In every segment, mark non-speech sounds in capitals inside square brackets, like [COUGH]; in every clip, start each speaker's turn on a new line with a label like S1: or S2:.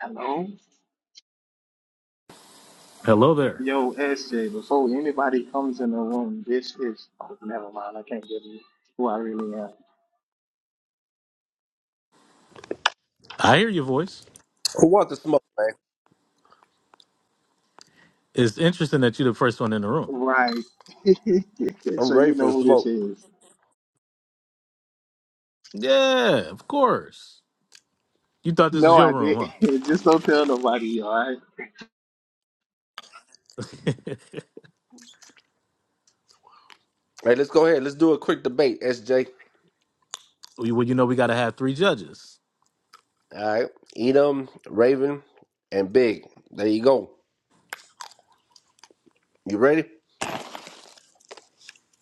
S1: Hello?
S2: Hello there.
S1: Yo, SJ, before anybody comes in the room, this is, oh, never mind, I can't give you who I really am.
S2: I hear your voice.
S3: Who wants to smoke, man?
S2: It's interesting that you're the first one in the room.
S1: Right, [LAUGHS]
S3: I'm
S1: so
S3: ready
S1: you
S3: for
S1: know
S3: the
S1: who this
S3: smoke.
S1: is.
S2: Yeah, of course. You thought this
S1: No,
S2: was your
S1: I
S2: room,
S1: didn't. [LAUGHS] Just don't tell nobody, all right?
S2: huh?
S3: Hey, let's go ahead. Let's do a quick debate, SJ.
S2: [LAUGHS] We- well, you know we got to have three judges.
S3: All right. Edom, Raven, and Big. There you go. You ready?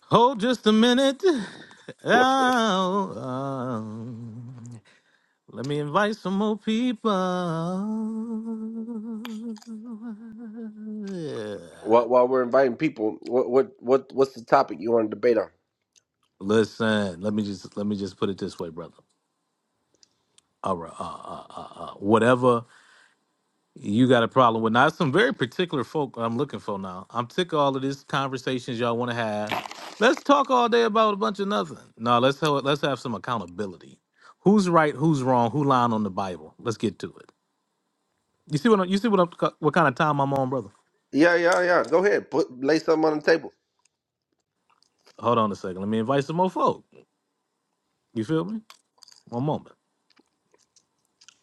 S2: Hold just a minute.
S3: [LAUGHS]
S2: Oh, um, let me invite some more people. Yeah.
S3: While, while we're inviting people, what what what what's the topic you want to debate on?
S2: Listen, let me just let me just put it this way, brother. All right, uh, uh, uh, uh, whatever You got a problem with now. There's Some very particular folk I'm looking for now. I'm sick of all of these conversations y'all want to have. Let's talk all day about a bunch of nothing. No, let's have, let's have some accountability. Who's right? Who's wrong? Who lying on the Bible? Let's get to it. You see what i you see what I'm, what kind of time I'm on, brother?
S3: Yeah, yeah, yeah. Go ahead. Put lay something on the table.
S2: Hold on a second. Let me invite some more folk. You feel me? One moment.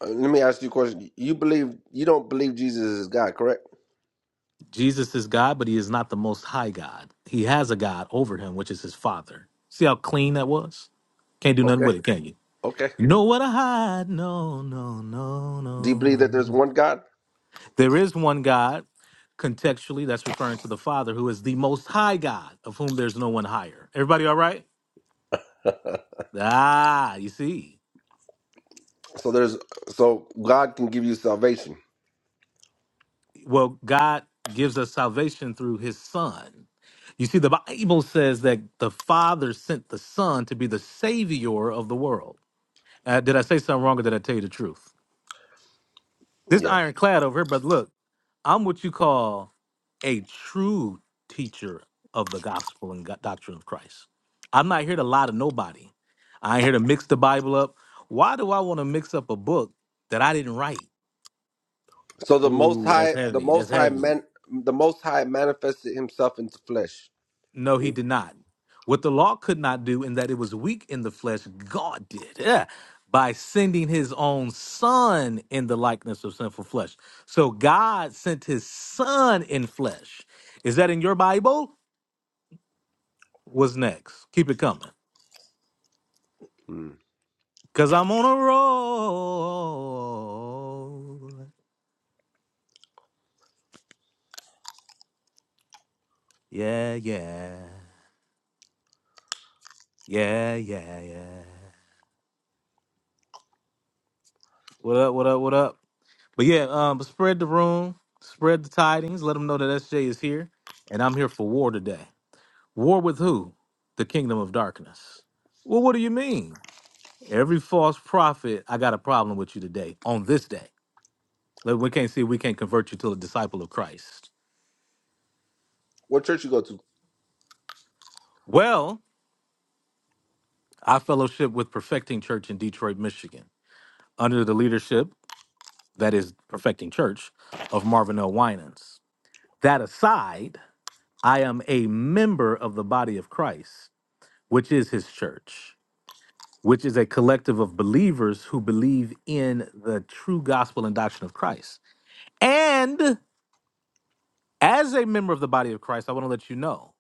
S3: Uh, let me ask you a question. You believe you don't believe Jesus is God, correct?
S2: Jesus is God, but He is not the Most High God. He has a God over Him, which is His Father. See how clean that was? Can't do nothing
S3: Okay.
S2: with it, can you?
S3: Okay.
S2: You know what I hide? No, no, no,
S3: Do you
S2: no,
S3: believe that there's
S2: no.
S3: one God?
S2: There is one God, contextually, that's referring to the Father, who is the most high God, of whom there's no one higher. Everybody all right? Ah, you see.
S3: So there's so God can give you salvation.
S2: Well, God gives us salvation through his Son. You see, the Bible says that the Father sent the Son to be the Savior of the world. Uh, did I say something wrong or did I tell you the truth? This
S3: Yeah.
S2: ironclad over here, but look, I'm what you call a true teacher of the gospel and go- doctrine of Christ. I'm not here to lie to nobody. I ain't here to mix the Bible up. Why do I want to mix up a book that I didn't write?
S3: So the Most
S2: Ooh, that's
S3: High, the
S2: heavy. That's
S3: Most High
S2: heavy.
S3: man, the Most High manifested Himself into flesh.
S2: No, he did not. What the law could not do, in that it was weak in the flesh, God did. Yeah. By sending his own son in the likeness of sinful flesh. So God sent his son in flesh. Is that in your Bible? What's next? Keep it coming.
S3: Hmm.
S2: Cause I'm on a roll. Yeah, yeah. Yeah, yeah, yeah. What up, what up, what up? But yeah, um, spread the room, spread the tidings, let them know that SJ is here, and I'm here for war today. War with who? The kingdom of darkness. Well, what do you mean? Every false prophet, I got a problem with you today, on this day. Like, We can't see, we can't convert you to a disciple of Christ.
S3: What church you go to?
S2: Well, I fellowship with Perfecting Church in Detroit, Michigan. under the leadership that is perfecting church of Marvin L. Winans. That aside, I am a member of the body of Christ, which is his church, which is a collective of believers who believe in the true gospel and doctrine of Christ. And as a member of the body of Christ, I want to let you know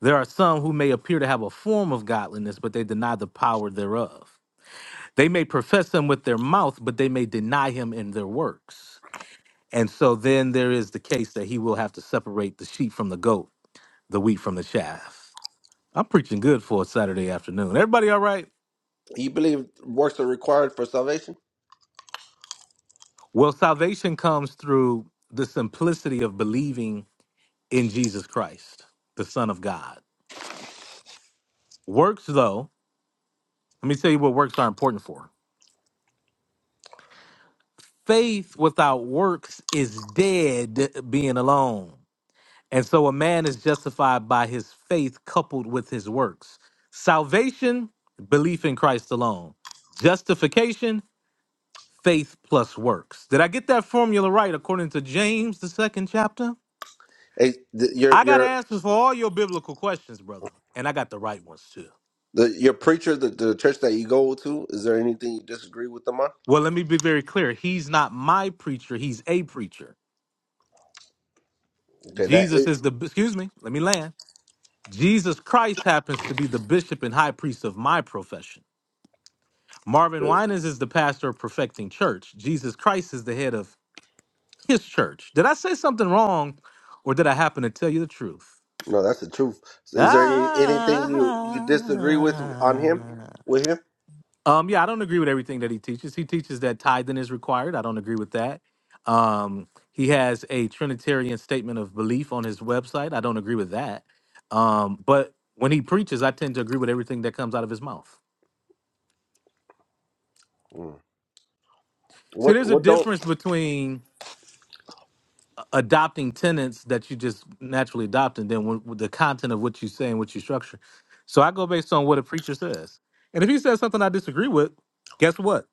S2: there are some who may appear to have a form of godliness, but they deny the power thereof. They may profess him with their mouth, but they may deny him in their works. And so then there is the case that he will have to separate the sheep from the goat, the wheat from the chaff. I'm preaching good for a Saturday afternoon. Everybody all right?
S3: You believe works are required for salvation?
S2: Well, salvation comes through the simplicity of believing in Jesus Christ, the Son of God. Works, though, let me tell you what works are important for. Faith without works is dead being alone. And so a man is justified by his faith coupled with his works. Salvation, belief in Christ alone. Justification, faith plus works. Did I get that formula right according to James, the second chapter?
S3: Hey, the, your
S2: I got
S3: your
S2: answers for all your biblical questions, brother. And I got the right ones too.
S3: the your preacher, the, the church that you go to, is there anything you disagree with them on?
S2: Well, let me be very clear. He's not my preacher, he's a preacher.
S3: Okay, that
S2: Jesus
S3: ain't-
S2: is the, excuse me, let me land. Jesus Christ happens to be the bishop and high priest of my profession. Marvin Winans is the pastor of Perfecting Church. Jesus Christ is the head of his church. Did I say something wrong or did I happen to tell you the truth?
S3: no, that's the truth. Is there any,
S2: Ah.
S3: anything you you disagree with on him with him?
S2: Um, yeah, I don't agree with everything that he teaches. He teaches that tithing is required. I don't agree with that. Um, he has a Trinitarian statement of belief on his website. I don't agree with that. Um, but when he preaches, I tend to agree with everything that comes out of his mouth.
S3: Hmm.
S2: See,
S3: What
S2: there's a
S3: what don't?
S2: difference between adopting tenants that you just naturally adopt, and then when, with the content of what you say and what you structure. So I go based on what a preacher says, and if he says something I disagree with, guess what?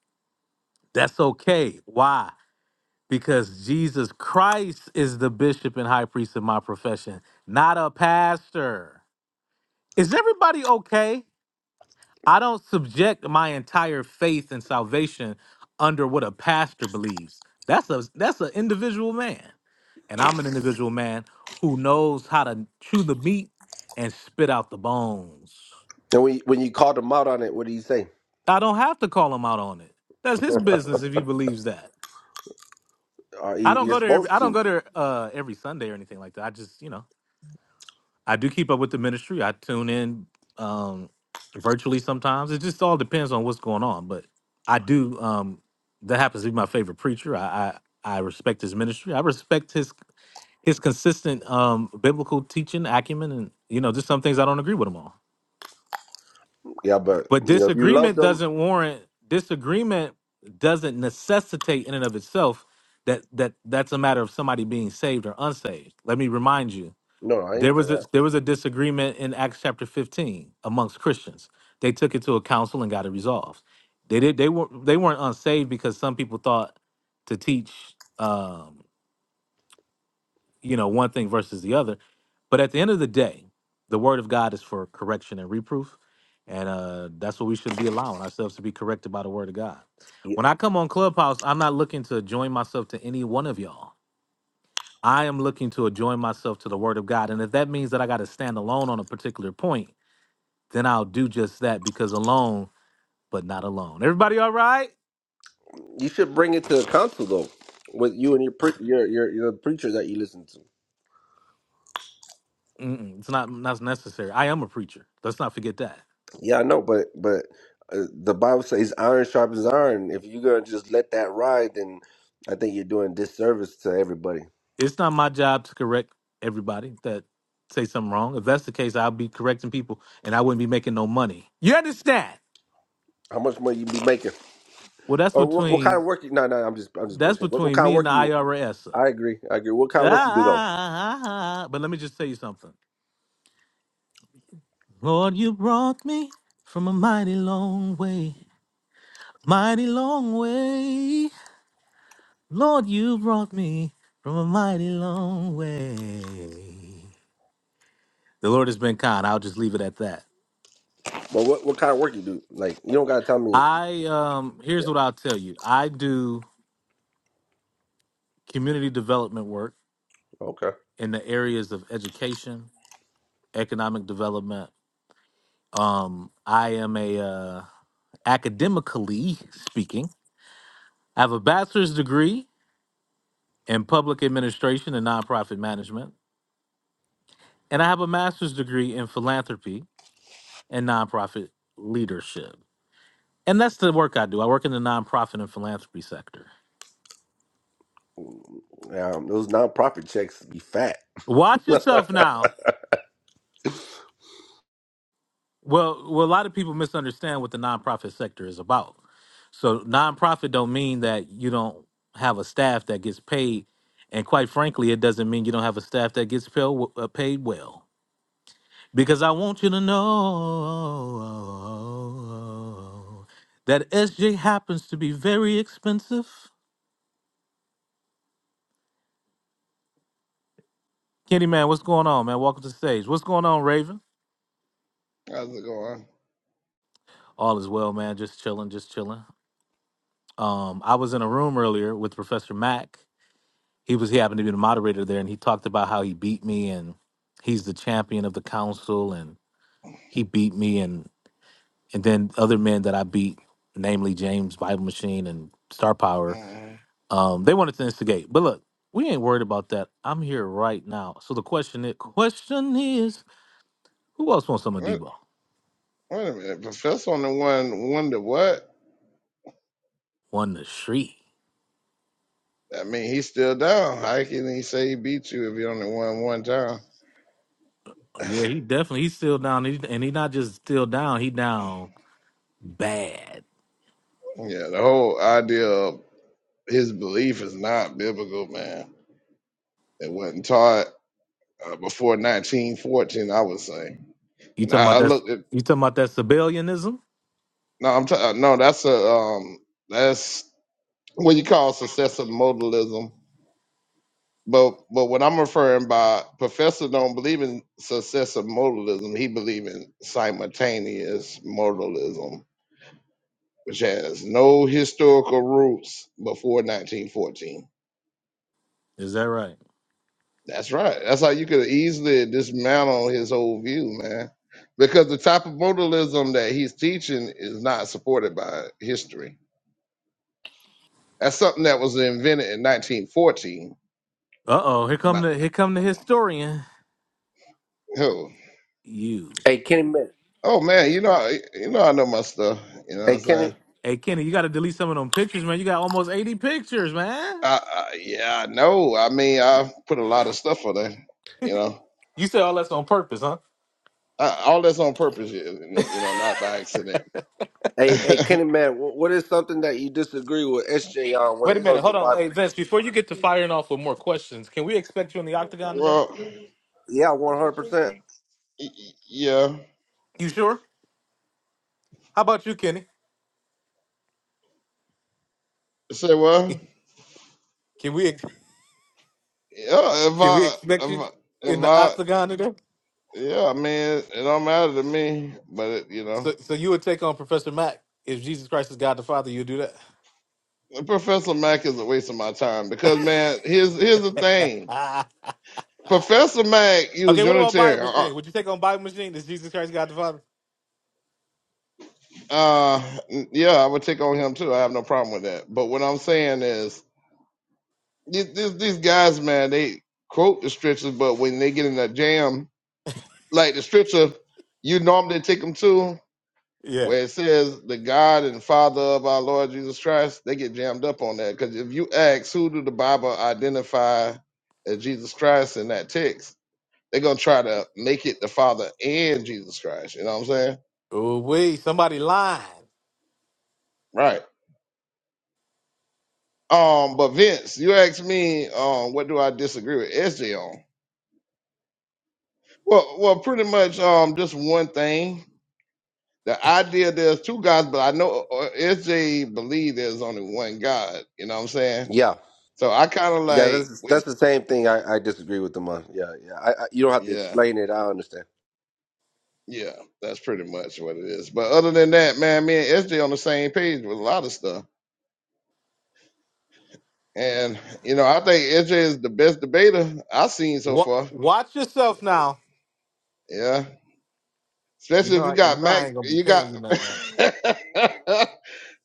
S2: That's okay. Why? Because Jesus Christ is the bishop and high priest of my profession, not a pastor. Is everybody okay? I don't subject my entire faith and salvation under what a pastor believes. That's a that's an individual man. And I'm an individual man who knows how to chew the meat and spit out the bones.
S3: And when you, when you called him out on it, what do you say?
S2: I don't have to call him out on it. That's his business if he believes that.
S3: Are you,
S2: I don't
S3: you're
S2: go there every
S3: supposed
S2: I don't
S3: to?
S2: go there uh every Sunday or anything like that. I just, you know, I do keep up with the ministry. I tune in um virtually sometimes. It just all depends on what's going on. But I do um that happens to be my favorite preacher. I I, I respect his ministry. I respect his his consistent um biblical teaching acumen and you know just some things i don't agree with him on
S3: Yeah, but
S2: but
S3: you know if you love
S2: disagreement
S3: them,
S2: doesn't warrant disagreement doesn't necessitate in and of itself that that that's a matter of somebody being saved or unsaved let me remind you
S3: no, I
S2: there
S3: didn't say that.
S2: was a there was a disagreement in acts chapter 15 amongst christians they took it to a council and got it resolved they did they were they weren't unsaved because some people thought to teach Um, you know, one thing versus the other. But at the end of the day, the word of God is for correction and reproof. And uh, that's what we should be allowing ourselves to be corrected by the word of God.
S3: You
S2: When I come on Clubhouse, I'm not looking to join myself to any one of y'all. I am looking to join myself to the word of God. And if that means that I got to stand alone on a particular point, then I'll do just that because alone, but not alone. Everybody all right?
S3: you should bring it to the council though, with you and your pre- your your your preacher that you listen to.
S2: Mm-mm, it's not that's necessary. I am a preacher. Let's not forget that.
S3: Yeah, I know, but but uh, the Bible says iron sharpens iron. If you're gonna just let that ride, then I think you're doing disservice to everybody.
S2: it's not my job to correct everybody that say something wrong. If that's the case, I'll be correcting people and I wouldn't be making no money. You understand?
S3: How much money you be making,
S2: Well, that's
S3: or what, what kind
S2: between
S3: of work? You, no, no, I'm just I'm just
S2: that's
S3: bullshitting. What, what
S2: between
S3: kind of
S2: me and
S3: work
S2: the
S3: you?
S2: IRS.
S3: I agree, I agree. What kind of work you do though?
S2: Ah, but let me just tell you something. Lord, you brought me from a mighty long way, mighty long way. Lord, you brought me from a mighty long way. The Lord has been kind. I'll just leave it at that.
S3: But what what kind of work you do? Like you don't gotta tell me.
S2: I um here's
S3: Yeah,
S2: what I'll tell you. I do community development work
S3: okay.
S2: in the areas of education, economic development. Um I am a uh academically speaking, I have a bachelor's degree in public administration and nonprofit management, and I have a master's degree in philanthropy and nonprofit leadership. And that's the work I do. I work in the nonprofit and philanthropy sector.
S3: Um, those nonprofit checks be fat.
S2: Watch yourself now. Well, well, a lot of people misunderstand what the nonprofit sector is about. So nonprofit don't mean that you don't have a staff that gets paid, and quite frankly, it doesn't mean you don't have a staff that gets paid paid well. Because I want you to know that SJ happens to be very expensive. Kenny man, what's going on, man? Welcome to the stage. What's going on, Raven?
S4: How's it going?
S2: All is well, man. Just chilling, just chilling. Um, I was in a room earlier with Professor Mack, he was he happened to be the moderator there and he talked about how he beat me and he's the champion of the council and he beat me and and then other men that I beat, namely James Bible Machine and Star Power,
S4: mm
S2: um, they wanted to instigate. But look, we ain't worried about that. I'm here right now. So the question is question is, who else wants some of
S4: What?
S2: Debo?
S4: Wait a minute. Professor on the one one to what?
S2: One the street.
S4: I mean, he's still down. How can he say he beat you if he only won one time? [LAUGHS]
S2: Yeah, he definitely he's still down He- and he's not just still down, he down bad.
S4: yeah, the whole idea of his belief is not biblical, man. It wasn't taught uh, before 1914, I would say.
S2: You
S4: And
S2: talking
S4: I,
S2: about
S4: I
S2: that's
S4: looked at
S2: you talking about that civilianism?
S4: no, I'm t- no, that's a um, that's what you call successive modalism. But but what I'm referring by professor don't believe in successive modalism. He believe in simultaneous modalism, which has no historical roots before 1914.
S2: Is that right?
S4: That's right. That's how you could easily dismantle his whole view, man. Because the type of modalism that he's teaching is not supported by history. That's something that was invented in 1914.
S2: Uh oh, here come
S4: But
S2: the here come the historian.
S4: oh,
S2: You.
S3: Hey, Kenny, Man-
S4: oh man, you know, I- you know, I know my stuff. You know what
S3: hey
S4: I'm
S3: Kenny.
S4: saying?
S2: Hey Kenny, you gotta delete some of them pictures, man. You got almost 80 pictures, man.
S4: Uh, uh, yeah, I know. I mean, I've put a lot of stuff on there. You know,
S2: You said all that's on purpose, huh?
S4: uh, all that's on purpose. You you know, not by accident. [LAUGHS]
S3: Hey, hey, Kenny, man, wh- what is something that you disagree with SJ on when
S2: Wait a
S3: it
S2: minute,
S3: comes to
S2: hold
S3: the
S2: on. Hey
S3: Bible?
S2: Vince, before you get to firing off with more questions, can we expect you in the octagon today?
S4: well, y-
S3: Yeah, one hundred percent.
S4: y- yeah.
S2: You sure? How about you, Kenny?
S4: Say well,
S2: Can we ex-
S4: yeah. If
S2: can we
S4: I,
S2: expect you
S4: if I,
S2: in
S4: if
S2: the
S4: I,
S2: octagon today?
S4: yeah. I mean, it, it don't matter to me. But it, you know,
S2: So so you would take on Professor Mac if Jesus Christ is God the Father, you'd do that.
S4: Professor Mack is a waste of my time because man, here's here's the thing.
S2: [LAUGHS]
S4: Professor Mack, he was
S2: okay, what about
S4: Unitarian.
S2: Bible
S4: Uh,
S2: Machine? Would you take on Bible Machine? Is Jesus Christ God the Father?
S4: uh, yeah, I would take on him too. I have no problem with that. But what I'm saying is these, these, these guys, man, they quote the stretcher, but when they get in that jam, like the stretcher you normally take them to,
S2: Yeah.
S4: where it says the God and Father of our Lord Jesus Christ, they get jammed up on that. Because if you ask who do the Bible identify as Jesus Christ in that text, they're gonna try to make it the Father and Jesus Christ. You know what I'm saying?
S2: Oh wait, somebody lying.
S4: Right. Um, but Vince, you asked me, um, what do I disagree with SJ on? Well, well, pretty much, um, just one thing. the idea there's two gods, but I know uh, SJ believe there's only one God. You know what I'm saying?
S3: Yeah,
S4: So I kind of
S3: yeah,
S4: like
S3: that's
S4: with
S3: that's the same thing. I, I disagree with them on. Yeah, yeah. I, I, you don't have to
S4: yeah,
S3: explain it. I understand.
S4: yeah. That's pretty much what it is. But other than that, man, me and SJ on the same page with a lot of stuff. And you know, I think SJ is the best debater I've seen so
S2: What?
S4: far.
S2: Watch yourself now.
S4: Yeah.
S2: You
S4: Especially if you
S2: know, you
S4: got
S2: know,
S4: Mac,
S2: I ain't gonna be
S4: you got.
S2: paying you
S4: [LAUGHS]
S2: nothing, right?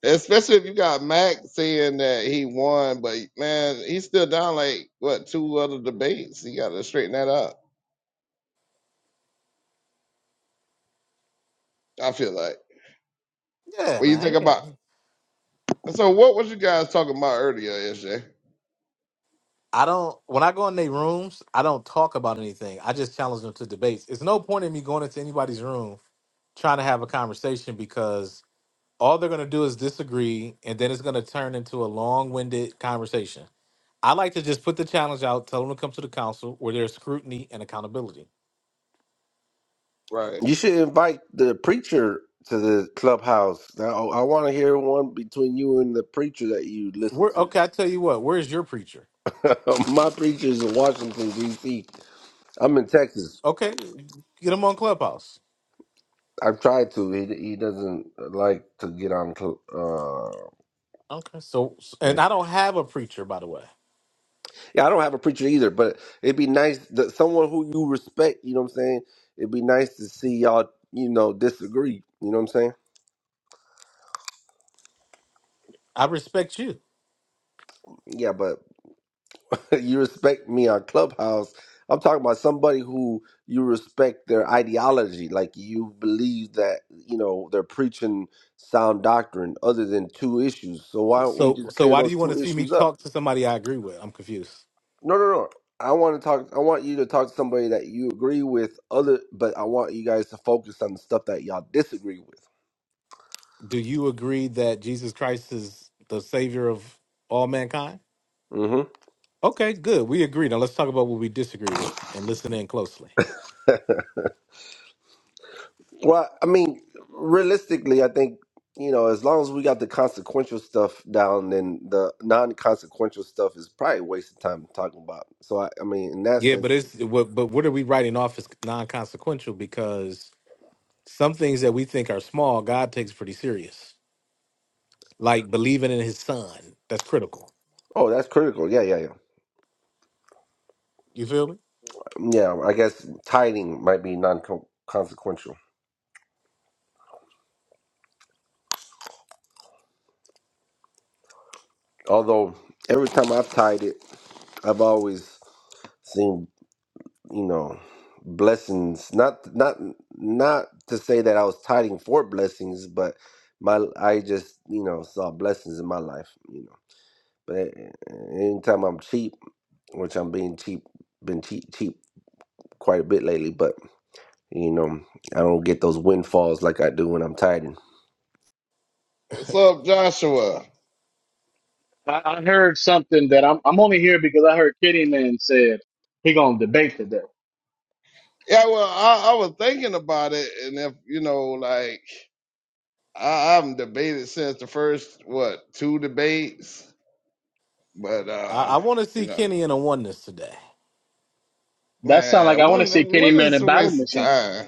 S4: Especially if you got Mac saying that he won, but man, he's still down like what two other debates. He got to straighten that up. I feel like
S2: Yeah,
S4: when you think
S2: man. yeah.
S4: about. So what was you guys talking about earlier, SJ?
S2: I don't. When I go in their rooms, I don't talk about anything. I just challenge them to debates. It's no point in me going into anybody's room trying to have a conversation because all they're gonna do is disagree, and then it's gonna turn into a long-winded conversation. I like to just put the challenge out, tell them to come to the council where there's scrutiny and accountability.
S4: Right.
S3: You should invite the preacher to the clubhouse. Now, I want to hear one between you and the preacher that you listen
S2: Where okay, I tell you what, where's your preacher?
S3: to. [LAUGHS] My preacher is in Washington D.C. I'm in Texas.
S2: Okay, get him on Clubhouse.
S3: I've tried to. He he doesn't like to get on. cl- Uh,
S2: Okay, so and I don't have a preacher, by the way.
S3: Yeah, I don't have a preacher either, but it'd be nice that someone who you respect, you know what I'm saying? It'd be nice to see y'all, you know, disagree. You know what I'm saying?
S2: I respect you.
S3: Yeah, but [LAUGHS] you respect me on Clubhouse. I'm talking about somebody who you respect their ideology. Like you believe that, you know, they're preaching sound doctrine other than two issues. So why don't we
S2: So,
S3: just
S2: so
S3: clear
S2: why do
S3: those
S2: you want to
S3: two
S2: see me
S3: issues up?
S2: talk to somebody I agree with? I'm confused.
S3: No, no, no. I want to talk. I want you to talk to somebody that you agree with. Other, but I want you guys to focus on the stuff that y'all disagree with.
S2: Do you agree that Jesus Christ is the savior of all mankind?
S3: hmm
S2: Okay, good. We agree. Now let's talk about what we disagree with and listen in closely.
S3: Well, I mean, realistically, I think you know, as long as we got the consequential stuff down, then the non-consequential stuff is probably a waste of time talking about. So, I, I mean, in that
S2: Yeah, but
S3: sense,
S2: it's what, but what are we writing off as non-consequential? Because some things that we think are small, God takes pretty serious, like believing in His Son. That's critical.
S3: oh, that's critical. Yeah, yeah,
S2: You feel me?
S3: yeah, yeah. I guess tithing might be non-consequential. Although every time I've tied it, I've always seen you know blessings not not not to say that i was tiding for blessings but my i just you know saw blessings in my life you know but a- anytime i'm cheap which i'm being cheap been cheap cheap quite a bit lately but you know i don't get those windfalls like i do when i'm tiding
S4: What's up, Joshua?
S5: I, I heard something that I'm I'm only here because I heard Kitty Man said he gonna debate today.
S4: Yeah, well, I, I was thinking about it, and if you know, like, I, I've debated since the first what two debates, but
S2: I,
S4: uh,
S2: I want to
S4: you
S2: see
S4: know.
S2: Kenny in a oneness today.
S5: That sound like
S4: Man,
S5: I want to see
S4: one
S5: Kitty
S4: one
S5: Man
S4: is
S5: and
S4: a
S5: Bible
S4: waste of
S5: Machine.
S4: time?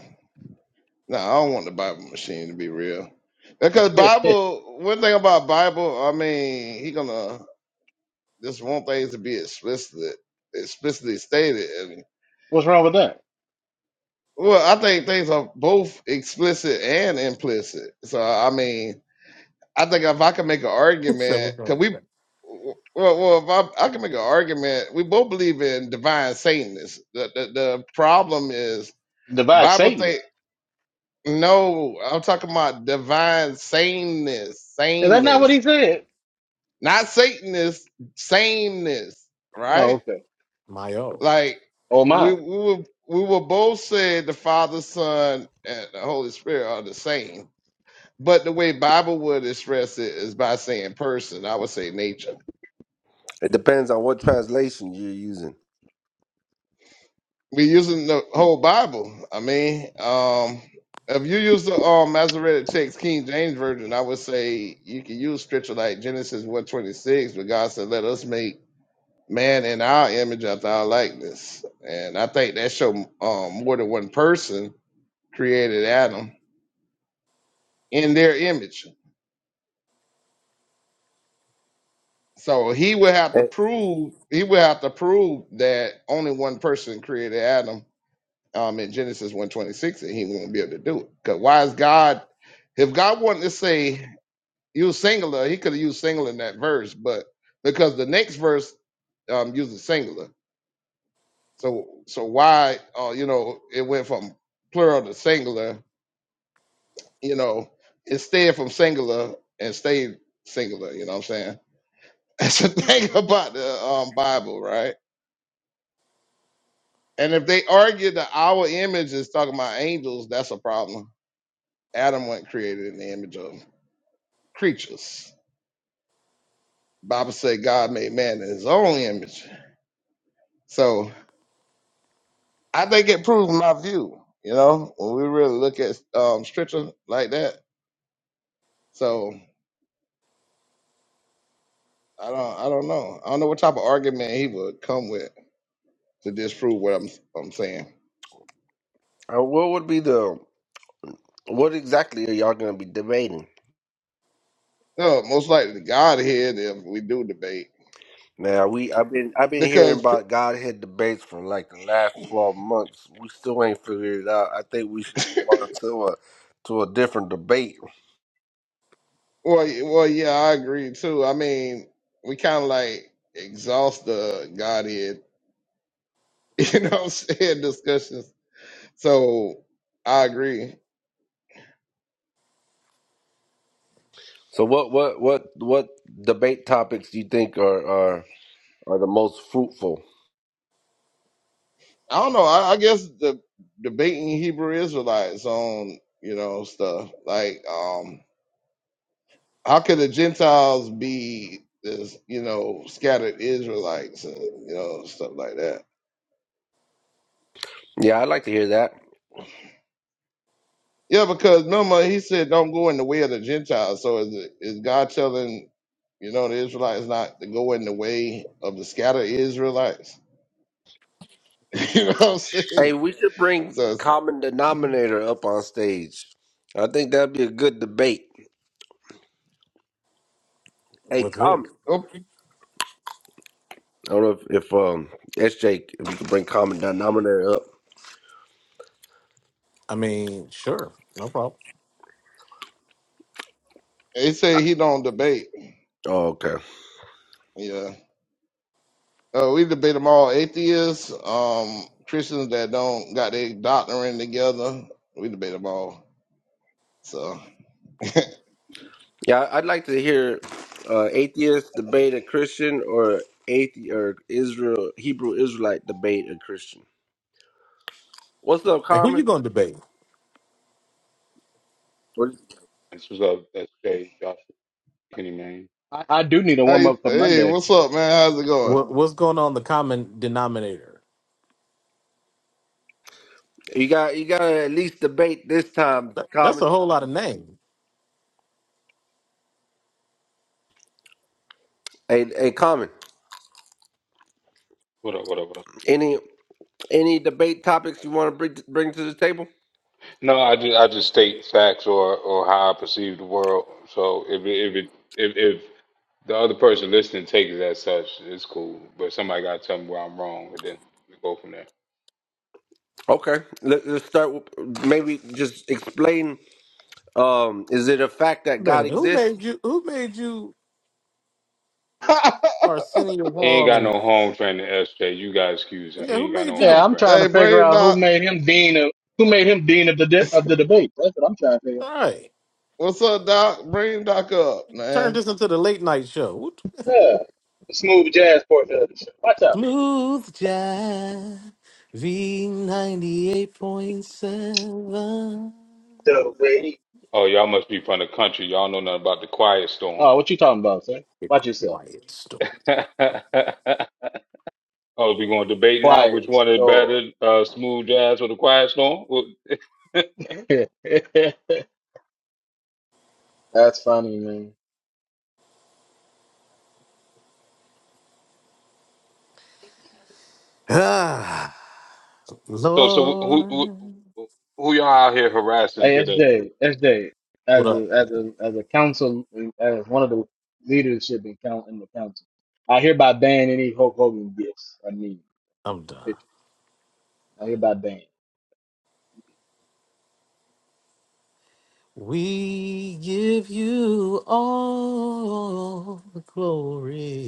S4: No, I don't want the Bible machine to be real. Because
S5: [LAUGHS]
S4: Bible, one thing about Bible, I mean, he gonna just want things to be explicit, explicitly stated. And,
S5: What's wrong with that?
S4: well, I think things are both explicit and implicit. So I mean, I think if I can make an
S2: [LAUGHS] so
S4: argument,
S2: what's wrong
S4: cause
S2: with
S4: we,
S2: that?
S4: well, well if I, I can make an argument, we both believe in divine Satanists. The the, the problem is
S5: Divide
S4: Bible thing.
S5: Satanist.
S4: No, I'm talking about divine sameness,
S5: Is that not what
S4: sameness,
S5: he said?
S4: not Satanness, sameness,
S5: Oh,
S4: right?
S5: okay.
S2: Mayo
S4: Like
S5: Oh
S4: we
S5: my,
S4: we were we were both said the Father, Son, and the Holy Spirit are the same, but the way Bible would express it is by saying person. I would say nature.
S3: it depends on what translation you're using
S4: we using the whole Bible. I mean, um, if you use the um, Masoretic text, King James version, I would say you can use scripture like Genesis one twenty six, where God said, "Let us make man in our image after our likeness." And I think that show um, more than one person created Adam in their image. So he would have to
S3: Eh,
S4: prove he would have to prove that only one person created Adam um, in Genesis 126 and he won't be able to do it. Because why is God, if God wanted to say, use singular, he could have used singular in that verse, but because the next verse um, uses singular. So so why, uh, you know, it went from plural to singular, you know, it stayed from singular and stayed singular, you know what I'm saying? [LAUGHS] That's the thing about the um, Bible, right? And if they argue that our image is talking about angels, that's a problem. Adam wasn't created in the image of. creatures. Bible said God made man in his own image. So I think it proves my view, you know, when we really look at um scripture like that. So I don't I don't know. I don't know what type of argument he would come with to disprove what I'm I'm saying.
S3: uh, what would be the what exactly are y'all going to be debating
S4: No, most likely God Godhead if we do debate.
S3: Now we I've been I've been hearing
S4: Because pr-
S3: about Godhead debates for like the last twelve months. We still ain't figured it out. I think we should
S4: [LAUGHS]
S3: move on to a to a different debate.
S4: well y- well yeah, I agree too. I mean, we kinda like exhaust the Godhead, [LAUGHS] you know what I'm saying, discussions So I agree.
S3: So what what what what debate topics do you think are are, are the most fruitful?
S4: I don't know. I, I guess the debating Hebrew Israelites on you know stuff like um how could the Gentiles be this you know scattered Israelites and you know stuff like that.
S3: Yeah, I'd like to hear that.
S4: Yeah, because remember he said don't go in the way of the Gentiles. So is it, is God telling you know the Israelites not to go in the way of the scattered Israelites? [LAUGHS] you know what I'm saying?
S3: Hey, we should bring
S4: So it's,
S3: common denominator up on stage. I think that'd be a good debate. Hey,
S2: with who?
S3: common.
S4: oh,
S3: I don't know if, if um SJ if you could bring common denominator up.
S2: I mean, sure, no problem.
S4: they say he don't debate.
S3: Oh, okay.
S4: Yeah. Uh, we debate them all atheists, um, Christians that don't got their doctrine together. We debate them all. So,
S3: Yeah, I'd like to hear uh, atheist debate a Christian or athe or Israel Hebrew Israelite debate a Christian. What's up,
S2: And who you
S3: Common?
S2: going to debate?
S3: What-
S6: This was up. That's Jay Joshua Kenny Mayne.
S5: I, I do need a warm
S4: hey,
S5: up for
S4: hey,
S5: Monday.
S4: what's up, man? How's it going?
S2: What, what's going on the common denominator?
S3: You got you got to at least debate this time,
S2: That, that's
S3: Common.
S2: a whole lot of names.
S3: Hey, hey, Common.
S6: What up? What up? What up?
S3: Any any debate topics you want to bring bring to the table?
S6: No, I just I just state facts or or how I perceive the world. So if it, if it if if the other person listening takes it as such, it's cool. But somebody got to tell me where I'm wrong, and then we go from there.
S3: Okay, Let, let's start with maybe just explain. Um, is it a fact that
S2: Wait
S3: God
S2: minute, who
S3: exists?
S2: made you? Who made you
S4: [LAUGHS]
S2: Arsenio
S6: He ain't
S2: Hall?
S6: got no
S2: And
S6: home training, SJ. You got to excuse him. He
S2: yeah, who
S6: ain't got
S2: made
S6: no
S2: you the?
S5: Yeah,
S6: home
S5: I'm
S6: training.
S5: trying
S4: hey,
S5: to figure
S4: Brain
S5: out who
S4: Doc,
S5: made him dean of who made him dean of the de- of the debate. That's what I'm trying to figure. out.
S2: All right,
S4: what's up, Doc? Brain Doc up,
S2: turn
S4: man.
S2: this into the late night show. What-
S5: Yeah, the smooth jazz portion of the show. Watch out.
S2: Smooth Jazz V ninety eight point seven.
S6: Oh, y'all must be from the country. Y'all know nothing about the quiet storm.
S5: Oh, what you talking about, sir?
S2: Be
S5: Watch yourself.
S2: quiet, storm.
S6: [LAUGHS] oh, we going to debate now? Which
S5: Quiet
S6: one is
S5: store.
S6: better, uh, smooth jazz or the quiet storm? Well,
S5: [LAUGHS] That's funny, man.
S2: Ah. [SIGHS]
S6: So so who who,
S2: Lord,
S6: who y'all out here harassing
S5: Hey, S
S6: today?
S5: J, S J,
S2: what
S5: as
S2: up?
S5: a as a as a council, as one of the leadership in count in the council, I hereby ban any Hulk Hogan gifts. I mean,
S2: I'm done.
S5: pictures. I hereby ban.
S2: We give you all the glory.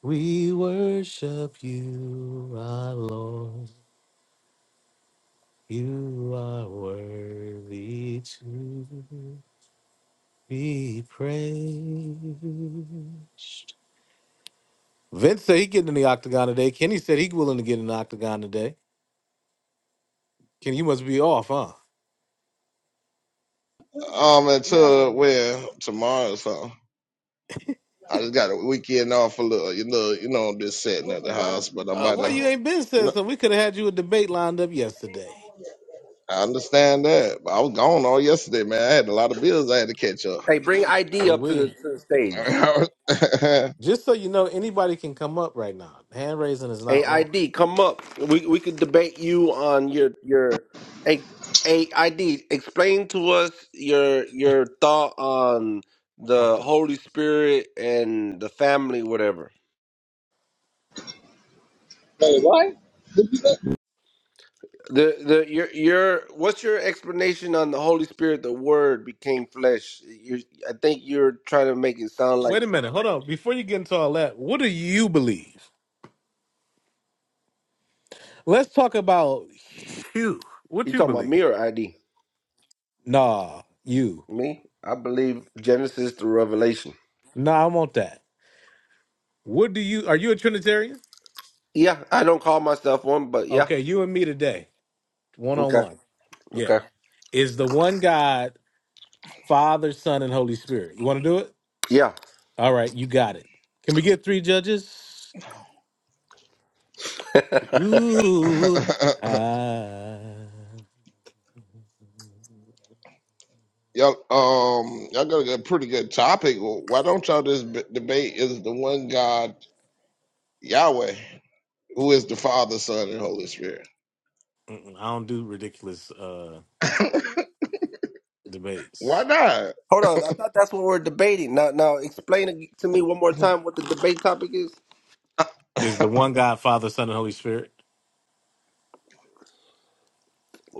S2: We worship you, our Lord. You are worthy to be praised. Vince said he getting in the octagon today. Kenny said he willing to get in the octagon today. Kenny, you must be off, huh?
S4: Um, until when tomorrow or something. I just got a weekend off a little, you know, you know, I'm just sitting at the house, but I'm
S2: Uh,
S4: about
S2: why you
S4: to.
S2: ain't been said
S4: No,
S2: something? We could have had you a debate lined up yesterday.
S4: I understand that, but I was gone all yesterday, man. I had a lot of bills I had to catch
S3: Hey, bring ID
S2: Or
S3: up to the,
S2: we.
S3: to the stage.
S4: up. [LAUGHS]
S2: Just so you know, anybody can come up right now. Hand raising is not on.
S3: AID, come up. We we could debate you on your your A- AID. Explain to us your your thought on
S2: I'm
S3: the
S2: done.
S3: Holy Spirit and the family, whatever.
S7: Wait, what?
S3: The the your your what's your explanation on the Holy Spirit? The Word became flesh. You, I think you're trying to make it sound like
S2: Wait a minute. Hold on. Before you get into all that, what do you believe? Let's talk about you. What
S3: you're
S2: you
S3: talking about me
S2: believe?
S3: or ID.
S2: Nah, you.
S3: Me, I believe Genesis to Revelation.
S2: Nah, I want that. What do you? Are you a Trinitarian?
S3: Yeah, I don't call myself one, but yeah.
S2: Okay, you and me today, one on
S3: Okay.
S2: one. Yeah.
S3: Okay.
S2: Is the one God, Father, Son, and Holy Spirit? You want to do it?
S3: Yeah.
S2: All right, you got it. Can we get three judges?
S3: [LAUGHS]
S4: [LAUGHS]
S2: Ooh, ah.
S4: y'all, um, y'all got a good- pretty good topic. Well, Why don't y'all just b- debate is the one God Yahweh, who is the Father, Son, and Holy Spirit?
S2: Mm-mm, I don't do ridiculous uh
S4: [LAUGHS] Why
S2: debates.
S4: not?
S3: Hold on, I thought that's what we're debating. Now, now explain ag- to me one more
S4: [LAUGHS]
S3: time what the debate topic is.
S2: Is the one God, Father, Son, and Holy Spirit?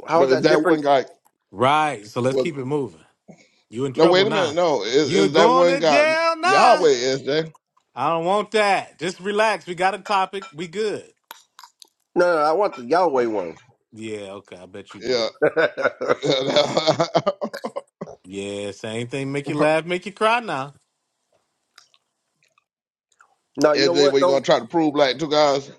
S3: How is
S4: but is
S3: that
S4: that
S3: different?
S4: one God?
S2: Right. So let's
S4: Well,
S2: keep it moving. You in
S4: no,
S2: trouble
S4: wait a minute.
S2: now.
S4: No, is,
S2: You're
S4: is that
S2: going
S4: one
S2: to
S4: God
S2: jail now.
S4: Yahweh? Is there?
S2: I don't want that. Just relax. We got a topic. We good.
S3: No, no, no, I want the Yahweh one.
S2: Yeah. Okay. I bet you do.
S4: Yeah.
S3: [LAUGHS]
S4: [LAUGHS]
S2: Yeah. Same thing. Make you laugh. Make you cry. Now
S3: no, you
S4: is
S3: know
S4: there?
S3: what
S4: We gonna
S3: though?
S4: try to prove like two guys?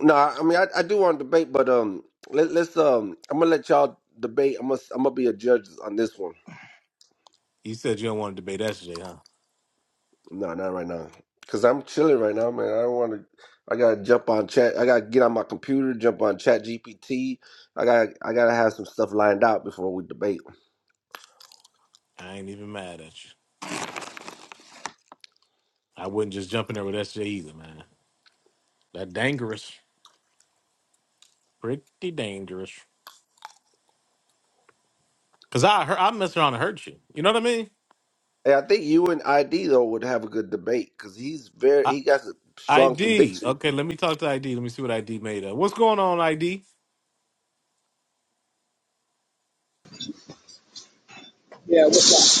S3: No, I I mean I, I do want to debate, but um, let, let's um, I'm gonna let y'all debate. I'm gonna I'm gonna be a judge on this one.
S2: you said you don't want to debate yesterday, huh?
S3: No, not right now, cause I'm chilling right now, man. I don't want to. I gotta jump on chat. I gotta get on my computer, jump on Chat GPT. I got to I gotta have some stuff lined out before we debate.
S2: I ain't even mad at you. I wouldn't just jump in there with SJ either, man. That dangerous, pretty dangerous. Cause I heard, I mess around and hurt you. You know what I mean?
S3: Hey, I think you and ID though would have a good debate because he's very
S2: I,
S3: he got a strong
S2: ID.
S3: conviction.
S2: Okay, let me talk to ID. Let me see what ID made of. What's going on, ID?
S7: Yeah, what's up?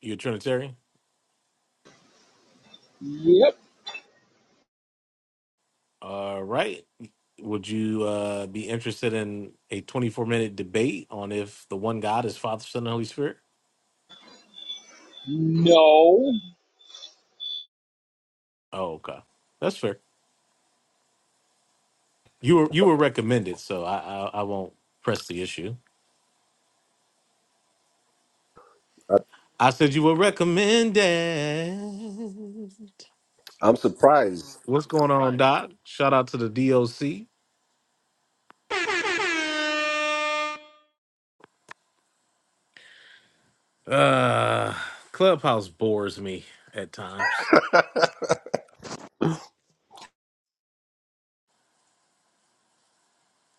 S2: You're a Trinitarian.
S7: Yep.
S2: All right. Would you uh, be interested in a 24 minute debate on if the one God is Father, Son, and Holy Spirit?
S7: No.
S2: Oh, okay, that's fair. You were you were recommended, so I I, I won't press the issue.
S3: I,
S2: I said you were recommended.
S3: I'm surprised.
S2: What's going on, Doc? Shout out to the DOC. Uh, Clubhouse bores me at times.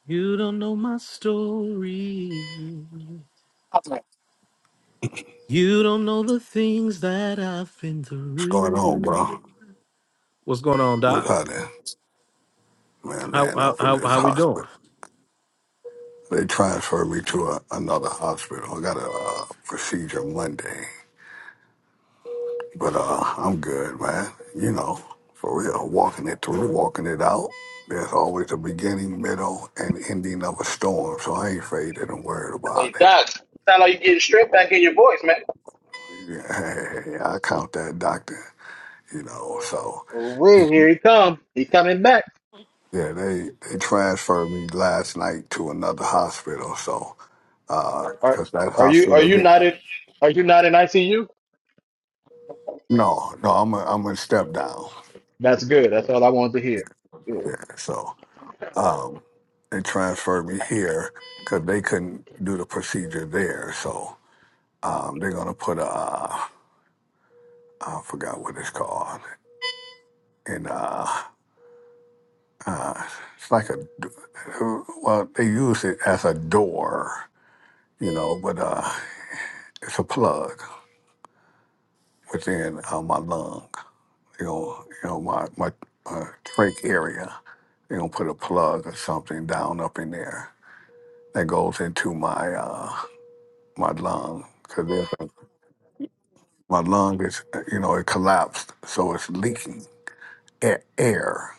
S2: You don't know my story.
S8: What's
S2: You don't know the things that I've been
S8: going on, bro?
S2: through. What's going on,
S8: What's
S2: Doc?
S8: happening? Man,
S2: How
S8: laying
S2: how
S8: up in
S2: how,
S8: this
S2: how we doing?
S8: hospital. They transferred me to a, another hospital. I got a uh, procedure Monday, but uh, I'm good, man. You know, for real, walking it through, walking it out. There's always a beginning, middle, and ending of a storm, so I ain't faded and worried
S5: Hey,
S8: about it.
S5: Doc, sound like you getting stripped back in your voice, man.
S8: Yeah, [LAUGHS] I count that, doctor. You know, so
S5: Real, here he come. He coming back.
S8: Yeah, they they transferred me last night to another hospital. So,
S5: Are
S8: because that
S5: are you are
S8: hospital,
S5: you
S8: did,
S5: not in are you not in ICU?
S8: no, no, I'm a, I'm a step down.
S5: That's good. That's all I wanted to hear. Good.
S8: Yeah, so um, they transferred me here because they couldn't do the procedure there. So um, they're gonna put a uh, I forgot what it's called, and uh, uh, it's like a d- well they use it as a door, you know, but uh, it's a plug within uh, my lung. you know, you know my my uh, trach area. You know, put a plug or something down up in there that goes into my uh, my lung because there's a, my lung is you know it collapsed, so it's leaking air, air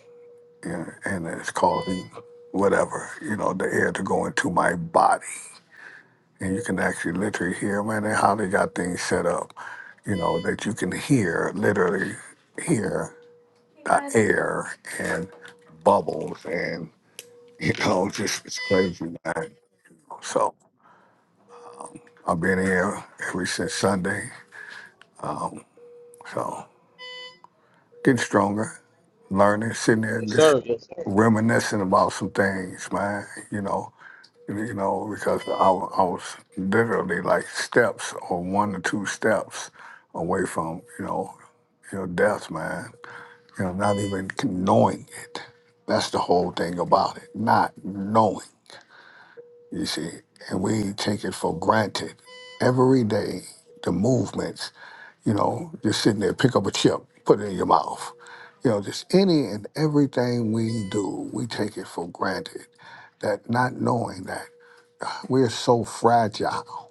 S8: you know, and it's causing whatever you know the air to go into my body, and you can actually literally hear man they- how they got things set up, you know that you can hear literally hear the air and bubbles you know, just it's crazy, man. So I've been here every since Sunday. Um, so getting stronger, learning, sitting there
S5: Yes,
S8: just
S5: sir. Yes, sir.
S8: reminiscing about some things, man. You know, you know, because I, wa- I was literally like steps or one or two steps away from you know, you know, death, man. You know, not even knowing it. That's the whole thing about it, not knowing. You see, and we take it for granted every day. The movements, you know, just sitting there, pick up a chip, put it in your mouth. You know, just any and everything we do, we take it for granted. That not knowing that we're so fragile,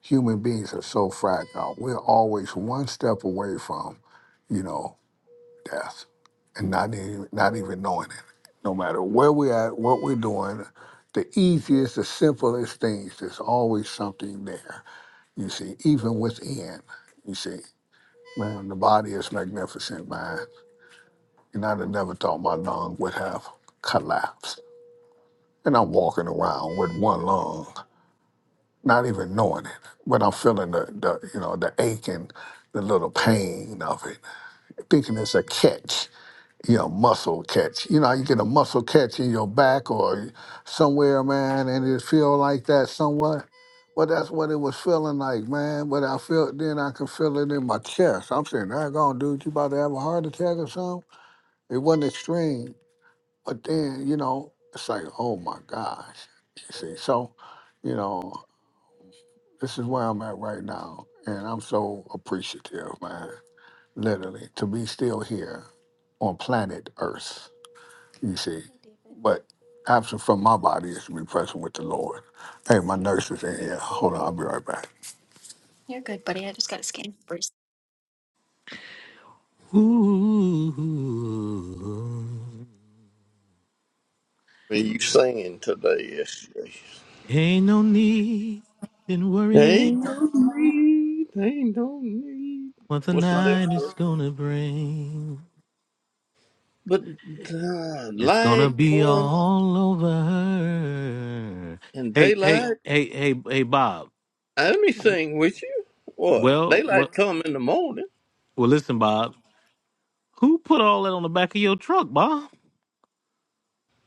S8: human beings are so fragile. We're always one step away from, you know, death and not even, not even knowing it. No matter where we're at, what we're doing, the easiest, the simplest things, there's always something there. You see, even within, you see, man, the body is magnificent, man. And I'd have never thought my lung would have collapsed. And I'm walking around with one lung, not even knowing it, but I'm feeling the, the you know, the ache and the little pain of it, thinking it's a catch you know, muscle catch. You know, how you get a muscle catch in your back or somewhere, man, and it feel like that somewhat. Well, that's what it was feeling like, man. But I felt then I could feel it in my chest. I'm saying, "That gone, dude, you about to have a heart attack or something?" It wasn't extreme, but then you know, it's like, oh my gosh, you see. So, you know, this is where I'm at right now, and I'm so appreciative, man. Literally, to be still here on planet Earth you see. But absent from my body is to be present with the Lord. Hey, my nurse is in here. Hold on, I'll be right back. You're good, buddy. I just got a scan first.
S2: Ooh,
S9: What Are you singing today, SJ?
S2: ain't no need in
S9: They
S2: worrying
S9: don't need, they don't need.
S2: what the
S9: What's the next
S2: night is
S9: word?
S2: gonna bring.
S9: But uh,
S2: It's gonna
S9: light
S2: be
S9: come
S2: all over.
S9: and
S2: Hey, hey,
S9: daylight.
S2: hey, hey, hey, Bob.
S9: Let me sing with you. What?
S2: Well, well,
S9: Daylight come in the morning.
S2: well. Listen, Bob. Who put all that on the back of your truck, Bob?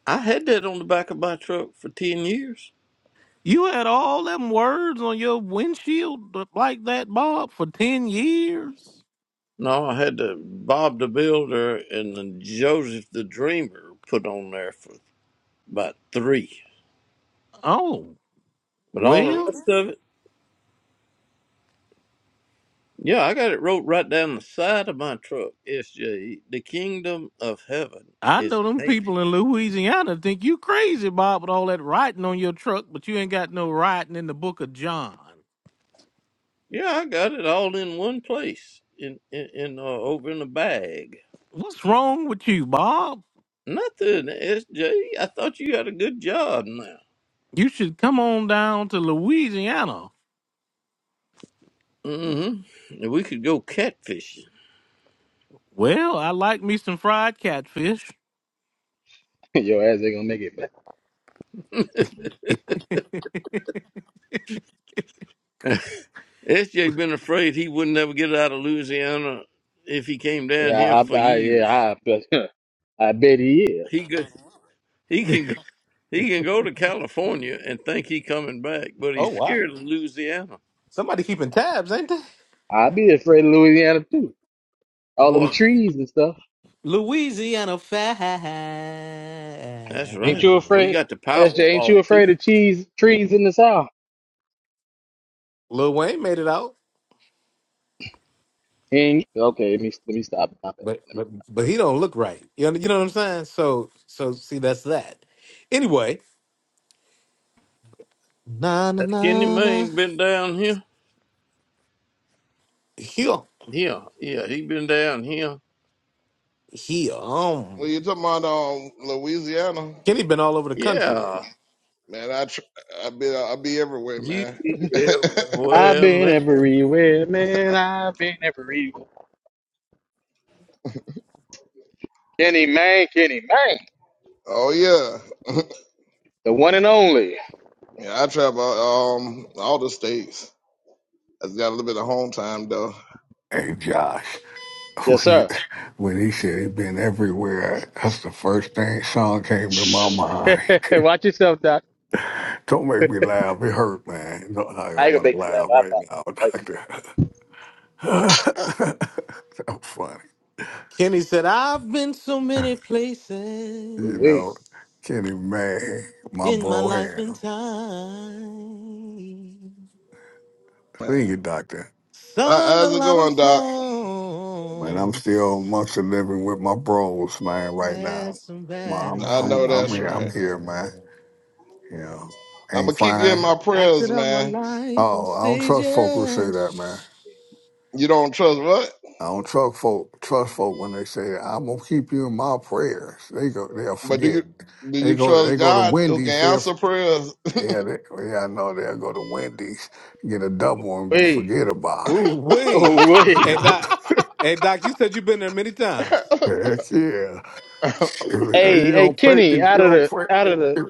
S9: I had that on the back of my truck for 10 years.
S2: You had all them words on your windshield like that, Bob, for ten years.
S9: No, I had the Bob the Builder and the Joseph the Dreamer put on there for about three.
S2: Oh,
S9: But all the
S2: well.
S9: rest of it. Yeah, I got it wrote right down the side of my truck. SJ, the kingdom of heaven
S2: I
S9: is
S2: know them
S9: near.
S2: people in Louisiana think you crazy, Bob, with all that writing on your truck, but you ain't got no writing in the Book of John.
S9: Yeah, I got it all in one place in in, in uh, over in a bag.
S2: What's wrong with you, Bob?
S9: Nothing, SJ. I thought you had a good job now.
S2: You should come on down to Louisiana.
S9: Mm-hmm. We could go catfishing.
S2: Well, I like me some fried catfish.
S5: [LAUGHS] Your ass ain't gonna make it. But
S2: [LAUGHS]
S9: [LAUGHS] SJ been afraid he wouldn't ever get out of Louisiana if he came down
S5: yeah,
S9: here
S5: I,
S9: for
S5: I
S9: years.
S5: yeah, I, [LAUGHS] I bet he is.
S9: He could, he can go, he can go to California and think he coming back, but
S2: oh
S9: he's
S2: wow.
S9: scared of Louisiana.
S2: Somebody keeping tabs, ain't they?
S5: I'd be afraid of Louisiana too. All them
S9: Well,
S5: trees and stuff.
S2: Louisiana
S9: that's
S5: Ain't
S9: right.
S5: you
S2: fine.
S9: We
S5: afraid?
S9: got the
S5: SJ, ain't
S9: Powerball
S5: you
S9: too.
S5: afraid of cheese trees in the South?
S2: Lil Wayne made it out,
S5: Ain't okay. Let me let me stop. My bad.
S2: but
S5: Let me,
S2: but but he don't look right. You know, you know what I'm saying? So so see that's that. Anyway, na na
S9: Has Kenny
S2: na na.
S9: Mayne been down here?
S2: He
S9: Yeah, yeah, he been down here.
S2: he um
S4: Well, you talking about um Louisiana?
S2: Kenny been all over the country.
S9: Yeah,
S4: Man, I tr- I be I be everywhere,
S9: you
S4: man.
S9: be
S4: [LAUGHS]
S5: I've
S9: everywhere,
S5: been
S9: man.
S5: everywhere, man. I've been everywhere. Kenny man, Kenny man,
S4: oh yeah. [LAUGHS]
S5: the one and only.
S4: Yeah, I travel um all the states. I just got a little bit of home time though.
S8: Hey, Josh, [LAUGHS]
S5: Yes,
S8: when, you,
S5: sir.
S8: when he said he'd been everywhere, that's the first thing song came to my mind.
S5: [LAUGHS]
S8: [LAUGHS]
S5: Watch yourself, Doc.
S8: Don't make me laugh. It hurt, man. No, I
S5: I
S8: don't
S5: ain't gonna
S8: want to
S5: make you laugh.
S8: laugh
S5: I
S8: right
S5: promise.
S8: now, [LAUGHS]
S5: Like,
S8: doctor. [LAUGHS] so funny.
S2: Kenny said, I've been so many
S8: You
S5: wait,
S8: know,
S2: places
S8: Kenny, man, my
S2: in my
S8: bro
S2: life
S8: hand.
S2: and time.
S4: How-
S8: Sing it, doctor.
S2: Sung a
S4: How's it
S2: lot of
S4: going, Doc?
S8: Man, I'm
S2: songs.
S8: still mostly living with my bros, man, right now.
S2: Had some
S8: Ma-
S2: bad
S8: I'm,
S4: I
S8: I'm,
S4: know
S8: I'm
S4: that's
S8: here, I'm
S4: right.
S8: here, man.
S2: rhymes.
S8: You know,
S4: I'm
S8: ain't
S4: gonna keep you
S8: fine.
S4: in my
S2: Acted
S4: prayers,
S2: out my
S4: man.
S2: life on
S8: Oh, I don't trust folk who say that, man.
S2: stages.
S4: You don't trust what?
S8: I don't trust folk, trust folk when they say, I'm gonna keep you in my prayers. They go, they'll
S4: But do you
S8: forget.
S4: do
S8: They
S4: you
S8: go,
S4: trust
S8: they go to
S4: God who can
S8: Wendy's, they'll,
S4: answer prayers?
S8: yeah, they, yeah, I know they'll go to Wendy's, get a double and
S5: wait,
S8: forget about
S2: Ooh,
S8: it.
S4: [LAUGHS]
S2: wee.
S5: oh, wait.
S2: Hey,
S8: [LAUGHS]
S2: Doc. Hey, Doc, you said you've been there many times.
S4: yeah,
S8: Heck yeah. Shoot,
S5: Hey,
S8: you
S5: hey,
S8: gonna pray, if
S5: Kenny,
S8: you
S5: out of
S8: don't
S5: the, out of the.
S8: pray.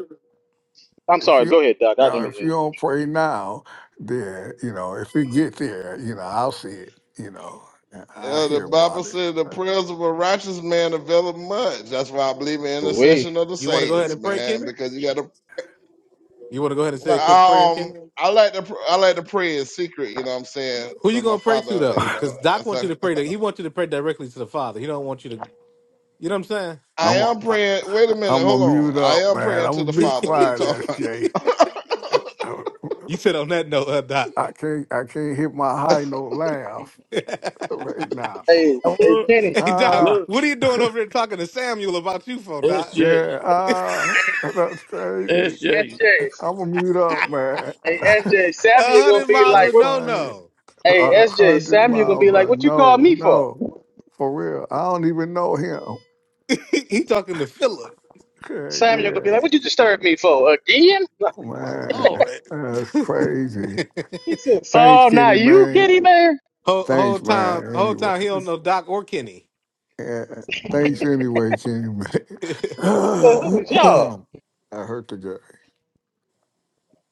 S5: I'm
S8: if
S5: sorry.
S8: you
S5: Go ahead, Doc. I
S8: now
S5: didn't mean
S8: if you
S5: to
S8: don't pray now, then you know if it get there, you know I'll see it. You know and I hear
S4: the Bible
S8: about it.
S4: said the prayers of a righteous man availeth much. That's why I believe in
S5: interrupt. Wait.
S4: intercession of the
S2: You want to go ahead
S4: saints,
S2: and pray,
S4: man,
S2: Kenny?
S4: because you got to
S2: You want to go ahead and
S4: No,
S2: say a quick prayer,
S4: I, um,
S2: Kenny?
S4: I like to pr- I like to pray in secret. You know what I'm saying?
S2: Who
S4: So
S2: you
S4: my
S2: gonna pray to
S4: father,
S2: though?
S4: you know,
S2: Because
S4: I
S2: Doc wants you
S4: said,
S2: to pray. To, he wants you to pray directly to the Father. He don't want you to. You know what I'm
S4: I
S8: I'm a,
S4: am
S8: I,
S4: praying. Wait a minute,
S8: I'm
S4: hold
S8: gonna
S4: on.
S8: mute
S4: I
S8: up,
S4: am
S8: man.
S4: praying to the
S8: I'm gonna be
S2: saying?
S4: Father. What you
S8: quiet,
S4: talking
S8: SJ.
S4: about? [LAUGHS]
S8: [LAUGHS]
S2: [LAUGHS] you said on that note, uh, Doc.
S8: can't I can't hit my high note laugh
S2: [LAUGHS] hey
S8: right now.
S5: Hey, hey,
S9: Look,
S5: Kenny.
S2: Doc,
S8: Ah,
S9: look,
S2: what are you doing over there talking to Samuel about you for, Doc?
S9: SJ,
S8: yeah, ah,
S5: Hey,
S8: [LAUGHS] that's crazy.
S5: hey,
S9: SJ.
S8: I'm gonna
S5: SJ.
S8: mute up, man.
S5: Hey, SJ.
S2: A
S5: Samuel gonna
S2: hundred
S8: [LAUGHS]
S5: be
S2: miles
S8: that's
S5: like,
S2: of
S5: what?
S2: no
S8: funny.
S2: no.
S5: Hey,
S8: a
S5: SJ.
S8: hundred
S5: Samuel gonna be
S8: miles.
S5: like,
S8: uh,
S5: what you call
S8: No,
S5: me for?
S8: no, for real. I don't even know him.
S2: [LAUGHS] he talking to Philip.
S8: Okay,
S5: Samuel gonna
S8: yeah,
S5: be like, what you disturb me for again? [LAUGHS]
S2: My
S8: man,
S2: lord.
S8: that's crazy.
S5: He said,
S8: Thanks,
S5: Saul, not
S8: Kenny,
S5: you,
S8: man.
S5: Kenny man.
S2: Whole, whole
S8: Thanks,
S2: time,
S8: man.
S2: whole
S8: Anyway,
S2: time he don't know Doc or Kenny.
S8: yeah, thanks anyway, Kenny, man. [COUGHS]
S5: I said,
S2: [LAUGHS]
S5: who was y'all?
S8: I hurt the guy.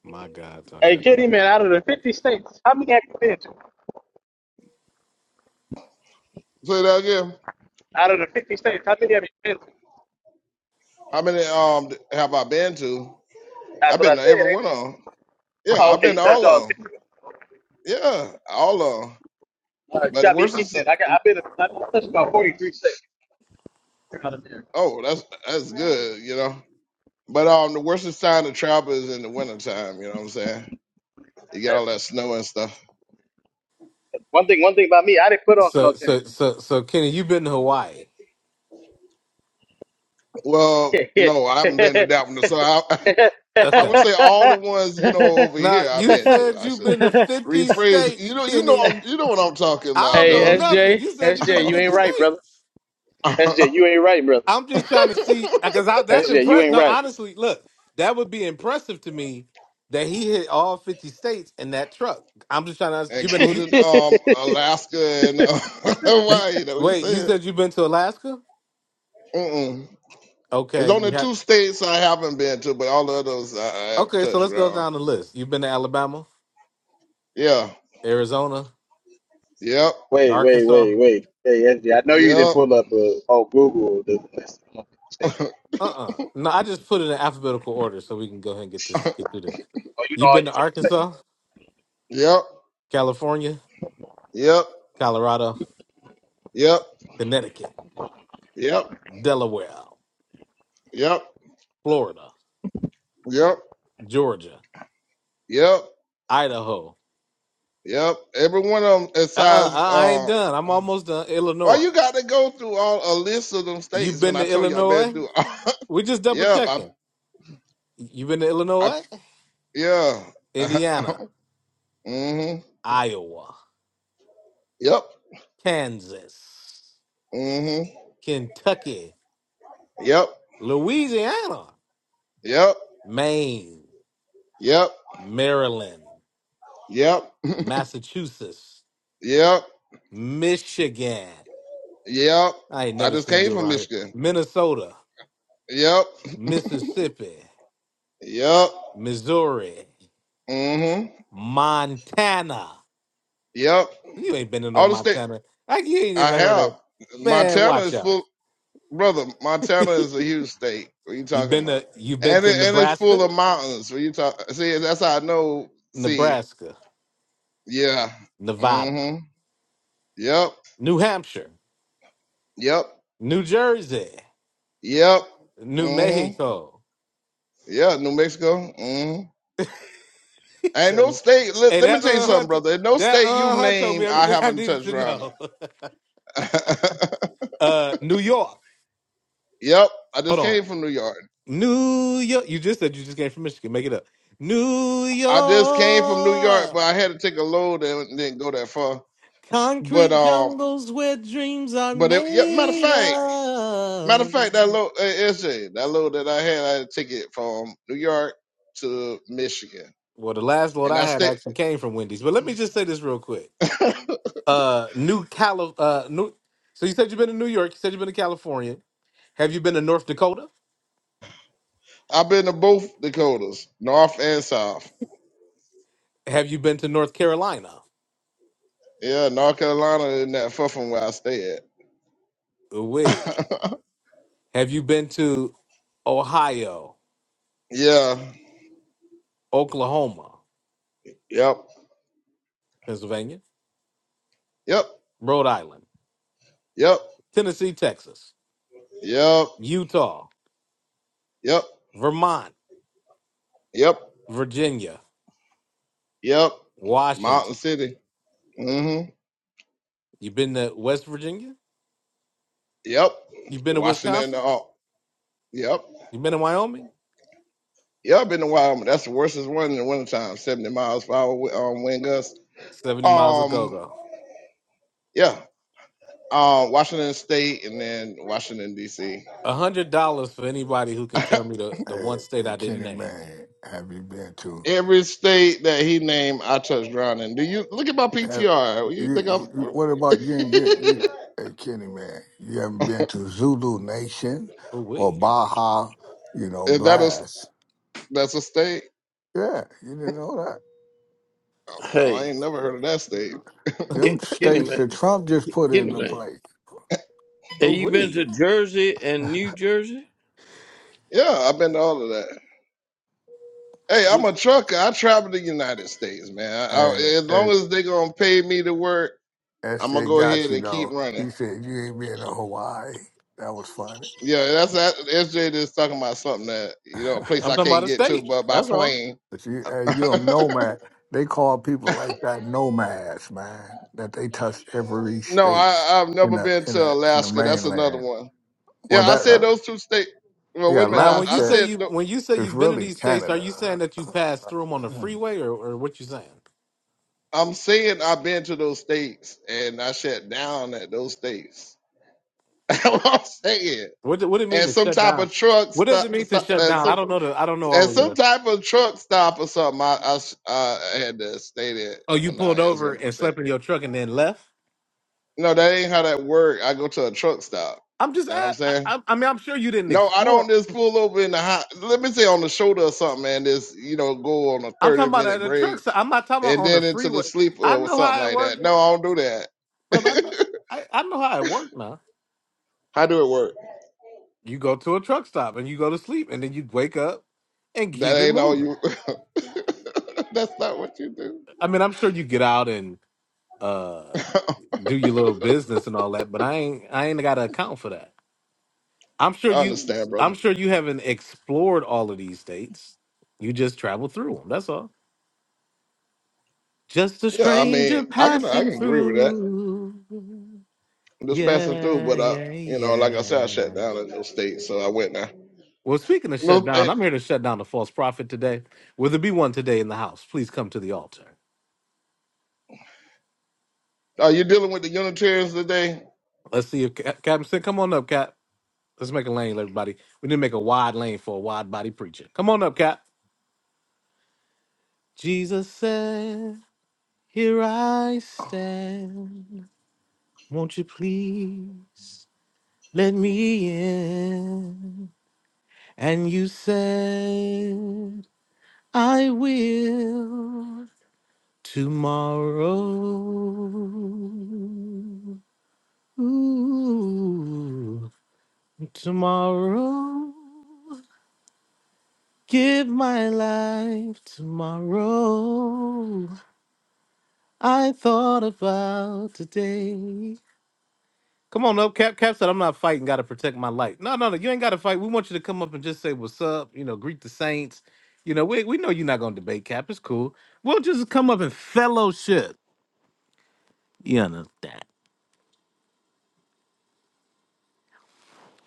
S2: my God, my
S5: Hey,
S2: God.
S5: Kenny man, out of the 50 heck men, you
S4: Say that again.
S5: got me. beat.
S4: How many um have I been to?
S5: That's
S4: I've
S5: what
S4: been
S5: I
S4: to
S5: said.
S4: every one
S5: Eh?
S4: of them. Yeah,
S5: Oh,
S4: I've
S5: okay,
S4: been
S5: you
S4: to
S5: touched
S4: all
S5: all
S4: of them.
S5: 50.
S4: Yeah, all of them.
S5: Uh, you
S4: But the
S5: got me
S4: worst
S5: beat
S4: is
S5: then. I got. I've been. i been touched about 43 seconds out of there.
S4: oh, that's that's good, you know. But um, the worst is time to travel is in the wintertime. You know what I'm saying? You get all that snow and stuff.
S5: One thing, one thing about me, I didn't put on snow
S2: So,
S5: chain.
S2: so, so, so, Kenny, you've been to Hawaii.
S4: Well,
S5: [LAUGHS] hey,
S4: no, I haven't been to that one. So I, [LAUGHS] I
S2: Okay.
S4: would say all the ones you know over
S2: Now
S4: here I've
S2: you
S4: been to.
S2: said
S4: I
S2: you've
S4: should
S2: been to fifty
S4: rephrase. You
S2: states,
S4: know, you know,
S2: Kenny.
S4: I'm, you know what I'm talking
S2: I
S4: about,
S2: don't know
S5: S J, S
S4: though.
S2: nothing.
S5: J,
S2: You said you've been to
S5: you ain't
S2: fifty
S5: right, brother.
S2: states.
S5: SJ,
S4: [LAUGHS]
S5: you ain't right, brother.
S2: I'm just trying to see because that's
S5: SJ, you
S2: impressive.
S5: ain't
S2: No,
S5: right.
S2: honestly, look, that would be impressive to me that he hit all fifty states in that truck. I'm just trying to. You've
S5: [LAUGHS]
S2: been to you,
S4: Including um Alaska and uh, [LAUGHS]
S2: you.
S4: Hawaii. Know what you
S2: Wait, you
S4: said?
S2: said you've been to Alaska?
S4: Mm-mm. There's
S2: Okay,
S4: only
S2: you have.
S4: two states I haven't been to, but all the others I, I have
S2: Okay, so
S4: touched
S2: let's go
S4: around.
S2: down the list. You've been to Alabama,
S4: Yeah.
S2: Arizona,
S4: Yep.
S5: wait, wait,
S2: Arkansas.
S5: wait, wait. Hey, S J, I know you didn't
S4: Yep.
S5: pull up uh, oh Google the list of mistakes.
S2: Uh uh No, I just put it in alphabetical order so we can go ahead and get this
S4: [LAUGHS]
S2: get through this.
S5: Oh, you know
S2: You've
S5: all
S2: been
S5: your
S2: to
S5: mistakes.
S2: Arkansas?
S4: yep.
S2: California,
S4: Yep.
S2: Colorado,
S4: Yep.
S2: Connecticut,
S4: Yep.
S2: Delaware,
S4: Yep.
S2: Florida,
S4: Yep.
S2: Georgia,
S4: Yep.
S2: Idaho.
S4: Yep, every one of them is
S2: Uh uh
S4: size.
S2: I I ain't
S4: Uh,
S2: done. I'm almost done.
S4: why
S2: Illinois.
S4: you got to go through all a list of them
S2: You've
S4: states when
S2: been
S4: I
S2: to
S4: told you I've been
S2: Illinois?
S4: through?
S2: we just
S4: [LAUGHS]
S2: double
S4: yep, I,
S2: checking. You've been to
S4: I,
S2: Illinois?
S4: yeah. [LAUGHS]
S2: Indiana,
S4: mhm.
S2: Iowa,
S4: Yep.
S2: Kansas,
S4: Mhm.
S2: Kentucky,
S4: Yep.
S2: Louisiana,
S4: Yep.
S2: Maine,
S4: Yep.
S2: Maryland,
S4: Yep.
S2: Massachusetts,
S4: Yep.
S2: Michigan.
S4: Yep.
S2: I ain't
S4: I
S2: never
S4: just
S2: seen
S4: came
S2: you
S4: from
S2: around here.
S4: Michigan.
S2: Minnesota,
S4: Yep.
S2: Mississippi.
S4: Yep.
S2: Missouri,
S4: Mhm.
S2: Montana.
S4: Yep.
S2: You ain't been to no
S4: All the state
S2: Montana. Like you ain't
S4: I
S2: even heard of it.
S4: have.
S2: Man,
S4: Montana
S2: watch
S4: is
S2: out.
S4: full. brother, Montana is a huge state. What are you
S2: You've
S4: talking
S2: been
S4: about?
S2: to you've been
S4: And
S2: to
S4: it, and it's
S2: Nebraska,
S4: full of mountains. What you talk? See, that's how I know. See,
S2: Nebraska,
S4: yeah.
S2: Nevada,
S4: Mm-hmm. Yep.
S2: New Hampshire,
S4: Yep.
S2: New Jersey,
S4: Yep.
S2: New
S4: Mm-hmm.
S2: Mexico. [LAUGHS]
S4: Yeah. New Mexico. Mm-hmm.
S2: He
S4: Ain't no
S2: said,
S4: state. Let,
S2: hey,
S4: let me
S2: that
S4: tell you
S2: uh huh
S4: something,
S2: t-
S4: brother. Ain't no
S2: that
S4: state you
S2: uh huh told me
S4: name I
S2: everything I
S4: haven't
S2: needed
S4: touched
S2: to
S4: around in.
S2: know. [LAUGHS]
S4: [LAUGHS]
S2: Uh New York.
S4: yep. I
S2: Hold
S4: just
S2: on.
S4: came from New York.
S2: New York. You just said you just came from Michigan. Make it up. New
S4: I just came from New York, but
S2: York.
S4: I had to take a load and didn't go that far. But
S2: Concrete
S4: um,
S2: jungles where dreams are
S4: but it, yeah, matter of
S2: made
S4: fact. Matter of
S2: of.
S4: fact, that load, uh, SJ, that load that I had, I had to take it from New York to Michigan,
S2: Well, the last load
S4: and
S2: I
S4: I
S2: had
S4: stayed.
S2: actually came from Wendy's. But let me just say this real quick.
S4: [LAUGHS]
S2: Uh, New Cali, uh, New. So you said you've been to New York. You said you've been to California. Have you been to North Dakota?
S4: I've been to both Dakotas, North and South.
S2: Have you been to North Carolina?
S4: Yeah, North Carolina isn't that far from where I stay
S2: Wait.
S4: at.
S2: Have you been to Ohio,
S4: [LAUGHS] yeah.
S2: Oklahoma,
S4: Yep.
S2: Pennsylvania,
S4: Yep.
S2: Rhode Island,
S4: Yep.
S2: Tennessee, Texas,
S4: Yep.
S2: Utah,
S4: Yep.
S2: Vermont,
S4: Yep.
S2: Virginia,
S4: Yep. Mountain
S2: Washington?
S4: City. Mm-hmm.
S2: You've been to West Virginia?
S4: Yep.
S2: You've been to
S4: Washington.
S2: Wisconsin?
S4: Uh, yep.
S2: You've been to Wyoming?
S4: Yep. Been to Wyoming. That's the worstest one in the wintertime. Seventy miles per hour wi- um, wind gusts.
S2: 70 miles of go
S4: Um,
S2: go.
S4: yeah, uh, Washington State and then Washington D.C.
S2: $100 for anybody who
S4: [LAUGHS]
S2: can tell me the, the
S8: Hey,
S2: one state
S8: hey,
S2: I didn't
S8: Kenny,
S2: name.
S8: man, have you been to?
S4: Every state that he named, I touched ground in. Do you look at my
S8: Have
S4: PTR? You think I'm? [LAUGHS]
S8: you, you- what about you ain't been, you, hey Kenny man, you haven't been to Zulu Nation
S2: Oh,
S8: or
S2: we.
S8: Baja, you know,
S4: Is that a
S8: Blast.
S4: that's a state?
S8: Yeah, you didn't know
S4: Oh, I
S9: Hey,
S4: ain't never heard of that
S8: that.
S4: state.
S8: Them
S9: Ken- Kenny
S8: states that
S9: Mayne,
S8: Trump just put
S9: Kenny
S8: into
S9: Mayne.
S8: place.
S9: Have
S2: Oh,
S9: you been
S2: we.
S9: to Jersey and New Jersey?
S4: Yeah, I've been to all of that. Hey, I'm
S9: What,
S4: a trucker. I travel the United States, man. I-
S8: And,
S4: as long
S8: and
S4: as they gonna pay me to work, I'm gonna
S8: SJ
S4: go
S8: got
S4: ahead
S8: you
S4: and keep
S8: though.
S4: running.
S8: He said you ain't been to Hawaii. That was funny.
S4: Yeah, that's that. SJ just talking about something that you know, a place
S2: I'm
S8: [LAUGHS]
S4: I
S2: talking about
S4: can't
S2: a
S4: get to,
S2: state.
S4: but by
S2: That's all.
S4: plane.
S8: But you uh,
S4: [LAUGHS]
S8: you're a nomad, they call people like that nomads, man. That they touch every
S4: no, I,
S8: state
S4: I've
S8: in
S4: never
S8: the
S4: been
S8: in
S4: to
S8: a in the
S4: Alaska. That's another
S8: mainland.
S4: one. Yeah,
S8: Well,
S4: I
S8: that
S4: said
S8: uh,
S4: those two states. Well,
S8: yeah,
S4: wait a minute.
S2: Now,
S4: Doc.
S2: when
S4: I
S2: you say
S8: Alaska
S4: said
S2: you
S4: tho-
S2: when you say
S8: is
S2: you've been to
S8: really
S2: these states, are you saying
S8: Canada.
S2: that you passed through them on the
S8: [CLEARS THROAT] hey,
S2: freeway, or, or what you saying?
S4: I'm saying I've been to those states, and I shut down at those states. [LAUGHS] That's what I'm saying.
S2: What do- what it mean
S4: And
S2: to
S4: some
S2: shut
S4: type
S2: down?
S4: of truck
S2: What does it
S4: stop,
S2: mean to
S4: stop
S2: shut
S4: and
S2: down? I
S4: some
S2: don't know the I don't know
S4: and
S2: all of
S4: some
S2: the.
S4: type of truck stop or something. I I, s- I had to stay there
S2: Oh, you
S4: overnight.
S2: pulled
S4: That's
S2: over
S4: what I'm
S2: and
S4: saying.
S2: slept in your truck and then left.
S4: No, that ain't how that work. I go to a truck stop.
S2: I'm just
S4: You know what
S2: I
S4: I'm
S2: I,
S4: saying?
S2: I I mean I'm sure you didn't
S4: No, I
S2: explore
S4: don't just pull over in the hot. Let me say on the shoulder or something, man. Just you know, go on a
S2: I'm talking
S4: 30
S2: about at
S4: minute
S2: a truck
S4: break
S2: stop. I'm not talking about
S4: and
S2: on the
S4: then into the
S2: freeway.
S4: sleeper
S2: I
S4: or
S2: know
S4: something
S2: how it
S4: like
S2: works,
S4: that. No, I don't do
S2: brother. I know,
S4: that.
S2: I, I know how it works now.
S4: [LAUGHS] how do it work?
S2: You go to a truck stop and you go to sleep, and then you wake up and
S4: That
S2: keep it
S4: ain't all
S2: moving.
S4: you. [LAUGHS] That's not what you do.
S2: I mean, I'm sure you get out and uh,
S4: [LAUGHS] I
S2: do your little business and all that, but I ain't I ain't got to account for that. I'm sure you
S4: understand, brother.
S2: I'm sure you haven't explored all of these states. You just travel through them. That's all. Just a
S4: Yeah, I mean,
S2: stranger
S4: I can I
S2: passing
S4: can agree with that.
S2: through.
S4: I'm just passing through,
S2: Yeah,
S4: but I,
S2: yeah,
S4: you know, like I said, I shut
S2: yeah.
S4: down in those states, so I went there.
S2: Well, speaking of shut
S4: No.
S2: down, I'm here to shut down the false prophet today. Will there be one today in the house? Please come to the altar.
S4: Are you dealing with the Unitarians today?
S2: Let's see if Ca- Captain Sin, come on up, Cap. Let's make a lane, everybody. We need to make a wide lane for a wide body preacher. Come on up, Cap. Jesus said, Here I stand. Won't you please let me in? And you said, I will tomorrow. Ooh, tomorrow, give my life tomorrow. I thought about today. Come on up, Cap. Cap said, I'm not fighting, gotta protect my life. No, no, no, you ain't gotta fight. We want you to come up and just say what's up, you know, greet the saints. You know, we, we know you're not gonna debate, Cap. It's cool. We'll just come up and fellowship. You understand?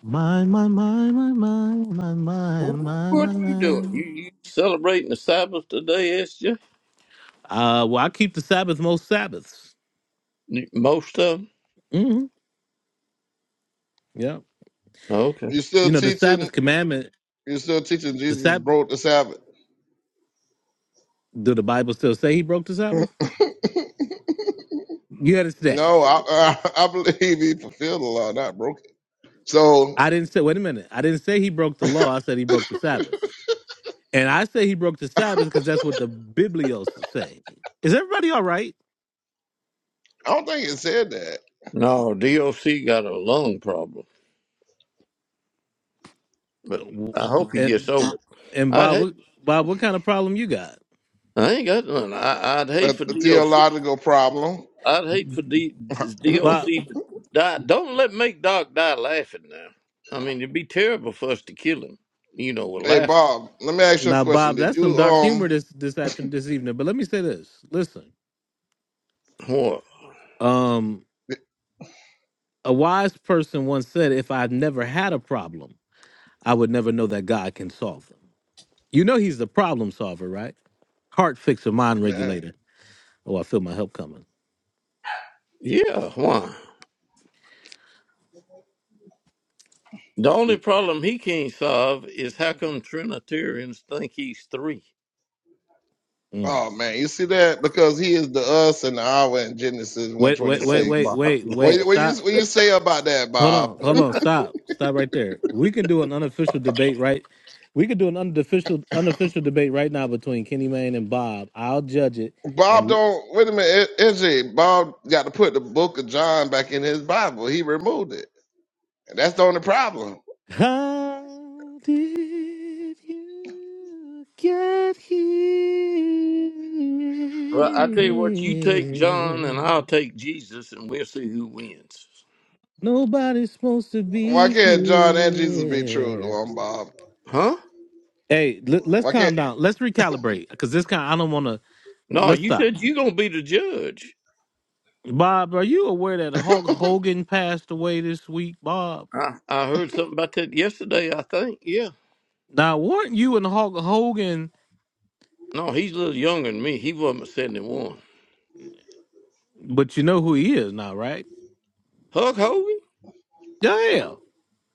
S2: My, my, my, my, my, my, my, my,
S9: what
S2: my,
S9: are you doing?
S2: my.
S9: You, you celebrating the Sabbath today, SJ?
S2: Uh, well, I keep the Sabbath most Sabbaths.
S9: Most of them.
S2: hmm Yeah.
S9: Okay.
S4: You still
S2: You know, the
S4: teaching?
S2: Sabbath commandment,
S4: You still teaching?
S2: the
S4: Jesus
S2: Sabbath,
S4: broke the Sabbath.
S2: do the Bible still say he broke the
S4: [LAUGHS] no,
S2: Sabbath? You understand?
S4: I, I I believe he fulfilled the law, not broke it. So
S2: I didn't say, wait a minute. I didn't say he broke the law. I said he broke the Sabbath. And I say he broke the Sabbath because that's what the Biblios say. Is everybody all right?
S4: I don't think it said that.
S9: No, DOC got a lung problem. but
S2: W-
S9: I
S2: w-
S9: hope he
S2: And,
S9: gets over it.
S2: and
S9: I'd
S2: Bob,
S9: hate.
S2: what, Bob, what kind of problem you got?
S9: I ain't got none. I, I'd
S4: A,
S9: hate for
S4: a
S9: DOC.
S4: theological problem.
S9: I'd hate for D,
S2: Bob,
S9: DOC to die. Don't let make Doc die laughing now. I mean, it'd be terrible for us to kill him. You know, with
S4: Hey
S9: laugh.
S4: Bob, let me ask you a
S2: now,
S4: question.
S2: Bob,
S4: Did
S2: that's some
S4: you
S2: dark
S4: um
S2: humor this this afternoon, this evening. But let me say this. Listen,
S9: Why?
S2: um. A wise person once said, If I've never had a problem, I would never know that God can solve them. You know, he's the problem solver, right? Heart fixer, mind
S4: man?
S2: regulator. Oh, I feel my help coming.
S9: Yeah, why? The only problem he can't solve is how come Trinitarians think he's three.
S2: Mm.
S4: Oh man, you see that because he is the us and the our in Genesis one
S2: Wait,
S4: twenty
S2: wait, wait,
S9: Oh
S2: wait,
S9: my
S4: six.
S2: wait,
S4: What you-
S2: wait.
S9: lord!
S4: what you
S2: Stop.
S4: what you say about that,
S2: Hold
S4: Bob?
S2: on, hold on. Stop. Stop right there. We can do an unofficial debate, right? We could do an unofficial unofficial debate right now between Kenny Mayne and Bob. I'll judge it,
S4: Bob
S2: and
S4: don't wait a minute. I- Izzy, Bob got to put the book of John back in his Bible. He removed it. And that's the only problem.
S2: How did you get here?
S9: Well, I tell you what, you take John and I'll take Jesus, and we'll see who wins.
S2: Nobody's supposed to
S4: Why
S2: be
S4: can't John and Jesus be true to
S2: here.
S4: him, Bob?
S9: Huh?
S2: Hey, let, let's
S4: Why can't
S2: calm down. Let's recalibrate because this kind I don't want to.
S9: No,
S2: Let's
S9: you
S2: stop.
S9: said you're gonna be the judge.
S2: Bob, are you aware that Hulk Hogan passed away this week, Bob?
S9: I, I heard something about that yesterday, I think. Yeah.
S2: Now, weren't you and Hulk Hogan,
S9: No, he's a little younger than me. He wasn't but 71.
S2: but you know who he is now, right?
S9: Hulk Hogan?
S2: Yeah, yeah.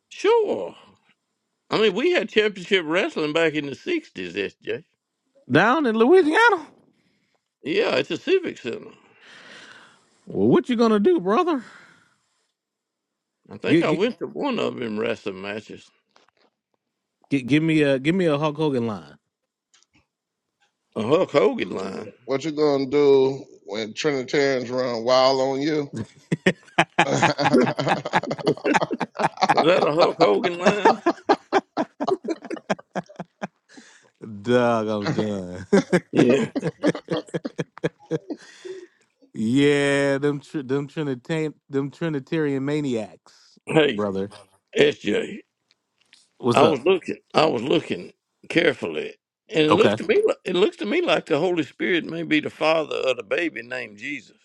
S9: Sure. I mean, we had championship wrestling back in the 60s, SJ.
S2: Down in Louisiana.
S9: Yeah, it's a Civic Center.
S2: Well, what you gonna do, brother?
S9: I think
S2: Get,
S9: I
S2: get,
S9: went to one of them wrestling matches.
S2: get, give me a give me a Hulk Hogan line.
S9: A Hulk Hogan line.
S4: what you gonna do when Trinitarians run wild on you? [LAUGHS]
S9: Is that a Hulk Hogan line?
S2: Dog, I'm done.
S9: Yeah.
S2: [LAUGHS] yeah, them tr- them Trinitarian them Trinitarian maniacs,
S9: Hey,
S2: brother.
S9: SJ,
S2: What's
S9: I was
S2: up?
S9: looking. I was looking carefully. And it looks
S2: Okay.
S9: to me like, it looks to me like the Holy Spirit may be the father of the baby named Jesus.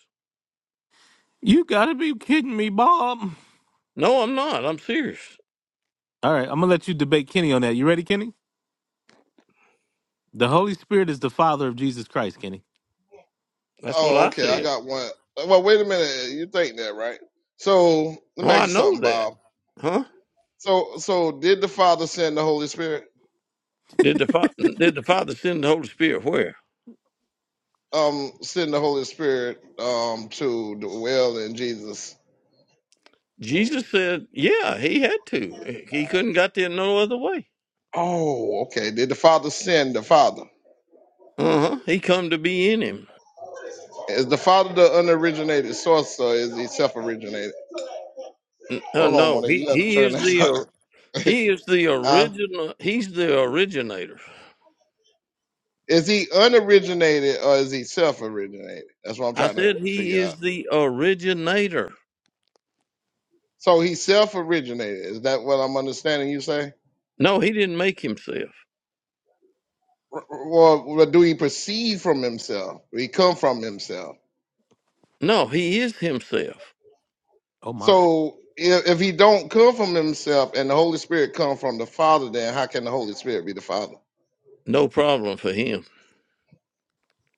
S2: You gotta be kidding me, Bob.
S9: No, I'm not. I'm serious.
S2: All right, I'm gonna let you debate Kenny on that. You ready, Kenny? The Holy Spirit is the Father of Jesus Christ, Kenny.
S9: That's what
S4: oh,
S9: I
S4: okay, I
S9: said.
S4: got one. Well, wait a minute. You think that, right? So let
S9: Oh,
S4: me ask
S9: I
S4: you
S9: know
S4: something,
S9: that.
S4: Bob.
S9: Huh?
S4: So so did the Father send the Holy Spirit?
S9: Did the fa- did the Father send the Holy Spirit where?
S4: Um, send the Holy Spirit um to dwell in Jesus
S9: Jesus said, "Yeah, he had to. He couldn't got there no other way.
S4: Oh, okay. Did the Father send the Father?
S9: Uh huh. He come to be in him.
S4: Is the Father the unoriginated source, or is he self-originated?
S9: N- Uh,
S4: Hold on,
S9: no,
S4: Monet.
S9: he
S4: You got to
S9: he
S4: turn
S9: is
S4: that. [LAUGHS]
S9: the
S4: up.
S9: or- he is the
S4: Huh?
S9: original. He's the originator.
S4: Is he unoriginated or is he self-originated? That's what I'm
S9: I
S4: trying to
S9: said he
S4: figure out.
S9: is the originator.
S4: So he self-originated. Is that what I'm understanding you say?
S9: No, he didn't make himself.
S4: R- r- Well, well, do he proceed from himself? He come from himself.
S9: No, he is himself.
S2: Oh my.
S4: So if, if he don't come from himself and the Holy Spirit come from the Father, then how can the Holy Spirit be the Father?
S9: No problem for him.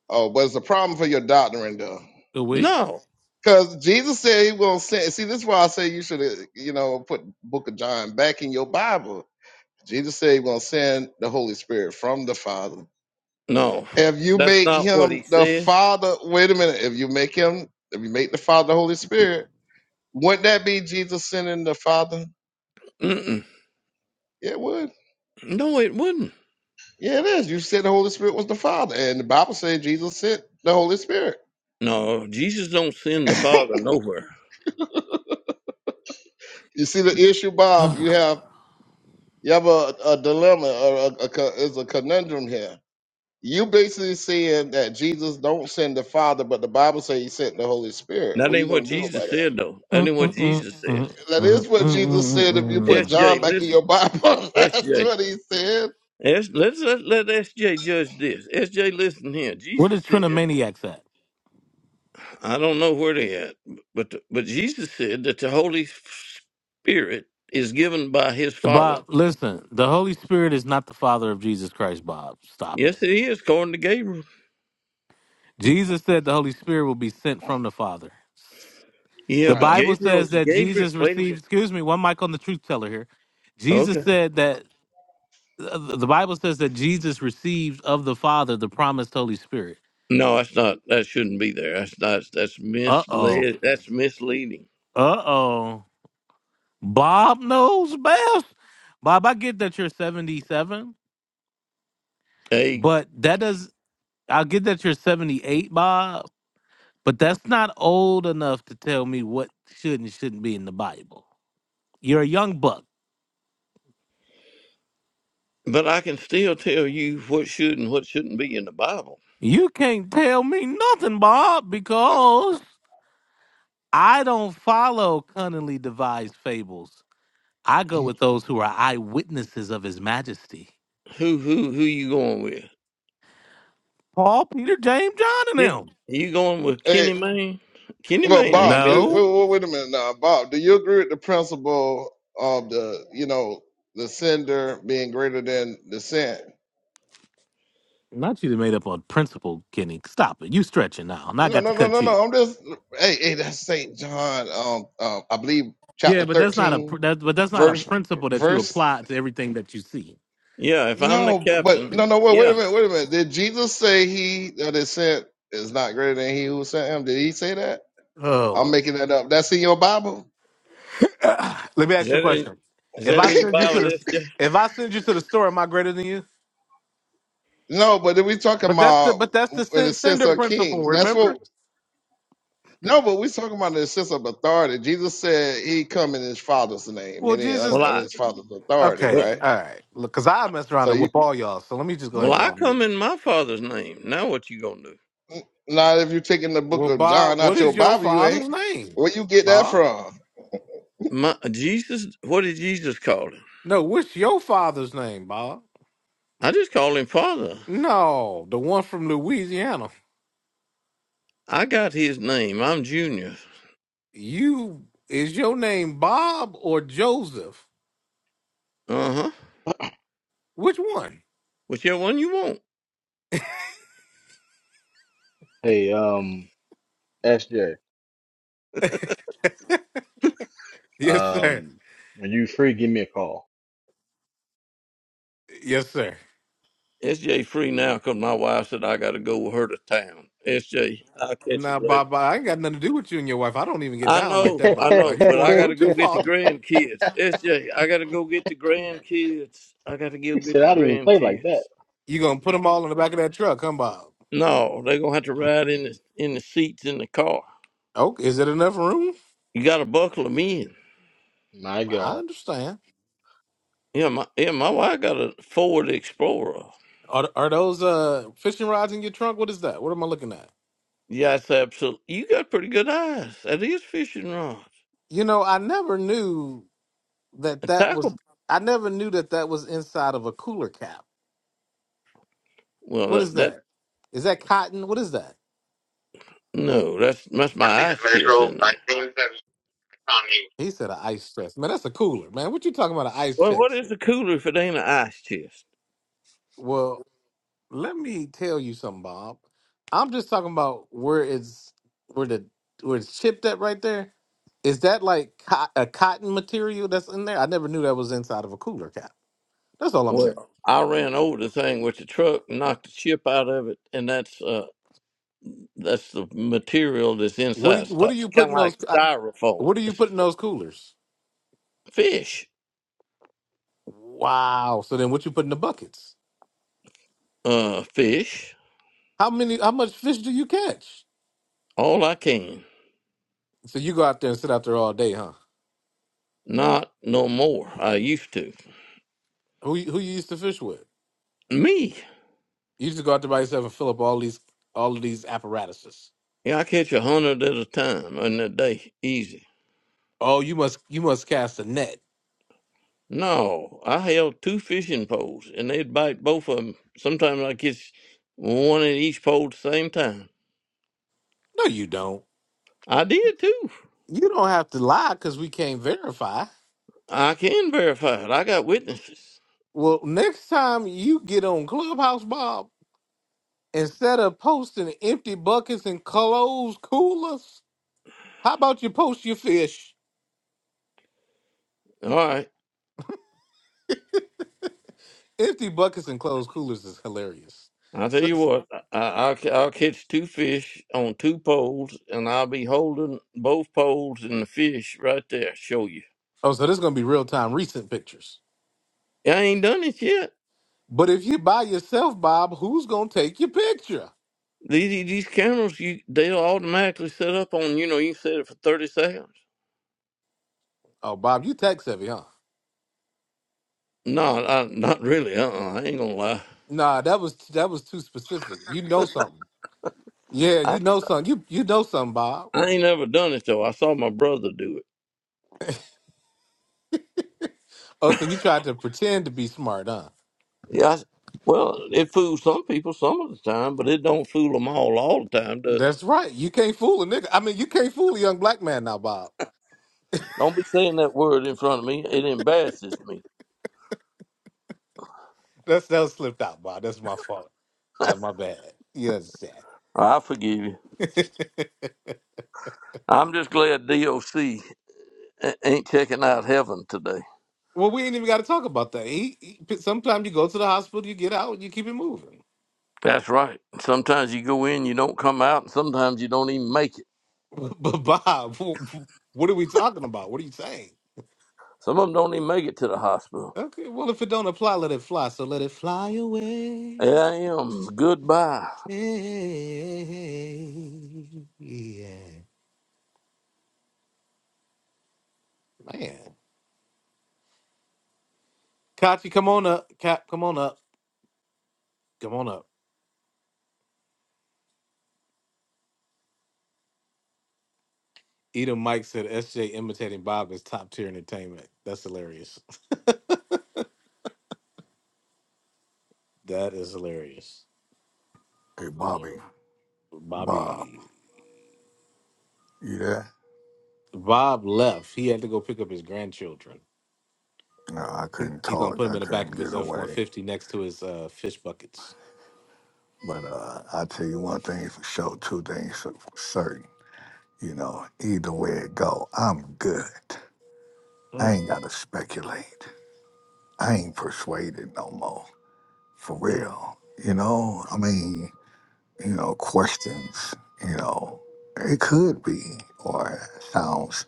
S4: Oh, but it's a problem for your doctrine, though.
S2: Oh we.
S9: No.
S4: Because Jesus said he will send. See, this is why I say you should, uh, you know, put Book of John back in your Bible. Jesus said he's gonna send the Holy Spirit from the Father.
S9: No,
S4: If you
S9: that's
S4: make
S9: not what he
S4: him the
S9: said.
S4: Father, wait a minute. If you make him, if you make the Father the Holy Spirit, wouldn't that be Jesus sending the Father?
S9: Mm-mm.
S4: Yeah, it would.
S9: No, it wouldn't.
S4: Yeah, it is. You said the Holy Spirit was the Father, and the Bible said Jesus sent the Holy Spirit.
S9: No, Jesus don't send the Father nowhere.
S4: You see the issue,
S2: [SIGHS] Where
S4: Bob. You have you have a, a dilemma, or a, a, co- is a conundrum here You basically saying that Jesus don't send the Father, but the Bible says he sent the Holy Spirit.
S9: That
S4: What are you
S9: ain't what
S4: gonna do
S9: Jesus
S4: about that?
S9: said, though. That ain't what Jesus [LAUGHS] said.
S4: That is what Jesus said if you put John
S9: SJ,
S4: back in
S9: listen.
S4: your Bible. [LAUGHS]
S9: S
S4: That's
S9: J,
S4: what he said.
S9: S let's, let, let SJ judge this. SJ, listen here.
S2: the
S9: Jesus said,
S2: Trinimaniacs at?
S9: I don't know where they at, but but Jesus said that the Holy Spirit is given by his Father.
S2: Bob, listen, the Holy Spirit is not the Father of Jesus Christ, Bob. Stop it.
S9: Yes, it is, according to Gabriel.
S2: Jesus said the Holy Spirit will be sent from the Father.
S9: Yeah,
S2: The
S9: but
S4: Right.
S2: Bible says
S9: Gabriel's
S2: that
S9: Gabriel.
S2: Jesus
S9: Wait a minute.
S2: received, excuse me, one mic on the truth teller here.
S9: Okay.
S2: Jesus said that, uh, the Bible says that Jesus received of the Father the promised Holy Spirit.
S9: No, that's not. That shouldn't be there. That's not. That's
S2: Uh oh.
S9: misled. That's misleading.
S2: Uh oh. Bob knows best. Bob, I get that you're 77,
S9: Eight.
S2: but that does, I get that you're 78, Bob, But that's not old enough to tell me what should and shouldn't be in the Bible. You're a young buck.
S9: But I can still tell you what should and what shouldn't be in the Bible.
S2: You can't tell me nothing, Bob, because I don't follow cunningly devised fables. I go with those who are eyewitnesses of his majesty.
S9: Who who who you going with?
S2: Paul, Peter, James, John, and
S9: Ken,
S2: them.
S9: you going with
S4: Hey,
S9: Kenny Mayne? Kenny
S4: well,
S9: Mayne ain't
S4: Bob,
S9: been
S4: do
S9: there.
S2: No.
S4: wait, wait, wait a minute now. Bob, do you agree with the principle of the, you know, the sender being greater than the sent?
S2: Not you that made up on principle, Kenny. Stop it. You stretching now. And I
S4: No,
S2: got to
S4: no, no,
S2: cut
S4: no,
S2: you.
S4: no. I'm just hey, hey, that's Saint John, um, um, I believe
S2: Yeah,
S4: chapter
S2: but that's not a pr-
S4: 13,
S2: that, but that's not a
S4: verse
S2: principle that you
S4: verse
S2: apply to everything that you see.
S9: Yeah, if I'm the
S4: No,
S9: captain,
S4: but no, no. Wait, wait a
S9: yeah.
S4: minute. Wait a minute. Did Jesus say he that is sent is not greater than he who sent him? Did he say that? I'm
S2: Oh.
S4: making that up. That's in your Bible.
S2: [CLEARS THROAT] Uh, Let me
S9: Is
S2: ask you a
S9: that in,
S2: question.
S9: is
S2: If
S9: that
S2: I
S9: in the
S2: send
S4: [LAUGHS]
S2: you to
S9: Bible?
S2: the
S9: That's yeah.
S2: if I send you to the store, am I greater than you?
S4: no, but then we talking
S2: But that's the
S4: about
S2: but that's the
S4: in the
S2: sen-
S4: sense
S2: sender
S4: of
S2: principle.
S4: kings. That's
S2: Remember?
S4: what. No, but we talking about in the sense of authority. Jesus said he come in his Father's name,
S2: Well,
S4: meaning on,
S9: Well,
S2: Jesus.
S4: on
S9: I
S4: his Father's authority,
S2: Okay,
S9: well,
S4: right?
S2: all right. Look, cause I mess around
S4: So
S2: and
S4: you
S2: whip all y'all. So let me just go ahead
S9: well
S2: and go
S9: I
S2: on mute.
S9: come in my Father's name. Now what you gonna do?
S4: not if you're taking the book
S2: Well,
S4: of John
S2: Bob, what
S4: out your
S2: is your
S4: Bible, you ain't.
S2: father's name,
S4: Where you get that
S2: Bob?
S4: from?
S9: My Jesus. What did Jesus call him?
S2: No, what's your father's name, Bob?
S9: I just call him Father.
S2: No, the one from Louisiana.
S9: I got his name. I'm Junior.
S2: You is your name Bob or Joseph?
S9: Uh huh.
S2: Which one? [LAUGHS]
S9: Whichever one you want.
S5: Hey, um, SJ,
S2: Yes, sir.
S5: um, when you free, give me a call.
S2: Yes, sir.
S9: SJ free now because my wife said I got to go with her to town. SJ, I'll catch you
S2: Nah,
S9: later.
S2: Bob, Bob, I ain't got nothing to do with you and your wife. I don't even get
S9: I
S2: down like
S5: [LAUGHS]
S9: know,
S5: he
S2: that,
S9: I
S2: Bob. Now
S9: know,
S2: you're
S9: but
S2: going
S9: I
S2: a
S9: got to
S2: little
S9: go
S2: too
S9: get the
S2: far.
S9: grandkids. SJ, I got to go get the grandkids. I got to go get
S5: said,
S9: the
S5: I didn't even play like that.
S9: grandkids.
S2: you gonna put them all in the back of that truck, huh, Bob?
S9: No, they're gonna have to ride in the in the seats in the car.
S2: Oh, is it enough room?
S9: You got to buckle them in.
S5: My
S2: I
S5: God.
S2: understand.
S9: Yeah, my yeah, my wife got a Ford Explorer.
S2: Are are those uh fishing rods in your trunk? What is that? What am I looking at?
S9: Yeah, it's absolutely. You got pretty good eyes. That is fishing rods.
S2: You know, I never knew
S9: A
S2: that that was.
S9: tackle?
S2: I never knew that that was inside of a cooler cap.
S9: Well,
S2: What
S9: that,
S2: is
S9: that
S2: that? Is that cotton? What is that?
S9: no, that's that's
S5: For
S9: my
S5: leaving
S9: ice chest
S5: Metro
S9: in there.
S5: 19.
S2: He said an ice chest. Man, that's a cooler, man. What you talking about? An ice
S9: Well, what
S2: chest?
S9: is a cooler if it ain't an ice chest?
S2: Well, Let me tell you something, Bob. I'm just talking about where it's where the where it's chipped at right there. Is that like co- a cotton material that's in there? I never knew that was inside of a cooler cap. That's all I'm saying.
S9: Well, I ran over the thing with the truck and knocked the chip out of it, and that's uh that's the material that's
S2: What do
S9: inside.
S2: you,
S9: So
S2: what are
S9: It's
S2: you
S9: kind of
S2: putting those?
S9: like
S2: uh,
S9: styrofoam.
S2: What are you
S9: It's
S2: putting those coolers?
S9: fish,
S2: Wow. So then, what you put in the buckets?
S9: uh, fish,
S2: How many? How much fish do you catch?
S9: all I can.
S2: So you go out there and sit out there all day, huh?
S9: Not no more. I used to.
S2: Who you- who you used to fish with?
S9: Me,
S2: You used to go out there by yourself and fill up all these all of these apparatuses.
S9: yeah, I catch a hundred at a time in a day, easy.
S2: Oh, you must you must cast a net.
S9: No, I held two fishing poles, and they'd bite both of them. Sometimes I catch one at each pole at the same time.
S2: No, you don't.
S9: I did too.
S2: You don't have to lie because we can't verify.
S9: I can verify it. I got witnesses.
S2: Well, next time you get on Clubhouse, Bob, instead of posting empty buckets and closed coolers, how about you post your fish?
S9: All right.
S2: Empty buckets and closed coolers is hilarious.
S9: I'll tell
S2: So,
S9: you what, I, I'll, ca- I'll catch two fish on two poles, and I'll be holding both poles and the fish right there. Show you.
S2: oh, so this is gonna be real time, recent pictures.
S9: I ain't done it yet.
S2: But if you by yourself, Bob, who's gonna take your picture?
S9: These these cameras, you they'll automatically set up on. You know, you set it for thirty seconds.
S2: Oh, Bob, you tech savvy, huh?
S9: No, I, not really. Uh, uh I ain't gonna
S2: Nah, that was that was too specific. You know something? Yeah,
S9: lie.
S2: you know something. You you know something, Bob.
S9: I ain't never done it though. I saw my brother do it.
S2: Oh, so you tried to pretend to be smart, huh?
S9: Yeah, I, well, it fools some people some of the time, but it don't fool them all all the time, does it?
S2: That's right. You can't fool a nigga. I mean, you can't fool a young black man now, Bob.
S9: Don't be saying that word in front of me. It embarrasses me.
S2: That's that slipped out, Bob. That's my fault. Ah, my bad. You understand?
S9: I forgive you. I'm just glad DOC ain't checking out heaven today.
S2: Well, we ain't even got to talk about that. He, he- sometimes you go to the hospital, you get out, you keep it moving.
S9: That's right. Sometimes you go in, you don't come out, and sometimes you don't even make it.
S2: [LAUGHS] But Bob, what are we talking about? What are you saying?
S9: Some of them don't even make it to the hospital.
S2: Okay, well, if it don't apply, let it fly. So let it fly away.
S9: A.I.M. am. Goodbye.
S2: Yeah, man. Kachi, come on up. Cap, come on up. Come on up. Edom Mike said SJ imitating Bob is top tier entertainment. That's hilarious. That is hilarious.
S8: Bobby, Bob,
S2: Bobby
S8: you there?
S2: Bob left. He had to go pick up his grandchildren.
S8: No, I
S2: He
S8: couldn't
S2: he gonna put
S8: talk.
S2: them
S8: I
S2: in the back
S8: couldn't
S2: of
S8: get
S2: his F one
S8: away.
S2: fifty next to his uh, fish buckets.
S8: But uh, I tell you one thing for sure, two things for certain. You know, either way it go, I'm good. I
S2: Mm,
S8: ain't gotta speculate. I ain't persuaded no more, for
S2: mm,
S8: real. You know, I mean, you know, questions, you know, it could be, or it sounds,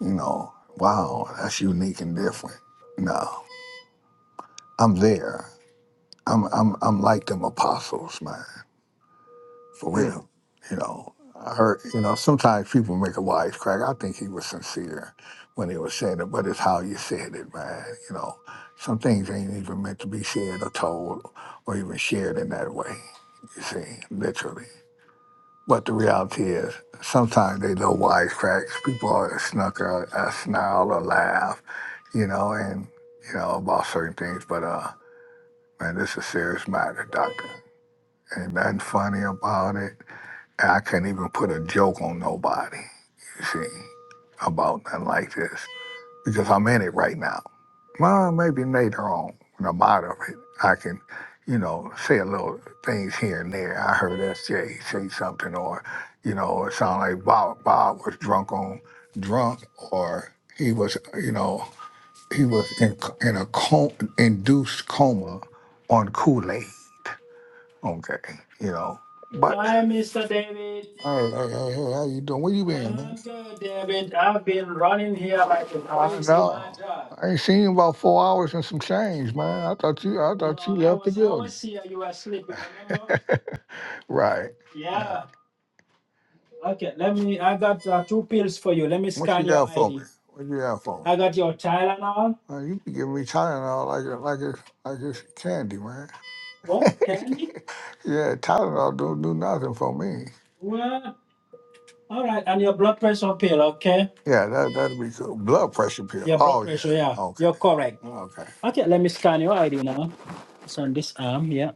S8: you know, wow, that's unique and different. No, I'm there. I'm, I'm, I'm like them apostles, man. for
S2: mm.
S8: real. You know, I heard, you know, sometimes people make a wisecrack. I think he was sincere when he was saying it, but it's how you said it, man. You know, some things ain't even meant to be said or told or even shared in that way, you see, literally. But the reality is, sometimes they little wisecracks, people are snuck or uh, snarl or laugh, you know, and, you know, about certain things. But, uh, man, this is a serious matter, doctor. Ain't nothing funny about it and I couldn't even put a joke on nobody, you see, about nothing like this because I'm in it right now. Well, maybe later on when I'm out of it, I can, you know, say a little things here and there. I heard SJ say something, or, you know, it sounded like Bob, Bob was drunk on drunk, or he was, you know, he was in, in a com- induced coma on Kool Aid. Okay, you know. But Hi, Mr. David. hey, hey, hey, hey, how you doing? Where you been, man? I'm good, David. I've been running here like a I crazy, my know. God. I ain't seen you about four hours and some change, man. I thought you, I No, thought you I left the was I building. was here. You were sleeping, remember? [LAUGHS] Right. right. Yeah. Okay. Let me. I got uh, two pills for you. Let me What you scan your got for me? ID. What you got for me? I got your Tylenol. Man, you be giving me Tylenol like it, like it's, like it's candy, man. [LAUGHS] What? Candy? Yeah, Tylenol don't do nothing for me. Well, all right. And your blood pressure pill, okay? Yeah, that that'd be cool. Blood pressure pill. Your blood Oh yeah. pressure, yeah. yeah. Okay. You're correct. Okay. Okay, let me scan your ID now. It's on this arm, yeah.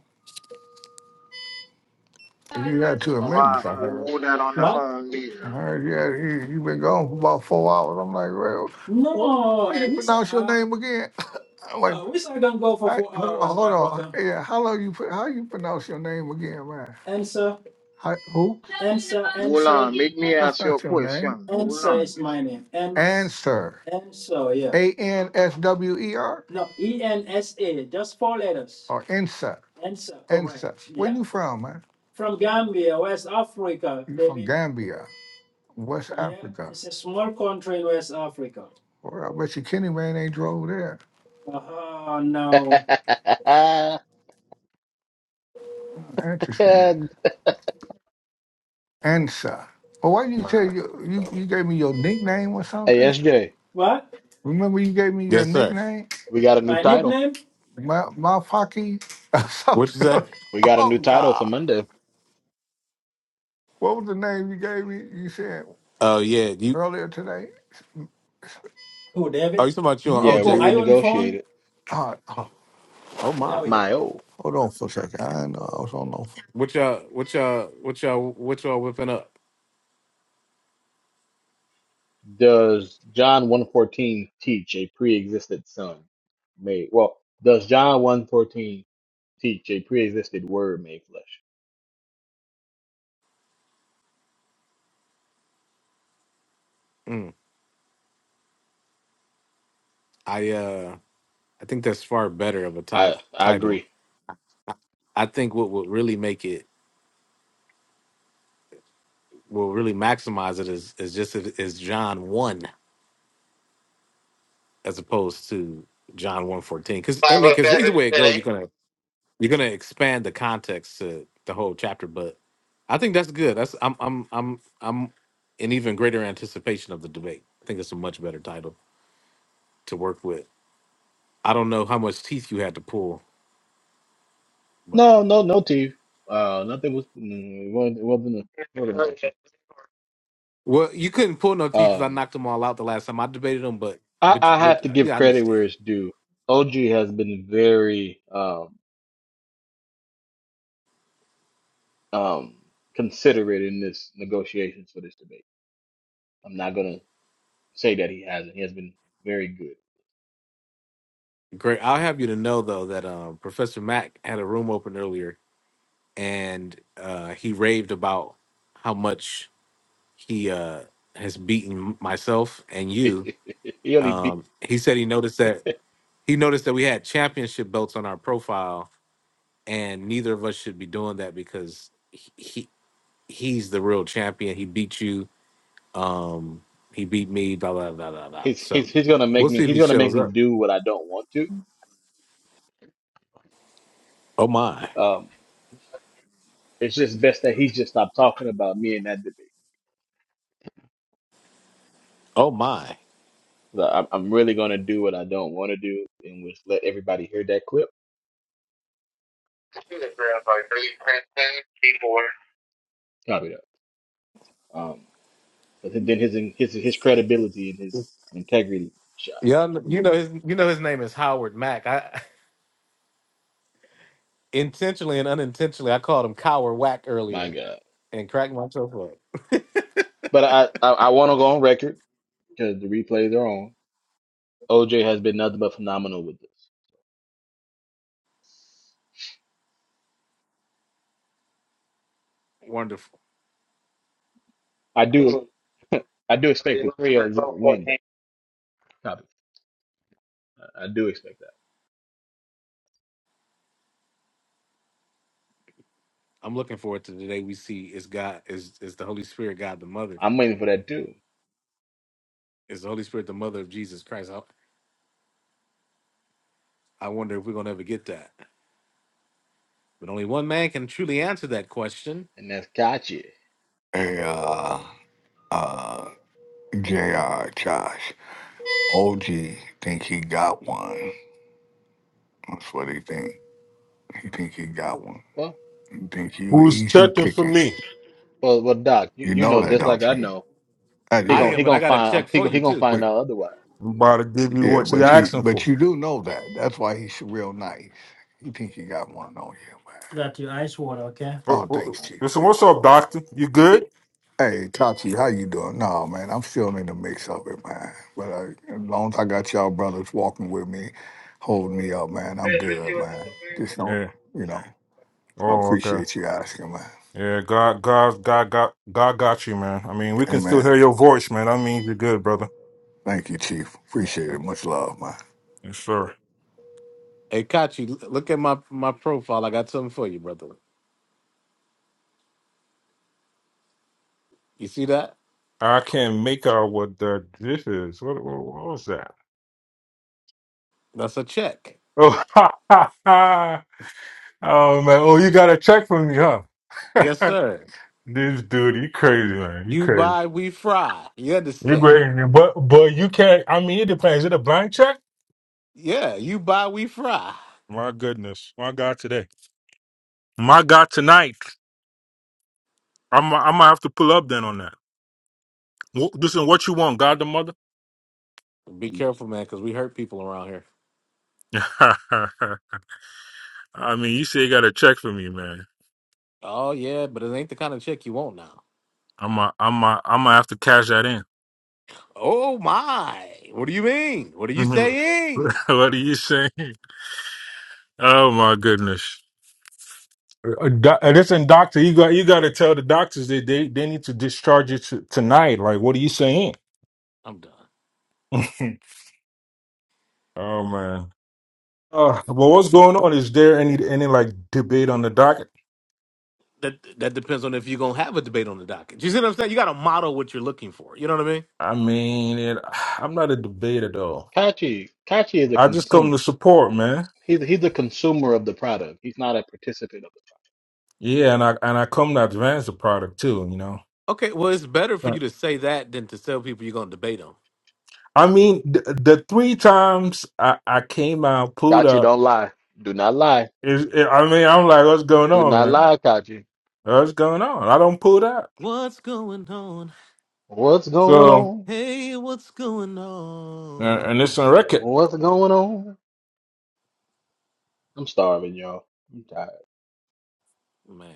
S8: You had two
S1: All right,
S8: amendments, I heard.
S1: hold that on the
S8: What?
S1: phone
S8: I
S1: there.
S8: heard you had you, you been gone for about four hours. I'm like, well, what No, how No, you it's pronounce your uh, name again? I'm like, Uh, we say don't go for I, four hold on, hours, hold my on. brother. Yeah, how long you put? How you pronounce your name again, man? Answer, How, who? answer,
S1: Hold
S8: answer,
S1: on, make me
S8: That's
S1: ask you a
S8: not your name.
S1: question. Hold
S8: answer
S1: on.
S8: is my name. Ans, Answer. answer, yeah. A N S W E R No, E N S A, just four letters. or Insa. Answer, correct. Insa. Where Yeah. you from, man? From Gambia, West Africa, You from baby. Gambia. West Yeah, Africa. it's a small country in West Africa. Well, I bet you Kenny Man ain't drove there. Oh,
S5: [LAUGHS]
S8: no. Interesting.
S5: hey,
S8: Ansa. Well, why did you tell you, you you gave me your nickname or something?
S5: SJ,
S8: What? Remember you gave me your
S2: Yes, sir.
S8: nickname,
S5: we got a new
S8: My
S5: title.
S8: nickname? Ma Mafaki or [LAUGHS]
S2: What you say?
S8: something.
S5: We got a new
S8: oh
S5: title for
S8: God,
S5: Monday.
S8: what was the name you gave me? You said
S2: Oh yeah, you.
S8: earlier today. Who,
S2: Oh,
S8: David?
S2: you talking about you and
S8: You.
S5: Yeah, we
S8: Oh,
S2: OJ?
S8: are you on the phone?
S5: renegotiated.
S8: God.
S2: Oh
S8: There
S2: my.
S8: we go.
S5: My oh.
S8: Hold on for a second. I didn't know I was on no phone.
S2: What y'all? What y'all? What y'all? What y'all whipping up?
S5: Does John 114 teach a pre-existed son made? Well, does John 114 teach a pre-existed word made flesh?
S2: Mm. I uh, I think that's far better of a
S5: I
S2: ti-
S5: I
S2: title.
S5: agree.
S2: I think what would really make it, what would really maximize it is is just if- is John one as opposed to John one fourteen. Because I
S5: Five
S2: mean, because either
S5: and
S2: way it
S5: ten,
S2: go, you're
S5: eight.
S2: gonna you're gonna expand the context to the whole chapter. But I think that's good. That's I'm I'm I'm I'm in even greater anticipation of the debate. I think it's a much better title to work with. I don't know how much teeth you had to pull, but
S5: No, no, no, T. Uh, nothing was. mm, It wasn't, it wasn't, a, it wasn't
S2: well, you couldn't pull no
S5: an
S2: teeth because I
S5: option.
S2: knocked them all out the last time I debated them. But
S5: I,
S2: but you,
S5: I have
S2: but
S5: to give
S2: yeah, I
S5: credit
S2: understand.
S5: where it's due. OG has been very um, um, considerate in this negotiations for this debate. I'm not gonna say that he hasn't. He has been very good.
S2: Great. I'll have you to know though that um, Professor Mack had a room open earlier, and uh, he raved about how much he uh, has beaten myself and you.
S5: [LAUGHS] he only be,
S2: Um, he said he noticed that he noticed that we had championship belts on our profile, and neither of us should be doing that because he, he he's the real champion. He beat you. Um, he beat me. Blah blah blah blah blah.
S5: he's,
S2: So
S5: he's he's gonna make
S2: we'll
S5: me
S2: see if
S5: he's
S2: he
S5: gonna make
S2: shows
S5: me
S2: up.
S5: do what I don't want to.
S2: Oh my.
S5: Um, it's just best that he's just stopped talking about me in that debate.
S2: Oh my.
S5: But I'm, I'm really gonna do what I don't want to do, and just let everybody hear that clip. Copy that. Um, But then his his his credibility and his integrity shot.
S2: Yeah, you know his you know his name is Howard Mack. I [LAUGHS] intentionally and unintentionally I called him Cower Whack
S5: My
S2: earlier
S5: God.
S2: and cracked myself up.
S5: But I I, I want to go on record because the replays are on. OJ has been nothing but phenomenal with this.
S2: Wonderful.
S5: I do I do expect the Creole to win. Copy. I, I do expect that.
S2: I'm looking forward to the day we see is God is is the Holy Spirit God the Mother.
S5: I'm waiting for that too,
S2: Is the Holy Spirit the mother of Jesus Christ? I, I wonder if we're gonna ever get that. But only one man can truly answer that question.
S5: and that's gotcha.
S8: Hey, uh, uh, JR, Josh, OG think he got one. That's what he think. He think he got one.
S5: Well,
S8: He think you
S10: Who's
S8: easy
S10: checking for
S8: picking.
S10: me?
S5: well, well, Doc, you,
S8: You
S5: you
S8: know
S5: know
S8: that,
S5: just like
S8: don't
S5: I
S8: you?
S5: know
S8: Uh,
S5: he
S2: I
S5: gon'
S8: yeah,
S5: he
S2: am, but I
S5: gonna
S2: got a
S5: find um,
S2: check
S5: he
S2: for
S5: gon' he
S2: you
S5: gonna
S2: too.
S5: find
S8: but
S5: out otherwise.
S10: I'm
S5: He-
S10: about to give you
S8: yeah,
S10: what you're
S8: but you
S10: asking
S8: but
S10: for.
S8: you do know that. That's why he's real nice. He think he got one on you, man. Got your ice water, okay?
S10: Oh,
S8: Oh,
S10: oh,
S8: thanks, Chief.
S10: Listen,
S8: Thank
S10: what's
S8: you.
S10: up, doctor? You good?
S8: Hey, Kachi, how you doing? No, man, I'm still in the mix of it, man. But uh, as long as I got y'all brothers walking with me, holding me up, man, I'm good, man. Just don't,
S10: Yeah.
S8: you know, so I
S10: Oh, okay.
S8: appreciate you asking, man.
S10: Yeah, God, God, God, God, God got you, man. I mean, we can still
S8: Amen.
S10: hear your voice, man. I mean, you're good, brother.
S8: Thank you, Chief. Appreciate it. Much love, man.
S10: Yes, sir.
S2: Hey Kachi, l- look at my my profile. I got something for you, brother. You see that?
S10: I can't make out what the this is. What, what, what was that?
S2: That's a check.
S10: Oh, [LAUGHS] ha, ha, ha. oh man. Oh, you got a check from me, huh? [LAUGHS]
S2: Yes, sir.
S10: this dude, you crazy, man. You
S2: You
S10: crazy.
S2: buy, we fry. You
S10: You
S2: understand?
S10: crazy, but but you can't. I mean, it depends. Is it a blank check?
S2: Yeah, you buy, we fry.
S10: My goodness. My God today. My God tonight. I'm I'm gonna have to pull up then on that. Wh- Listen, what you want, God the mother?
S2: Be careful, man, because we hurt people around here.
S10: [LAUGHS] I mean, you say you got a check for me, man.
S2: Oh yeah, but it ain't the kind of chick you want now.
S10: I'm a, I'm a, I'm gonna have to cash that in.
S2: Oh my! What do you mean? What are you
S10: [LAUGHS]
S2: saying?
S10: what are you saying? Oh my goodness. Uh, doc- uh, Listen, doctor, you got you got to tell the doctors that they, they need to discharge you t- tonight. Like, what are you saying?
S2: I'm done.
S10: [LAUGHS] oh man. Uh, well, what's going on? Is there any any like debate on the docket?
S2: That that depends on if you're gonna have a debate on the docket. You see what I'm saying? You gotta model what you're looking for. You know what I mean?
S10: I mean, it, I'm not a debater though.
S5: Kachi Kachi is a
S10: I just come
S5: consumer.
S10: to support, man.
S5: He's he's a consumer of the product. He's not a participant of
S10: Yeah, and I and I come to advance the product too. You know,
S2: Okay, well it's better for you
S10: but
S2: to say that than to tell people you're gonna debate on.
S10: I mean, the, the three times I, I came out
S5: it.
S10: pulled
S5: Kachi,
S10: up
S5: don't lie. Do not lie.
S10: is, eh, I mean, I'm like, what's going
S5: Do
S10: on,
S5: not
S10: man?
S5: lie, Kachi.
S10: What's going on? I don't pull that.
S2: What's going on?
S5: What's going
S10: So,
S5: on?
S2: Hey, what's going
S10: and, and it's on
S2: on?
S10: record.
S5: What's going on? I'm starving, y'all. I'm tired.
S2: Man,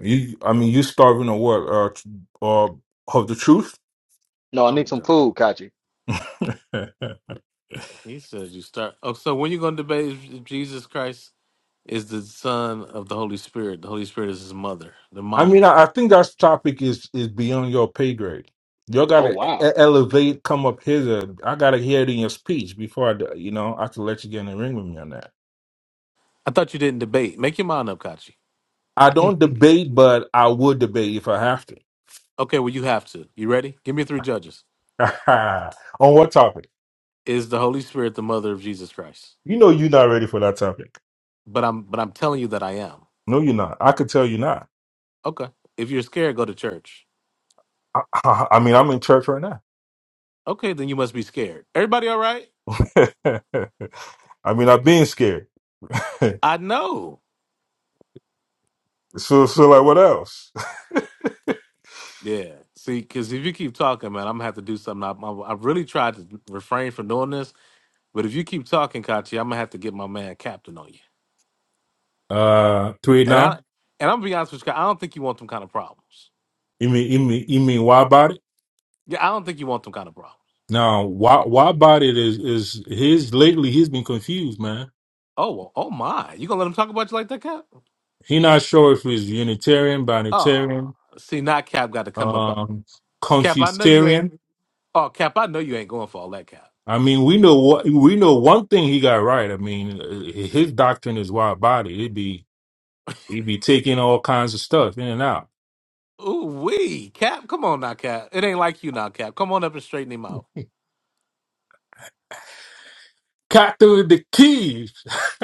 S10: You, I mean, you starving or what? Uh, tr- or of the truth?
S5: No, I
S2: I'm
S5: need some
S2: done.
S5: food, Kachi.
S10: [LAUGHS]
S2: He said you start. Oh, so when you gonna debate Jesus Christ is the son of the Holy Spirit. The Holy Spirit is his mother, the
S10: I
S2: mama.
S10: mean, I, I think that topic is is beyond your pay grade. Y'all
S5: Oh
S10: gotta e- e,
S5: wow.
S10: elevate, come up hither. I gotta hear it in your speech before I, d- you know, I can let you get in the ring with me on that.
S2: I thought you didn't debate. Make your mind up, Kachi.
S10: I
S5: [LAUGHS]
S10: don't debate, but I would debate if I have to.
S2: Okay, well you have to. You ready? Give me three judges.
S10: [LAUGHS] on what topic?
S2: Is the Holy Spirit the mother of Jesus Christ?
S10: You know, you're not ready for that topic.
S2: But I'm but I'm telling you that I am.
S10: No, you're not. I could tell you're not.
S2: Okay. If you're scared, go to church.
S10: I, I I mean, I'm in church right now.
S2: Okay, then you must be scared. Everybody all right?
S10: [LAUGHS] I mean, I'm being scared. [LAUGHS]
S2: I know.
S10: so, so like, what else?
S2: Yeah. See, because if you keep talking, man, I'm gonna have to do something. I, I, I really tried to refrain from doing this, but if you keep talking, Kachi, I'm gonna have to get my man Captain on you.
S10: Uh, tweet
S2: And I
S10: now.
S2: and I'm gonna be honest with you, I don't think you want them kind of problems.
S10: You mean, you mean, you mean, why about it?
S2: Yeah, I don't think you want them kind of problems.
S10: Now, why why bodied is is his lately he's been confused, man.
S2: Oh well, oh my, you gonna let them talk about you like that, Cap?
S10: He not sure if he's Unitarian,
S2: Oh,
S10: Binitarian,
S2: see, not Cap got to come up.
S10: um,
S2: Cap, I know you ain't.
S10: Confucian.
S2: Oh, Cap, I know you ain't going for all that, Cap.
S10: I mean, we know what we know. One thing he got right. I mean, uh, his doctrine is wide body. It be he be taking all kinds of stuff in and out.
S2: Ooh wee, Cap, come on now, Cap. It ain't like you now, Cap. Come on up and straighten him out.
S10: Cat through the keys. [LAUGHS]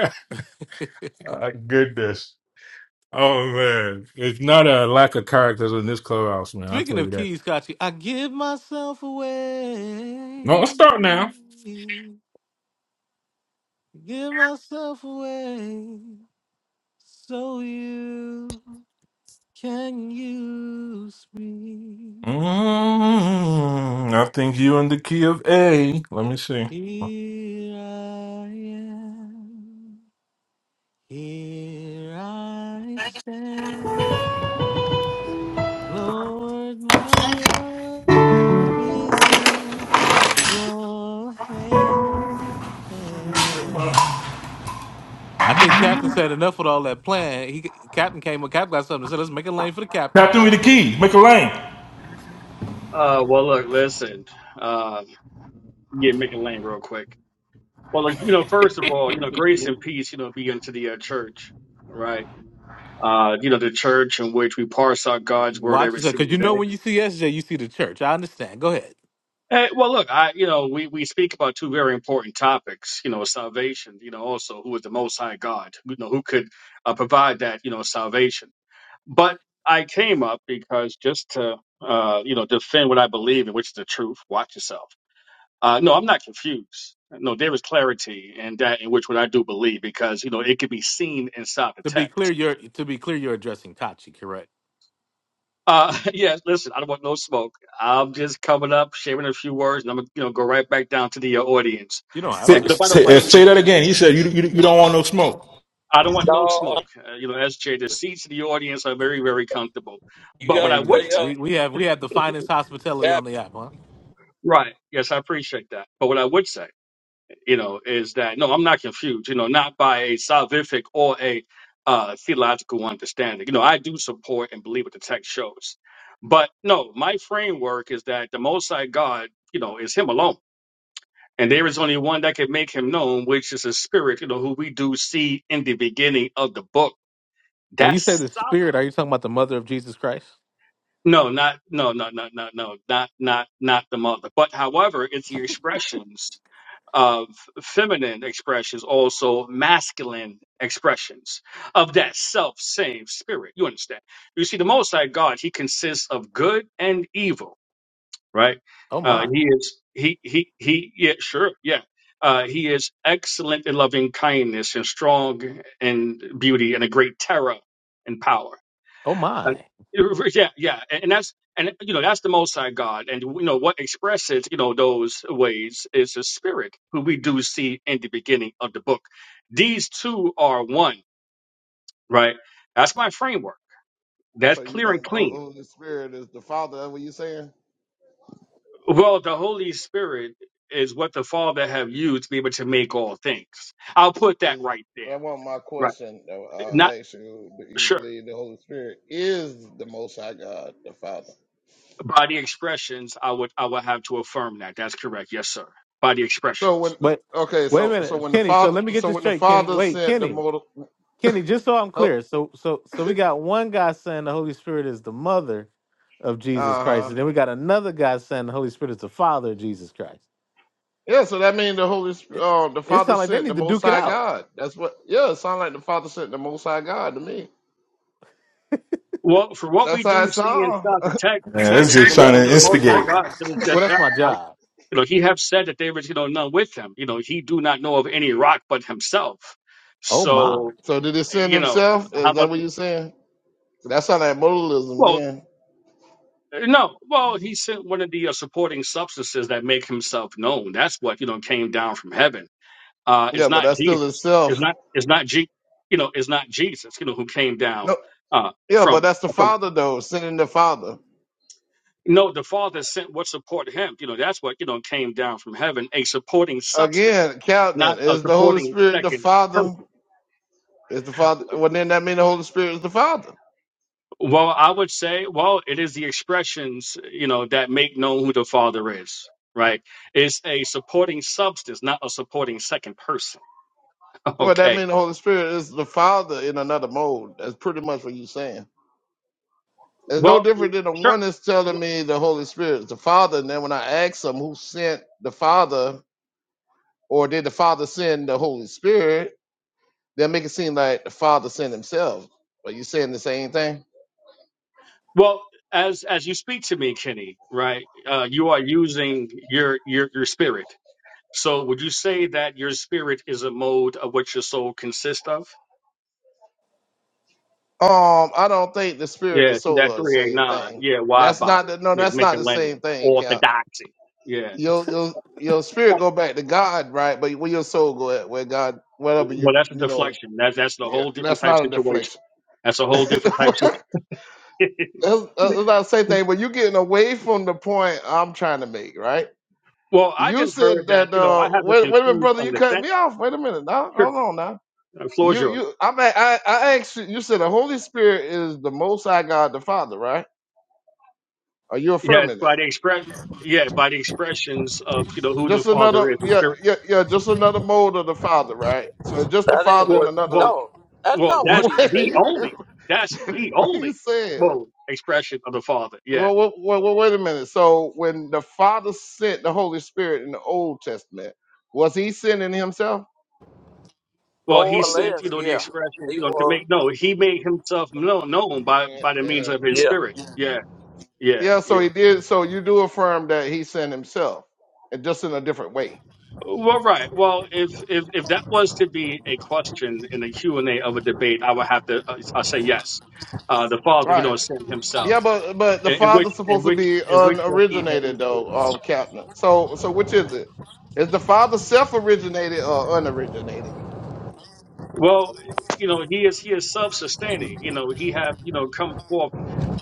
S10: My goodness. Oh man, it's not a lack of characters in this clubhouse, man. I'll
S2: Speaking
S10: tell
S2: of
S10: you that.
S2: keys, Kachi, I give myself
S10: No,
S2: away.
S10: let's start now.
S2: Give myself away. So you. Can you speak?
S10: Mm, I think you in the key of A. Let me see.
S2: Here I am. Here I stand. Lord, my life is in your hand. I think Captain said enough with all that plan. He Captain came up, Cap got something to say. Let's make a lane for the captain.
S10: Now through the key. Make a lane.
S11: Uh, well, look, listen, uh, yeah, make it lame real quick. Well, like, you know, first of all, you know, grace and peace, you know, be unto the uh, church, right? Uh, you know, the church in which we parse out God's word
S2: Watch
S11: every
S2: yourself,
S11: single
S2: because you know
S11: day.
S2: when you see SJ, you see the church. I understand. Go ahead.
S11: Hey, well, look, I, you know, we, we speak about two very important topics, you know, salvation, you know, also who is the most high God, you know, who could uh, provide that, you know, salvation. But I came up because just to, uh, you know, defend what I believe in, which is the truth, watch yourself Uh, no, I'm not confused. No, there is clarity in that in which what I do believe because you know it can be seen inside the
S2: To be clear,
S11: text.
S2: you're to be clear, you're addressing Kachi, correct?
S11: Uh, [LAUGHS] yeah, listen, I don't want no smoke. I'm just coming up, sharing a few words, and I'm gonna you know go right back down to the uh, audience.
S2: You don't have
S10: Say,
S11: And
S2: to.
S11: by the
S10: say, uh,
S11: way, the
S10: say that
S11: seat,
S10: again. He said you, you you don't want no smoke.
S11: I don't want no
S9: No,
S11: smoke. Uh, you know, SJ, the seats in the audience are very very comfortable.
S9: you
S11: But what
S2: There
S9: gotta
S11: I
S2: you
S11: would
S2: go.
S11: say,
S2: We
S9: stay
S2: we have we have the finest hospitality on
S9: up.
S2: the app, huh?
S11: right? Yes, I appreciate that. But what I would say. you know, is that no, I'm not confused, you know, not by a salvific or a uh, theological understanding. You know, I do support and believe what the text shows. But no, my framework is that the Most High God, you know, is Him alone. And there is only one that can make Him known, which is His Spirit, you know, who we do see in the beginning of the book.
S2: When you say
S11: That's
S2: the
S11: sol-
S2: spirit, are you talking about the mother of Jesus Christ?
S11: no, not, no, no, no, no, no, not, not, not the mother. But however, it's the expressions of feminine expressions, also masculine expressions of that self same spirit. You understand? You see, the Most High God, He consists of good and evil, right?
S2: Oh
S11: Uh,
S2: my.
S11: he is He He He. Yeah, sure, yeah. Uh, he is excellent in loving kindness and strong in beauty and a great terror and power.
S2: Oh
S11: Uh,
S2: my.
S11: Yeah, yeah, and, and that's and you know that's the Most High God, and you know what expresses you know those ways is the Spirit, who we do see in the beginning of the book. These two are one, right? That's my framework. That's
S4: So you
S11: clear and
S4: think the
S11: clean.
S4: Holy Spirit is the Father? That's what you saying?
S11: Well, the Holy Spirit is what the Father have used to be able to make all things. I'll put that
S4: Is
S11: right
S4: that
S11: there.
S4: wasn't my
S11: Right.
S4: question? though.
S11: Not
S4: I asked you, do you
S11: sure.
S4: believe the Holy Spirit is the Most High God, the Father?
S11: By the expressions, I would I would have to affirm that. That's correct. Yes, sir. By the
S4: So
S11: expressions.
S4: when
S2: But
S4: okay,
S2: wait a
S4: so so
S2: minute,
S4: when the
S2: Kenny. So
S4: Father,
S2: let me get
S4: so
S2: this
S4: when the
S2: straight, Kenny.
S4: Father
S2: Wait,
S4: sent the
S2: Kenny.
S4: motor,
S2: Kenny, just so I'm
S4: uh
S2: clear. So so so we got one guy saying the Holy Spirit is the mother of Jesus Christ,
S4: huh.
S2: and then we got another guy saying the Holy Spirit is the father of Jesus Christ.
S4: Yeah, so that means the Holy, Sp-
S2: It,
S4: uh, the
S2: it
S4: Father
S2: sounds like they
S4: sent the
S2: need to
S4: Most
S2: duke it
S4: High
S2: out.
S4: God. That's what. Yeah, it sounds like the Father sent the Most High God to me.
S11: Well, for what
S4: That's
S11: we
S4: how it
S11: do see
S4: sounds.
S11: inside the text, the
S10: Man,
S11: text
S10: it's just
S11: will
S10: trying
S11: look for
S10: to
S11: the Most High
S10: instigate.
S11: God. and says
S2: Well, that's
S11: that,
S2: my
S11: uh,
S2: job.
S11: you know, He have said that there is, you know, none with Him. You know, He do not know of any rock but Himself.
S2: Oh my.
S11: So,
S4: [LAUGHS] so did He send
S11: you know,
S4: Himself? Is
S11: how
S4: that
S11: much?
S4: what you're saying? That sounds like modalism,
S11: Well,
S4: then.
S11: no. Well, He sent one of the uh, supporting substances that make Himself known. That's what you know came down from heaven. Uh,
S4: Yeah,
S11: it's
S4: but
S11: not
S4: that's still
S11: Jesus. It's
S4: itself.
S11: not. It's not. Je- you know, it's not Jesus. You know, who came down
S4: No.
S11: uh,
S4: Yeah, but
S11: from.
S4: that's the Father though, sending the Father.
S11: No, the Father sent what supported him. You know, that's what, you know, came down from heaven, a supporting substance,
S4: Again,
S11: not
S4: Captain,
S11: a
S4: is the Holy
S11: supporting
S4: Spirit the
S11: second
S4: Father?
S11: person.
S4: Is the Father? Well, then that mean the Holy Spirit is the Father.
S11: Well, I would say, well, it is the expressions, you know, that make known who the Father is, right? It's a supporting substance, not a supporting second person. [LAUGHS]
S4: Well, that
S11: Okay.
S4: mean the Holy Spirit is the Father in another mode. That's pretty much what you're saying. It's no
S11: Well,
S4: different than the
S11: sure.
S4: one that's telling me the Holy Spirit is the Father. And then when I ask them who sent the Father, or did the Father send the Holy Spirit, they make it seem like the Father sent himself. Are you saying the same thing?
S11: Well, as as you speak to me, Kenny, right? Uh, you are using your your your spirit. So would you say that your spirit is a mode of what your soul consists of?
S4: Um, I don't think the spirit and the
S11: Yeah,
S4: soul
S11: that
S4: are the same
S11: 389.
S4: thing.
S11: Yeah, wide
S4: That's not
S11: body.
S4: the no,
S11: Yeah,
S4: that's not
S11: making a
S4: the
S11: lane.
S4: same thing, Cap.
S11: Orthodoxy. Yeah.
S4: Your your your spirit go back to God, right? But where your soul go at, where God, whatever
S11: Well,
S4: you
S11: that's a
S4: you know,
S11: deflection. That's that's a
S4: yeah,
S11: whole different
S4: that's
S11: type
S4: not a
S11: situation.
S4: deflection.
S11: That's a whole different type
S4: [LAUGHS]
S11: situation.
S4: That's, that's about the same thing. But you're getting away from the point I'm trying to make, right?
S11: [LAUGHS] well, I
S4: You
S11: just
S4: said
S11: heard that,
S4: that.
S11: you know,
S4: Uh,
S11: I have a
S4: wait, wait a minute,
S11: confused
S4: brother. You cut
S11: understanding.
S4: me off. Wait a minute. Now,
S11: Sure.
S4: hold on. Now,
S11: The floor is
S4: you,
S11: yours.
S4: you. I'm. a- I, I asked you. You said the Holy Spirit is the Most High God, the Father, right? Are you
S11: Yeah, it's
S4: affirming
S11: by
S4: that?
S11: the express yeah, by the expressions of, you know, who the
S4: Just another.
S11: father is and
S4: Yeah,
S11: spirit.
S4: yeah, yeah. Just another mode of the Father, right? So just the
S9: That ain't
S4: Father and
S11: Well
S9: what.
S11: well
S4: another.
S9: No, that's
S11: Well,
S4: [LAUGHS]
S9: not
S11: that's
S9: what he
S4: Wait.
S11: the
S9: said.
S4: [LAUGHS]
S11: only, that's the
S4: what are you
S11: only
S4: saying?
S11: well expression of the Father. Yeah.
S4: Well, well, well, well, wait a minute. So when the Father sent the Holy Spirit in the Old Testament, was he sending himself?
S11: Well, he
S9: More or
S11: sent, you
S9: less,
S11: know, the
S9: yeah.
S11: expression, you
S9: He
S11: know, to
S9: was.
S11: make no, he made himself known, known by by the means
S4: Yeah,
S11: of his
S9: Yeah,
S11: spirit. Yeah, yeah,
S4: Yeah, so
S11: yeah.
S4: he did. So you do affirm that he sent himself, and just in a different way.
S11: Well, right. Well, if if if that was to be a question in the Q and A of a debate, I would have to uh, I say yes. Uh, the Father, you
S4: Right.
S11: know, sent himself,
S4: Yeah, but but the
S11: in, in which
S4: Father's
S11: in
S4: supposed to
S11: which
S4: be
S11: in which what he had
S4: unoriginated
S11: ensured.
S4: though, um, Captain. So so which is it? Is the Father self-originated or unoriginated?
S11: Well, you know, he is he is self-sustaining. You know, he have you know come forth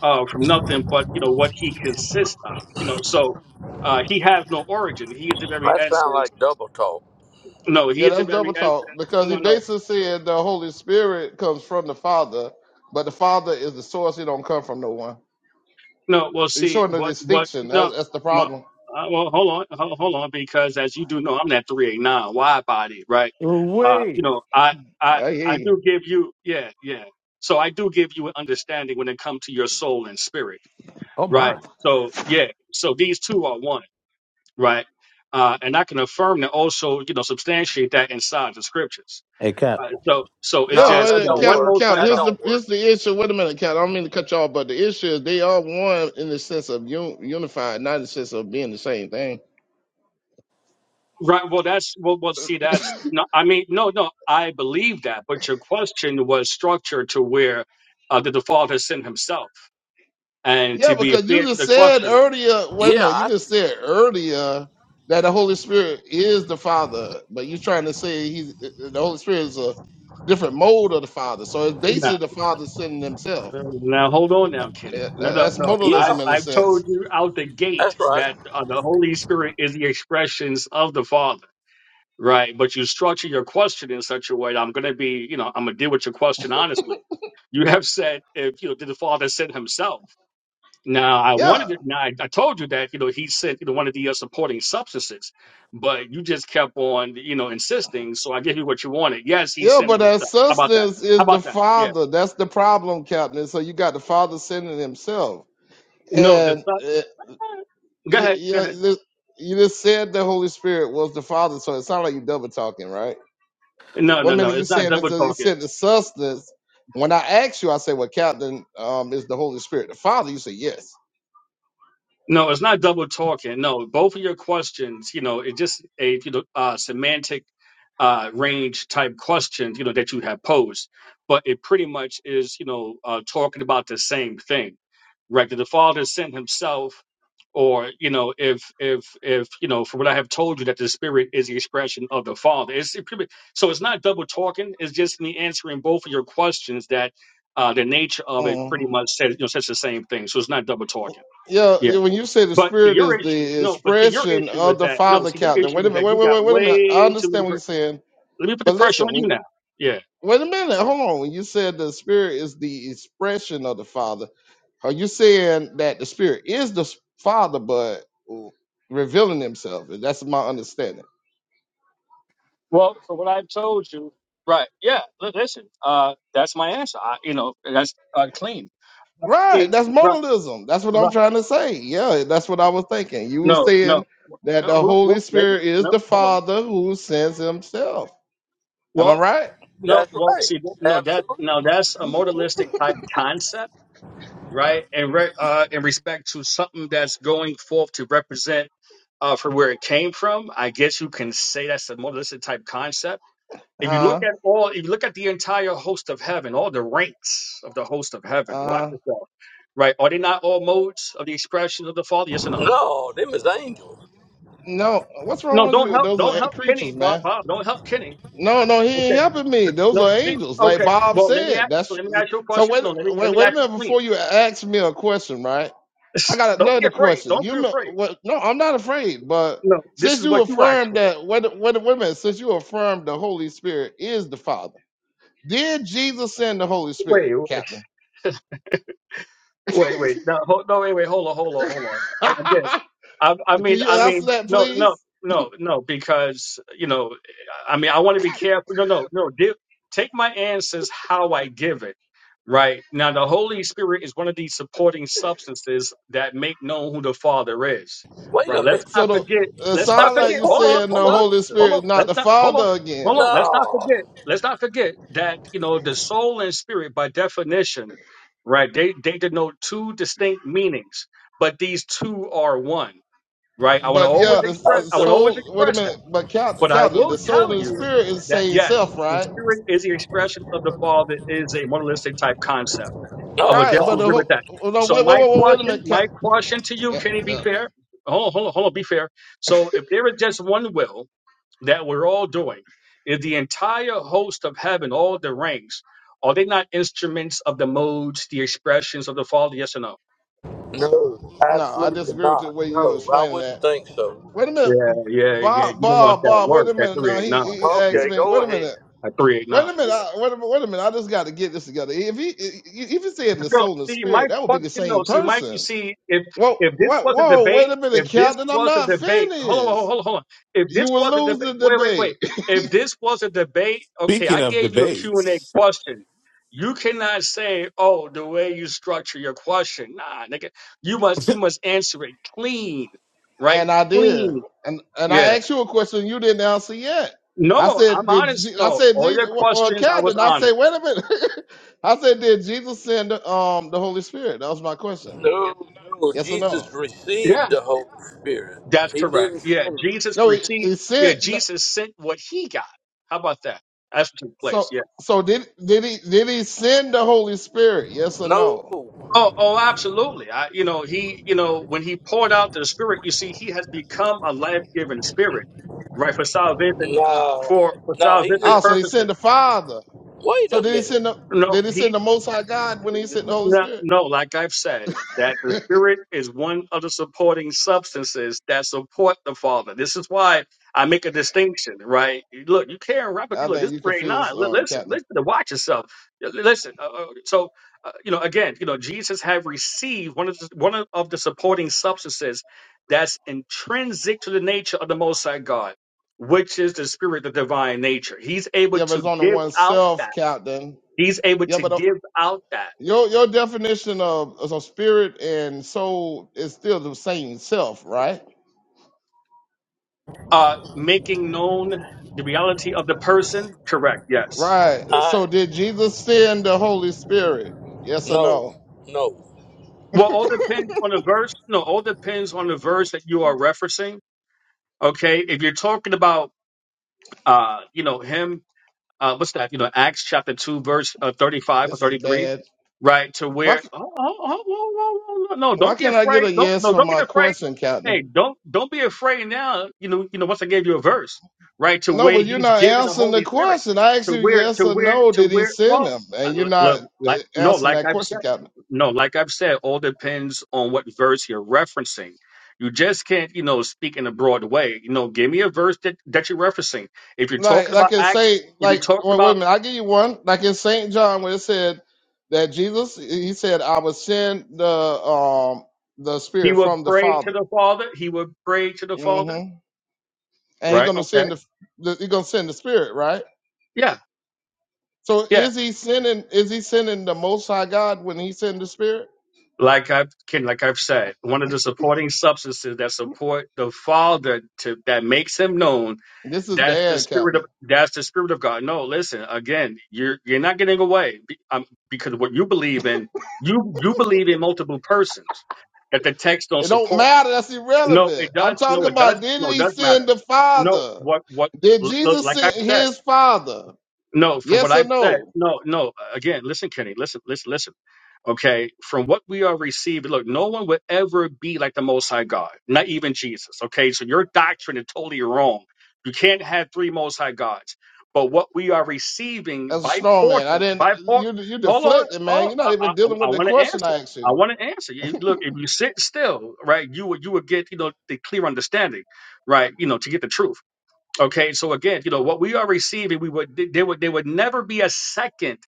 S11: uh, from nothing but you know what he consists of. You know, so uh, he has no origin. He is the very
S9: that sound
S11: essence.
S9: like double talk.
S11: No, he
S4: Yeah,
S11: is the
S4: that's
S11: very
S4: double
S11: essence.
S4: talk because he
S11: No, no,
S4: basically said the Holy Spirit comes from the Father, but the Father is the source; He don't come from no one.
S11: no. Well,
S4: He's
S11: see
S4: showing the
S11: what what
S4: distinction.
S11: no.
S4: That's, that's the
S11: Well,
S4: problem.
S11: uh, well hold on, hold, hold on, because as you do know, I'm that three eight nine wide body, right? Uh, you
S2: Wait.
S11: know, I I
S4: I hear
S11: I
S4: you.
S11: do give you yeah yeah. So I do give you an understanding when it comes to your soul and spirit
S2: Oh
S11: Right.
S2: my.
S11: So yeah. So these two are one. Right. Uh, and I can affirm and also, you know, substantiate that inside the scriptures.
S2: Hey Cap.
S11: Uh, so so it's
S4: Yeah,
S9: No,
S11: just
S4: well,
S11: you
S9: that
S4: uh,
S11: know
S9: don't
S11: one
S4: Cap,
S9: work.
S11: Most
S4: Cap,
S11: High
S9: That
S4: here's
S11: God.
S4: the
S9: don't work.
S4: here's the issue. Wait a minute, Cap. I don't mean to cut you off, but the issue is they are one in the sense of un, unified, not in the sense of being the same thing.
S11: Right. Well, that's well. Well, see, that's no. I mean, no, no. I believe that, but your question was structured to where uh, that the Father sent Himself, and
S4: Yeah,
S11: to be
S4: because you
S11: fair to
S4: just
S11: the
S4: said
S11: question.
S4: earlier, wait a
S9: Yeah,
S4: minute, you
S9: I,
S4: just said earlier that the Holy Spirit is the Father, but you're trying to say he's the Holy Spirit is a different mode of the Father. So it's
S11: Now,
S4: basically the Father sending himself.
S11: now hold on now,
S4: Yeah,
S11: Kenny. No,
S4: that-
S11: no,
S4: That's
S11: no.
S9: yeah.
S11: I
S4: modalism in a
S11: I've told
S4: sense.
S11: you out the gate
S9: That's right.
S11: that uh, the Holy Spirit is the expressions of the Father. Right, but you structure your question in such a way that I'm going to be, you know, I'm going to deal with your question honestly. You have said, if you know, did the Father send Himself? Now, I
S4: Yeah.
S11: wanted it. Now, I, I told you that, you know, He sent, you know, one of the uh, supporting substances, but you just kept on, you know, insisting. So I gave you what you wanted. Yes, He
S4: Yeah,
S11: sent
S4: but that
S11: Himself. How about that?
S4: substance
S11: How
S4: is the
S11: about that? Yeah.
S4: Father. That's the problem, Captain. So you got the Father sending himself.
S11: No, the
S4: And
S11: Son.
S4: uh,
S11: Go
S4: you,
S11: ahead. Go ahead.
S4: you, you just said the Holy Spirit was the Father, so it sounded like you double talking, right?
S11: No,
S4: One
S11: no, no.
S4: minute you're
S11: It's not
S4: saying this,
S11: double
S4: you
S11: talking.
S4: said the substance. When I asked you, I said, "Well, Captain, um, is the Holy Spirit the Father?" You say, "Yes."
S11: No, it's not double talking. No, both of your questions, you know, it just a you know uh, semantic uh, range type questions, you know, that you have posed, but it pretty much is, you know, uh, talking about the same thing, right? Did the Father send Himself, or you know, if if if you know, from what I have told you, that the Spirit is the expression of the Father. It's it pretty, so it's not double talking. It's just me answering both of your questions that. Uh, the nature of it
S4: Mm.
S11: pretty much says you know says the same thing, so it's not double talking.
S4: Yeah, yeah, when you say the
S11: But see,
S4: Spirit
S11: your
S4: is
S11: issue,
S4: the
S11: no, but see, your
S4: expression
S11: issue
S4: of
S11: is
S4: the
S11: that, no,
S4: Father,
S11: see, your
S4: Captain. Wait
S11: issue
S4: a
S11: is
S4: minute,
S11: that
S4: wait,
S11: you
S4: wait,
S11: got
S4: wait, wait a minute. I
S11: way too many.
S4: understand what you're
S11: Per-
S4: saying,
S11: Let me put the
S4: but
S11: pressure on
S4: listen, when
S11: you now. Yeah.
S4: wait a minute, hold on. When you said the Spirit is the expression of the Father, are you saying that the Spirit is the s- Father, but revealing Himself? That's my understanding.
S11: Well, for what I've told you, right? Yeah. Li- listen, uh, that's my answer. I, you know, that's uh, clean.
S4: Right.
S11: See,
S4: That's
S11: right,
S4: modalism. That's what I'm
S11: right.
S4: trying to say. Yeah, that's what I was thinking. You were
S11: No, no,
S4: saying that
S11: no,
S4: the
S11: well,
S4: Holy
S11: well, maybe,
S4: Spirit is
S11: no,
S4: the
S11: hold on.
S4: Father who sends himself. Am I
S11: Well,
S4: right?
S11: no,
S9: That's
S11: well,
S9: right.
S11: see, that- no, that, no,
S9: Absolutely.
S11: that's a modalistic type concept, right? And re, uh, in respect to something that's going forth to represent. uh, from where it came from. I guess you can say that's a modalistic type concept. If you
S4: Uh
S11: look at all, if you look at the entire host of heaven, all the ranks of the host of heaven, watch
S4: uh
S11: yourself, right? Are they not all modes of the expression of the Father? Yes or no?
S9: No, them is angels.
S4: no. What's
S11: No,
S4: wrong with
S11: don't
S4: you?
S11: help,
S4: Those
S11: don't
S4: are
S11: help Kenny,
S4: creatures,
S11: Bob,
S4: man.
S11: Bob, don't help Kenny.
S4: No, no, he ain't
S11: Okay,
S4: helping me. Those
S11: no,
S4: are
S11: see,
S4: angels, like
S11: okay.
S4: Bob
S11: Well, let me
S4: said.
S11: ask,
S4: That's
S11: let me ask you a
S4: so
S11: question.
S4: wait
S11: No, let me let
S4: wait,
S11: me
S4: wait a
S11: ask you
S4: minute
S11: clean.
S4: before you ask me a question, right? I
S11: [LAUGHS]
S4: got
S11: Don't be
S4: another
S11: afraid.
S4: question.
S11: Don't
S4: You
S11: be afraid.
S4: remem- what? No, I'm not afraid. But
S11: No, this
S4: since
S11: is
S4: you
S11: what you asked
S4: affirmed
S11: for.
S4: that, what? What? Wait a minute. Since you affirmed the Holy Spirit is the Father, did Jesus send the Holy
S11: Wait,
S4: Spirit,
S11: wait,
S4: Captain? [LAUGHS]
S11: wait. wait.
S4: Can
S11: No, hold, no, wait, wait. Hold on, hold on, hold on. Again. I, I mean,
S4: you
S11: I
S4: answer
S11: mean,
S4: that,
S11: no, no,
S4: please?
S11: no, no, because you know, I mean, I want to be careful. No, no, no. Give, take my answers how I give it. Right now, the Holy Spirit is one of these supporting substances that make known who the Father is.
S9: Wait a
S11: Right. Let's
S9: minute.
S4: So
S11: not
S4: the
S11: forget.
S4: it
S11: Let's
S9: A
S11: not
S4: sound like
S11: forget.
S4: you
S11: Hold on.
S9: supporting
S4: saying
S11: Hold
S4: the
S11: on.
S4: Holy
S9: substance.
S4: Spirit
S11: Hold on.
S4: is not
S11: Let's
S4: the
S11: not. Hold on.
S4: Father
S11: Hold
S4: again.
S11: on. Let's not
S9: No.
S11: forget. Let's not forget that you know the soul and spirit, by definition, right? They they denote two distinct meanings, but these two are one right? I want to
S4: But
S11: always
S4: yeah, the s-
S9: A
S11: express,
S4: the
S11: I want
S9: su-
S11: to always
S4: soul. Wait a
S11: express that.
S4: minute. But Captain,
S11: But I
S4: Captain,
S11: will
S4: the soul
S11: tell
S4: and the
S11: you
S4: spirit is the
S11: that
S4: same
S11: yes,
S4: self,
S11: the
S4: right?
S11: spirit is the expression of the Father is a monolithic type concept. I
S9: no,
S11: would
S4: Right. But
S11: definitely
S9: no.
S4: the
S11: agree
S4: whole.
S11: with that.
S4: No,
S11: So
S4: wait, wait,
S11: my
S4: wait, wait, wait a
S11: question,
S4: minute, Cap,
S11: my question to you,
S4: Cap,
S11: can it be
S4: Captain.
S11: fair? Hold on, hold on, hold on, be fair. So if there is just one will that we're all doing, if the entire host of heaven, all the ranks, are they not instruments of the modes, the expressions of the Father? Yes or no?
S9: No,
S4: No, I
S9: absolutely
S4: disagree with the
S9: not.
S4: way you were
S9: No, I
S4: explaining
S9: wouldn't
S4: that.
S9: think so.
S4: Wait a minute,
S11: Yeah, yeah, yeah.
S4: Bob,
S11: You don't want
S4: Bob,
S11: that
S4: Bob. Wait
S11: word,
S4: a
S11: that
S4: minute.
S11: three
S4: Now
S11: eight
S4: he,
S11: nine.
S4: he asked
S9: Okay,
S4: me.
S9: go
S4: Wait a
S9: ahead.
S4: minute.
S11: At three eight
S4: Wait
S11: nine.
S4: a minute.
S11: Yeah.
S4: I, wait a minute. Wait a minute. I just got to get this together. If he, if he said the
S11: No,
S4: soul and
S11: see, my
S4: spirit, that would be the
S11: question,
S4: same
S11: no, see, Mike, you
S4: person.
S11: see, if
S4: Well,
S11: if this
S4: what?
S11: was a
S4: Whoa! Wait
S11: debate,
S4: a
S11: if
S4: minute,
S11: this
S4: Captain. I'm
S11: was a
S4: not
S11: debate, hold on, hold
S4: finished.
S11: on, hold on. hold on. If
S4: You
S11: this
S4: will
S11: was a
S4: lose
S11: debate,
S4: the
S11: wait, wait,
S4: debate.
S11: wait. If this was a debate, okay, I
S2: Speaking of
S11: gave you a Q and a
S2: debates,
S11: question. You cannot say, oh, the way you structure your question. Nah, nigga, you must you
S2: [LAUGHS]
S11: must answer it clean, right?
S4: And I did.
S11: Clean.
S4: And and I
S11: Yeah.
S4: asked you a question you didn't answer yet. I
S11: No,
S4: said,
S11: I'm
S4: did
S11: honest.
S4: Je- I
S11: No,
S4: said
S11: all
S4: Jesus?
S11: your
S4: Well,
S11: questions, I
S4: Cat did
S11: was
S4: I say?
S11: honest.
S4: Wait a minute. [LAUGHS] I said, did Jesus send um the Holy Spirit? That was my question.
S9: No, no.
S4: Yes or no?
S9: Jesus
S11: Yeah.
S9: received the Holy Spirit.
S11: That's
S9: He
S11: correct.
S9: didn't
S11: Yeah,
S9: send it.
S11: Jesus
S4: No, he,
S11: received.
S4: he
S11: Yeah,
S4: sent. no,
S11: Jesus sent what he got. How about that? That's what took place.
S4: So
S11: Yeah.
S4: so did did he did he send the Holy Spirit? Yes or
S9: No,
S4: no?
S11: Oh, oh, absolutely. I, you know, he, you know, when he poured out the Spirit, you see, he has become a life-giving Spirit, right? For salvation,
S4: Ah,
S9: no,
S11: for for
S9: no. He
S11: salvific
S4: ah. So
S9: didn't.
S4: he sent
S11: purposes.
S4: the Father.
S9: Wait
S4: So
S9: a
S4: did he
S9: minute.
S4: send the
S11: No,
S4: did he
S11: he
S4: send the Most High God when he sent the Holy
S11: No,
S4: Spirit? [LAUGHS]
S11: no, like I've said, that the Spirit is one of the supporting substances that support the Father. This is why I make a distinction, right? You Look, you can't wrap up.
S4: I
S11: You look,
S4: think
S11: this
S4: you
S11: brain nine.
S4: confused,
S11: li-
S4: um,
S11: Listen,
S4: Captain.
S11: listen to watch yourself. L- Listen. Uh, uh, so, uh, you know, again, you know, Jesus have received one of the, one of of the supporting substances that's intrinsic to the nature of the Most High God, which is the Spirit, the divine nature. He's able
S4: Yeah, but
S11: to
S4: it's only
S11: give
S4: one
S11: out
S4: self,
S11: that.
S4: Captain.
S11: He's able
S4: Yeah,
S11: to
S4: but uh,
S11: give out that.
S4: your your definition of, of spirit and soul is still the same self, right?
S11: Uh, making known the reality of the person? Correct, yes.
S4: Right. So
S9: I
S4: did Jesus send the Holy Spirit? Yes or no?
S9: no, no.
S11: Well, all depends on the verse. No, all depends on the verse that you are referencing. Okay, if you're talking about, uh, you know, him uh, what's that? You know, Acts chapter two, verse uh, thirty-five or
S4: This is
S11: thirty-three,
S4: bad.
S11: right? To
S4: Why
S11: where,
S4: c-
S11: oh, oh, oh, whoa, whoa, whoa, no, no,
S4: why
S11: don't get
S4: can't I get
S11: afraid.
S4: a
S11: Don't,
S4: yes
S11: no,
S4: from
S11: don't get
S4: my
S11: afraid.
S4: question,
S11: Hey,
S4: Captain?
S11: don't, don't be afraid now. You know, you know. Once I gave you a verse, right? To
S4: No,
S11: where
S4: but you're
S11: He's
S4: not
S11: giving the
S4: answering the
S11: Holy Spirit,
S4: question. I asked
S11: to
S4: you
S11: where,
S4: yes
S11: to
S4: or
S11: where,
S4: no.
S11: to
S4: Did he
S11: where.
S4: send
S11: Well,
S4: him?
S11: I-
S4: And you're not
S11: look,
S4: uh,
S11: like no,
S4: answering
S11: like
S4: that
S11: I've
S4: question,
S11: said,
S4: Captain.
S11: no, like I've said, all depends on what verse you're referencing. You just can't, you know, speak in a broad way. You know, give me a verse that, that you're referencing. If you're
S4: like
S11: talking about
S4: like in
S11: Acts
S4: Saint
S11: if we're
S4: like
S11: talking
S4: well, wait a
S11: about
S4: minute, I'll give you one. Like in Saint John where it said that Jesus he said, I will send the um the
S11: he
S4: spirit
S11: would
S4: from the
S11: pray to
S4: Father.
S11: the Father, he would pray to the Father.
S4: hmm And he
S11: Right.
S4: gonna
S11: Okay.
S4: send the, the he gonna send the spirit, right?
S11: Yeah.
S4: So
S11: Yeah.
S4: is he sending is he sending the most high God when he send the spirit?
S11: Like I've Ken, like I've said, one of the supporting substances that support the Father to that makes him known,
S4: This is
S11: that's the
S4: bad,
S11: spirit of
S4: Captain.
S11: that's the spirit of God. No, listen, again, you're you're not getting away be- um, because what you believe in, you you believe in multiple persons that the text don't
S4: It don't
S11: support.
S4: matter, that's
S11: No,
S4: irrelevant.
S11: it
S4: I'm
S11: does.
S4: talking
S11: No, it does.
S4: about did
S11: No, it
S4: he
S11: does
S4: send
S11: matter.
S4: the
S11: No,
S4: Father?
S11: what what
S4: Did
S11: look,
S4: Jesus
S11: like I've
S4: send
S11: said.
S4: his father?
S11: No, from what
S4: Yes or
S11: I've said,
S4: no?
S11: no, no. Again, listen, Kenny, listen, listen, listen. Okay, from what we are receiving, look, no one would ever be like the Most High God, not even Jesus. Okay, so your doctrine is totally wrong. You can't have three Most High gods. But what we are receiving
S4: That's a
S11: by
S4: strong man. I
S11: portion,
S4: didn't.
S11: by por,
S4: You you
S11: hold on,
S4: deflected, man.
S11: oh,
S4: You're not
S11: I,
S4: even
S11: I,
S4: dealing
S11: I
S4: with the
S11: want to
S4: question
S11: answer.
S4: I asked
S11: I
S4: you.
S11: want to answer. You, look, if you sit still, right, you would you would get you know the clear understanding, right, you know, to get the truth. Okay, so again, you know what we are receiving, we would there would there would never be a second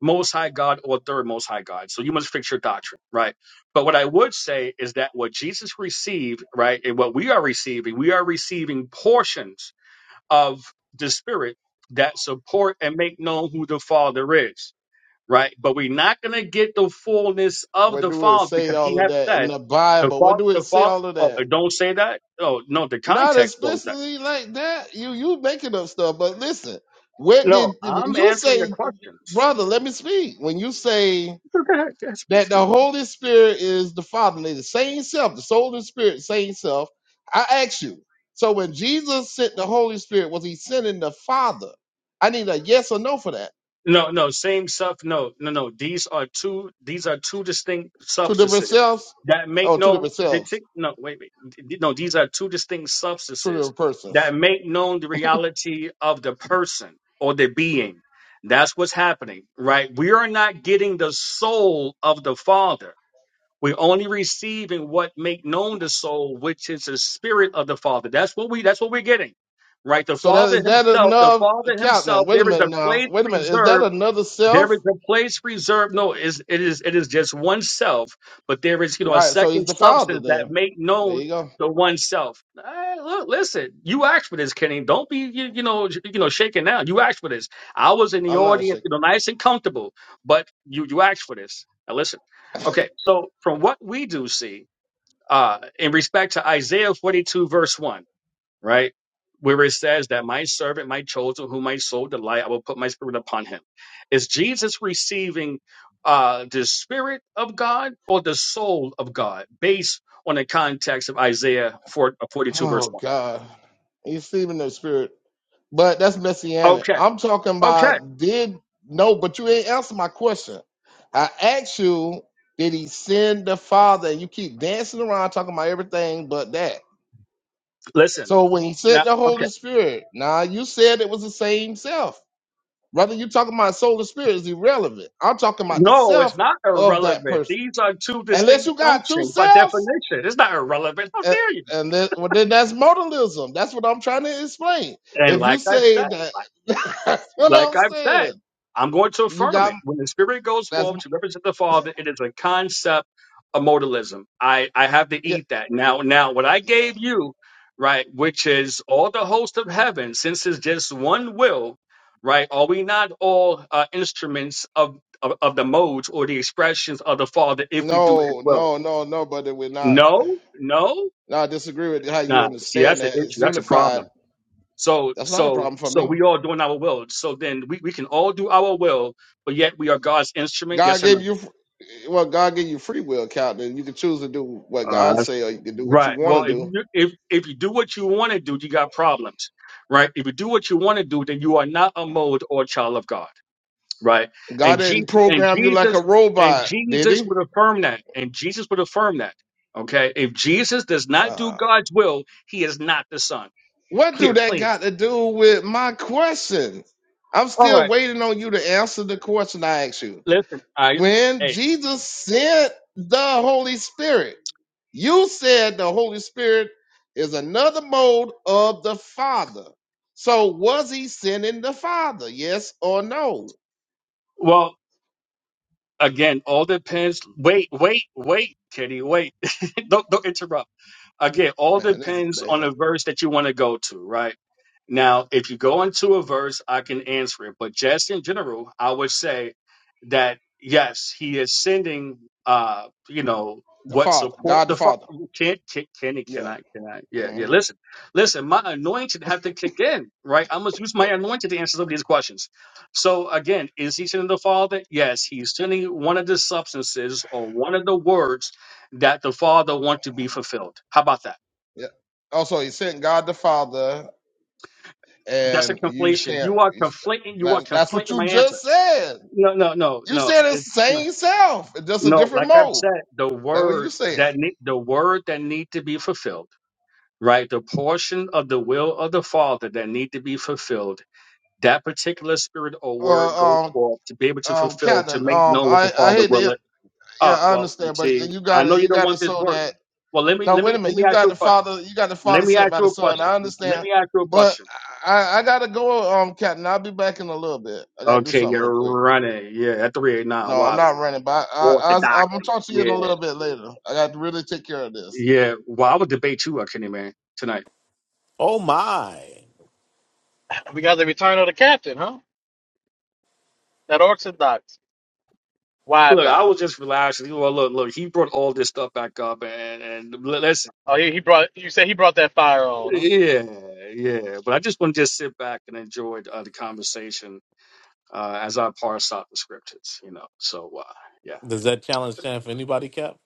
S11: Most High God or a third Most High God. So you must fix your doctrine, right? But what I would say is that what Jesus received, right, and what we are receiving, we are receiving portions of the Spirit that support and make known who the Father is, right? But we're not going to get the fullness of
S4: Where
S11: the
S4: do it
S11: Father
S4: say
S11: because He
S4: all of
S11: has
S4: that in
S11: said
S4: the
S11: the
S4: Bible? Where
S11: Father,
S4: do it
S11: the
S4: say
S11: Father.
S4: all of
S11: Oh,
S4: that?
S11: don't say that. Oh no, the
S4: Not
S11: context goes
S4: explicitly like that. You you making up stuff. But listen, where
S11: No,
S4: did when
S11: I'm
S4: you
S11: answering the
S4: say,
S11: questions.
S4: brother? Let me speak. When you say
S11: Go ahead, yeah, speak,
S4: that the
S11: speak.
S4: Holy Spirit is the Father, they the same self, the soul and spirit, same self. I ask you. So when Jesus sent the Holy Spirit, was he sending the Father? I need a yes or no for that.
S11: No, no, same stuff. No, no, no. These are two. These are two distinct
S4: two different
S11: substances
S4: selves,
S11: that make
S4: oh, two
S11: no.
S4: different selves,
S11: distinct- No, wait, wait. D- No, these are two distinct
S4: two
S11: substances
S4: different persons.
S11: that make known the reality of the person or the being. That's what's happening, right? We are not getting the soul of the Father we only receive in what make known the soul, which is the spirit of the Father. That's what we that's what we're getting. Right? The
S4: So that
S11: Father
S4: is that
S11: Himself, the
S4: enough?
S11: Father
S4: Count now.
S11: Himself,
S4: Wait a
S11: there is
S4: minute
S11: a
S4: now.
S11: place
S4: Wait a minute. Is that
S11: reserved
S4: another
S11: there
S4: self?
S11: is a place reserved. No, is it is it is just one self, but there is you know a
S4: Right. So he's
S11: second
S4: the father
S11: substance that
S4: then.
S11: make
S4: There you
S11: known
S4: go.
S11: to oneself. Hey, look, listen, you asked for this, Kenny. Don't be you, you know j- you know shaking now. You asked for this. I was in the
S4: I'm not
S11: audience,
S4: sure.
S11: you know, nice and comfortable, but you you asked for this. Now listen, okay. So from what we do see, uh, in respect to Isaiah forty two verse one right? Where it says that my servant, my chosen, whom my soul delight, I will put my spirit upon him. Is Jesus receiving uh, the spirit of God or the soul of God based on the context of Isaiah 4, uh, 42, verse
S4: Oh
S11: 1?
S4: God, he's sleeping in the spirit. But that's messianic.
S11: Okay,
S4: I'm talking
S11: okay.
S4: about did no, but you ain't answer my question. I asked you, did he send the father? And you keep dancing around talking about everything but that.
S11: Listen,
S4: So when he said
S11: now,
S4: the
S11: okay.
S4: Holy Spirit, now you said it was the same self. Whether you talking about soul or spirit is irrelevant. I'm talking about the
S11: No, it's
S4: self
S11: not
S4: of that
S11: irrelevant.
S4: person.
S11: These are two
S4: Unless
S11: distinct
S4: you got two
S11: functions by
S4: selves,
S11: definition. It's not irrelevant. How
S4: and,
S11: dare you?
S4: and then, well, then that's modalism. That's what I'm trying to explain.
S11: And
S4: If you
S11: like I've
S4: say
S11: said,
S4: that,
S11: like
S4: [LAUGHS] that's what I'm
S11: like I've said,
S4: saying.
S11: I'm going to
S4: You
S11: affirm
S4: got
S11: it. When the Spirit goes
S4: that's
S11: forth to represent the Father, it is a concept of modalism. I, I have to
S4: yeah,
S11: eat that. Now, now what I
S4: yeah.
S11: gave you, right, which is all the host of heaven, since it's just one will, right, are we not all uh, instruments of, of, of the modes or the expressions of the Father if we do his
S4: No,
S11: will?
S4: no, no, no, brother, we're not.
S11: No, no.
S4: No, I disagree with how you
S11: Nah, see,
S4: understand
S11: that's an
S4: that.
S11: issue.
S4: It's
S11: That's a problem.
S4: unified.
S11: So,
S4: That's not a
S11: so,
S4: problem for
S11: so
S4: me.
S11: we all doing our will. So then we, we can all do our will, but yet we are God's instrument.
S4: God
S11: Yes or no?
S4: gave you well, God gave you free will, Captain. You can choose to do what
S11: Uh,
S4: God
S11: that's-
S4: say, or you can do what you
S11: Right.
S4: want
S11: Well,
S4: to
S11: if
S4: do.
S11: you, if if you do what you want to do, you got problems, right? If you do what you want to do, then you are not a mold or a child of God, right?
S4: God
S11: And
S4: didn't
S11: Je- and
S4: program you like a
S11: Jesus and
S4: robot, did
S11: Jesus
S4: He?
S11: would affirm that, and Jesus would affirm that. Okay, if Jesus does not do
S4: Uh,
S11: God's will, he is not the Son.
S4: what do
S11: Clear,
S4: that
S11: clean.
S4: got to do with my question? I'm
S11: All
S4: still
S11: right.
S4: waiting on you to answer the question I asked you.
S11: Listen, I
S4: When
S11: hey.
S4: Jesus sent the Holy Spirit, you said the Holy Spirit is another mode of the Father. So was he sending the Father? Yes or no?
S11: Well, Again, all depends. Wait, wait, wait, Kitty, wait. [LAUGHS] don't don't interrupt. Again, all
S4: Man, this is
S11: depends on
S4: bad.
S11: the verse that you want to go to, right? Now, if you go into a verse, I can answer it. But just in general, I would say that yes, he is sending uh, you know,
S4: The
S11: what
S4: Father,
S11: support
S4: God the
S11: the father
S4: Father.
S11: can can can he can
S4: Yeah.
S11: I can I yeah, yeah.
S4: hmm
S11: Listen, listen, my anointing have to kick in, right? I must use my anointing to answer some of these questions so again, is he sinning the Father? Yes, he's sinning one of the substances or one of the words that the Father wants to be fulfilled. How about that?
S4: Yeah. Also, he sent God the Father,
S11: That's a
S4: and you
S11: conflation.
S4: stand.
S11: You are
S4: you st-
S11: conflating. You are
S4: that- that's what
S11: conflating
S4: you
S11: my answer.
S4: just said.
S11: No, no, no,
S4: You
S11: no.
S4: said it's
S11: It,
S4: the
S11: no,
S4: same self, it's just a
S11: no,
S4: different
S11: like I've
S4: mode.
S11: said, the
S4: That's what you
S11: word
S4: saying.
S11: that need, the word that need to be fulfilled, right? The portion of the will of the Father that need to be fulfilled. That particular spirit or word goes
S4: Uh, um,
S11: forth to be able to
S4: um,
S11: fulfill,
S4: Captain.
S11: to make
S4: Um,
S11: known what
S4: I,
S11: the
S4: I
S11: Father
S4: hate
S11: will
S4: to. Yeah,
S11: Oh
S4: I
S11: well, you
S4: understand, but
S11: see,
S4: you
S11: I
S4: got
S11: know
S4: it.
S11: you
S4: You
S11: don't
S4: got it
S11: want this
S4: so
S11: work.
S4: that.
S11: Well, let me
S4: No,
S11: let
S4: wait
S11: me
S4: a
S11: let
S4: minute.
S11: me
S4: You
S11: ask
S4: got
S11: you a
S4: the
S11: question.
S4: Father. You got the Father
S11: Let me
S4: sent
S11: ask
S4: by
S11: you
S4: the
S11: a
S4: Son.
S11: question.
S4: I
S11: Let
S4: understand,
S11: me ask you a
S4: but
S11: question.
S4: I, I gotta go, um, Captain. I'll be back in a little bit. I gotta do
S11: Okay,
S4: something real
S11: you're
S4: quick.
S11: running. Yeah, at three eight
S4: No,
S11: nine.
S4: I'm
S11: Why
S4: not running, but I, I, I, I'm gonna
S11: orthodoxy?
S4: talk to you in
S11: Yeah,
S4: a little bit later. I got to really take care of this.
S11: yeah. Well, I would debate you, uh, Kenny man, tonight.
S2: oh my.
S5: We got the return of the captain, huh? That Orthodox wide
S11: Look, I
S5: body.
S11: was just relaxing. Well, look, look. He brought all this stuff back up, and and l- let's.
S5: Oh, he, he brought. You said he brought that fire on,
S11: Yeah, yeah. But I just want to just sit back and enjoy uh, the conversation uh, as I parse out the scriptures. You know, so uh, yeah.
S2: Does that challenge stand for anybody, Cap?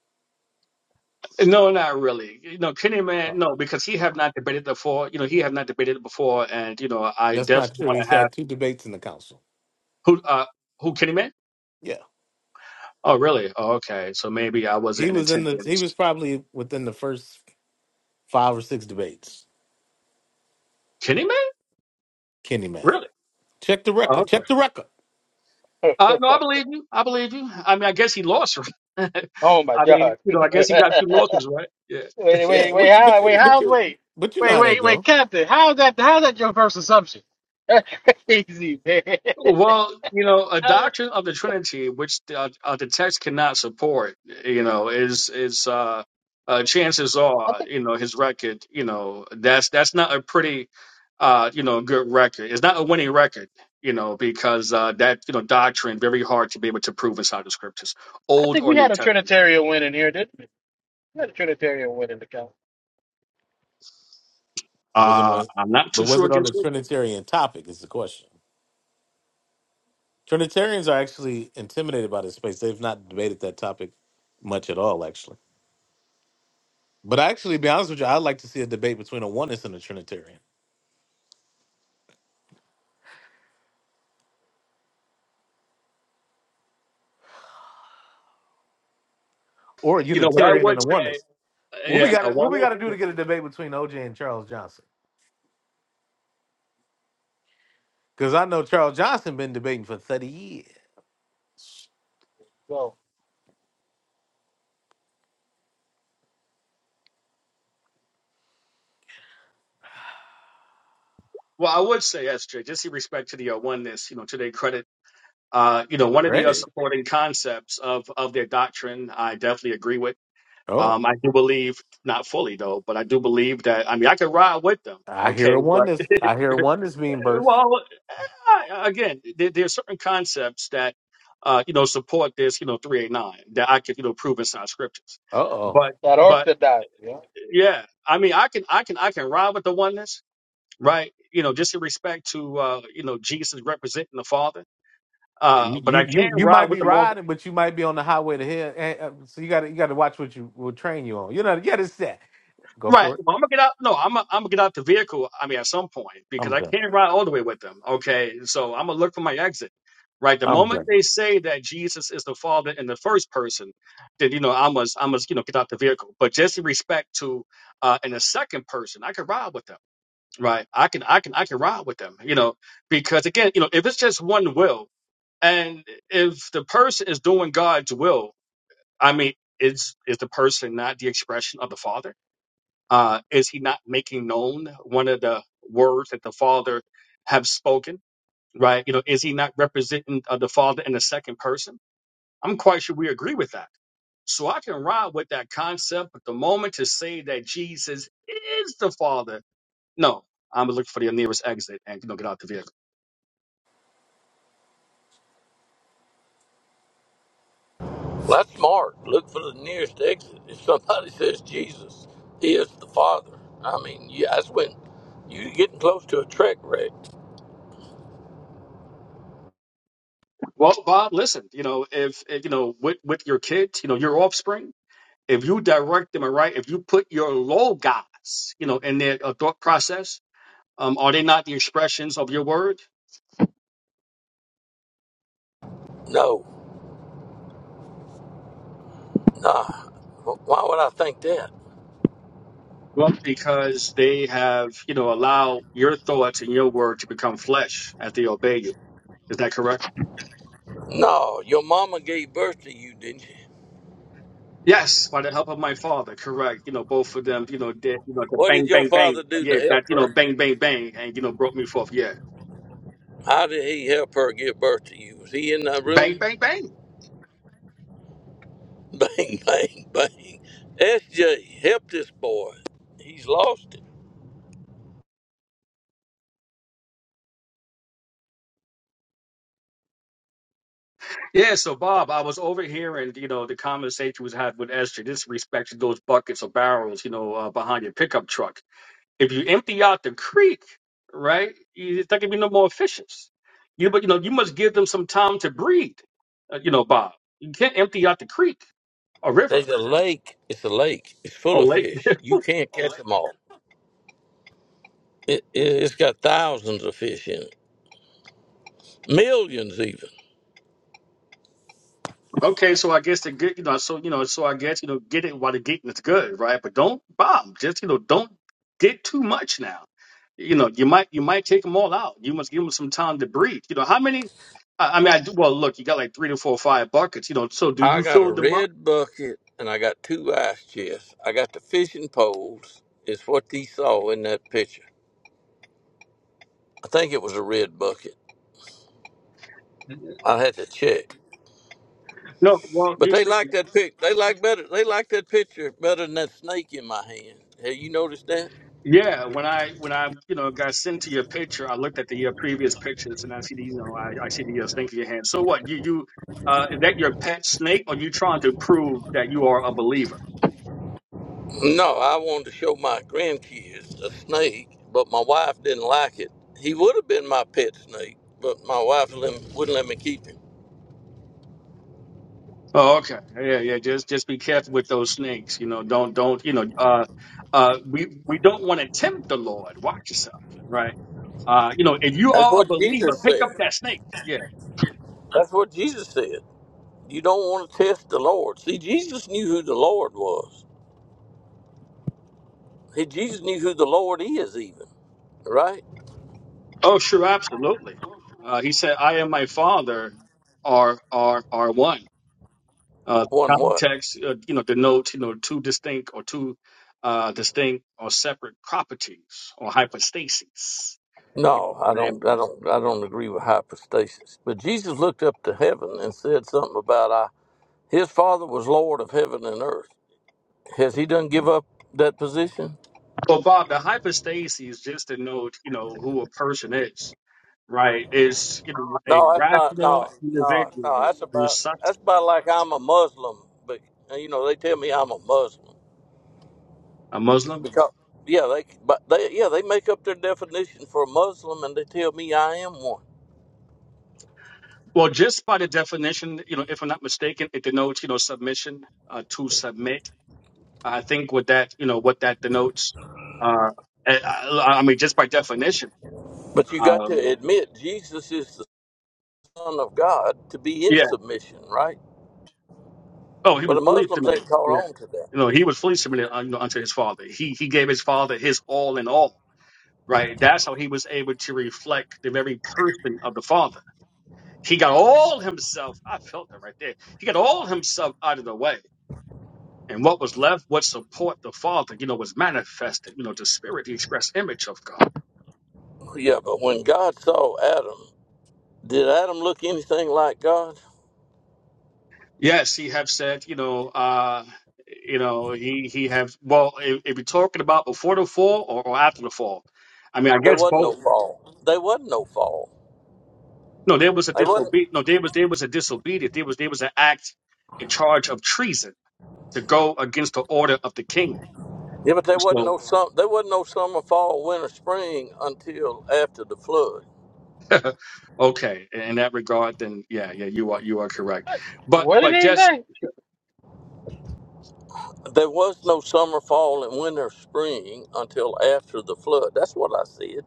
S11: No, not really. You know, Kenny Man,
S2: Oh,
S11: no, because he have
S2: okay.
S11: not debated before. You know, he have not debated before, and you know, I
S2: That's not
S11: definitely
S2: true.
S11: want
S2: He's
S11: to have
S2: had two debates in the council.
S11: who, uh, who Kenny Man?
S2: Yeah.
S11: Oh, really? Oh, okay. So maybe I wasn't
S2: He
S11: in
S2: was in the he was
S11: attendance.
S2: probably within the first five or six debates.
S11: Kenny Man,
S2: Kenny man.
S11: really?
S2: Check the
S11: Oh,
S2: record.
S11: okay.
S2: Check the record.
S5: huh?
S11: Uh, no, I believe you. I believe you. I mean, I guess he lost, [LAUGHS] right?
S5: [LAUGHS] Oh my
S11: I mean,
S5: God.
S11: you know, I guess he got two
S5: [LAUGHS]
S11: losses, right? Yeah.
S5: Wait,
S2: Yeah,
S5: wait, wait,
S2: but you- but
S5: how, wait,
S2: you but
S5: how's,
S2: you
S5: wait,
S2: but you know
S5: wait,
S2: how that
S5: wait, wait,
S2: go.
S5: Captain, how's that, how's that your first assumption? [LAUGHS] That's crazy, man. [LAUGHS]
S11: Well, you know, a
S5: Uh,
S11: doctrine of the Trinity, which uh, uh, the text cannot support, you know, is is uh, uh, chances
S5: I
S11: are,
S5: think,
S11: you know, his record, you know, that's that's not a pretty, uh, you know, good record. It's not a winning record, you know, because uh, that you know doctrine very hard to be able to prove inside the scriptures,
S5: I
S11: Old
S5: think we
S11: or
S5: had
S11: New
S5: a
S11: Testament.
S5: Trinitarian win in here, didn't we? We had a Trinitarian win in the council.
S2: Was it
S11: Uh,
S2: on
S11: I'm not
S2: but
S11: too
S2: was
S11: sure
S2: it on
S11: against
S2: the
S11: it.
S2: Trinitarian topic is the question. Trinitarians are actually intimidated by this space. They've not debated that topic much at all, actually. But actually, to be honest with you, I'd like to see a debate between a oneness and a Trinitarian, or a
S11: You know, but I
S2: Unitarian
S11: would
S2: and a
S11: say,
S2: oneness. What we
S11: yeah, a
S2: got?
S11: one.
S2: What we got to do to get a debate between OJ and Charles Johnson? Because I know Charles Johnson been debating for thirty years.
S5: Well,
S11: Well, I would say, yes, Jay, just in respect to the uh, oneness, you know, to their credit Uh, you know, one of the uh,
S2: Credit.
S11: supporting concepts of of their doctrine, I definitely agree with.
S2: Oh,
S11: Um, I do believe, not fully though, but I do believe that. I mean, I could ride with them,
S2: I hear
S11: okay?
S2: a
S11: But
S2: oneness. I hear a oneness
S11: uh,
S2: being burst.
S11: well, uh, I, again, there, there are certain concepts that uh, you know support this, you know, three eight nine that I could you know prove inside scriptures.
S2: Uh oh.
S11: But
S5: that
S11: but
S5: Orthodox, yeah.
S11: yeah, I mean, I can I can I can ride with the oneness, right? You know, just in respect to uh, you know Jesus representing the Father.
S2: You,
S11: Uh, but
S2: you
S11: I
S2: you
S11: can't
S2: you might
S11: ride with
S2: be
S11: the Morgan
S2: riding, but you might be on the highway to hell. eh, eh, So you got to you got to watch what you will train you on. You know, yeah, it's that. Go
S11: Right.
S2: for it.
S11: Well, I'm gonna get out. No, I'm gonna, I'm gonna get out the vehicle. I mean, at some point because
S2: I'm
S11: I
S2: done.
S11: can't ride all the way with them. Okay, so I'm gonna look for my exit. Right. The
S2: I'm
S11: moment
S2: done.
S11: they say that Jesus is the Father in the first person, then you know I must I must you know get out the vehicle. But just in respect to uh in the second person, I can ride with them. Right. I can I can I can ride with them. You know because again you know if it's just one will and if the person is doing God's will, I mean, is is the person not the expression of the Father? Uh, is he not making known one of the words that the Father have spoken? Right? You know, is he not representing uh, the Father in the second person? I'm quite sure we agree with that. So I can ride with that concept, but the moment to say that Jesus is the Father, no. I'm looking for the nearest exit and you know get out the vehicle.
S9: That's Mark. Look for the nearest exit. If somebody [LAUGHS] says Jesus is the Father, I mean, yeah, that's when you're getting close to a trek wreck.
S11: Well, Bob, listen, you know, if, if you know with with your kids, you know, your offspring, if you direct them right, if you put your logos, you know, in their uh, thought process, Um, are they not the expressions of your word?
S9: No, nah. Why would I think that?
S11: Well, Because they have, you know, allowed your thoughts and your word to become flesh as they obey you. Is that correct?
S9: No, your mama gave birth to you, didn't she?
S11: Yes, by the help of my father, correct. You know, both of them, you know, did you know the
S9: What did
S11: bang
S9: your
S11: bang
S9: father
S11: bang.
S9: do
S11: Yeah,
S9: to
S11: that
S9: help
S11: you
S9: her
S11: know,
S9: get?
S11: bang bang bang and you know broke me forth. Yeah.
S9: How did he help her give birth to you? Was he in that
S11: Bang
S9: room?
S11: bang bang.
S9: [LAUGHS] Bang, bang, bang. SJ, help this boy. He's lost it.
S11: Yeah, so Bob, I was over here and you know the conversation was had with Esther. This respect to those buckets or barrels, you know, uh, behind your pickup truck. If you empty out the creek, right, you- it's not gonna be no more fishes. You but you know you must give them some time to breed. uh, you know, Bob, you can't empty out the creek or river
S9: There's a lake. It's a lake. It's full
S11: or
S9: of
S11: lake.
S9: fish. You can't catch them all. It, it, it's got thousands of fish in it, millions even.
S11: Okay, so I guess the good, you know, so you know, so I guess you know, get it while the getting is good, right? But don't Bob. Just you know, don't get too much now you know you might you might take them all out you must give them some time to breathe you know how many i, I mean i do well look you got like three to four five buckets you know so do
S9: I
S11: you
S9: got a
S11: fill them up
S9: red bucket and I got two ice chests. I got the fishing poles, is what they saw in that picture. I think it was a red bucket. I had to check.
S11: no well
S9: But
S11: you
S9: they
S11: should
S9: like that pic. They like better. They like that picture better than that snake in my hand. Have you noticed that?
S11: Yeah, when I when I you know got sent to your picture, I looked at the uh, previous pictures and I see the you know I, I see the uh, snake in your hand. So what? You you uh is that your pet snake or you trying to prove that you are a believer?
S9: No, I wanted to show my grandkids a snake, but my wife didn't like it. He would have been my pet snake, but my wife let, wouldn't let me keep him.
S11: Oh, okay. Yeah, yeah. Just just be careful with those snakes. You know, don't don't you know uh uh we we don't want to tempt the Lord. Watch yourself, right? Uh, you know, if you
S9: That's
S11: are a
S9: what
S11: believer,
S9: Jesus
S11: pick up
S9: said.
S11: that snake. Yeah.
S9: That's what Jesus said. You don't want to test the Lord. See, Jesus knew who the Lord was. He, Jesus knew who the Lord is, even right.
S11: Oh, sure, absolutely. Uh, he said, "I and my Father are are are one." Uh,
S9: One what?
S11: context, uh, you know, denotes, you know, two distinct or two uh, distinct or separate properties or hypostases.
S9: No, I don't.
S11: And
S9: I don't. I don't agree with hypostasis. But Jesus looked up to heaven and said something about I. His Father was Lord of heaven and earth. Has he done give up that position?
S11: well, Bob, the hypostases just denote, you know, who a person is, right? Is you know a
S9: No, that's not.
S11: rational
S9: No, no, no.
S11: individual
S9: That's
S11: who's
S9: about. That's
S11: substance,
S9: about like I'm a Muslim, but you know they tell me I'm a Muslim
S11: a Muslim.
S9: because yeah they but they yeah they make up their definition for a Muslim and they tell me I am one.
S11: Well, just by the definition, you know, if I'm not mistaken, it denotes, you know, submission uh, to submit. I think what that, you know, what that denotes. Uh, I, I I mean, just by definition.
S9: But you got
S11: uh,
S9: to admit Jesus is the Son of God to be in
S11: Yeah.
S9: submission, right?
S11: Oh, he
S9: But
S11: was
S9: the
S11: fully
S9: Muslims
S11: submitted.
S9: ain't
S11: Yeah.
S9: caught on to that.
S11: No, he was fully submitted uh, you know, unto his father. He he gave his father his all in all. Right. That's how he was able to reflect the very person of the father. He got all himself. I felt that right there. He got all himself out of the way. And what was left, what support the Father, you know, was manifested, you know, the Spirit, the express image of God.
S9: Yeah, but when God saw Adam, did Adam look anything like God?
S11: Yes, he have said, you know, uh, you know, he he have. Well, if, if you're talking about before the fall or, or after the fall, I mean, I
S9: There
S11: guess
S9: wasn't
S11: both.
S9: no fall. There wasn't no fall.
S11: No, there was a
S9: They wasn't.
S11: disobedient. No, there was there was a disobedient. There was there was an act, a charge of treason to go against the order of the king.
S9: Yeah, but there wasn't
S11: So,
S9: no sum. There wasn't no summer, fall, winter, spring until after the flood.
S11: [LAUGHS] okay, in in that regard, then yeah, yeah, you are you are correct.
S5: What,
S11: But
S5: what did
S11: but
S5: he
S11: just
S5: say?
S9: There was no summer, fall, and winter, spring until after the flood. That's what I said.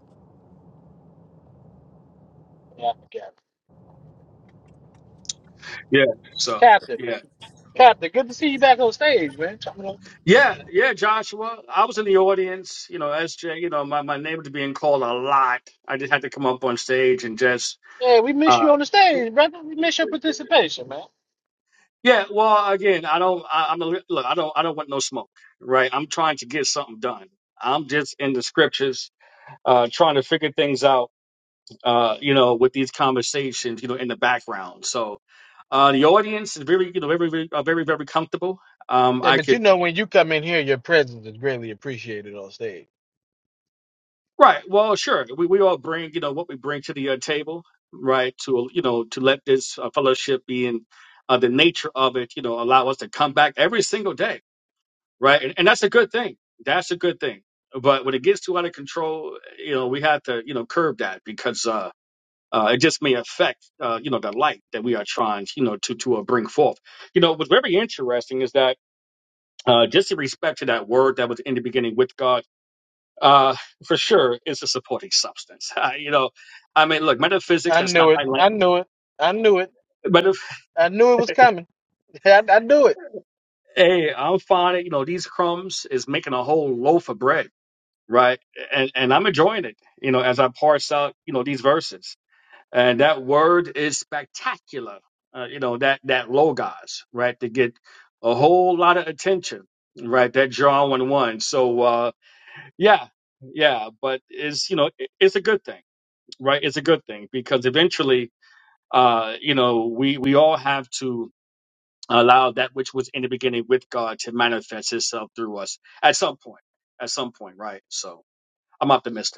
S5: Yeah, I forgot.
S11: yeah, so
S5: Captain,
S11: yeah,
S5: Captain, good to see you back on stage, man.
S11: yeah, yeah, Joshua, I was in the audience. You know, SJ, you know, my my name was being called a lot. I just had to come up on stage and just
S5: Yeah, we miss you on the
S11: uh,
S5: stage, brother. We miss your participation, man.
S11: Yeah, well, again, I don't. I, I'm a, look. I don't. I don't want no smoke, right? I'm trying to get something done. I'm just in the scriptures, uh, trying to figure things out, uh, you know, with these conversations, you know, in the background. So, uh, the audience is very, you know, very, very, uh, very, very comfortable. Um,
S5: Yeah,
S11: I
S5: but you
S11: could,
S5: know when you come in here, your presence is greatly appreciated on stage.
S11: right? Well, sure. We we all bring, you know, what we bring to the uh, table, right? To you know, to let this uh, fellowship be in uh, the nature of it, you know, allow us to come back every single day right? And, and that's a good thing. That's a good thing. But when it gets too out of control, you know, we have to, you know, curb that because uh, uh, it just may affect, uh, you know, the light that we are trying, you know, to to uh, bring forth. You know, what's very interesting is that uh, just in respect to that word that was in the beginning with God, uh, for sure, it's a supporting substance. [LAUGHS] you know, I mean, look, metaphysics.
S5: I
S11: That's not
S5: knew it.
S11: my language.
S5: I knew it. I knew it.
S11: But if
S5: I knew it was coming. [LAUGHS] I, I knew it.
S11: hey, I'm finding, you know, these crumbs is making a whole loaf of bread right? And and I'm enjoying it, you know, as I parse out, you know, these verses. And that word is spectacular, uh, you know, that that logos, right? To get a whole lot of attention, right? That John one one. So uh, yeah, yeah, but it's you know, it- it's a good thing, right? It's a good thing because eventually, uh, you know, we we all have to allow that which was in the beginning with God to manifest itself through us at some point. At some point, right? So I'm optimistic.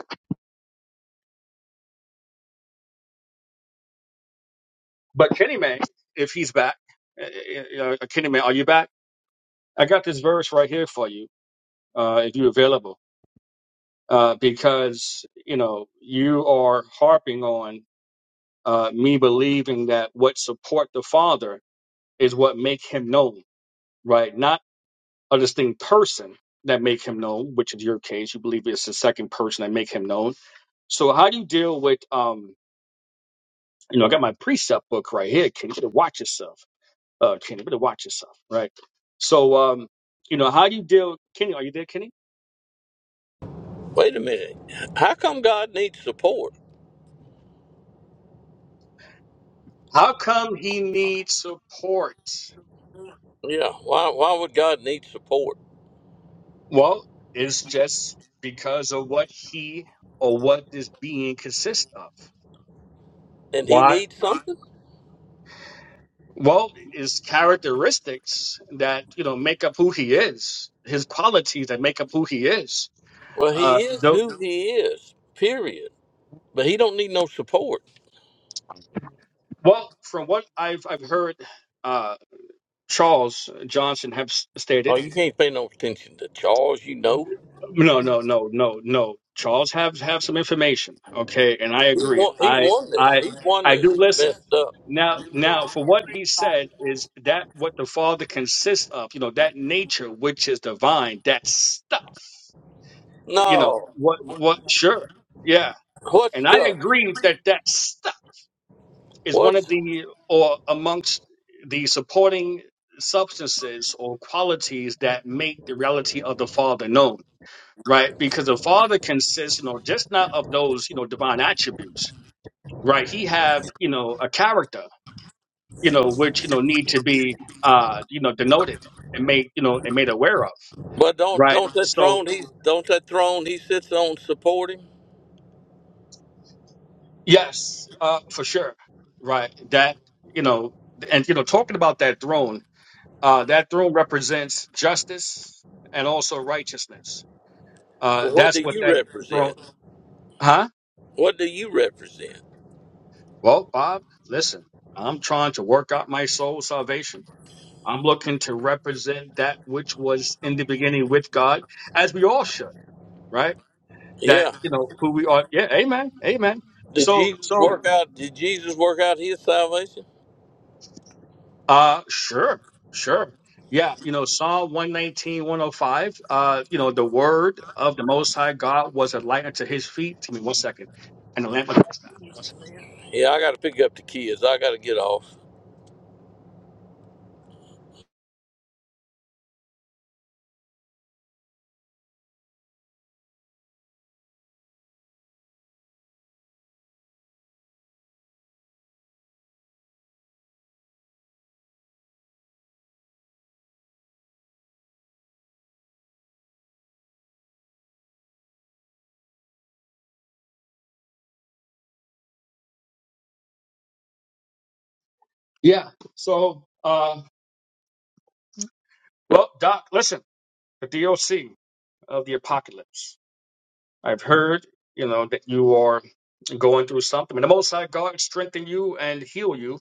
S11: But Kenny May, if he's back, uh, uh, uh, Kenny May, are you back? I got this verse right here for you, uh, if you're available, uh, because you know you are harping on uh, me believing that what support the Father is what make him known, right? Not a distinct person that make him known, which is your case. You believe it's the second person that make him known. So how do you deal with um? You know, I got my precept book right here. Can you watch yourself? Uh, Kenny, better watch yourself, right? So, um, you know, how do you deal? Kenny, are you there, Kenny?
S9: Wait a minute. How come God needs support?
S11: How come he needs support?
S9: Yeah. Why? Why would God need support?
S11: Well, it's just because of what he or what this being consists of.
S9: And He
S11: Why?
S9: needs something.
S11: Well, his characteristics that you know make up who he is, his qualities that make up who he is.
S9: Well, He
S11: Uh,
S9: is
S11: the,
S9: who He is. Period. But he don't need no support.
S11: well, from what I've I've heard, uh, Charles Johnson have s- stated.
S9: Oh, you can't pay no attention to Charles. You know,
S11: No, no, no, no, no. Charles have have some information, okay? And I
S9: he
S11: agree.
S9: won. He
S11: I
S9: won this.
S11: I
S9: He won
S11: I
S9: this.
S11: do
S9: He
S11: listen.
S9: messed up.
S11: Now now for what he said is that what the father consists of, you know, that nature which is divine, that stuff. You know,
S9: No,
S11: what what sure. Yeah.
S9: what
S11: And I
S9: stuff?
S11: agree that that stuff is one of
S9: What's
S11: the or amongst the supporting substances or qualities that make the reality of the father known right? Because the Father consists, you know, just not of those, you know, divine attributes, right? He have, you know, a character, you know, which you know need to be, uh, you know, denoted and made, you know, and made aware of,
S9: But don't
S11: right?
S9: don't that
S11: So
S9: throne? He don't that throne he sits on support him.
S11: yes, uh, for sure, right? That you know, and you know, talking about that throne, uh, that throne represents justice and also righteousness. Uh,
S9: Well, what do
S11: that's what
S9: you
S11: that throne,
S9: represent?
S11: huh?
S9: What do you represent?
S11: Well, Bob, listen, I'm trying to work out my soul salvation I'm looking to represent that which was in the beginning with God, as we all should, right? That
S9: Yeah.
S11: you know who we are. Yeah, amen, amen.
S9: Did
S11: So, so,
S9: Jesus work out? Did Jesus work out his salvation?
S11: uh, sure, sure, yeah. You know, Psalm 119, 105. Uh, you know, the word of the Most High God was a light unto His feet. Give me one second, and a lamp unto His path. One second.
S9: Yeah, I got to pick up the kids. I got to get off.
S11: Yeah. So, uh, well, Doc, listen, the DOC of the apocalypse. I've heard, you know, that you are going through something. And the Most High God strengthen you and heal you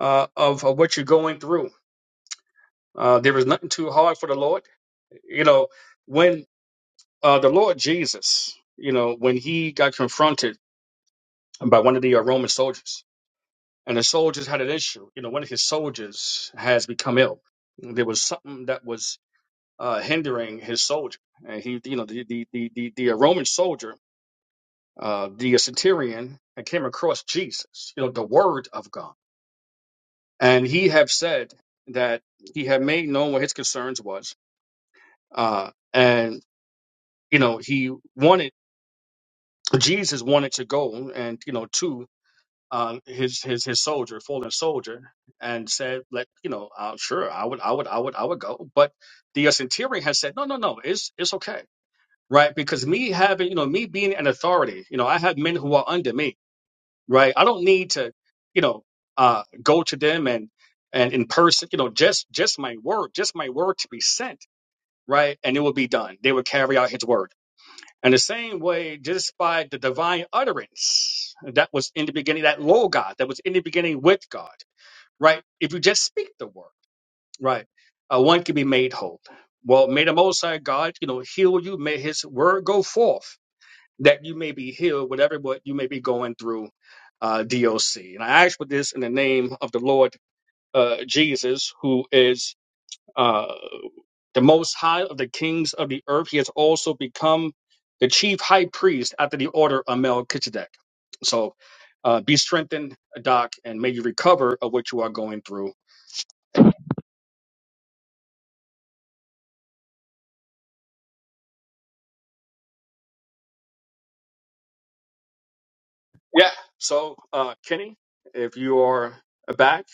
S11: uh, of, of what you're going through. Uh, there is nothing too hard for the Lord. You know, when uh, the Lord Jesus, you know, when he got confronted by one of the uh, Roman soldiers, and the soldiers had an issue. You know, one of his soldiers has become ill. There was something that was uh, hindering his soldier, and he, you know, the the the the, the uh, Roman soldier uh, the centurion and came across Jesus, you know, the Word of God, and he have said that he had made known what his concerns was, uh, and you know he wanted Jesus wanted to go and you know to uh, his his his soldier, fallen soldier, and said, let you know, uh, sure, I would, I would, I would, I would go, but the uh, centurion has said, no, no, no, it's it's okay. Right, because me having, you know, me being an authority, you know, I have men who are under me, right? I don't need to, you know, uh, go to them and and in person, you know, just just my word, just my word to be sent, right? And it will be done. They will carry out His word. And the same way, just by the divine utterance that was in the beginning, that logos that was in the beginning with God, right? If you just speak the word, right, uh, one can be made whole. Well, may the Most High God, you know, heal you. May His word go forth that you may be healed, whatever what you may be going through, uh, DOC. And I ask for this in the name of the Lord uh, Jesus, who is uh, the most high of the kings of the earth. He has also become the chief high priest after the order of Melchizedek. So uh, be strengthened, Doc, and may you recover of what you are going through. Yeah. So, uh, Kenny, if you are back,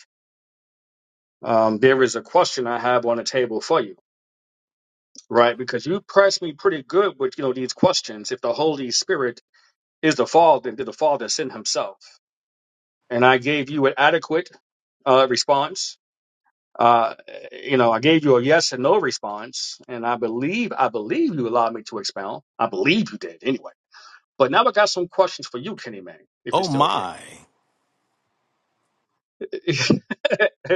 S11: um, there is a question I have on the table for you. right? Because you pressed me pretty good with you know these questions. If the Holy Spirit is the Father, then did the Father send Himself? And I gave you an adequate uh, response. Uh, you know, I gave you a yes and no response, and I believe I believe you allowed me to expound. I believe you did anyway. But now I got some questions for you, Kenny Man, if you're
S2: Oh
S11: still here.
S2: my!
S11: [LAUGHS]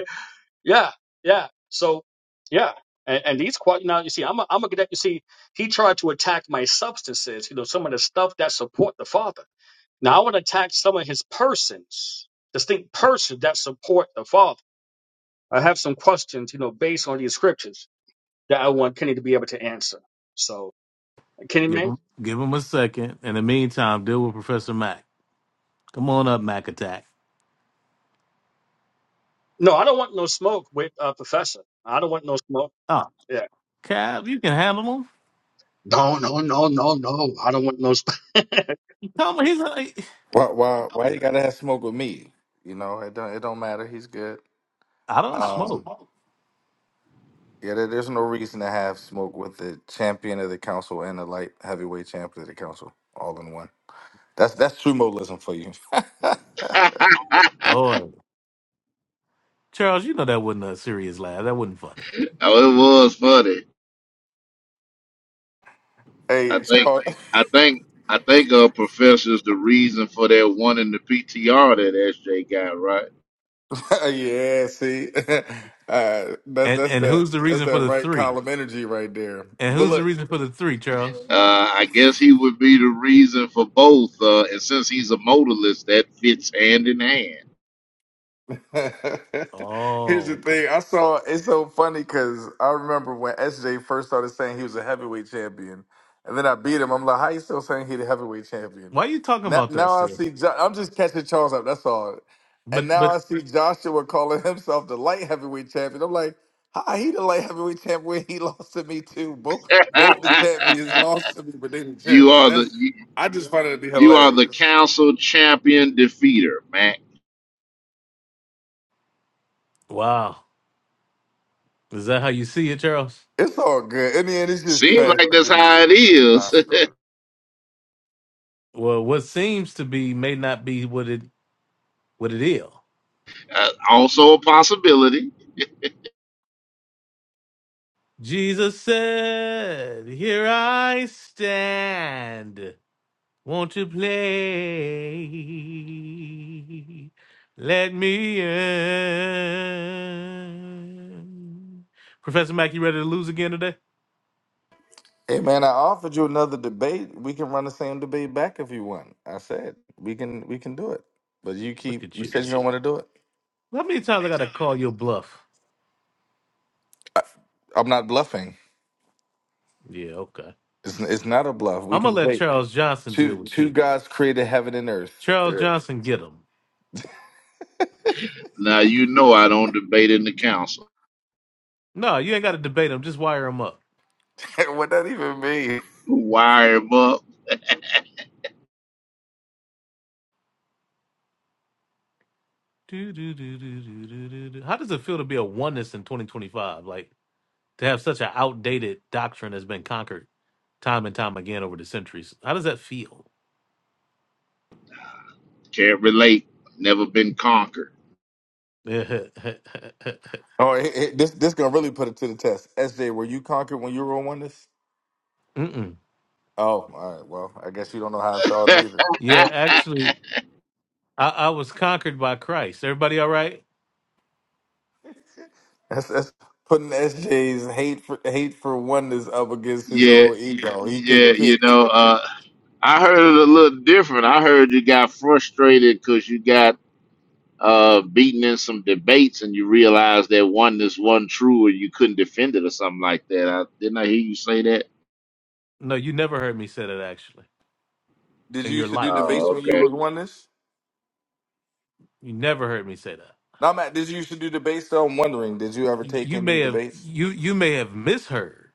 S11: Yeah, yeah. So, yeah, and, and these quite now you see, I'm a, I'm a cadet. You see, he tried to attack my substances. You know, some of the stuff that support the father. Now I want to attack some of his persons, distinct persons that support the father. I have some questions, you know, based on these scriptures that I want Kenny to be able to answer. So, Kenny,
S2: Give
S11: man,
S2: him, give him a second. In the meantime, deal with Professor Mac. Come on up, Mac Attack.
S11: no, I don't want no smoke with uh, Professor. I don't want no smoke.
S2: Oh,
S11: Yeah.
S2: Cab, you can handle him.
S11: No, no, no, no, no. I don't want no. sp- [LAUGHS]
S2: Tell him he's. like
S12: Why why why you gotta have smoke with me? You know, it don't it don't matter. He's good.
S2: I I don't
S12: Um
S2: smoke.
S12: yeah, there, there's no reason to have smoke with the champion of the council and the light heavyweight champion of the council all in one. That's that's sumoism for you. [LAUGHS]
S13: [LAUGHS] oh,
S2: Oh, Charles, you know that wasn't a serious laugh. That wasn't funny.
S13: it was funny. I
S12: hey,
S13: think,
S12: Charles,
S13: I think, I think, uh, professor's the reason for that one in the PTR that SJ got, right?
S12: [LAUGHS] yeah, see, [LAUGHS] uh, that's
S2: And
S12: that's
S2: and
S12: that
S2: who's the
S12: that's
S2: reason for
S12: that
S2: the
S12: right
S2: three?
S12: column energy right there.
S2: And
S12: But
S2: who's the
S12: look,
S2: reason for the three, Charles?
S13: Uh, I guess he would be the reason for both. Uh, and since he's a modalist, that fits hand in hand.
S12: [LAUGHS] Here's the
S2: Oh, okay.
S12: thing. I saw it's so funny because I remember when SJ first started saying he was a heavyweight champion, and then I beat him. I'm like, how you still saying he the heavyweight champion?
S2: Why are you talking
S12: Now,
S2: about that
S12: now I
S2: still?
S12: see. Jo- I'm just catching Charles up. That's all. And
S2: But
S12: now
S2: but
S12: I see Joshua calling himself the light heavyweight champion. I'm like, how he the light heavyweight champion? He [LAUGHS] lost to me too. Both both the champions
S13: [LAUGHS]
S12: lost to me, but they the
S13: you
S12: champions.
S13: are the,
S12: That's
S13: you,
S12: I just find it to be
S13: you are the
S12: hilarious.
S13: council champion defeater, Mac.
S2: wow, is that how you see it, Charles?
S12: It's all good. In the end, it's just
S13: Seems
S12: trash.
S13: like
S12: talk
S13: that's how it is. [LAUGHS]
S12: anyways.
S2: Well, what seems to be may not be what it what it is.
S13: Uh, also a possibility.
S2: Jesus said, Here I stand. Won't you play? Let me in. Professor Mack, you ready to lose again today?
S12: Hey man, I offered you another debate. We can run the same debate back if you want. I said we can we can do it, but you
S2: Look
S12: keep
S2: at
S12: you said
S2: you.
S12: you don't want to do it.
S2: How many times I got to call your bluff?
S12: I, I'm not bluffing.
S2: Yeah, okay.
S12: It's it's not a bluff. We
S2: I'm
S12: can
S2: going to let
S12: debate.
S2: Charles Johnson deal
S12: Two
S2: with
S12: two
S2: you.
S12: gods created heaven and earth.
S2: Charles Johnson, get him.
S13: Now, you know, I don't debate in the council.
S2: No, you ain't got to debate him. Just wire him up.
S12: [LAUGHS] what that even mean?
S13: Wire him up.
S2: Do, do, do, do, do, do, do, do. How does it feel to be a oneness in 2025? Like, to have such an outdated doctrine has been conquered time and time again over the centuries. How does that feel?
S13: Can't relate. Never been conquered.
S2: [LAUGHS] Mm-mm.
S12: Oh, it, it- this this gonna really put it to the test. SJ, were you conquered when you were on oneness? Oh, all right. Well, I guess you don't know how I
S13: [LAUGHS]
S12: felt
S13: yeah,
S12: neither.
S2: Yeah, actually, I, I was conquered by Christ. Everybody all right?
S12: That's that's putting SJ's hate for hate for oneness up against his own ego. He
S13: yeah.
S12: couldn't
S13: You
S12: pick.
S13: know, uh, I heard it a little different. I heard you got frustrated because you got uh, beaten in some debates, and you realized that oneness wasn't true, or you couldn't defend it, or something like that. I, didn't I hear you say that?
S2: No, you never heard me say that actually
S12: Did
S2: in
S12: you
S2: your
S12: used to do
S2: life.
S12: debates
S13: Oh,
S12: when you
S13: okay.
S12: was oneness?
S2: You never heard me say that.
S12: No, Matt. Did you used to do debates? Though I'm wondering, did you ever
S2: Y-
S12: take
S2: You
S12: any
S2: may have
S12: debates?
S2: you you may have misheard.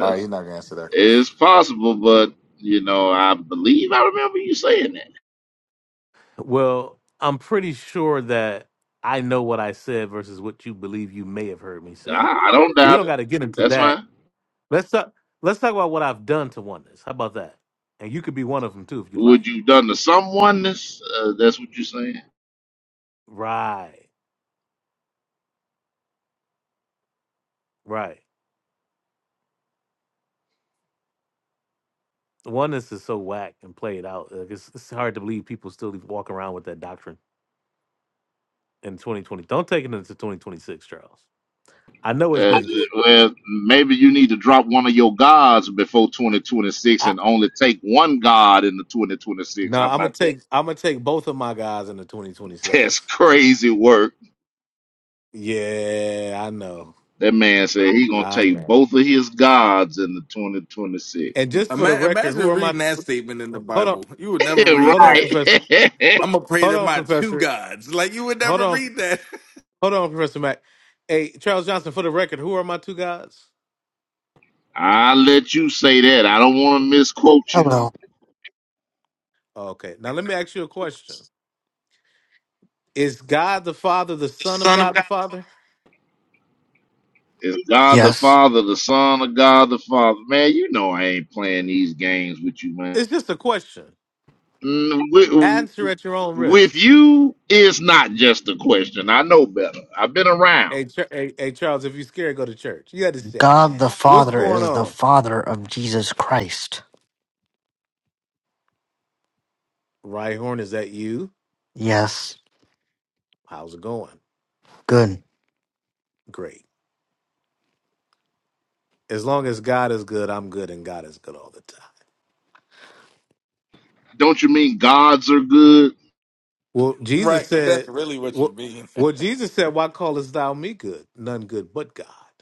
S12: All right,
S13: it's,
S12: he's not gonna answer that question.
S13: it's possible, but you know, I believe I remember you saying that.
S2: Well, I'm pretty sure that I know what I said versus what you believe you may have heard me say.
S13: I, I don't
S2: We
S13: doubt
S2: don't
S13: it.
S2: got to get into
S13: That's
S2: that
S13: fine.
S2: Let's talk. Let's talk about what I've done to oneness. How about that? And you could be one of them too if you
S13: Would
S2: like.
S13: you done to someoneness? Uh, that's what you're saying.
S2: Right, right. Oneness is so whack and played out. Like it's, it's hard to believe people still even walk around with that doctrine in 2020. Don't take it into 2026, Charles. I know it's
S13: Uh,
S2: been.
S13: well, maybe you need to drop one of your gods before 2026
S2: I,
S13: and only take one god in the 2026.
S2: no,
S13: How
S2: I'm gonna
S13: about that?
S2: take. I'm gonna take both of my guys into
S13: [LAUGHS] That's
S2: 2026.
S13: crazy work.
S2: Yeah, I know.
S13: That man said he gonna
S2: I
S13: take
S2: know.
S13: both of his gods in the 2026.
S2: And just for the
S12: Ima-
S2: record, who
S12: Imagine
S2: are my?
S12: reading that statement in the
S2: Hold on,
S12: Bible. You would never
S13: [LAUGHS]
S12: read
S2: hold on,
S12: that.
S2: Professor.
S13: right.
S12: I'm gonna pray
S2: Hold
S12: to
S2: on,
S12: my two
S2: Professor.
S12: gods. Like you would
S2: Hold
S12: never
S2: on.
S12: read that.
S2: Hold on, Professor Mac. Hey, Charles Johnson, for the record, who are my two gods?
S13: [LAUGHS] I let you say that. I don't want to misquote you.
S14: Hello.
S2: Okay. Now let me ask you a question. Is God the Father the
S14: The
S2: Son of
S14: Son of
S2: God the
S14: God.
S2: Father?
S13: It's God the
S14: Yes.
S13: Father, the Son of God the Father. Man, you know I ain't playing these games with you, man.
S2: It's just a question.
S13: with,
S2: Answer at your own
S13: with
S2: risk.
S13: you it's not just a question. I know better. I've been around.
S2: Hey, Ch- hey, hey Charles, if you're scared, go to church. You understand.
S14: God the
S2: What's
S14: Father
S2: going
S14: is the
S2: on?
S14: Father of Jesus Christ.
S2: Rhyhorn, is that you?
S14: Yes.
S2: How's it going?
S14: Good.
S2: Great. As long as God is good, I'm good, and God is good all the time.
S13: Don't you mean gods are good?
S2: Well,
S12: [LAUGHS]
S2: Jesus
S12: right. That's
S2: said,
S12: really what you
S2: well,
S12: mean.
S2: well Jesus said, why callest thou me good? None good but God.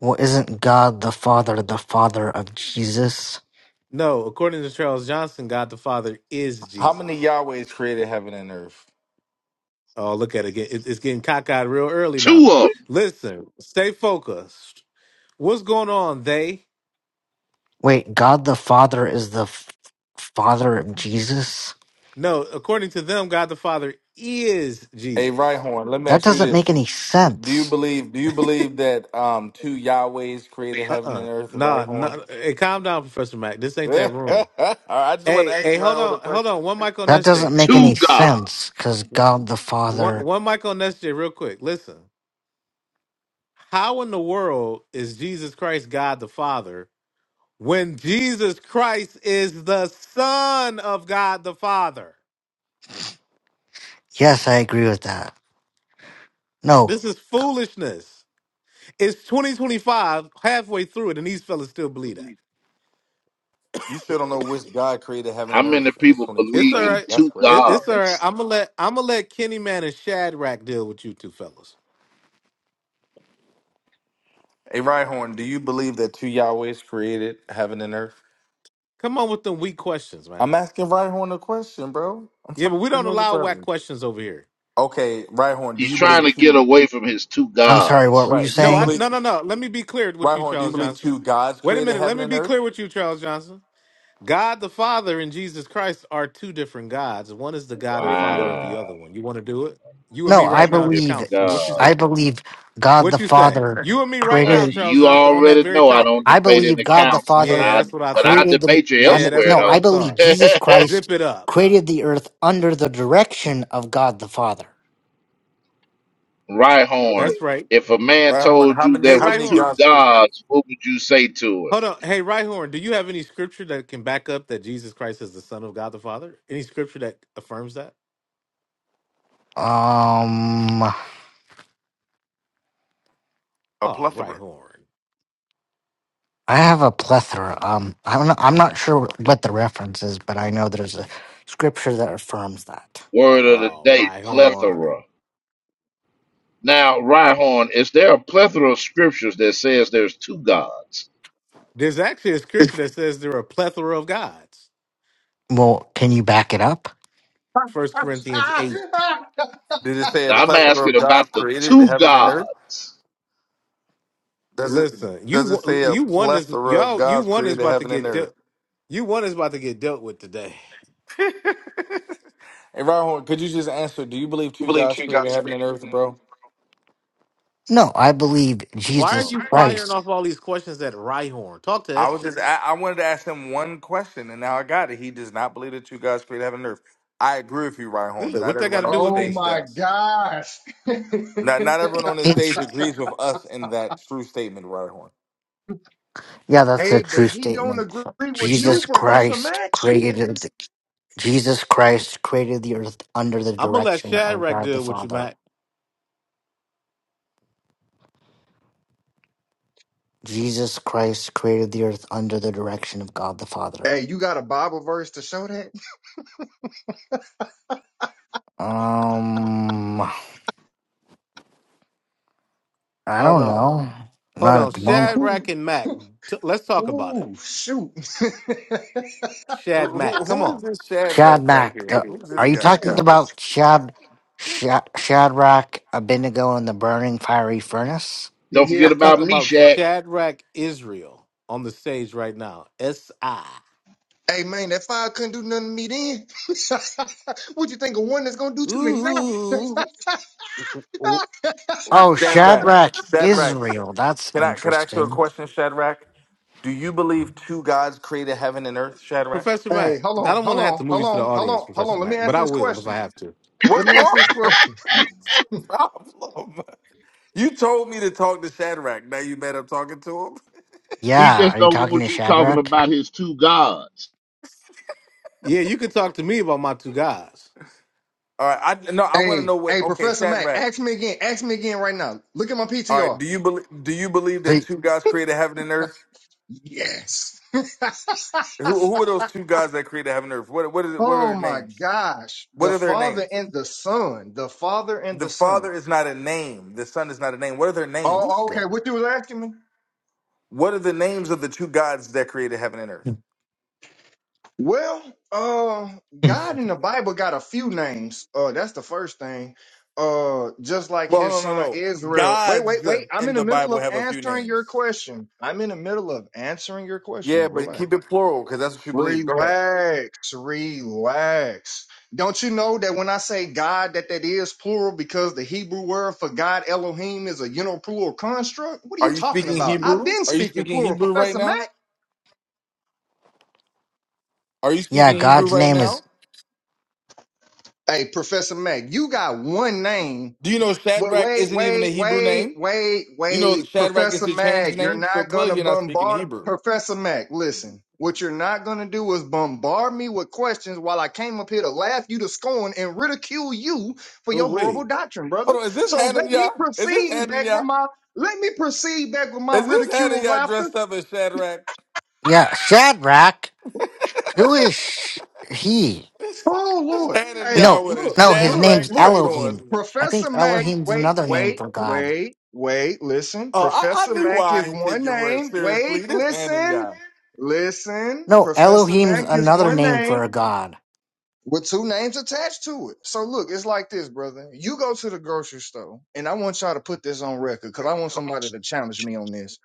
S14: Well, isn't God the Father the Father of Jesus?
S2: No, according to Charles Johnson, God the Father is
S12: How many
S2: Jesus.
S12: Yahwehs created heaven and earth?
S2: Oh, look at it again. It- It's getting cockeyed real early now.
S13: Two of 'em.
S2: Listen, stay focused. What's going on, they?
S14: Wait, God the Father is the f- Father of Jesus?
S2: No, according to them, God the Father is
S12: Hey,
S2: Jesus.
S12: Rhyhorn, let me
S14: That
S12: ask you
S14: doesn't make
S12: this:
S14: any
S12: Do you
S14: sense.
S12: believe? Do you believe that um two Yahwehs created
S2: Uh
S12: heaven and
S2: uh
S12: earth?
S2: Nah,
S12: Rhyhorn.
S2: nah. Hey, calm down, Professor Mac. This
S12: [LAUGHS] All
S2: ain't that room.
S12: right, I just want to
S2: Hey,
S12: ask
S2: hey, hold
S12: Rhyhorn a
S2: on. Hold
S12: question.
S2: on. One mic on
S14: That
S2: SJ.
S14: doesn't make
S13: two
S14: any
S13: gods.
S14: sense because God the
S2: One,
S14: Father.
S2: one mic on SJ, real quick. Listen, how in the world is Jesus Christ God the Father when Jesus Christ is the Son of God the Father.
S14: Yes, I agree with that. No,
S2: This is foolishness. It's 2025, halfway through it, and these fellas still believe that.
S12: You still don't know which God created heaven
S13: How
S12: and
S13: many
S12: earth, and it's
S13: people
S2: It's
S13: believe
S2: all
S12: 2025.
S13: in
S2: right.
S12: That's
S13: two
S12: crazy.
S2: It- it's all right.
S13: gods?
S2: I'm gonna let I'm gonna let Kenny Man and Shadrach deal with you two fellas.
S12: Hey, Rhyhorn, do you believe that two Yahwehs created heaven and earth?
S2: Come on with them weak questions, man.
S12: I'm asking Rhyhorn a question, bro. I'm
S2: Yeah, but
S12: trying
S2: we
S12: to
S2: don't
S12: know the
S2: allow whack
S12: brother.
S2: questions over here.
S12: Okay, Rhyhorn, do
S13: He's
S12: you
S13: trying
S12: believe
S13: to get
S12: two?
S13: away from his two
S14: I'm sorry. What were
S13: gods.
S14: you
S12: Right? Do you
S2: No, I
S14: saying?
S12: believe
S2: no no no. Let me be clear with you,
S12: Rhyhorn? Do you
S2: Charles
S12: believe
S2: Johnson.
S12: two gods
S2: Wait a
S12: created
S2: minute. Let
S12: heaven
S2: me
S12: and
S2: be
S12: earth?
S2: clear with you, Charles Johnson. God the Father and Jesus Christ are two different gods. One is the God and Father of the
S13: Wow,
S2: other one. You want to do it? You and
S14: No,
S2: me
S14: I
S2: right
S13: two
S2: now at the
S14: believe.
S13: different
S2: council. What you
S13: gods.
S14: I
S2: say?
S14: believe God the
S2: What you say?
S14: Father
S2: You and me right
S13: Uh,
S2: now,
S14: created
S2: Charles
S13: you
S2: Johnson, on that
S13: already
S2: very
S13: know I don't
S2: topic.
S14: I
S13: debate in
S14: believe
S13: the
S14: God the
S13: council, but
S14: Father
S2: Yeah,
S13: I
S2: that's what I
S13: but I
S2: thought.
S14: created the.
S13: debate you
S14: I'm,
S2: Yeah, that's
S13: elsewhere
S14: no,
S2: what I
S14: I believe
S2: thought.
S13: though. [LAUGHS]
S14: Jesus
S2: Zip
S14: Christ
S2: it up.
S14: created the earth under the direction of God the Father.
S13: Right horn.
S2: That's right.
S13: If a man
S12: Rhyhorn,
S13: told
S12: how
S13: you
S12: many?
S2: Hey,
S13: there
S12: How
S13: was
S2: Right
S12: many
S13: two
S2: Horn.
S12: gods?
S13: gods, what would you say to him?
S2: Hold on. Hey, Right Horn, do you have any scripture that can back up that Jesus Christ is the Son of God the Father? Any scripture that affirms that?
S14: Um, I
S12: A
S2: Oh, Right
S12: plethora.
S2: Horn.
S14: have a plethora. Um, I don't know, I'm not sure what the reference is, but I know there's a scripture that affirms that.
S13: Word of the
S2: Oh,
S13: day,
S2: Right Horn.
S13: plethora. Now, Rhyhorn, is there a plethora of scriptures that says there's two gods?
S2: There's actually a scripture that says there are a plethora of gods.
S14: Well, can you back it up?
S15: [LAUGHS]
S2: First Corinthians eight.
S12: Did it say a
S13: Now I'm
S12: plethora
S13: asking
S12: of
S13: about
S12: gods
S13: the
S12: created
S13: two
S12: heaven and earth?
S13: gods.
S12: Does it?
S2: Listen, you
S12: Does it
S2: wa-
S12: say a
S2: you one is
S12: plethora of
S2: y'all you
S12: gods
S2: one is
S12: created
S2: about to
S12: heaven and
S2: get
S12: earth?
S2: dealt. You one is about to get dealt with today.
S12: [LAUGHS] Hey, Ryan, could you just answer? Do you believe two gods created heaven and earth, bro?
S14: No, I believe
S2: Why are
S14: Jesus
S12: Oh.
S2: you firing
S14: Christ. [LAUGHS]
S2: off all these questions at Rhyhorn? Talk to
S12: I
S2: that
S12: was
S2: shit.
S12: just, I, I wanted to ask him one question, and now I got it. He does not believe that two gods created heaven and earth. I agree with you, Ryan Horn, but
S2: Good.
S12: not
S2: What that got
S12: everyone
S2: to
S12: on
S2: do
S12: the
S2: with
S15: oh
S12: stage
S2: me?
S15: my
S12: does.
S15: gosh. [LAUGHS]
S12: Not not everyone on the
S14: It's-
S12: stage agrees with us in that true statement, Ryan Horn.
S14: yeah, that's a
S15: hey, but
S14: true
S15: he don't
S14: statement.
S15: agree with you,
S14: Jesus
S15: Professor
S14: Christ
S15: Mac.
S14: created. Jesus Christ created the earth under the
S2: I'm gonna let
S14: direction of
S2: Shadrack
S14: God the
S2: deal with you,
S14: Father.
S2: Mac.
S14: Jesus Christ created the earth under the direction of God the Father.
S15: Hey, you got a Bible verse to show that?
S14: Um, I
S2: Hold
S14: don't
S2: on,
S14: know.
S2: hold
S14: Not
S2: on.
S14: at the moment.
S2: Shadrack
S15: Ooh,
S2: and Mac. T- let's
S15: [LAUGHS]
S2: talk about it.
S15: ooh, shoot. [LAUGHS]
S2: Shad
S12: Who, who,
S2: Mac, come
S12: who
S2: on.
S12: is this Shadrach right
S14: Shadrach,
S12: here?
S14: uh,
S12: Who's
S14: are
S12: this
S14: you
S12: guy?
S14: talking
S15: Ooh.
S14: about Shad, Shad, Shadrach, Abednego, and the burning fiery furnace?
S13: Don't
S15: yes,
S13: forget
S2: I'm
S13: about
S15: sir.
S2: talking about
S13: Meshach.
S2: Shadrack Israel on the stage right now. S I.
S15: Hey, man, that fire couldn't do nothing to me then. [LAUGHS] what you think of one that's gonna do to me now?
S2: Ooh. Ooh.
S15: [LAUGHS]
S14: Oh,
S12: Shadrach.
S14: Shadrach,
S12: Shadrach.
S14: Israel. That's
S12: Can I, can I ask you a
S14: interesting.
S12: question, Shadrach? Do you believe two gods created heaven and earth, Shadrach?
S2: Professor
S15: hey,
S2: Mac,
S15: hold
S2: I
S15: on,
S2: don't want
S15: hold
S2: to have to
S15: on,
S2: move
S15: hold
S2: you to the
S15: on, hold
S2: audience,
S15: on, hold on.
S2: Professor
S15: Let me
S2: Mac, but
S15: answer
S2: I
S15: this
S2: will if I
S15: question.
S2: have to.
S15: Let
S12: What's
S15: me answer
S12: wrong?
S15: this
S12: [LAUGHS]
S15: question.
S12: problem? You told me to talk to Shadrach. Now you mad I'm talking to him?
S13: He
S14: Yeah,
S13: just
S14: are you
S13: don't
S14: talking
S13: want
S14: to
S13: you talking
S14: Shadrach?
S13: about his two gods.
S2: Yeah, you could talk to me about my two guys.
S12: All right. I no. I want to
S15: Hey,
S12: know what.
S15: hey,
S12: Okay,
S15: Professor Mac,
S12: Shadrach.
S15: ask me again. Ask me again right now. Look at my
S12: All right.
S15: PTR.
S12: Do you believe? Do you believe that
S14: See,
S12: two gods created heaven and earth?
S15: Yes.
S12: Who Who are those
S15: [LAUGHS]
S12: two gods that created heaven and earth? What What is it? What are
S15: oh
S12: their
S15: my
S12: names?
S15: gosh.
S12: What
S15: The
S12: are their
S15: Father
S12: names?
S15: and the Son. The Father and
S12: The
S15: the Son.
S12: Father is not a name. The Son is not a name. What are their
S2: This
S15: Oh,
S12: names?
S2: guy.
S15: okay. What you was asking me?
S12: What are the names of the two gods that created heaven and earth?
S15: Well, uh,
S14: [LAUGHS]
S15: God in the Bible got a few names. Uh, that's the first thing. Uh, just like
S12: Well,
S15: his
S12: no, no,
S15: son
S12: no.
S15: Israel. Wait,
S12: Gods
S15: wait, wait. I'm
S12: in
S15: in the
S12: the
S15: middle
S12: Bible
S15: of
S12: have a few
S15: answering your
S12: names.
S15: question. I'm in the middle of answering your question.
S12: Yeah, but
S15: Relax.
S12: keep it plural because that's what you believe. Go ahead.
S15: Relax, relax. Don't you know that when I say God, that that is plural because the Hebrew word for God, Elohim, is a uniplural construct? What are you
S12: Are you
S15: talking
S12: speaking
S15: about? I've
S12: Hebrew?
S15: been
S12: Are you
S15: speaking
S12: speaking
S15: plural,
S12: Hebrew right
S15: Professor Mack.
S12: now? Are you
S14: yeah,
S12: speaking Hebrew
S14: God's
S12: right
S14: name is
S12: now?
S15: Hey, Professor Mack, you got one name
S12: Do you know
S15: Wait,
S12: Shadrach
S15: wait,
S12: isn't even a
S15: wait,
S12: Hebrew
S15: wait,
S12: name?
S15: wait,
S12: You know that
S15: wait.
S12: Shadrach is
S15: Professor
S12: the changed
S15: Mag, you're
S12: name, so
S15: not
S12: clearly
S15: gonna
S12: you're not speaking
S15: bombard
S12: Hebrew.
S15: Professor Mag, listen. What you're not gonna do is bombard me with questions while I came up here to laugh you to scorn and ridicule you for
S2: Oh,
S15: your horrible
S2: wait.
S15: doctrine, brother.
S12: Hold on, is this
S15: So let me
S12: Hananiah? Is this
S15: proceed back with
S12: Hananiah?
S15: my let me proceed back with my
S12: Is this
S15: ridicule
S12: Hananiah
S15: laughter.
S12: dressed up as Shadrach?
S14: yeah Shadrach. Who is he?
S12: This,
S15: Oh
S12: this
S15: Lord. Hey,
S12: Hananiah
S14: No,
S12: with a
S15: look,
S14: no, his
S15: look,
S14: name's
S12: Shadrach
S15: look.
S12: suit
S14: Elohim.
S12: on.
S14: I think
S15: Professor Mac,
S14: Elohim's
S15: wait,
S14: another name
S15: wait,
S14: for God.
S15: wait, wait, listen.
S12: Oh, I, I
S15: Professor
S12: knew
S15: Mac
S12: why
S15: is
S12: I ain't take
S15: one
S12: your word
S15: name.
S12: seriously.
S15: Wait,
S12: This
S15: listen,
S12: Hananiah.
S15: listen.
S14: No,
S15: Professor
S14: Elohim's
S15: Mac is
S14: another
S15: one
S14: name
S15: name
S14: for a god.
S15: with two names attached to it. So look, it's like this, brother. You go to the grocery store, and I want y'all to put this on record because I want somebody to challenge me on this.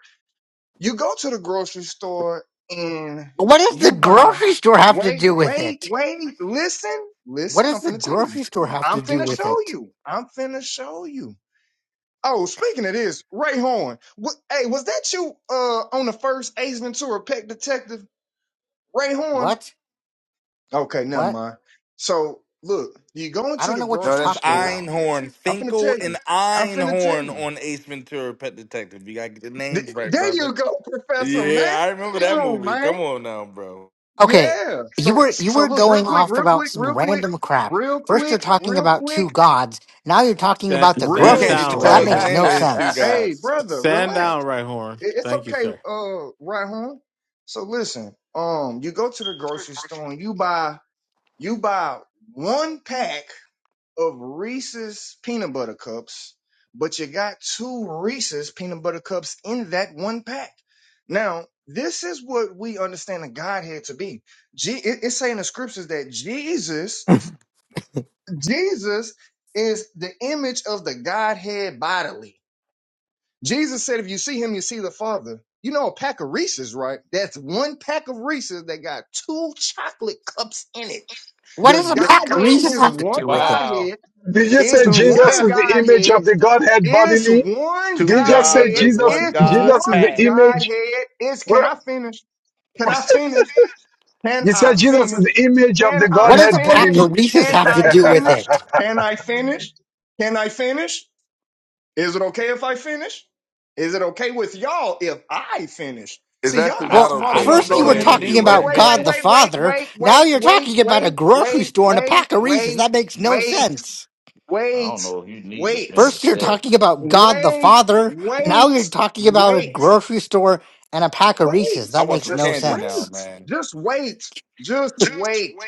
S15: You go to the grocery store and
S14: What does the
S15: you buy,
S14: grocery store have to
S15: wait,
S14: do with
S15: wait,
S14: it?
S15: wait, listen,
S14: What
S15: listen, I'm
S14: does the
S15: finna tell you.
S14: grocery store have
S15: I'm
S14: to do
S15: finna
S14: with
S15: show
S14: it?
S15: you. I'm finna show you Oh, speaking of this, Ray Horn. What, hey, was that you uh on the first Ace Ventura Pet Detective? Ray Horn?
S14: What?
S15: Okay, never
S14: What?
S15: mind. So look, you go
S14: I
S15: into
S14: don't
S15: the
S14: know what you're
S12: No,
S15: grocery
S12: that's
S14: talking
S15: store.
S14: about.
S12: Einhorn.
S15: I'm finna
S12: Finkel
S15: tell
S12: and
S15: you. I'm finna tell
S12: Einhorn
S15: you.
S12: on Ace Ventura Pet Detective. You gotta get the
S15: Th-
S12: names right,
S15: there
S12: brother.
S15: you go, [LAUGHS] Professor Mac.
S12: Yeah, I remember
S15: Come
S12: that
S15: on,
S12: movie.
S15: man.
S12: Come on now, bro.
S14: Okay,
S15: Yeah.
S14: you
S15: So
S14: were you
S15: so
S14: were
S15: look, real
S14: going
S15: quick,
S14: off
S15: real
S14: about
S15: quick,
S14: some
S15: real quick,
S14: random crap.
S15: real
S14: First you're
S15: quick,
S14: talking
S15: real
S14: about two
S15: quick,
S14: gods. Now you're talking
S2: Stand,
S14: about the
S12: He
S2: stand
S14: grocery
S15: real
S12: can't even
S2: down,
S14: store.
S12: tell
S2: right
S14: That
S12: us
S15: quick.
S12: the
S14: makes
S2: horn.
S12: name
S14: no
S12: of his two
S14: sense.
S13: [LAUGHS]
S15: Hey,
S12: gods.
S15: brother,
S2: Stand
S15: relax.
S2: down, right horn.
S15: It- It's
S2: Thank you,
S15: okay,
S2: sir.
S15: uh, right home. So listen, um, you go to the grocery store and you buy you buy one pack of Reese's peanut butter cups, but you got two Reese's peanut butter cups in that one pack. Now, this is what we understand the Godhead to be. Je- it- it's saying in the scriptures that Jesus, Jesus is the image of the Godhead bodily. Jesus said, if you see him, you see the Father. You know, a pack of Reese's, right? That's one pack of Reese's that got two chocolate cups in it.
S14: What
S15: The
S14: does a pack of
S15: Godhead
S14: Reese's
S15: is
S14: have to
S15: one
S14: do with it?
S13: wow.
S15: Godhead,
S16: Did you
S15: is
S16: say
S13: Two,
S16: Jesus
S15: one
S16: is the image
S15: Godhead,
S16: of the Godhead
S15: is
S16: bodily?
S13: [LAUGHS]
S15: one
S13: two
S16: Did you just say
S13: gods
S15: Godhead,
S13: and
S16: Jesus?
S13: one
S15: is
S13: God
S16: Jesus is the
S15: one
S13: pack.
S16: image.
S15: Godhead, is can
S16: Well,
S15: I finish? Can I finish? Can
S16: you
S15: I
S16: said Jesus
S15: finish?
S16: is the image of
S15: Can
S16: the
S14: What
S15: I
S14: does a
S16: Godhead
S14: pack
S15: finish?
S14: of
S16: bodily.
S14: Reese's
S15: Can
S16: [LAUGHS]
S14: have
S16: image
S14: to
S15: I
S14: do with
S15: finish?
S14: it?
S15: Can I finish? Can I finish? Is it okay if I finish? Is it okay with y'all if I finish?
S12: It's
S15: See, y'all
S12: actually
S15: not
S13: I,
S12: not
S14: Well,
S15: smart
S13: I
S12: okay,
S15: enough
S12: but
S13: don't
S15: to
S14: first you
S12: go
S13: know
S14: were
S13: if
S12: ahead
S13: you
S15: come.
S14: talking
S13: need to
S15: Wait, wait,
S12: anyway.
S14: about
S15: wait,
S14: God the
S13: finish.
S15: wait, wait,
S14: Father.
S15: wait,
S14: Now you're
S15: wait, wait,
S14: talking about a grocery
S15: wait, wait,
S14: store and a
S15: wait,
S14: pack
S15: wait,
S14: of Reese's.
S15: wait,
S14: That makes no
S15: wait,
S14: sense.
S13: I
S15: wait,
S13: don't know if you need to
S14: First
S13: finish
S14: you're
S13: that.
S14: talking about God the
S15: wait,
S14: Father. Now you're
S15: wait,
S14: talking about a
S15: wait,
S14: grocery store and a pack of Reese's.
S15: wait.
S12: I
S14: That
S12: want
S14: makes
S12: some
S14: no
S15: Just
S12: candy now,
S14: sense.
S15: wait.
S12: man.
S15: Just wait. Just wait.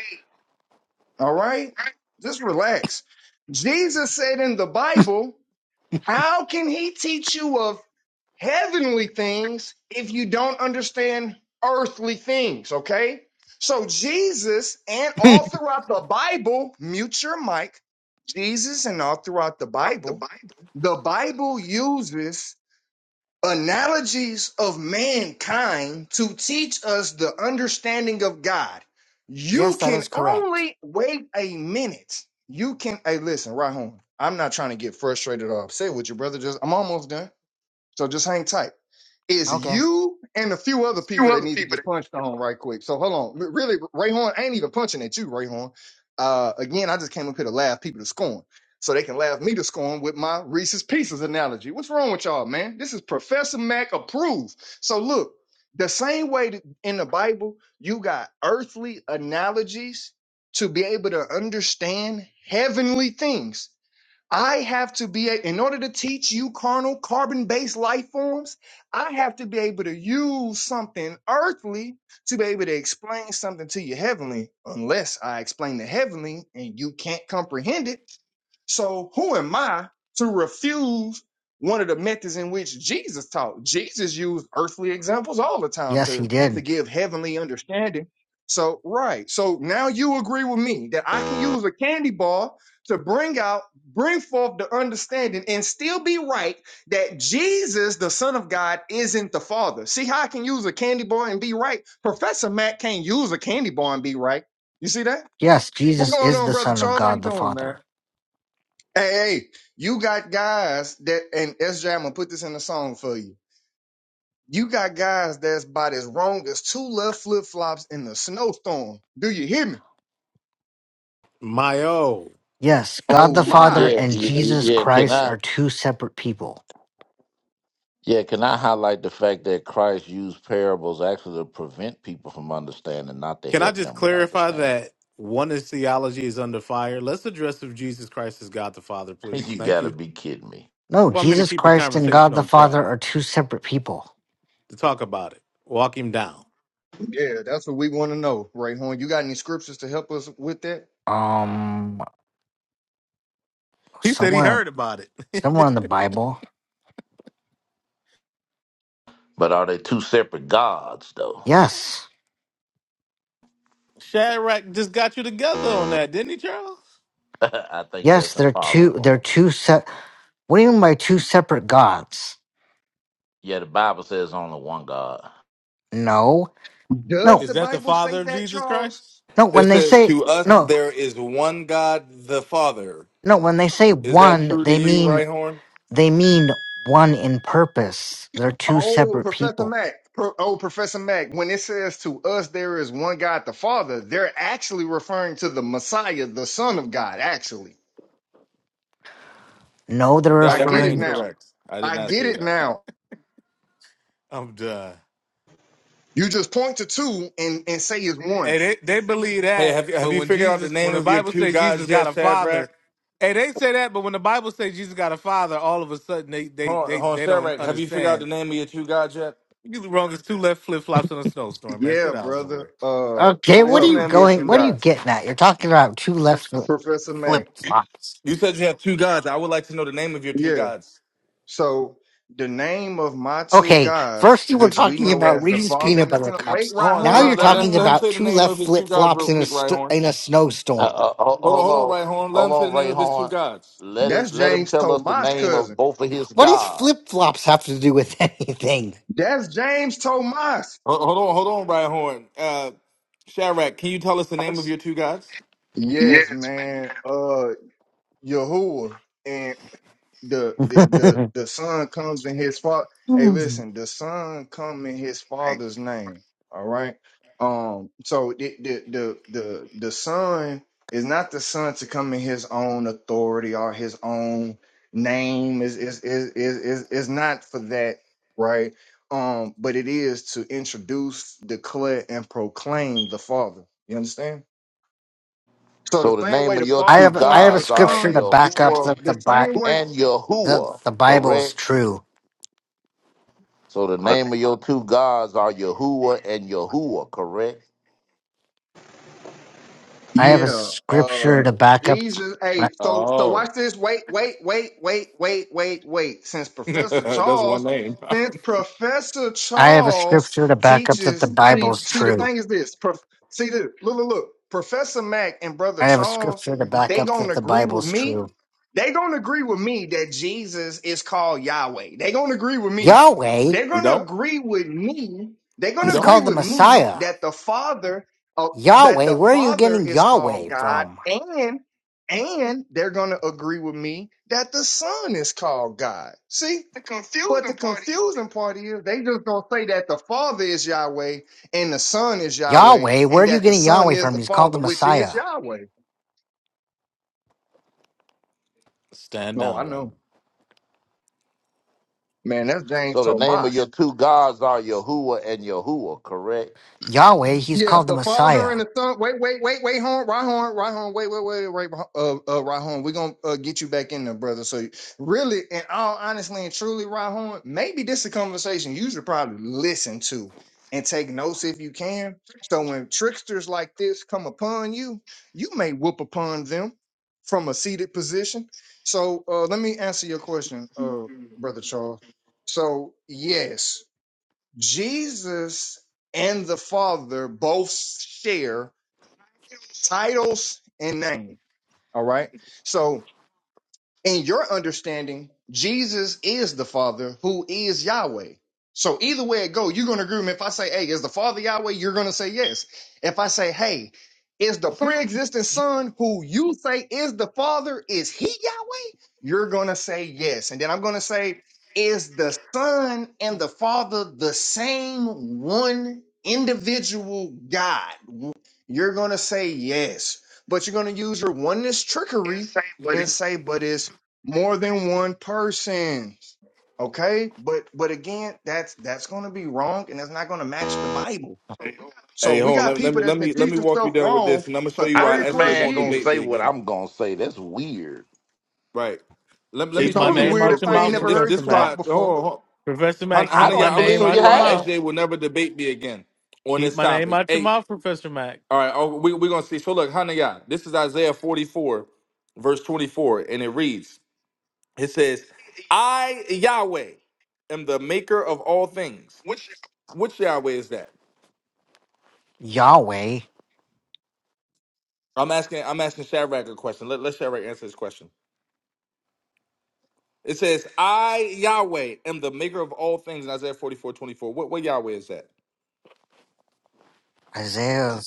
S15: All right? Just relax. Jesus said in the Bible, How can he teach you of heavenly things if you don't understand earthly things? Okay. So, Jesus and
S14: [LAUGHS]
S15: all throughout the Bible, mute your mic. Jesus and all throughout the Bible, the Bible uses analogies of mankind to teach us the understanding of God. You
S14: yes, that is
S15: can
S14: correct.
S15: only wait a minute. You can, hey, listen, right home. I'm not trying to get frustrated or upset with you, brother. Just, I'm almost done. So just hang tight. It's
S14: Okay.
S15: you and a few other people that need to get punched on right quick. So hold on. R- Really, Rayhorn ain't even punching at you, Rayhorn. Uh, again, I just came up here to laugh people to scorn. So they can laugh me to scorn with my Reese's Pieces analogy. What's wrong with y'all, man? This is Professor Mac approved. So look, the same way that in the Bible, you got earthly analogies to be able to understand heavenly things. I have to be, a- in order to teach you carnal, carbon based life forms, I have to be able to use something earthly to be able to explain something to you heavenly, unless I explain the heavenly and you can't comprehend it so who am I to refuse one of the methods in which Jesus taught? Jesus used earthly examples all the time
S14: Yes,
S15: to,
S14: he
S15: to
S14: did.
S15: give heavenly understanding. So, right. So now you agree with me that I can use a candy bar to bring out, bring forth the understanding and still be right that Jesus, the Son of God, isn't the Father. See how I can use a candy bar and be right? Professor Matt can't use a candy bar and be right. You see that?
S14: Yes,
S15: What's
S14: Jesus
S15: going
S14: is
S15: on,
S14: the
S15: Brother
S14: Son of
S15: Charles? How you
S14: God the
S15: doing, man?
S14: Father.
S15: Hey, hey, you got guys that, and SJ, I'm gonna put this in the song for you. You got guys that's about as wrong as two left flip flops in the snowstorm. Do you hear me?
S2: Mayo,
S14: Yes, God
S15: Oh
S14: the Father
S15: my.
S13: Yeah,
S14: and
S13: yeah,
S14: Jesus
S13: yeah. Can
S14: Christ
S13: I?
S14: are two separate people.
S13: Yeah, can I highlight the fact that Christ used parables actually to prevent people from understanding, not to
S2: can I
S13: help
S2: just
S13: them with
S2: clarify
S13: understanding?
S2: that oneness theology is under fire? Let's address if Jesus Christ is God the Father,
S13: [LAUGHS]
S2: please.
S13: you
S2: Thank
S13: got to
S2: you.
S13: be kidding me.
S14: No,
S2: Well, I'm here to
S14: Jesus
S2: keep the
S14: Christ and
S2: conversation
S14: God the
S2: on track,
S14: Father are two separate people.
S2: to talk about it, walk him down.
S15: Yeah, that's what we want to know, Ray Horn. You got any scriptures to help us with that?
S14: Um,
S2: He said he
S14: somewhere,
S2: heard about it. [LAUGHS]
S14: somewhere in the Bible.
S13: But are they two separate gods, though?
S14: Yes,
S2: Shadrach just got you together on that, didn't he, Charles?
S13: [LAUGHS] I think
S14: yes,
S13: that's
S14: they're two. They're
S13: impossible.
S14: two set. What do you mean by two separate gods?
S13: Yeah, the Bible says only one God.
S14: No,
S15: Does
S14: no,
S2: Is
S15: the
S2: that the
S15: Bible say
S2: father of
S15: that,
S2: Jesus
S15: Charles?
S2: Christ?
S14: no.
S12: It
S14: When they
S12: says,
S14: say
S12: To us,
S14: no,
S12: there is one God, the Father.
S14: no, when they say
S12: Is that
S14: one,
S12: true to
S14: they
S12: you,
S14: mean
S12: Right Horn?
S14: they mean one in purpose. They're two
S15: Oh,
S14: separate
S15: Professor
S14: people.
S15: Mack. Pro- oh, Professor Mack, when it says to us there is one God the Father, they're actually referring to the Messiah, the Son of God, actually.
S14: No, they're
S12: That
S15: I
S12: would
S15: get
S12: be
S15: it
S14: referring.
S15: now.
S12: incorrect. I did
S15: I
S12: not
S15: get
S12: say
S15: it
S12: that.
S15: now.
S2: I'm done.
S15: You just point to two and, and say it's one.
S2: Hey, they, they believe
S12: Hey,
S2: that,
S12: have you, have
S2: but
S12: you
S2: when
S12: figured out the
S2: Jesus,
S12: name
S2: when the
S12: of your
S2: Bible
S12: two
S2: says
S12: gods
S2: Jesus got
S12: yet,
S2: a
S12: Shadrach?
S2: father, hey, they say that, but when the Bible says Jesus got a father, all of a sudden they they
S12: Hold on,
S2: they,
S12: hold on,
S2: they don't
S12: Shadrach, have you figured out the
S2: understand.
S12: name of your two gods yet?
S2: You the wrong as two left flip flops in a snowstorm, man. Sit
S15: Yeah,
S2: down
S15: brother.
S2: somewhere.
S15: Uh
S14: Okay,
S12: Wh-
S14: what
S12: What's
S14: are
S15: so
S12: the
S14: you
S12: name of your
S15: Professor
S14: going?
S12: two
S14: What are
S15: Mac.
S14: you
S12: gods?
S14: getting at? You're talking about two left
S15: Professor Mac.
S14: flip flops.
S12: You said you have two gods. I would like to know the name of your two
S15: Yeah.
S12: gods.
S15: So the name of my two
S14: Okay,
S15: guys,
S14: first you were
S15: which we
S14: talking
S15: know
S14: about
S15: as the
S14: Reese's
S15: Father
S14: peanut
S15: and the
S14: butter
S15: Son. Wait,
S14: cups.
S15: right
S12: Hold on,
S14: Now
S15: horn,
S12: let,
S14: you're
S12: let,
S15: right
S12: let him
S14: talking
S12: let
S15: horn.
S12: him
S14: about
S12: say the
S14: two
S12: name of
S14: left
S12: his two
S14: flip
S12: gods
S14: flops
S12: real
S14: in a
S12: quick, right
S14: st-
S12: horn.
S14: in a
S13: Uh,
S14: snowstorm.
S13: uh, ho-
S12: Hold on,
S13: hold
S12: hold on,
S13: on,
S12: right horn. Let
S13: hold
S12: him say the
S13: on,
S12: name
S13: Ray
S12: of his two
S13: Horn.
S12: gods.
S13: Let
S15: That's
S13: it, let him
S15: James
S13: tell us the
S15: Tomas'
S13: name of
S15: cousin.
S13: both of his
S14: What does
S13: gods.
S14: flip flops have to do with [LAUGHS] anything?
S15: That's James Tomas.
S12: Hold, hold on, hold on, right horn. Uh, Shadrach, can you tell us the name of your two gods?
S15: Yes, man. Uh Yahuwah. the the the, the son comes in his father. Hey, listen, the son come in his father's name. All right. Um. So the the the the, the son is not the son to come in his own authority or his own name. Is is is is is is not for that. Right. Um. But it is to introduce, declare, and proclaim the father. You understand? So the
S13: So the
S15: same
S13: name
S15: way
S13: of
S15: the
S13: your
S14: I
S15: father
S13: two
S14: have I
S15: points to
S14: have a
S15: the
S13: gods are
S14: scripture
S15: son,
S14: to back up
S15: hey,
S13: Yahuwah
S14: that
S15: the
S14: the Bi-
S15: same way
S13: and
S14: that
S13: Yahuwah,
S14: the Bible is
S13: correct?
S14: true.
S13: So the name of your two gods are Yahuwah and Yahuwah, correct?
S14: I have a
S15: Yeah. Uh
S14: scripture to back up.
S15: Jesus. Hey, so so
S12: Oh,
S15: watch this. Wait, wait, wait, wait, wait, wait, wait. Since
S12: [LAUGHS]
S15: Professor
S12: that's one
S15: Charles,
S12: name.
S15: since
S12: [LAUGHS]
S15: Professor
S14: I have a
S15: Charles
S14: scripture to back up that the
S15: teaches see
S14: Bible's
S15: see the
S14: true.
S15: thing is this. Prof, see this. Look, look, look. Professor Mack and Brother
S14: I have a
S15: Charles,
S14: scripture to back
S15: they
S14: up
S15: gonna
S14: that the
S15: agree with
S14: Bible's
S15: me.
S14: true.
S15: They gonna agree with me that Jesus is called Yahweh. They gonna agree with me.
S14: Yahweh,
S15: They're
S12: we
S15: gonna
S12: don't.
S15: agree with me. They're
S12: We
S15: gonna
S14: he's
S12: don't.
S15: agree
S14: called the
S15: with me
S14: Messiah.
S15: that the Father. uh, that
S14: Yahweh,
S15: the
S14: where are you
S15: Father
S14: getting
S15: is called
S14: Yahweh
S15: God,
S14: from?
S15: and and they're going to agree with me that the Son is called God. See, but the confusing part is they just gonna say that the Father is Yahweh and the Son is Yahweh,
S14: Yahweh, where
S15: and
S14: are you
S15: that the
S14: getting
S15: Son
S14: Yahweh
S15: is
S14: from?
S15: the
S14: He's called the
S15: Father, which is
S14: Messiah.
S15: Yahweh.
S2: Stand
S15: No, I
S2: down, man.
S15: know, man. That's James
S13: So the name of
S15: Thomas.
S13: your two gods are Yahuwah and Yahuwah, correct?
S14: Yahweh, he's
S15: Yeah,
S14: called the
S15: the father
S14: Messiah.
S15: and the son. Wait, wait, wait, wait, hon, right hon, right hon, wait, wait, wait, wait, uh, uh, right hon. We're gonna uh, get you back in there, brother. So, really, and all honestly and truly, right hon, maybe this is a conversation you should probably listen to and take notes if you can. So when tricksters like this come upon you, you may whoop upon them from a seated position. So uh, let me answer your question, uh, brother Charles. So yes. Jesus and the Father both share titles and name. All right. So in your understanding, Jesus is the Father who is Yahweh. So either way it go, you're gonna agree with me. If I say, hey, is the Father Yahweh, you're gonna say yes. If I say, hey, is the pre-existing son who you say is the Father, is he Yahweh? You're gonna say yes. And then I'm gonna say, is the Son and the Father the same one individual God? You're gonna say yes, but you're gonna use your oneness trickery and say, but it's more than one person okay but but again that's that's going to be wrong and that's not going to match the bible so
S12: Hey,
S15: we
S12: hold
S15: got
S12: on. Let, let
S15: people
S12: me
S15: that's
S12: let
S15: been
S12: me let me
S15: teaching
S12: walk you
S15: stuff
S12: down with
S15: wrong
S12: this, and I'm gonna show
S15: for
S12: you
S13: How
S12: why
S15: 30
S13: this
S12: Esther
S15: plus
S13: man
S12: won't
S13: gonna
S12: debate
S15: years
S12: me
S13: say what
S12: again.
S13: I'm gonna say? That's weird.
S12: Right. Let, let me
S15: it's
S2: Keep
S12: show
S2: my
S12: you
S15: only
S2: name
S12: this
S15: weird
S12: real
S2: out
S15: if
S2: your
S15: i
S12: quick,
S15: ain't
S2: mouth,
S12: and
S15: never
S12: this
S15: heard you
S2: Professor
S12: this
S2: Mac.
S15: talk
S12: why hold
S15: before
S12: on, hold on.
S2: Professor
S12: Hana,
S2: Mac,
S13: I
S12: Hana,
S2: keep
S12: yeah,
S2: my
S13: don't
S12: I'm gonna
S2: name
S12: show
S13: believe you
S12: you
S2: out your
S12: why
S13: have.
S2: mouth.
S12: SJ will never debate me again on
S2: Keep
S12: this
S2: my name
S12: topic.
S2: out your
S12: Hey.
S2: mouth, Professor Mack.
S12: All right, oh, we, we're going to see. So, look, Hanayah, this is Isaiah 44, verse 24, and it reads, It says, I, Yahweh, am the maker of all things. Which Yahweh is that?
S14: Yahweh,
S12: I'm asking I'm asking Shadrach a question. Let, let Shadrach answer this question. It says, I, Yahweh, am the maker of all things in Isaiah 44:24, What, what Yahweh is that?
S14: Isaiah.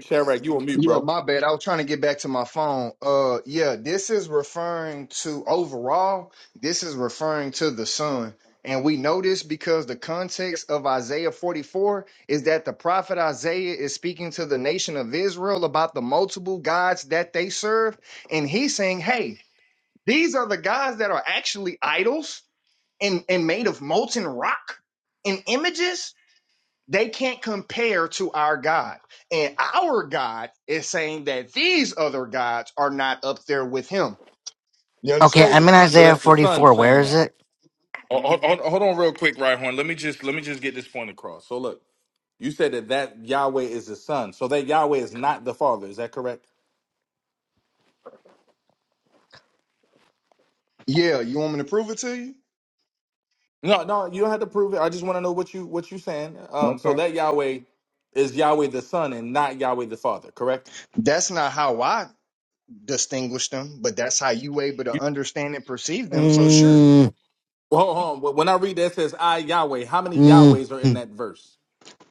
S12: Shadrach, you on mute,
S15: Yeah,
S12: bro.
S15: my bad. I was trying to get back to my phone. Uh yeah, this is referring to overall, this is referring to the son. And we know this because the context of Isaiah 44 is that the prophet Isaiah is speaking to the nation of Israel about the multiple gods that they serve. And he's saying, hey, these are the gods that are actually idols and, and made of molten rock and images. They can't compare to our God. And our God is saying that these other gods are not up there with him. You
S14: Okay,
S12: So
S15: understand?
S14: I'm in
S12: so
S14: Isaiah
S12: that's the son
S14: 44.
S12: saying
S14: Where is
S12: that.
S14: it?
S12: Oh, Hold, hold, hold on real quick, right, Horn. Let me just let me just get this point across. So look. You said that that Yahweh is the Son, so that Yahweh is not the Father. Is that correct?
S15: Yeah, you want me to prove it to you?
S12: No, no, you don't have to prove it. I just want to know what you what you saying. Um, so
S15: Okay.
S12: that Yahweh is Yahweh the Son and not Yahweh the Father, correct?
S15: That's not how I distinguish them, but that's how you able
S12: You,
S15: to understand and perceive them. So sure.
S14: Mm,
S12: well, hold on. When I read that it says I Yahweh, how many
S14: mm,
S12: Yahwehs are in
S14: mm,
S12: that verse?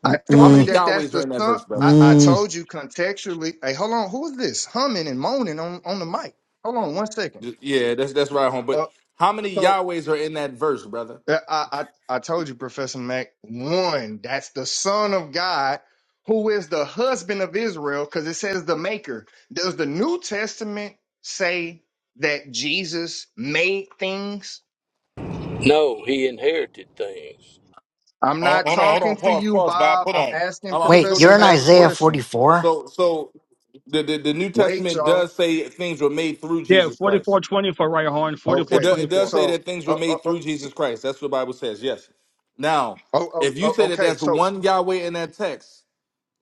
S15: I
S12: How
S15: told you
S12: many
S14: mm,
S15: that that's
S12: Yahwehs are
S15: the
S12: in that
S15: son.
S12: verse, brother?
S15: I, I
S14: mm.
S15: told you contextually. Hey, hold on. Who is this humming and moaning on, on the mic? Hold on one second.
S12: Th- Yeah, that's that's right, home. But
S15: Uh,
S12: how many
S15: so
S12: Yahwehs are in that verse, brother?
S15: Uh, I, I I told you, Professor Mac. One, that's the Son of God, who is the husband of Israel, because it says the Maker. Does the New Testament say that Jesus made things?
S9: No, he inherited things.
S15: I'm
S12: Oh,
S15: not
S12: hold on, hold on,
S15: talking to
S12: pause,
S15: you,
S12: pause, Bob.
S15: Bob.
S12: Hold
S15: I'm
S12: on.
S15: asking
S12: I'm, I'm gonna just
S14: Wait,
S12: go to
S15: Professor
S14: you're
S12: this
S14: in
S15: Mac a
S12: last
S14: Isaiah
S12: point.
S15: question.
S14: 44?
S12: So so the, the the New
S15: Wait,
S12: Testament
S15: y'all.
S12: does say things were made through
S11: yeah,
S12: Jesus Christ.
S11: forty-four twenty-four, right, Horn. Forty-four
S12: It do,
S15: Okay,
S12: it
S11: twenty-four.
S12: does say
S15: so.
S12: that things
S15: Uh,
S12: were
S15: uh,
S12: made
S15: uh,
S12: through
S15: s-
S12: Jesus Christ. That's what the Bible says. Yes. Now,
S15: oh, oh,
S12: if you
S15: oh,
S12: say that
S15: okay.
S12: that's
S15: So
S12: one Yahweh in that text,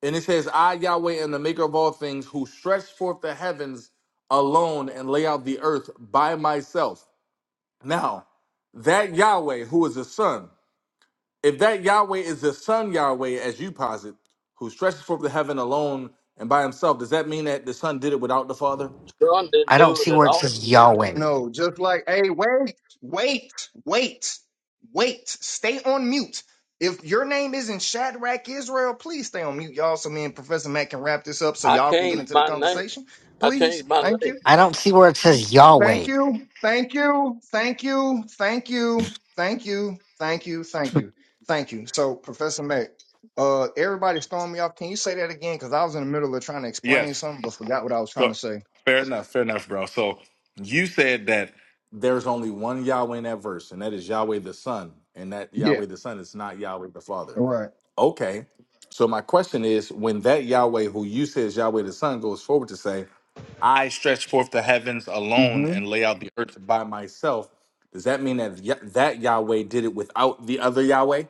S12: and it says I Yahweh am the maker of all things who stretch forth the heavens alone and lay out the earth by myself. Now, that Yahweh who is the Son if that Yahweh is the Son Yahweh, as you posit, who stretches forth the heaven alone and by himself, does that mean that the Son did it without the Father?
S9: Son didn't
S14: I don't
S9: do it
S14: see
S9: at
S14: where it
S9: all.
S14: says Yahweh.
S15: No, just like, hey, wait, wait, wait, wait. Stay on mute. If your name isn't Shadrach Israel, please stay on mute, y'all. So me and Professor Matt can wrap this up so
S9: I
S15: y'all can get
S9: changed
S15: into the
S9: my name.
S15: conversation.
S9: I
S15: Please.
S9: changed my
S15: Thank
S9: name.
S15: you.
S14: I don't see where it says
S15: Thank
S14: Yahweh.
S15: you. Thank you. Thank you. Thank you. Thank you. Thank you. Thank you. Thank you. So, Professor Matt, uh, everybody's throwing me off. Can you say that again? Because I was in the middle of trying to explain
S12: Yes.
S15: something but forgot what I was trying
S12: So
S15: to say.
S12: fair enough, fair enough, bro. So you said that There's only one Yahweh in that verse, and that is Yahweh the Son. And that
S15: Yeah.
S12: Yahweh the Son is not Yahweh the Father.
S15: Right.
S12: Okay. So my question is, when that Yahweh, who you say is Yahweh the Son, goes forward to say, "I stretch forth the heavens alone and lay out the earth by myself," does that mean that Ya- that Yahweh did it without the other Yahweh?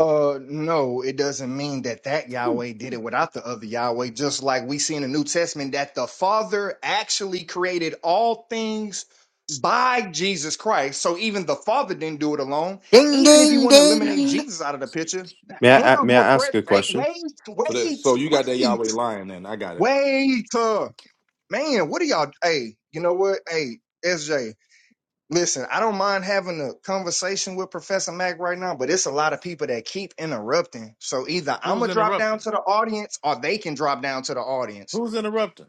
S15: Uh, no, it doesn't mean that that Yahweh did it without the other Yahweh. Just like we see in the New Testament that the Father actually created all things by Jesus Christ. So even the Father didn't do it alone.
S14: Ding,
S15: Even if you
S14: ding,
S15: want to eliminate
S14: ding.
S15: Jesus out of the picture, the
S17: May I a-
S15: angels
S17: may
S15: were
S17: I ask
S15: present.
S17: a
S15: Hey,
S17: question?
S15: wait,
S12: So that
S15: wait,
S12: so you got that
S15: wait,
S12: Yahweh lying, then I got it.
S15: wait. Uh, man, what are y'all? Hey, you know what? Hey, SJ. Listen, I don't mind having a conversation with Professor Mac right now, but it's a lot of people that keep interrupting. So either I'm
S2: Who's
S15: gonna drop down
S2: interrupting?
S15: to the audience, or they can drop down to the audience.
S2: Who's interrupting?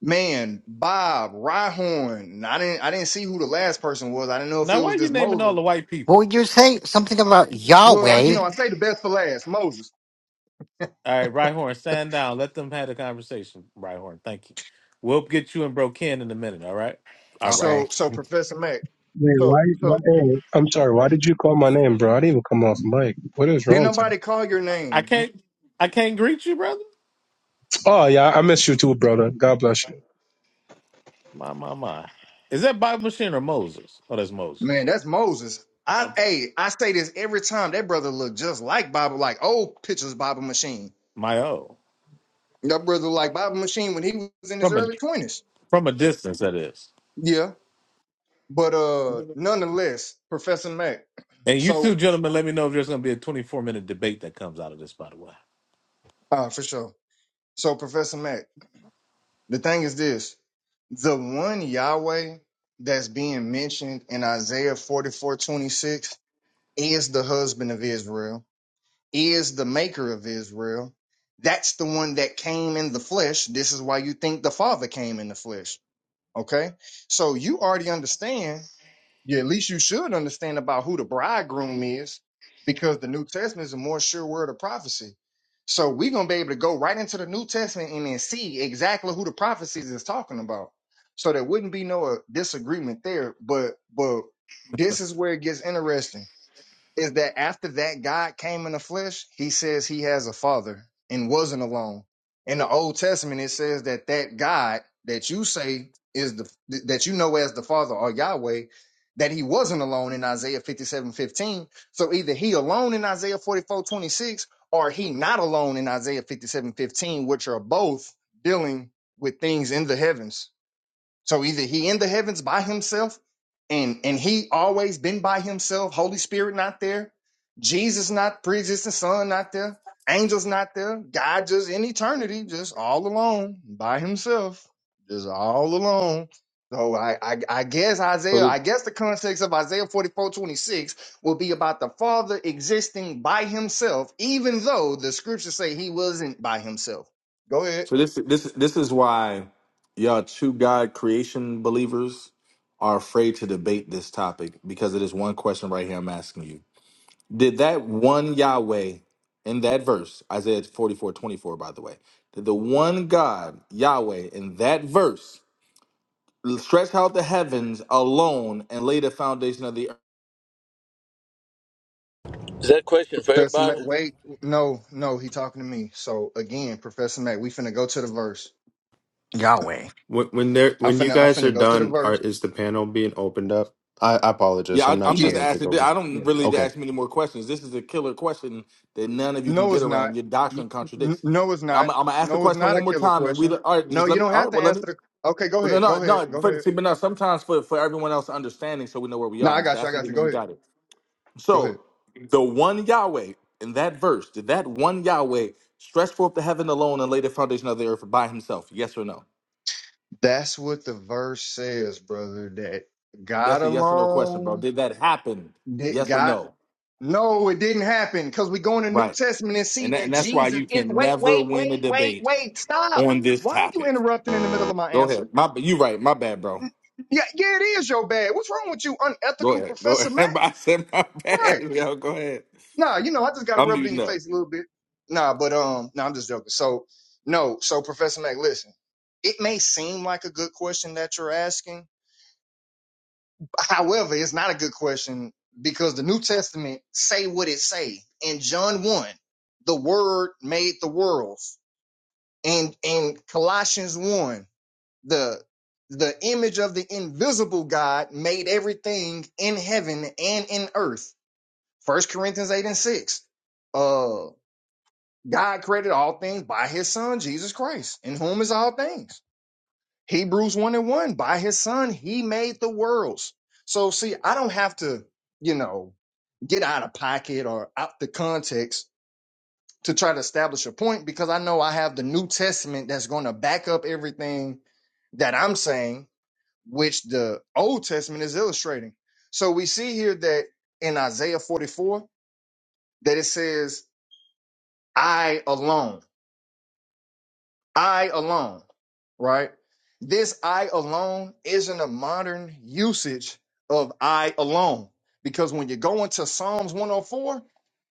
S15: Man, Bob Ryhorn. I didn't. I didn't see who the last person was. I didn't know if it
S2: Now, why
S15: was
S2: are you
S15: this
S2: naming all
S15: Moses.
S2: the white
S14: What
S2: people?
S14: would you say? Something about
S15: Well, you
S14: Yahweh.
S15: know, I say the best for last, Moses.
S2: All right, right stand down. Let them have the conversation. Right thank you. We'll get you and Bro Ken in a minute. All right, all right.
S14: Okay,
S15: So, so Professor Mac.
S18: Wait,
S15: So,
S18: why? why
S15: so
S18: oh, I'm sorry. Why did you call my name, bro? I didn't even come off mic. What is
S15: did
S18: wrong today?
S15: nobody call your
S2: I
S15: name? You-
S2: can't, I can't greet you, brother.
S18: Oh yeah, I miss you too, brother. God bless you.
S2: My, my, my. Is that Bible machine or Moses? Oh, that's Moses.
S15: Man, that's Moses. I
S2: Okay.
S15: hey, I say this every time. That brother look just like Bible, like old pictures Bible machine.
S2: My oh,
S15: That brother like Bible Machine when he was in his
S2: from a
S15: early twenties.
S2: from a distance, that is.
S15: Yeah, but uh,
S2: And
S15: nonetheless, Professor Mac.
S2: you two
S15: So
S2: gentlemen, let me know if there's going to be a 24 minute debate that comes out of this. By the way,
S15: uh, for sure. So Professor Mac, the thing is this: the one Yahweh that's being mentioned in Isaiah forty four twenty six is the husband of Israel, is the maker of Israel. That's the one that came in the flesh. This is why you think the Father came in the flesh. Okay, so you already understand Yeah, at least you should understand about who the bridegroom is, because the New Testament is a more sure word of prophecy. So we're gonna be able to go right into the New Testament and then see exactly who the prophecies is talking about. So there wouldn't be no uh, disagreement there. But but this is where it gets interesting is that after that God came in the flesh, he says he has a father and wasn't alone. In the Old Testament, it says that that God that you say is the that you know as the father or Yahweh, that he wasn't alone in Isaiah 57 15. So either he alone in Isaiah 44 26 or he not alone in Isaiah 57 15, which are both dealing with things in the heavens. So either he in the heavens by himself, and and he always been by himself. Holy Spirit not there, Jesus not pre-existing Son not there, angels not there. God just in eternity, just all alone by himself, just all alone. So I, I I guess
S12: So
S15: Isaiah,
S12: this,
S15: I guess the context of Isaiah 44 26 will be about the Father existing by himself, even though the scriptures say he wasn't by himself. Go ahead.
S12: so this this this is why y'all two God creation believers are afraid to debate this topic because it is one question right here I'm asking you. Did that one Yahweh in that verse, Isaiah 44 24? by the way, did the one God, Yahweh, in that verse stretch out the heavens alone and lay the foundation of the earth?
S9: Is that a question for
S15: Professor Mac,
S9: everybody?
S15: wait, no, no, he talking to me. So again, Professor Mac, we finna go to the verse.
S14: Yahweh.
S17: When when there
S15: I'm
S17: when you
S15: finna, I'm
S17: guys
S15: finna
S17: are
S15: go to the
S17: done, are
S15: verse.
S17: is the panel being opened up? I, I apologize.
S12: Yeah,
S17: I'm
S12: I,
S17: not
S12: I'm
S17: trying
S12: just
S15: Yeah,
S17: to take
S12: asking.
S17: over.
S12: I
S15: yeah.
S12: don't really need to
S17: Okay.
S12: ask many more questions. This is a killer question that none of you can
S15: No, it's
S12: get
S15: not.
S12: around. Your
S15: N-
S12: doctrine
S15: n-
S12: contradicts.
S15: No, it's not.
S12: I'm, I'm gonna ask the
S15: No, it's
S12: question
S15: not a
S12: one more
S15: killer
S12: time, and we
S15: question.
S12: all right.
S15: No,
S12: Just
S15: you
S12: let me.
S15: don't
S12: All
S15: have
S12: right.
S15: to
S12: Well, let
S15: answer
S12: me.
S15: the. Okay, go
S12: Well, no,
S15: ahead, go ahead,
S12: no, no.
S15: go
S12: For,
S15: ahead.
S12: see, but no. Sometimes for for everyone else understanding, so we know where we
S15: No,
S12: are. I'm
S15: I
S12: just
S15: got you, I
S12: asking
S15: got you.
S12: them if
S15: Go
S12: you
S15: ahead,
S12: got it.
S15: go ahead.
S12: So the one Yahweh in that verse, did that one Yahweh stretch forth the heaven alone and lay the foundation of the earth by himself? Yes or no?
S15: That's what the verse says, brother. That God
S12: That's a yes or no question, bro.
S15: alone,
S12: Did that happen?
S15: that
S12: Yes or
S15: God.
S12: no?
S15: No, it didn't happen because we go in the New
S12: Right.
S15: Testament and see
S12: And that,
S15: that
S12: and that's why
S15: Jesus
S12: you
S15: is.
S12: can
S15: Wait,
S12: never
S15: wait,
S12: win a
S15: wait, wait,
S12: debate
S15: wait. Stop.
S12: on this
S15: Why are you
S12: topic.
S15: interrupting in the middle of my
S12: Go
S15: answer?
S12: ahead. My you right. My bad, bro.
S15: Yeah, yeah, it is your bad. What's wrong with you,
S12: Go
S15: unethical
S12: ahead. Go
S15: Professor Matt?
S12: ahead. [LAUGHS] I said my [LAUGHS] bad.
S15: Right.
S12: Yo, go ahead.
S15: Nah, you know, I just gotta
S12: I'm
S15: rub it in your
S12: muting up.
S15: face a little bit. Nah, but um, no, I'm just joking. So no, so Professor Mac, listen, it may seem like a good question that you're asking, [LAUGHS] However, it's not a good question because the New Testament say what it say. In John 1, the word made the worlds. And in Colossians 1, the the image of the invisible God made everything in heaven and in earth. First Corinthians 8 and 6. Uh God created all things by his son Jesus Christ, in whom is all things. Hebrews 1 and 1, by his son, he made the worlds. So, see, I don't have to, you know, get out of pocket or out the context to try to establish a point because I know I have the New Testament that's going to back up everything that I'm saying, which the Old Testament is illustrating. So, we see here that in Isaiah 44, that it says, I alone. I alone, right? This I alone isn't a modern usage of I alone because when you go into Psalms 104,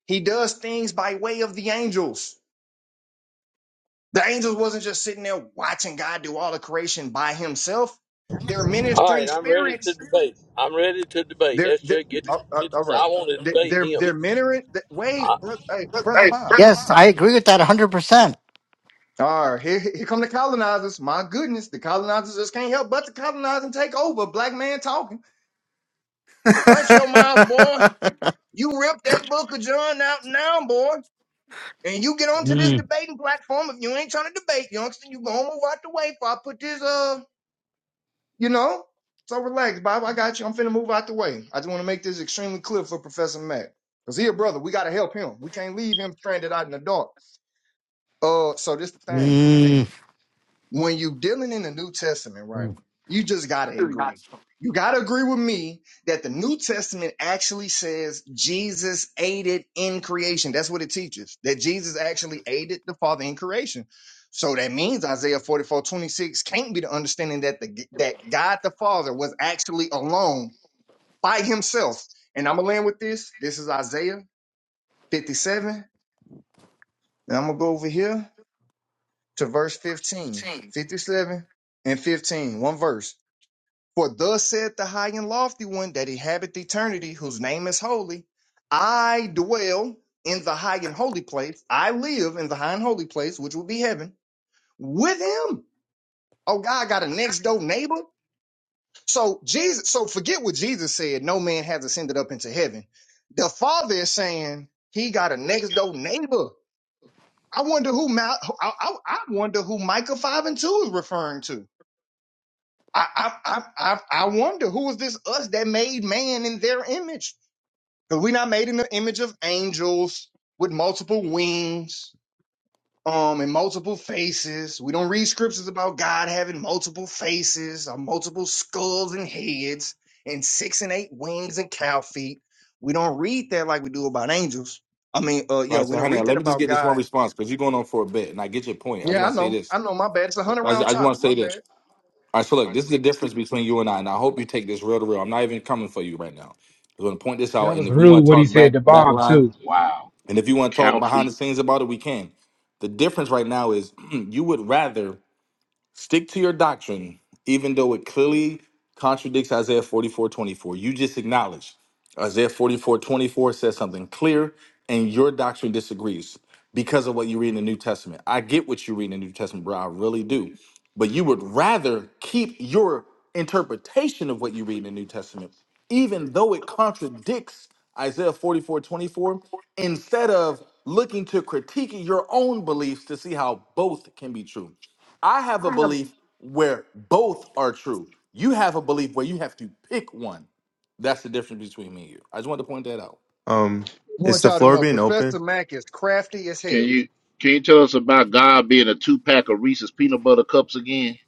S15: he does things by way of the angels. The angels wasn't just sitting there watching God do all the creation by himself. They're
S9: All
S15: ministering
S9: right, I'm ready to
S15: spirits.
S9: debate. I'm ready to debate.
S15: They're, they're
S9: SJ, get,
S15: all all-
S9: get
S15: all right.
S9: I want to
S15: They're,
S9: debate
S15: they're,
S9: him.
S15: they're ministering. Wait,
S9: I,
S15: bro, hey,
S14: Hey, turn
S15: brother Bob.
S14: them Yes, I off. agree with that 100%.
S15: All right, here, here come the colonizers. My goodness, the colonizers just can't help but to colonize and take over. Black man talking. Hush your
S17: [LAUGHS]
S15: mouth, boy. You rip that book of John out now, boy. And you get onto this
S14: Mm,
S15: debating platform. If you ain't trying to debate, youngster, you gonna move out the way before I put this, uh, you know? So relax, Bob. I got you. I'm finna move out the way. I just want to make this extremely clear for Professor Matt. Because he a brother. We got to help him. We can't leave him stranded out in the dark. Uh, so this the thing.
S14: mm,
S15: when you dealing in the New Testament, right,
S14: mm.
S15: you just gotta agree. You gotta agree with me that the New Testament actually says Jesus aided in creation. That's what it teaches. That Jesus actually aided the Father in creation. So that means Isaiah forty can't be the understanding that the that God the Father was actually alone by himself. And I'm gonna land with this. This is Isaiah 57. And I'm gonna go over here to verse 15, 57, and 15. One verse. For thus saith the high and lofty one that inhabiteth eternity, whose name is holy. I dwell in the high and holy place. I live in the high and holy place, which will be heaven, with him. Oh, God got a next door neighbor. So Jesus, so forget what Jesus said. No man has ascended up into heaven. The Father is saying he got a next door neighbor. I wonder who Mal- I, I, I wonder who Micah five and two is referring to. I, I, I, I I wonder who is this us that made man in their image? Because we're not made in the image of angels with multiple wings, um, and multiple faces. We don't read scriptures about God having multiple faces or multiple skulls and heads and six and eight wings and cow feet. We don't read that like we do about angels. I mean, uh,
S12: All
S15: yeah,
S12: right,
S15: we
S12: so
S15: don't
S12: honey,
S15: read
S12: let
S15: that
S12: me just
S15: about
S12: get this one
S15: God.
S12: response because you're going on for a bit, and I get your point. I just
S15: Yeah,
S12: want
S15: I
S12: to say
S15: know.
S12: this.
S15: I know. My bad. It's a hundred
S12: I just,
S15: round
S12: I just want
S15: chopper.
S12: to
S15: My
S12: say this.
S15: bad.
S12: All right, so look, this is the difference between you and I, and I hope you take this real to real. I'm not even coming for you right now. I'm going to point this out,
S19: That
S12: and
S19: was
S12: if we want
S19: rude
S12: to
S19: what he
S12: talk back
S19: said to
S12: back
S19: Bob
S12: line,
S19: too.
S13: Wow.
S12: and if you want to talk behind the
S13: Calfee.
S12: scenes about it, we can. The difference right now is [CLEARS THROAT] you would rather Stick to your doctrine, even though it clearly contradicts Isaiah 44 24. You just acknowledge Isaiah 44 24 says something clear, and your doctrine disagrees because of what you read in the New Testament. I get what you read in the New Testament, bro. I really do. But you would rather keep your interpretation of what you read in the New Testament, even though it contradicts Isaiah 44 24, instead of looking to critique your own beliefs to see how both can be true. I have a belief where both are true. You have a belief where you have to pick one. That's the difference between me and you. I just wanted to point that out.
S17: um,
S15: I
S17: is
S15: want
S17: the
S15: y'all to
S17: floor
S15: know
S17: being
S15: Professor
S17: open?
S15: Mack is crafty as
S13: Can
S15: hell.
S13: you can you tell us about God being a two pack of Reese's peanut butter cups again?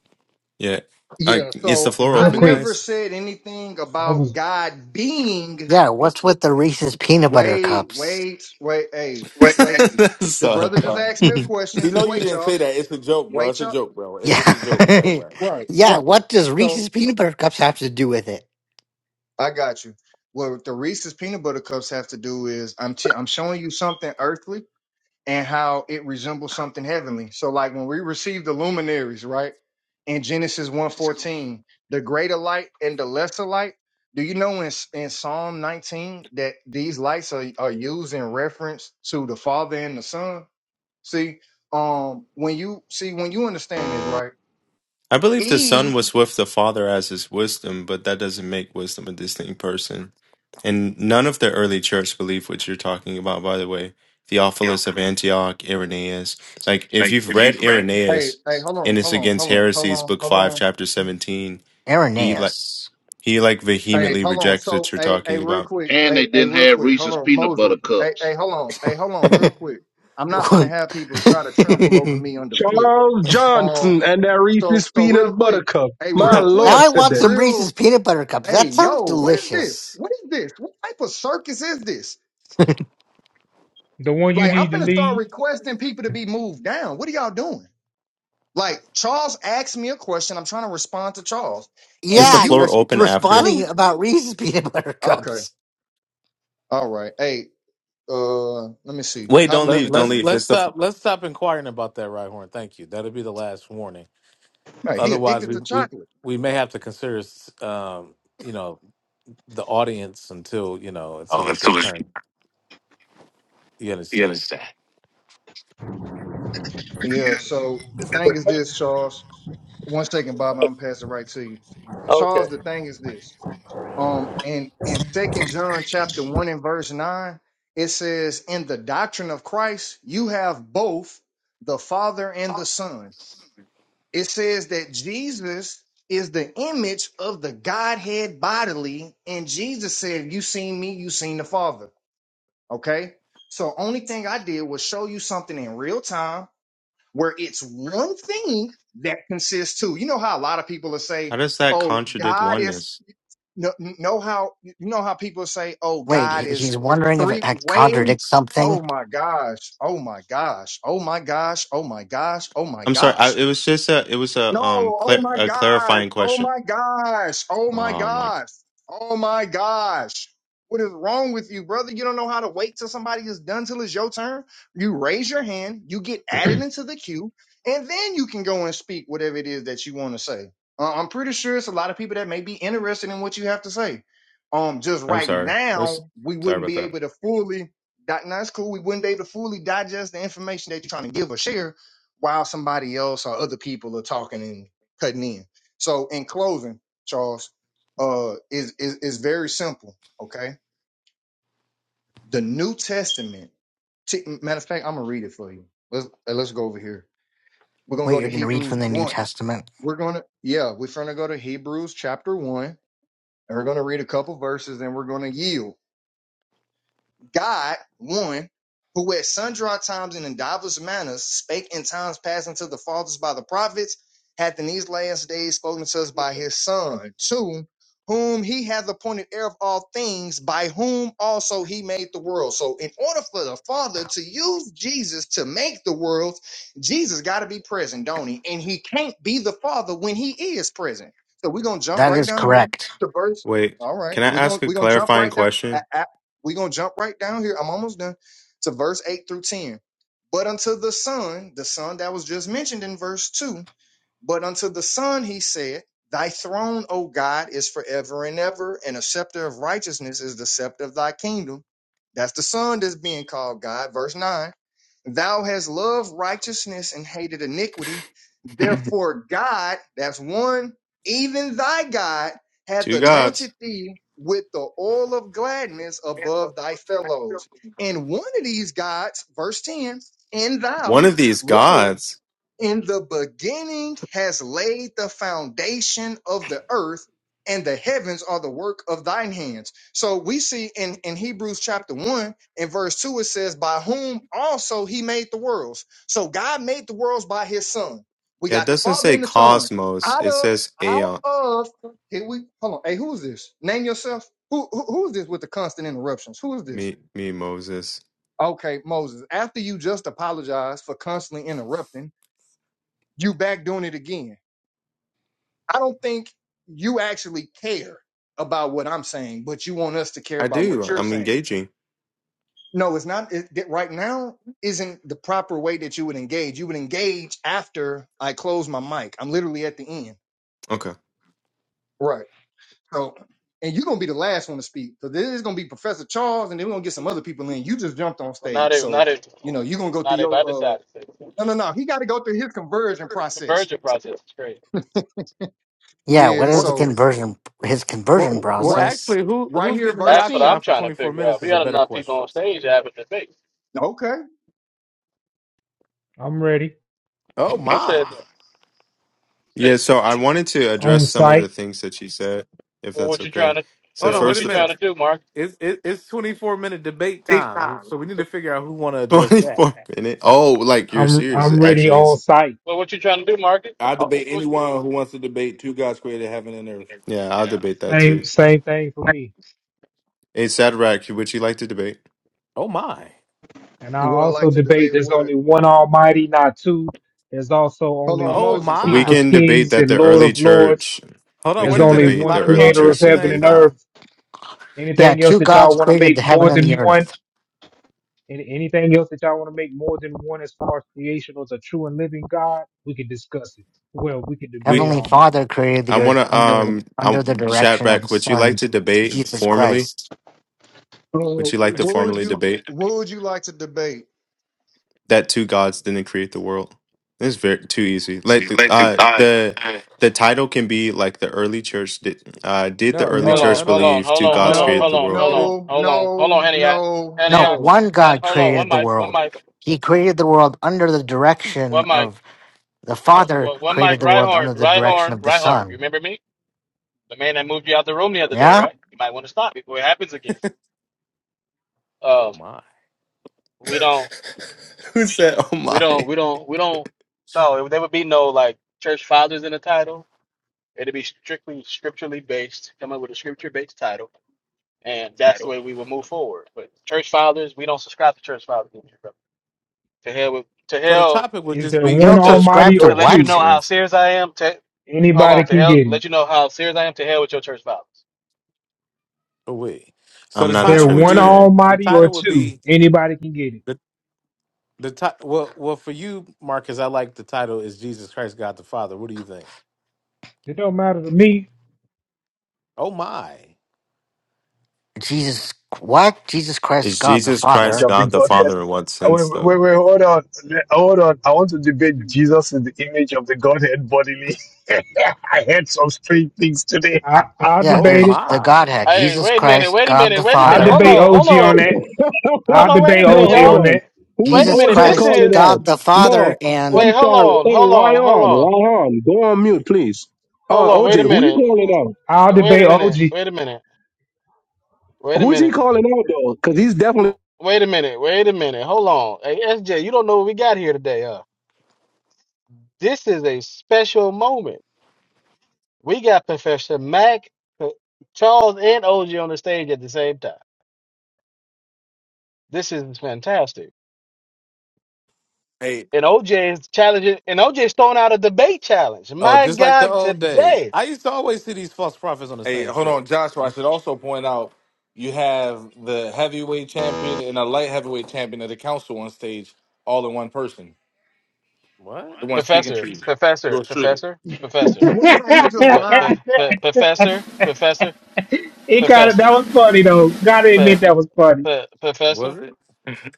S17: Yeah. Uh,
S15: Yeah,
S17: is the
S15: so
S19: And
S17: floor
S15: I
S19: real
S17: open,
S19: quick,
S15: never
S17: guys?
S15: said anything
S19: that
S15: about
S19: was
S15: God being
S14: Yeah, what's with the Reese's peanut butter
S15: wait,
S14: cups?
S15: wait, wait, hey,
S17: [LAUGHS]
S15: wait.
S17: That's
S15: The
S17: all.
S15: brother just
S14: Yeah.
S15: asked me a question.
S12: You know
S15: Just
S12: you
S15: wait,
S12: didn't say
S15: y'all.
S12: that. It's a joke, bro. It's
S15: Wait,
S12: a
S15: y'all.
S12: joke, bro.
S14: [LAUGHS]
S12: It's just a joke, chat
S14: yeah,
S12: rat.
S15: Right.
S14: Yeah. what does
S15: So
S14: Reese's peanut butter cups have to do with it?
S15: I got you. What the Reese's peanut butter cups have to do is I'm t- I'm showing you something earthly and how it resembles something heavenly. So like when we receive the luminaries, right? In Genesis one fourteen, the greater light and the lesser light. Do you know in, in Psalm 19 that these lights are, are used in reference to the Father and the Son? See, um, when you see when you understand this, right?
S17: I believe the Son
S15: Eve,
S17: was with the Father as his wisdom, but that doesn't make wisdom a distinct person. And none of the early church believed what you're talking about, by the way.
S14: Yeah,
S17: Theophilus of Antioch, Irenaeus. Like, if you've read
S15: hey,
S17: Irenaeus
S15: hey, hold
S17: in
S15: on,
S17: his
S15: hold on,
S17: Against
S15: hold on, hold
S17: Heresies,
S15: on,
S17: book
S15: hold
S17: 5,
S15: on.
S17: chapter 17, he like
S14: Irenaeus.
S17: he like
S15: Hey,
S17: vehemently
S15: hold on.
S17: rejects what
S15: So,
S17: you're
S15: hey,
S17: talking
S15: hey, real
S17: about.
S15: quick.
S13: And they
S15: Hey, hey,
S13: didn't
S15: real
S13: have
S15: quick. Hold
S13: Reese's
S15: on,
S13: peanut
S15: Moses.
S13: butter
S15: Hey,
S13: cups.
S15: hey, hold on. Hey, hold
S14: [LAUGHS]
S15: on,
S14: now
S15: real quick. I'm not gonna have people try to trample over me underfoot.
S18: Charles
S15: Um.
S18: Johnson and that
S15: So,
S18: Reese's
S15: so real
S18: peanut butter
S15: quick.
S18: cup.
S15: Hey,
S18: My
S15: real
S18: lord,
S15: quick.
S14: I want some
S18: today.
S14: Reese's
S15: Real. qu-
S14: peanut butter cups.
S15: Hey,
S14: That
S15: yo,
S14: sounds
S15: what is this?
S14: delicious.
S15: What is this? What type of circus is this?
S19: the one you
S15: Like, I'm
S19: need to
S15: gonna start
S19: leave.
S15: requesting people to be moved down. What are y'all doing? Like, Charles asked me a question. I'm trying to respond to Charles, and
S17: Is the
S14: Yeah, you're
S17: floor
S15: you,
S17: open after?
S14: responding
S15: brute.
S14: about Reese's [LAUGHS] peanut butter
S15: Okay.
S14: cups.
S15: All right. Hey, uh let me see
S17: Wait,
S15: how we
S17: don't
S15: want
S2: let,
S15: to
S17: leave,
S15: do
S17: don't
S2: let's
S17: leave.
S15: this
S2: let's
S17: It's the fl-
S2: stop let's stop inquiring about that, right Thank you. That'll be the last warning.
S15: All right he
S2: Otherwise,
S15: addicted
S2: we
S15: to
S2: we
S15: chocolate
S2: we may have to consider, s- um, you know, the audience until you know until it's your turn. You understand?
S15: yeah so the thing is this charles one second bob i'm gonna pass it right to you
S9: okay.
S15: charles the thing is this um in in second john chapter 1 and verse 9 it says in the doctrine of christ you have both the father and the son it says that jesus is the image of the godhead bodily and jesus said you seen me you seen the father Okay. So only thing I did was show you something in real time where it's one thing that consists two. You know how a lot of people will say,
S17: how does that
S15: "Oh,
S17: contradict
S15: God is
S17: oneness?
S15: no, know how you know how people say, "Oh,
S14: Wait,
S15: God
S14: he-
S15: is
S14: he's wondering if it
S15: three
S14: had-
S15: way."
S14: contradicts something.
S15: Oh my gosh. Oh my gosh. Oh my gosh. Oh my gosh. Oh my
S17: I'm sorry. I,
S15: gosh.
S17: it was just a it was
S15: No,
S17: a um
S15: oh
S17: clar-
S15: my
S17: a
S15: gosh.
S17: clarifying
S15: Oh
S17: question.
S15: my gosh. Oh my
S17: Oh my.
S15: gosh. Oh my gosh. What is wrong with you, brother? You don't know how to wait till somebody is done till it's your turn. You raise your hand, you get added into the queue, and then you can go and speak whatever it is that you want to say. Uh, I'm pretty sure it's a lot of people that may be interested in what you have to say. Um, just
S17: I'm
S15: right
S17: sorry. That's
S15: now, we
S17: sorry
S15: wouldn't
S17: about
S15: be
S17: that.
S15: able to fully. di- That's cool. We wouldn't be able to fully digest the information that you're trying to give or share while somebody else or other people are talking and cutting in. So in closing, Charles, uh, is is is very simple. Okay, the New Testament. T- matter of fact, I'm gonna read it for you. Let's uh, let's go over here. We're gonna
S14: Wait,
S15: go to
S14: you're going to read
S15: Hebrews
S14: from the New
S15: one.
S14: Testament?
S15: We're gonna yeah, we're gonna go to Hebrews chapter one, and we're gonna read a couple verses, and we're gonna yield. God, one, who at sundry times and in divers manners spake in times past unto the fathers by the prophets, hath in these last days spoken to us by his Son, two, whom he hath appointed heir of all things, by whom also he made the world. So, in order for the Father to use Jesus to make the world, Jesus got to be present, don't he? And he can't be the Father when he is present. So, we're going to jump
S14: That
S15: right
S14: is
S15: down here
S14: correct.
S15: to verse.
S17: Wait,
S15: All right.
S17: can I
S15: We're going
S17: ask
S15: to
S17: a
S15: we're gonna jump
S17: clarifying
S15: right down.
S17: question?
S15: We're going to jump right down here. I'm almost done to verse 8 through 10. But unto the Son, the Son that was just mentioned in verse 2, but unto the Son he said, Thy throne, O God, is forever and ever, and a scepter of righteousness is the scepter of thy kingdom. That's the Son that's being called God. Verse 9 Thou hast loved righteousness and hated iniquity.
S17: [LAUGHS] Two
S15: Therefore, God, that's one, even thy God, hath anointed
S17: gods.
S15: thee with the oil of gladness above thy fellows. And one of these gods, verse 10, and thou,
S17: One of these
S15: Lord,
S17: gods.
S15: in the beginning has laid the foundation of the earth, and the heavens are the work of thine hands. So we see in, in Hebrews chapter 1 and verse 2, it says, By whom also he made the worlds. So God made the worlds by his son. We
S17: Yeah, it
S15: got the
S17: doesn't
S15: Father
S17: say
S15: and the Son.
S17: cosmos.
S15: Out
S17: It
S15: of
S17: says
S15: out
S17: aeon.
S15: of here we hold on. Hey, who is this? Name yourself. Who, who who is this with the constant interruptions? Who is this?
S17: Me, me, Moses.
S15: Okay, Moses. After you just apologized for constantly interrupting, you back doing it again. I don't think you actually care about what I'm saying, but you want us to care
S17: I
S15: about what
S17: do.
S15: you're
S17: I'm
S15: saying.
S17: engaging.
S15: No, it's not. It, that right now isn't the proper way that you would engage. You would engage after I close my mic. I'm literally at the end.
S17: Okay.
S15: Right. So, and you're going to be the last one to speak So this is going to be Professor Charles and then we're going to get some other people in. You just jumped on
S5: Well, not
S15: stage.
S5: even,
S15: So,
S5: not even,
S15: you know, you're going to go through
S5: not even. I
S15: your,
S5: decide to.
S15: uh,
S5: say
S15: no, no, no. He got to go through his conversion
S5: The
S15: process.
S5: Virgil process is crazy.
S14: Yeah, what
S15: Yeah.
S14: is
S2: Well,
S14: the
S15: So,
S14: conversion his conversion
S2: well, well,
S15: right,
S14: process?
S2: actually, who
S15: right
S2: who's
S15: here,
S2: getting the
S15: verse
S5: That's what
S15: 10.
S5: I'm
S2: octagon for
S5: trying to
S2: twenty four
S5: figure
S2: minutes
S5: out. We
S2: is a
S5: got
S2: better
S5: enough people
S2: question.
S5: on stage having debate.
S15: Okay.
S19: I'm ready
S2: Oh
S5: Who
S2: my!
S5: said that?
S17: Yeah. So I wanted to
S19: on
S17: address some of the
S19: site.
S17: things that she said, if
S5: Well,
S17: that's
S5: what you
S17: okay.
S5: trying
S17: So
S2: Hold
S5: to, uh,
S2: on, wait
S5: what
S2: a
S17: first,
S5: you
S17: the
S5: trying to
S2: minute.
S5: do, Mark?
S2: It's it, it's twenty four minute debate time, so we need to figure out who want to
S17: [LAUGHS]
S2: address that.
S17: 24 minute. Oh, like you're
S19: I'm
S17: serious? It
S19: I'm ready
S17: actually
S19: on
S17: is.
S19: site.
S5: Well, what you trying to do, Mark?
S12: I
S2: Oh,
S12: debate
S5: What,
S12: anyone who wants to debate two gods created heaven and earth.
S17: Yeah, I'll debate that too.
S19: Same same thing for me.
S17: Hey, Sadrach, would you like to debate?
S2: oh my!
S19: And I
S15: Would I like
S19: also
S15: to
S19: debate.
S15: debate
S19: There's
S15: what?
S19: only one Almighty, not two. There's also
S15: Hold
S19: only
S15: on,
S2: Oh
S19: one
S15: Moses.
S17: We
S19: King of
S2: my!
S17: can debate
S19: Kings
S17: that
S19: and
S17: the
S19: Lord
S17: early
S19: of Lords.
S17: church.
S2: Hold
S17: We
S2: on,
S19: There's
S2: wait a
S17: can
S2: minute.
S19: only
S2: It's a
S17: debate
S19: one
S2: lot
S17: the
S2: of
S17: early
S2: talking
S19: Creator of
S2: at
S17: church
S2: the
S17: didn't
S19: heaven
S2: same
S17: believe
S19: and
S17: that.
S2: time.
S19: earth.
S14: Yeah,
S19: Anything else
S14: two
S19: that
S14: gods
S19: y'all want to
S14: created the
S19: make
S14: heaven
S19: more
S14: and
S19: than
S14: the
S19: one?
S14: earth.
S19: Any, anything else that y'all want to make more than one as far as creation or the true and living God, we could discuss it. Well, we could debate
S17: We.
S14: Heavenly
S19: on it.
S14: Father created
S17: I
S14: the
S17: want
S14: earth
S17: to.
S14: under
S17: Um.
S14: under the
S17: I'm
S14: direction of
S17: Shadrach.
S14: his
S17: Would you
S14: son,
S17: like to debate
S14: Jesus
S17: formally?
S14: Christ.
S15: Uh,
S17: Would you like to
S15: what would
S17: formally
S15: you
S17: debate
S15: What would you like to debate?
S17: that two gods didn't create the world? It's very too easy. Like the uh the the title can be like the early church did. Uh, did the
S2: No, it
S17: early
S5: hold
S2: is
S15: No,
S5: on,
S2: no
S17: church
S2: no
S5: hold
S2: no
S5: on,
S17: believe
S5: hold
S17: two
S2: no
S5: on,
S2: no
S5: hold
S17: gods
S2: no.
S5: on,
S17: created
S5: hold
S17: the
S15: no,
S5: on,
S17: world?
S5: hold
S2: It is.
S5: on,
S15: no,
S5: hold on, hold on,
S15: no,
S5: Henny, I-
S15: no,
S5: Henny,
S14: No,
S5: I-
S15: no.
S14: one
S5: and
S14: God
S5: hold on. One
S14: created the
S5: mic, one
S14: world.
S5: mic,
S14: He created the world under the
S5: one
S14: direction
S5: mic,
S14: of the
S5: uh,
S14: Father
S5: one one mic.
S14: created the
S5: Right
S14: world
S5: horn,
S14: under the
S5: right horn,
S14: direction of the
S5: right horn. You
S14: Son.
S5: remember me? The man that moved you out the room the other day,
S14: Yeah?
S5: right? You might want to stop before it happens again.
S2: Oh
S5: Um,
S2: my!
S5: we don't,
S17: [LAUGHS] Who said? Oh
S5: we
S17: my.
S5: don't,
S17: [LAUGHS]
S5: we don't, we don't. No, there would be no like church fathers in the title. It'd be strictly scripturally based. Come up with a scripture based title, and that's the way we would move forward. But church fathers, we don't subscribe to church fathers. in here, bro. To hell with, to
S2: So the
S5: hell
S2: topic would
S19: Is
S2: just
S19: there
S2: be
S14: You
S2: the
S19: one
S14: don't
S5: to
S2: two
S14: subscribe
S19: Almighty
S14: to
S19: or
S5: to let you
S19: two?
S5: know
S14: what?
S17: Sure.
S5: how serious I am. To hold
S19: Anybody
S5: on, to
S19: can
S5: hell,
S19: get it.
S5: let you know how serious I am. To hell with your church fathers.
S2: away. So
S17: I'm
S2: the
S19: Is
S17: not a
S19: there
S2: title would
S19: one
S2: be
S17: Trinitarian.
S2: the
S19: Almighty or
S2: title would
S19: two?
S2: be
S19: Anybody can get it.
S2: the the ti- well well for you, Marcus. I like the title is Jesus Christ, God the Father. What do you think?
S19: It don't matter to me.
S2: Oh my,
S14: Jesus what? Jesus Christ
S17: Is
S14: God the
S17: Jesus
S14: Father.
S17: Christ
S16: of the
S17: God the
S16: Godhead.
S17: Father in what
S16: Wait,
S17: sense though?
S16: wait, wait, hold on, Le- hold on. I want to debate Jesus is the image of the Godhead bodily. [LAUGHS] I heard some strange things today.
S19: I, I'll
S14: Yeah,
S2: oh
S19: debate
S14: there's
S19: it.
S14: the
S2: my,
S14: Godhead,
S5: Hey,
S14: Jesus
S5: wait a minute,
S14: Christ,
S5: wait a
S14: God
S5: minute,
S14: the
S5: wait a minute.
S19: I'll
S14: Father,
S5: Hold
S19: debate
S5: on, hold
S19: OG
S5: on,
S19: on that.
S5: hold
S19: I'll
S5: on. Wait a
S19: debate
S18: No,
S5: minute,
S19: OG
S18: hold
S5: y'all.
S19: on
S18: on.
S19: that.
S5: Wait a
S14: Jesus
S18: Who's
S5: minute.
S18: OJ
S5: This
S14: Christ,
S18: calling
S5: is
S18: out?
S14: God the
S18: No,
S14: Father, and
S18: I'm
S5: wait. Hold
S18: sorry.
S5: on,
S18: Hey,
S5: hold on, hold
S18: Ryan,
S5: on.
S18: Ryan, go on mute, please.
S5: Hold
S18: Uh,
S5: on, wait
S18: OJ,
S5: a
S18: who you
S5: minute.
S18: calling
S19: I'll
S5: Wait a
S19: debate OG.
S5: minute. Wait a minute. Wait
S18: out?
S5: a
S18: Who's he
S5: minute.
S18: calling out though? Because he's definitely.
S5: Wait a minute. Wait a minute. Hold on. Hey, SJ, you don't know what we got here today, huh? This is a special moment. We got Professor Mac, P- Charles, and OJ on the stage at the same time. This is fantastic.
S12: Hey,
S5: And OJ is challenging, and OJ is throwing out a debate challenge.
S2: oh
S5: My
S2: just like the
S5: God,
S2: old days.
S5: today.
S2: I used to always see these false prophets on the
S12: hey,
S2: same
S12: hold on,
S2: stage.
S12: Joshua. I should also point out you have the heavyweight champion and a light heavyweight champion of the council on stage, all in one person.
S2: What
S12: The one speaking to
S5: Professor,
S12: you.
S5: Professor,
S12: Yours truly.
S5: Professor,
S19: [LAUGHS] it
S5: Professor,
S15: What if I, he just
S5: P- P-
S15: lied?
S5: P- Professor, Professor,
S19: got it. That
S5: Professor,
S19: was funny though. Gotta
S5: P-
S19: admit that was funny.
S5: P- Professor.
S2: was it?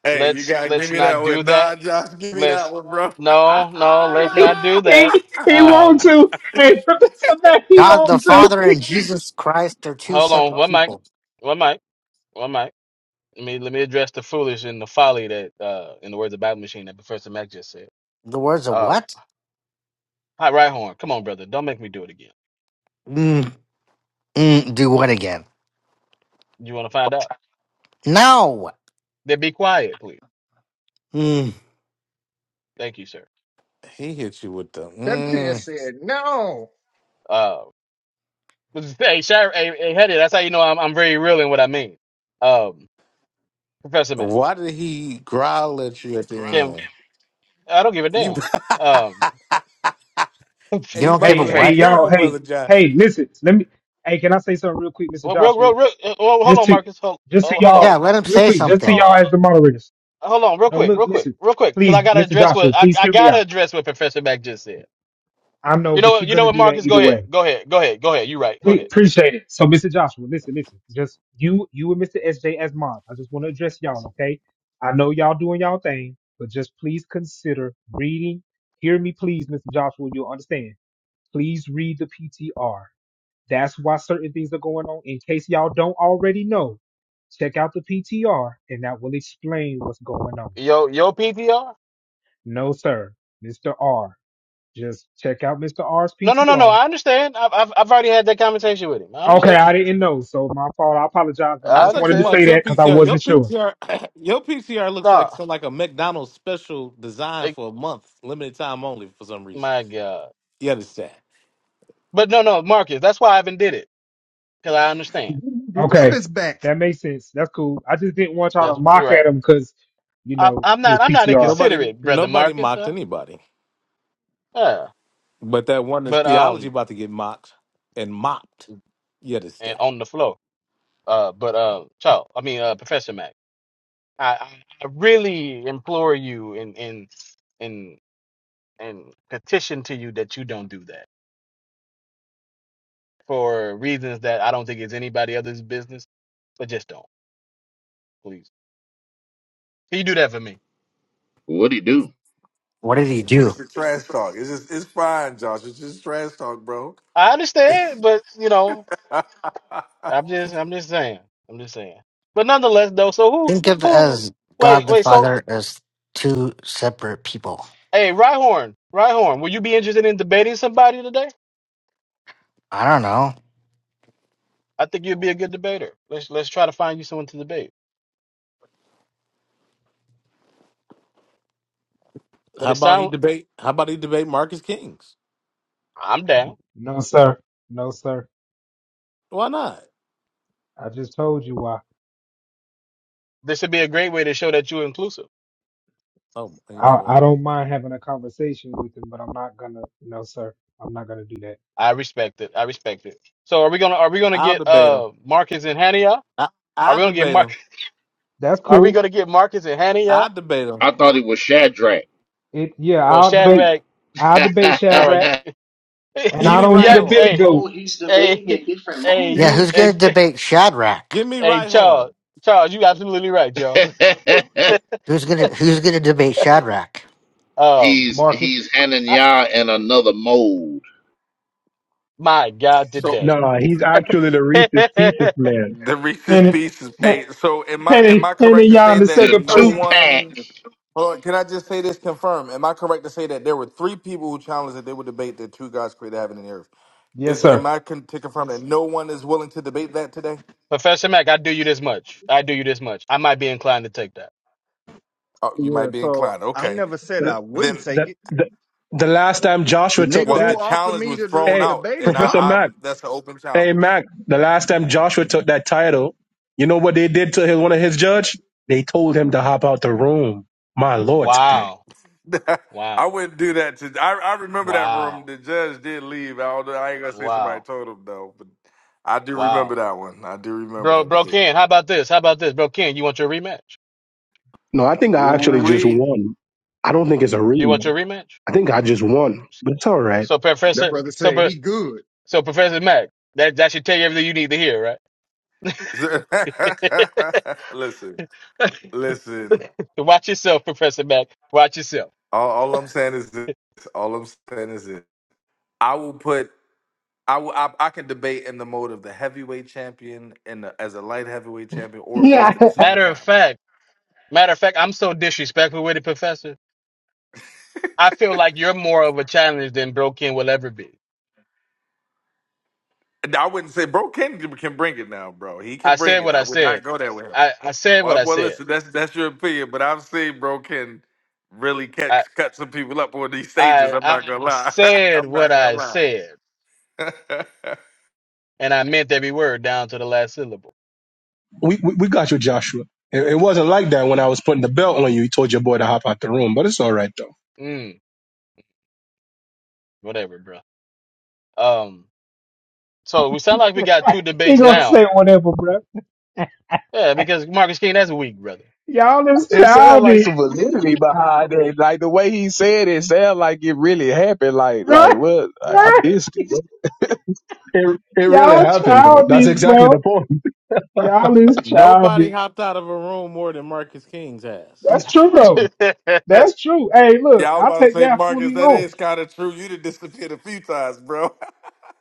S12: Hey, you
S5: let's
S12: gotta give
S5: let's
S12: me that
S5: not do
S12: one.
S5: that.
S12: Nah, Josh, give me that
S5: Let's
S12: one, bro.
S5: no, no, let's
S19: he,
S5: not do that.
S19: he, he
S12: [LAUGHS]
S19: want
S5: Um,
S19: to. Hey, [LAUGHS] Professor Mac, he
S14: God the
S19: want to.
S14: Father and Jesus Christ are two
S5: hold on,
S14: separate
S5: one mic,
S14: people.
S5: one mic, one mic. Let me let me address the foolish and the folly that, uh, in the words of Bible Machine, that Professor Mack just said.
S14: The words of
S5: Uh,
S14: what?
S5: hot right horn, come on, brother, don't make me do it again.
S14: Mm, mm, do what again?
S5: You want to find out?
S14: No!
S5: Then be quiet, please.
S14: Mm,
S5: Thank you, sir.
S2: He hit you with the.
S15: That man
S2: Mm,
S15: said no.
S5: Uh, [LAUGHS] hey, Shire, hey, hey, Hetty, that's how you know I'm I'm very real in what I mean. Um, Professor Mack,
S2: why did he growl at you at the
S5: can
S2: end?
S5: I don't give a
S2: You,
S5: damn. Um, [LAUGHS]
S14: you
S2: [LAUGHS] you
S14: don't
S2: might
S14: give
S19: Hey,
S14: a
S2: want to
S5: Professor.
S2: be
S19: hey,
S14: what?
S19: y'all.
S2: careful, brother
S19: Hey,
S2: John.
S19: hey, listen. Let me. Hey, can I say something real quick, Mr.
S5: Well, real,
S19: Joshua?
S5: real, real. uh, Oh, hold
S19: Just
S5: on,
S19: to,
S5: Marcus. Hold,
S19: just to
S5: oh, hold on.
S14: Yeah,
S19: y'all,
S14: let him
S19: real
S14: say
S19: quick, just to
S5: Hold
S14: something.
S19: y'all
S5: uh,
S19: as the moderators.
S5: Hold on, real
S19: No,
S5: quick,
S19: look,
S5: real quick,
S19: listen.
S5: real quick, because I
S19: Please,
S5: gotta
S19: Mr.
S5: address what
S19: Joshua,
S5: I,
S19: please
S5: I
S19: hear me
S5: gotta
S19: out.
S5: address what Professor Mac just said.
S19: I know,
S5: You know
S19: but
S5: what?
S19: you're
S5: You know
S19: gonna
S5: what,
S19: do that
S5: Marcus? Go
S19: either
S5: ahead,
S19: way.
S5: go ahead, go ahead, go ahead. You right? Go
S19: Pre-
S5: ahead.
S19: appreciate it. So, Mr. Joshua, listen, listen. Just you, you and Mr. SJ as mods. I just want to address y'all, okay? I know y'all doing y'all thing, but just please consider reading. Hear me, please, Mr. Joshua. You'll understand. Please read the PTR. That's why certain things are going on. In case y'all don't already know, check out the PTR, and that will explain what's going on.
S5: Yo, yo, PTR?
S19: No, sir, Mr. R. Just check out Mr. R's
S5: No, no, no, no.
S19: PTR
S5: I understand. I've, I've, I've already had that conversation with him. I
S19: Okay,
S5: understand.
S19: I didn't know, so my fault. I apologize, but I
S2: I
S5: I
S19: just
S2: thought you
S19: wanted to
S5: understand.
S2: about
S19: say that
S2: your
S19: because I
S2: PCR. Your
S19: wasn't sure.
S2: PCR, [CLEARS THROAT] [COUGHS] your PCR looks like
S5: Nah,
S2: some like a McDonald's special design
S5: it,
S2: for a month, limited time only for some reason.
S5: my God.
S2: You understand?
S5: But no, no, Marcus. That's why I haven't did it because I understand.
S15: Rub
S19: Okay,
S15: his back.
S19: that makes sense. That's cool. I just didn't want y'all
S5: That's
S19: to
S5: you're
S19: mock
S5: right.
S19: at him because, you
S5: I,
S19: know,
S5: I'm not,
S19: his
S5: I'm not
S19: PTR.
S2: Nobody,
S5: inconsiderate, brother
S2: nobody
S5: Marcus.
S2: mocked
S5: Uh,
S2: anybody,
S5: yeah.
S2: but that one is
S5: But
S2: theology
S5: um,
S2: about to get mocked and mopped. You
S5: and
S2: understand?
S5: on the flow. Uh, but uh, child, I mean, uh, Professor Mac, I, I I really implore you and and and and petition to you that you don't do that for reasons that I don't think is anybody else's business. But just don't, please. Can you do that for me?
S13: What'd he do?
S14: What did he do?
S12: it's the trash talk. It's just it's fine, Josh. It's just trash talk, bro.
S5: I
S12: [LAUGHS]
S5: understand, but you know, I'm just I'm just saying, I'm just saying. But nonetheless, though, so who
S14: Think of
S5: who?
S14: as
S5: Wait,
S14: God the
S5: wait.
S14: Father
S5: So
S14: as two separate people.
S5: hey, Rhyhorn, Rhyhorn, will you be interested in debating somebody today?
S14: I don't know.
S5: I think you'd be a good debater. Let's let's try to find you someone to debate. But
S2: How
S5: it
S2: about he
S5: sounds
S2: debate? How about he debate Marcus Kings?
S5: I'm down.
S19: No, sir. No, sir.
S2: Why not?
S19: I just told you why.
S5: This would be a great way to show that you're inclusive.
S2: Oh, you know
S19: I, I
S2: what?
S19: don't mind having a conversation with him, but I'm not gonna. No, sir. I'm not gonna do that.
S5: I respect it. I respect it. So are we gonna are we gonna
S2: I'll
S5: get
S2: debate him.
S5: uh Marcus and Hania?
S2: I,
S5: Are
S2: I'll
S5: we gonna get
S2: debate him.
S5: Mark?
S19: That's
S5: Are we gonna
S19: cool.
S5: get Marcus and Hania
S2: I'll debate him.
S13: I thought it was Shadrach.
S19: It yeah.
S5: or
S19: I'll debate.
S5: Shadrach?
S19: I'll debate
S5: All right,
S19: Shadrach,
S5: you, [LAUGHS]
S19: and
S2: Give
S5: you
S19: I
S2: me
S19: don't
S2: right
S19: need
S5: yeah.
S19: a
S2: horn.
S19: Billy
S5: Hey
S1: Oh,
S19: Goat,
S1: he's
S5: hey
S1: debating in different
S5: hey
S14: Yeah,
S5: you
S14: who's gonna
S5: hey,
S1: modes.
S14: debate Shadrach?
S2: Give me
S5: hey
S2: right horn.
S5: Charles Charles, you absolutely right, Charles.
S13: [LAUGHS]
S14: Who's gonna who's gonna debate Shadrach?
S5: Um,
S13: He's
S19: Marcus.
S13: he's
S5: I,
S13: Hananya in another mold.
S5: my God,
S12: so
S5: today,
S18: Nah, he's actually the
S5: [LAUGHS]
S18: Reese's Pieces man.
S12: the Reese's
S19: And
S12: pieces.
S19: and
S12: Hey, so am I am
S19: and,
S12: I
S19: and, and
S12: correct to
S19: y'all
S12: say
S19: in the
S12: that
S13: The
S19: second
S12: no
S13: two
S19: person.
S13: pack.
S12: one Hold on, can I just say this confirm? Am I correct to say that there were three people who challenged that they would debate that two gods created heaven and earth?
S19: Yes,
S12: Is
S19: sir.
S12: am I con- to confirm that no one is willing to debate that today?
S5: Professor Mac, I do you this much. I do you this much. I might be inclined to take that.
S12: Oh, you might
S15: Yeah,
S12: be
S15: so
S12: inclined.
S15: I
S12: Okay,
S15: never said I
S12: then
S15: wouldn't
S18: the,
S15: take it.
S18: the the last time
S15: The
S18: Joshua took
S15: nigga
S12: Well,
S15: who
S12: the
S18: that,
S15: offered
S12: challenge
S15: me
S12: was
S15: the, the,
S12: thrown
S18: hey,
S12: out,
S15: debate is
S12: and
S18: Professor
S12: I,
S15: gone.
S18: Mac,
S12: I'm that's an open
S18: hey
S12: challenge.
S18: Mac, the last time Joshua took that title, you know what they did to his, one of his judge? They told him to hop out the room. My lord, today.
S5: Wow,
S12: [LAUGHS] I
S5: wow,
S12: wouldn't do that to. I, I remember that room.
S5: wow,
S12: The judge did leave. I, don't, I ain't gonna say somebody
S5: wow.
S12: told him though, but I do
S5: Wow.
S12: remember that one. I do remember
S5: Bro,
S12: that
S5: bro,
S12: debate.
S5: Ken, how about this? How about this, bro, Ken? You want your rematch?
S18: No, I think I actually just
S12: We
S18: won. I don't think it's a
S5: You want
S18: rematch.
S5: your rematch?
S18: I think I just won, but it's all right.
S5: So,
S15: That
S5: Professor,
S15: brother
S5: so,
S15: said
S5: Pro-
S15: he good.
S5: so, Professor Mac, that that should tell you everything you need to hear, right?
S12: [LAUGHS] listen, listen.
S5: [LAUGHS] Watch yourself, Professor Mac. Watch yourself.
S12: All, all I'm saying is this. All I'm saying is this. I will put. I will. I, I can debate in the mode of the heavyweight champion and the, as a light heavyweight champion, or
S19: Yeah,
S12: both at the same
S5: Matter
S12: time.
S5: of fact, matter of fact, I'm so disrespectful, Professor. I feel like you is than broke in will ever be.
S12: And I wouldn't say bro Ken can bring it now, bro. He
S5: I
S12: can bring
S5: said
S12: it.
S5: what
S12: I
S5: I
S12: would not
S5: said.
S12: go there with him.
S5: I, I said what
S12: Well,
S5: I
S12: well
S5: said.
S12: listen, that's that's your opinion, but I've seen bro Ken really cut
S5: I,
S12: cut some people up on these stages.
S5: I
S12: I'm
S5: I
S12: not gonna lie. [LAUGHS]
S5: said
S12: I'm
S5: what
S12: not gonna
S5: I
S12: lie.
S5: said,
S12: [LAUGHS]
S5: and I meant every word down to the last syllable.
S18: We we, we got you, Joshua. It, it wasn't like that when I was putting the belt on you. You told your boy to hop out the room, but it's all right though.
S5: Mm, whatever, bro. Um. So we sound like we got
S19: [LAUGHS]
S5: two
S19: he
S5: debates
S19: gonna
S5: now.
S19: say whatever, bro. [LAUGHS]
S5: Yeah, because Marcus King, that's weak, brother.
S19: Y'all is
S20: It sounds like
S19: childish,
S20: some validity behind it. Like the way he said it, sounds like it really happened.
S19: [LAUGHS]
S20: Like, like
S19: right?
S20: what? I, I
S19: Right?
S20: missed it.
S18: It it really
S19: Y'all
S18: happened though. That's
S19: childish,
S18: exactly the
S19: bro.
S18: point.
S19: Y'all is
S2: Nobody
S19: childish.
S2: hopped out of a room more than Marcus King's ass,
S19: That's true, though.
S5: [LAUGHS]
S19: That's true. Hey, look,
S12: yeah, I was
S19: I'll
S12: about to
S19: take
S12: say,
S19: that
S12: Marcus,
S19: fully
S12: that
S19: on.
S12: is kind of true. You done disappeared a few times, bro.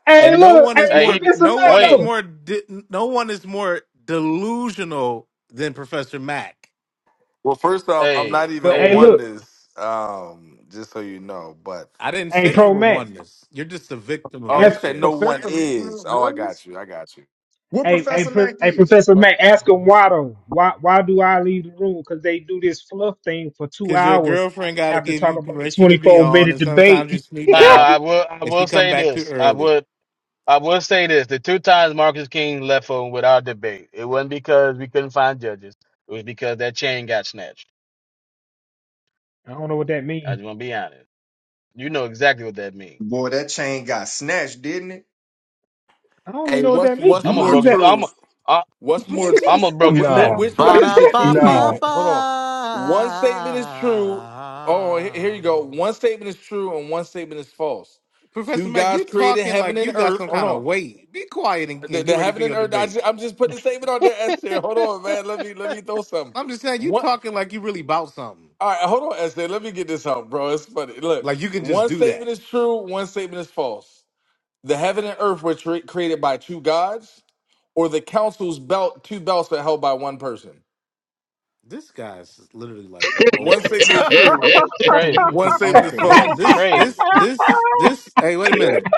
S19: Hey,
S2: and no
S19: look,
S2: one is
S19: hey,
S5: hey,
S2: more.
S5: he
S19: Professor
S2: No
S19: Mac,
S2: one is
S5: wait.
S19: though.
S2: more. De- no one is more delusional than Professor Mack.
S12: [LAUGHS] well, first off, I'm
S5: Hey,
S12: not
S19: But
S12: even
S19: hey,
S12: one
S5: hey.
S19: look,
S12: this, um, just so you know. But
S2: I didn't
S19: hey,
S2: say you
S19: Pro
S2: were
S19: Mac,
S2: oneness. You're just a victim of
S12: oh, you
S19: ask,
S12: said no
S2: SJs.
S12: one
S15: Professor
S12: is. Oh, I got
S15: Oneness?
S12: you. I got you.
S15: What
S19: hey, hey,
S15: Professor
S19: Pro,
S15: Mac
S19: hey,
S15: is?
S19: Professor Mac, ask him why though. Why, why do I leave the room? Because they do this fluff thing for two
S2: Cause your
S19: hours
S2: girlfriend got to
S19: after
S2: give you
S19: talking about a
S2: permission to be
S19: twenty-four
S2: on,
S19: minute
S2: and sometimes you
S19: debate.
S2: sneak
S19: [LAUGHS]
S5: Now
S2: out,
S5: I will. I
S2: and
S5: will
S2: she come
S5: say
S2: back too
S5: this. I
S2: early.
S5: would. I will say this. The two times Marcus King left on with our debate, it wasn't because we couldn't find judges. It was because that chain got snatched.
S19: I don't know what that
S5: I
S19: means.
S5: just want to be honest. You know exactly what that means.
S15: Boy, that chain got snatched, didn't it?
S19: I don't even
S12: Hey,
S19: know what
S12: what's
S19: that means.
S12: what's
S5: I'm a
S12: more
S19: What is
S5: broke. His,
S19: that?
S5: I'm.
S15: Marcus!
S5: A,
S12: true?
S5: I,
S12: What's more, wh-
S19: [LAUGHS]
S5: I'm a broke
S19: what
S5: his neck.
S12: wh-
S18: Nah,
S12: which
S19: what
S2: Ba
S12: one
S19: does
S12: is
S2: da
S12: the
S19: that
S12: true
S2: ba
S19: mean?
S18: nah.
S2: ba
S12: statement? Hold on. One statement is true. Oh, he- here you
S2: ba.
S12: go. One statement is true and one statement is false.
S2: Professor
S12: Two
S2: Mac,
S12: gods
S2: you
S12: created
S2: talking
S12: heaven
S2: like
S12: and
S2: you got
S12: earth.
S2: some
S12: Hold
S2: kind of
S12: on.
S2: weight. Be quiet and,
S12: The,
S2: and get
S12: the
S2: ready for
S12: heaven and
S2: your
S12: earth. I
S2: debate.
S12: just, I'm just putting the statement on there, Esther. Hold on, man. Let me let me throw something.
S2: I'm just saying, you
S12: What?
S2: talking like you really about something.
S12: All right, hold on, Esther. Let me get this out, bro. It's funny. Look,
S2: Like you can just
S12: one
S2: do
S12: statement
S2: that.
S12: is true. One statement is false. The heaven and earth were tre- created by two gods, or the council's belt two belts are held by one person.
S2: This guy's literally like
S12: One
S2: over it.
S12: statement
S18: [LAUGHS]
S13: [LAUGHS]
S12: is true.
S13: that
S5: Crazy.
S12: One statement
S15: off
S12: is
S15: the
S2: This,
S12: false.
S15: hinges.
S2: this,
S5: Crazy.
S2: this, this, this. Hey, wait a minute.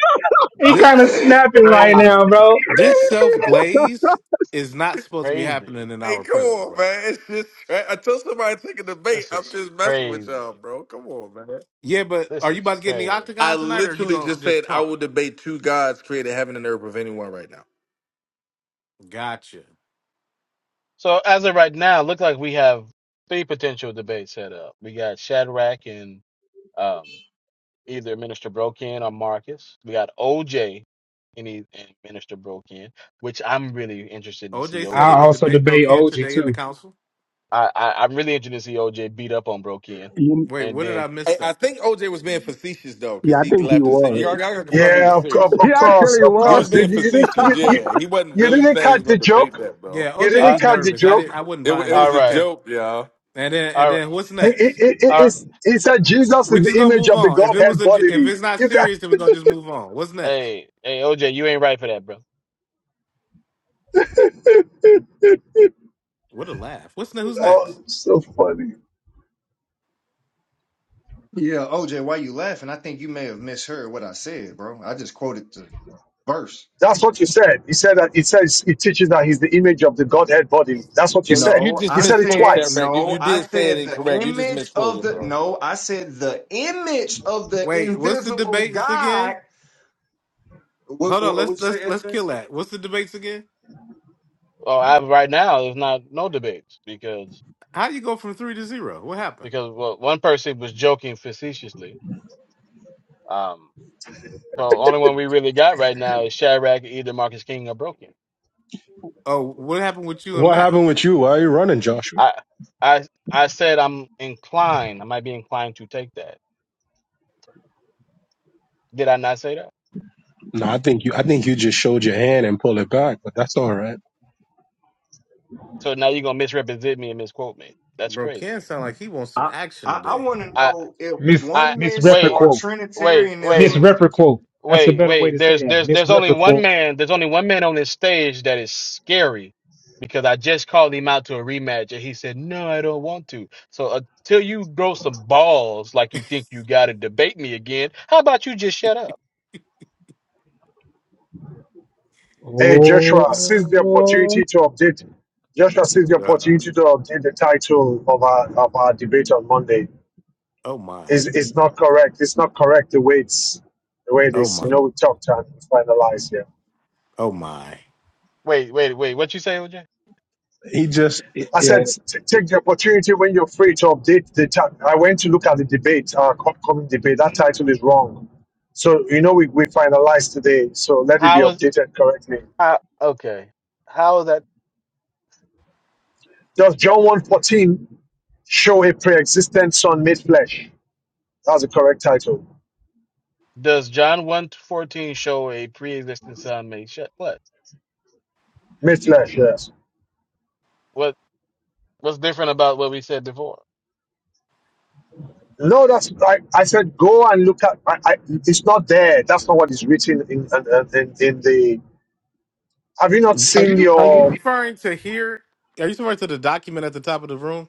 S19: He kind of
S2: This,
S19: snapping right now,
S5: Crazy.
S19: bro.
S2: this self glaze is not supposed to be
S5: Crazy.
S2: happening in
S12: Hey,
S2: our
S12: come
S2: presence,
S12: on,
S2: brother.
S12: man. It's just tra- until somebody take a debate,
S5: This
S12: I'm
S5: is
S12: just messing with
S5: crazy.
S12: y'all, bro. Come on, man.
S2: Yeah, but
S5: This
S2: are you
S5: is
S2: about to get in the
S5: crazy.
S12: I
S2: octagon tonight, or are you
S12: literally
S2: gonna
S12: just said
S2: just
S12: I
S2: talk?
S12: will debate two gods created heaven and earth with anyone right now.
S2: Gotcha.
S5: So as of right now, it looks like we have three potential debates set up. We got Shadrach and um, either Minister Brokin or Marcus. We got OJ and, he, and Minister Brokin, which I'm really interested in to see
S2: OJ said
S19: I
S2: he
S5: OJ.
S2: would
S19: also
S2: debate Bro
S19: debate
S2: Ken
S19: OG
S2: today in the
S19: too.
S2: council.
S5: I, I am really interested to see OJ beat up on Brokin,
S18: You,
S2: Wait,
S5: and
S2: what did
S5: then
S2: I
S12: I,
S2: miss?
S12: I think OJ was being facetious though,
S18: yeah,
S12: because
S18: I
S12: he
S18: think he
S12: laughed and said, "You all
S18: was.
S12: gotta confirm he
S16: Yeah,
S12: was
S16: of course,
S12: serious."
S16: of
S18: he
S16: course,
S18: actually
S16: of
S12: He
S18: was.
S12: was
S16: course. You,
S12: being
S16: you, didn't-
S12: facetious.
S16: you, you
S12: Yeah, he wasn't
S16: you
S12: really
S16: didn't
S12: saying he was
S16: catch
S12: gonna
S16: the
S12: debate
S16: joke.
S12: that, bro.
S2: Yeah,
S16: You
S2: OJ
S5: uh,
S16: didn't
S2: be
S16: catch the
S2: nervous. I didn't.
S16: joke.
S2: I wouldn't
S12: It wa-
S2: mind
S12: it
S5: all
S12: was
S2: that.
S12: a
S5: right,
S2: Okay,
S12: joke, y'all.
S2: and then
S5: all
S2: and
S5: right,
S2: then what's
S16: It, it,
S2: next?
S16: it, it-
S5: all right.
S16: it's, he said Jesus
S2: We're
S16: is
S2: just
S16: the
S2: gonna
S16: image
S2: move
S16: of the
S2: on. If it was
S16: Godhead
S2: a, j- if
S16: bodily.
S2: it's not
S16: You got
S2: serious, then we're
S16: [LAUGHS]
S2: gonna just move on. What's next?
S5: Hey, hey, OJ, you ain't right for that, bro.
S2: What a laugh. What's ne- who's
S16: oh,
S2: next?
S16: so funny.
S15: Yeah, OJ, why you laughing? I think you may have misheard what I said, bro. I just quoted the verse.
S16: That's what you said. You said that it says it teaches that he's the image of the Godhead bodily. That's what you
S12: Yeah, you,
S16: said.
S12: you
S15: No,
S12: just
S16: You
S15: I
S16: said it
S12: misspoke,
S15: said
S16: twice.
S12: Shadrack. You
S15: no.
S12: you
S15: I
S12: did say it
S15: said the
S12: incorrect. You just
S15: image of
S12: misquoted,
S15: the
S12: bro.
S15: no. I said the image of the
S2: Wait, what's the
S15: invisible
S2: debates
S15: God.
S2: again?
S15: What,
S2: Hold on.
S15: what, what you
S2: Let's
S15: say,
S2: let's let's
S15: SJ?
S2: kill that. What's the debates again?
S5: Well, I, right now, there's not no debates because
S2: How you go from three to zero? What happened?
S5: because well, one person was joking facetiously. Um, So only one we really got right now is Shadrach, either Marcus King or Broken.
S2: Oh, what happened with you and
S18: What
S2: Mac?
S18: happened with you? Why are you running, Joshua?
S5: I I I said I'm inclined. I might be inclined to take that. Did I not say that?
S18: No, I think you. I think you just showed your hand and pulled it back, but that's all right.
S5: So now you're gonna misrepresent me and misquote me. That's
S2: Bro,
S5: crazy.
S2: Ken sound like he wants some
S15: I,
S2: action
S15: I I
S2: today.
S15: want to
S5: I
S15: know if
S19: Miss
S5: I
S15: oneness
S5: wait,
S15: or
S19: misreprequote.
S5: wait, wait,
S15: Trinitarianism
S19: Misreprequote. That's a
S5: wait,
S19: better way
S5: wait.
S19: to say
S5: There's
S19: that.
S5: there's there's only one
S19: Misreprequote.
S5: man. There's only one man on this stage that is scary because I just called him out to a rematch and he said no, I don't want to. So until you grow some balls like you think you got it, then, why don't you just shut up?
S16: Hey, Joshua,
S2: Duh.
S16: seize the
S19: Oh,
S16: opportunity to update. Joshua, seize the
S2: Duh.
S16: opportunity to update the title of our of our debate on Monday.
S2: Oh my.
S16: Is is not correct. It's not correct the way it's the way it
S2: Oh
S16: is. You
S2: my.
S16: know, we talked and we finalized here.
S2: Oh my.
S5: Wait, wait, wait. What you say, OJ?
S18: He just, yeah.
S16: I said, t- take the opportunity when you're free to update the chat. I went to look at the debate, our upcoming debate. That title is wrong. So, you know, we, we finalized today. So let it be
S5: How is
S16: updated correctly.
S5: how? Okay, how is that?
S16: Does John 1.14 show a pre-existent son made flesh? That's the correct title.
S5: Does John one fourteen show a pre-existing son made? Shut what?
S16: Made flesh, yes.
S5: What? What's going?
S16: No, that's, I, I said, go and look at, I, I, it's not there. That's not what is written in, in, in, in the, have you not
S2: Are
S16: seen
S2: you are you
S16: your,
S2: referring to here? Are you referring to the document at the top of the room?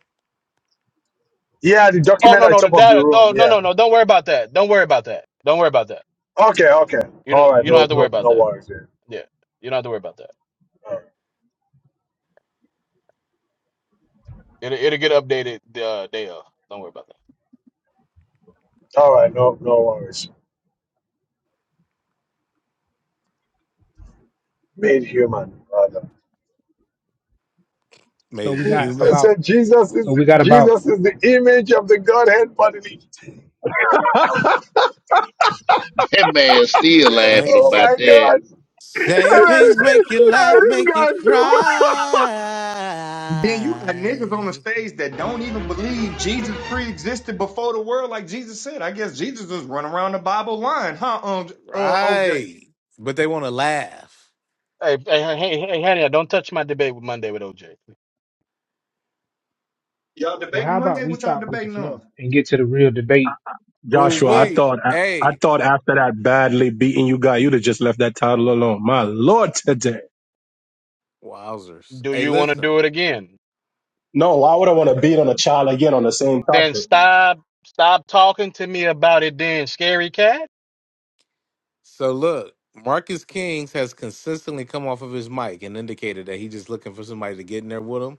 S16: yeah, the
S5: Oh
S16: document
S5: no,
S16: at the
S5: no,
S16: top of the
S5: that
S16: room.
S5: no, no,
S16: Yeah.
S5: no, no. Don't worry about that. Don't worry about that. Don't worry about that.
S16: Okay, okay.
S5: You don't.
S16: All right,
S5: You don't
S16: no,
S5: have to worry
S16: no,
S5: about
S16: no
S5: that.
S16: worries. Yeah.
S5: Yeah, you don't have to worry about that.
S16: All right,
S5: It'll, it'll get updated the uh, day of. Don't worry about
S16: All right, no, no worries. Made human, rather.
S19: so
S2: Made
S19: we got
S16: So,
S2: human.
S16: so
S19: about.
S16: Jesus
S19: So
S16: is
S19: we got about
S16: Jesus is the image of the Godhead bodily.
S13: man still
S2: Same,
S13: laughing
S16: Oh
S13: about
S16: my
S13: that.
S16: God!
S2: same things
S18: [LAUGHS]
S2: make you laugh,
S18: This
S2: make you
S18: guy's too
S15: Then you got niggas on the
S2: cry.
S15: stage that don't even believe Jesus pre-existed before the world, like Jesus said. I guess Jesus was running around the Bible line, huh? Um, uh, OJ,
S2: Right. But they want to laugh.
S5: that. Hey, hey, hey, hey, hey, honey, don't touch my debate with Monday with OJ.
S15: y'all
S19: Well,
S15: debating
S19: how about
S15: Monday?
S19: we
S15: What y'all
S19: stop with the
S15: debating on?
S19: fluff and get to the real debate?
S2: Ooh,
S18: Joshua, I
S5: Uh,
S2: wait.
S18: thought I, I
S2: Hey,
S18: thought after that badly beating you guy, you'd have just left that title alone. My lord, today.
S2: wowzers.
S5: do
S2: Hey,
S5: you want to do
S2: listen.
S5: it again?
S18: No, I wouldn't want to beat on a child again on the same
S19: [LAUGHS]
S5: Then
S18: topic.
S5: stop, stop talking to me about it. Then, scary cat.
S2: So look, Marcus Kings has consistently come off of his mic and indicated that he's just looking for somebody to get in there with him.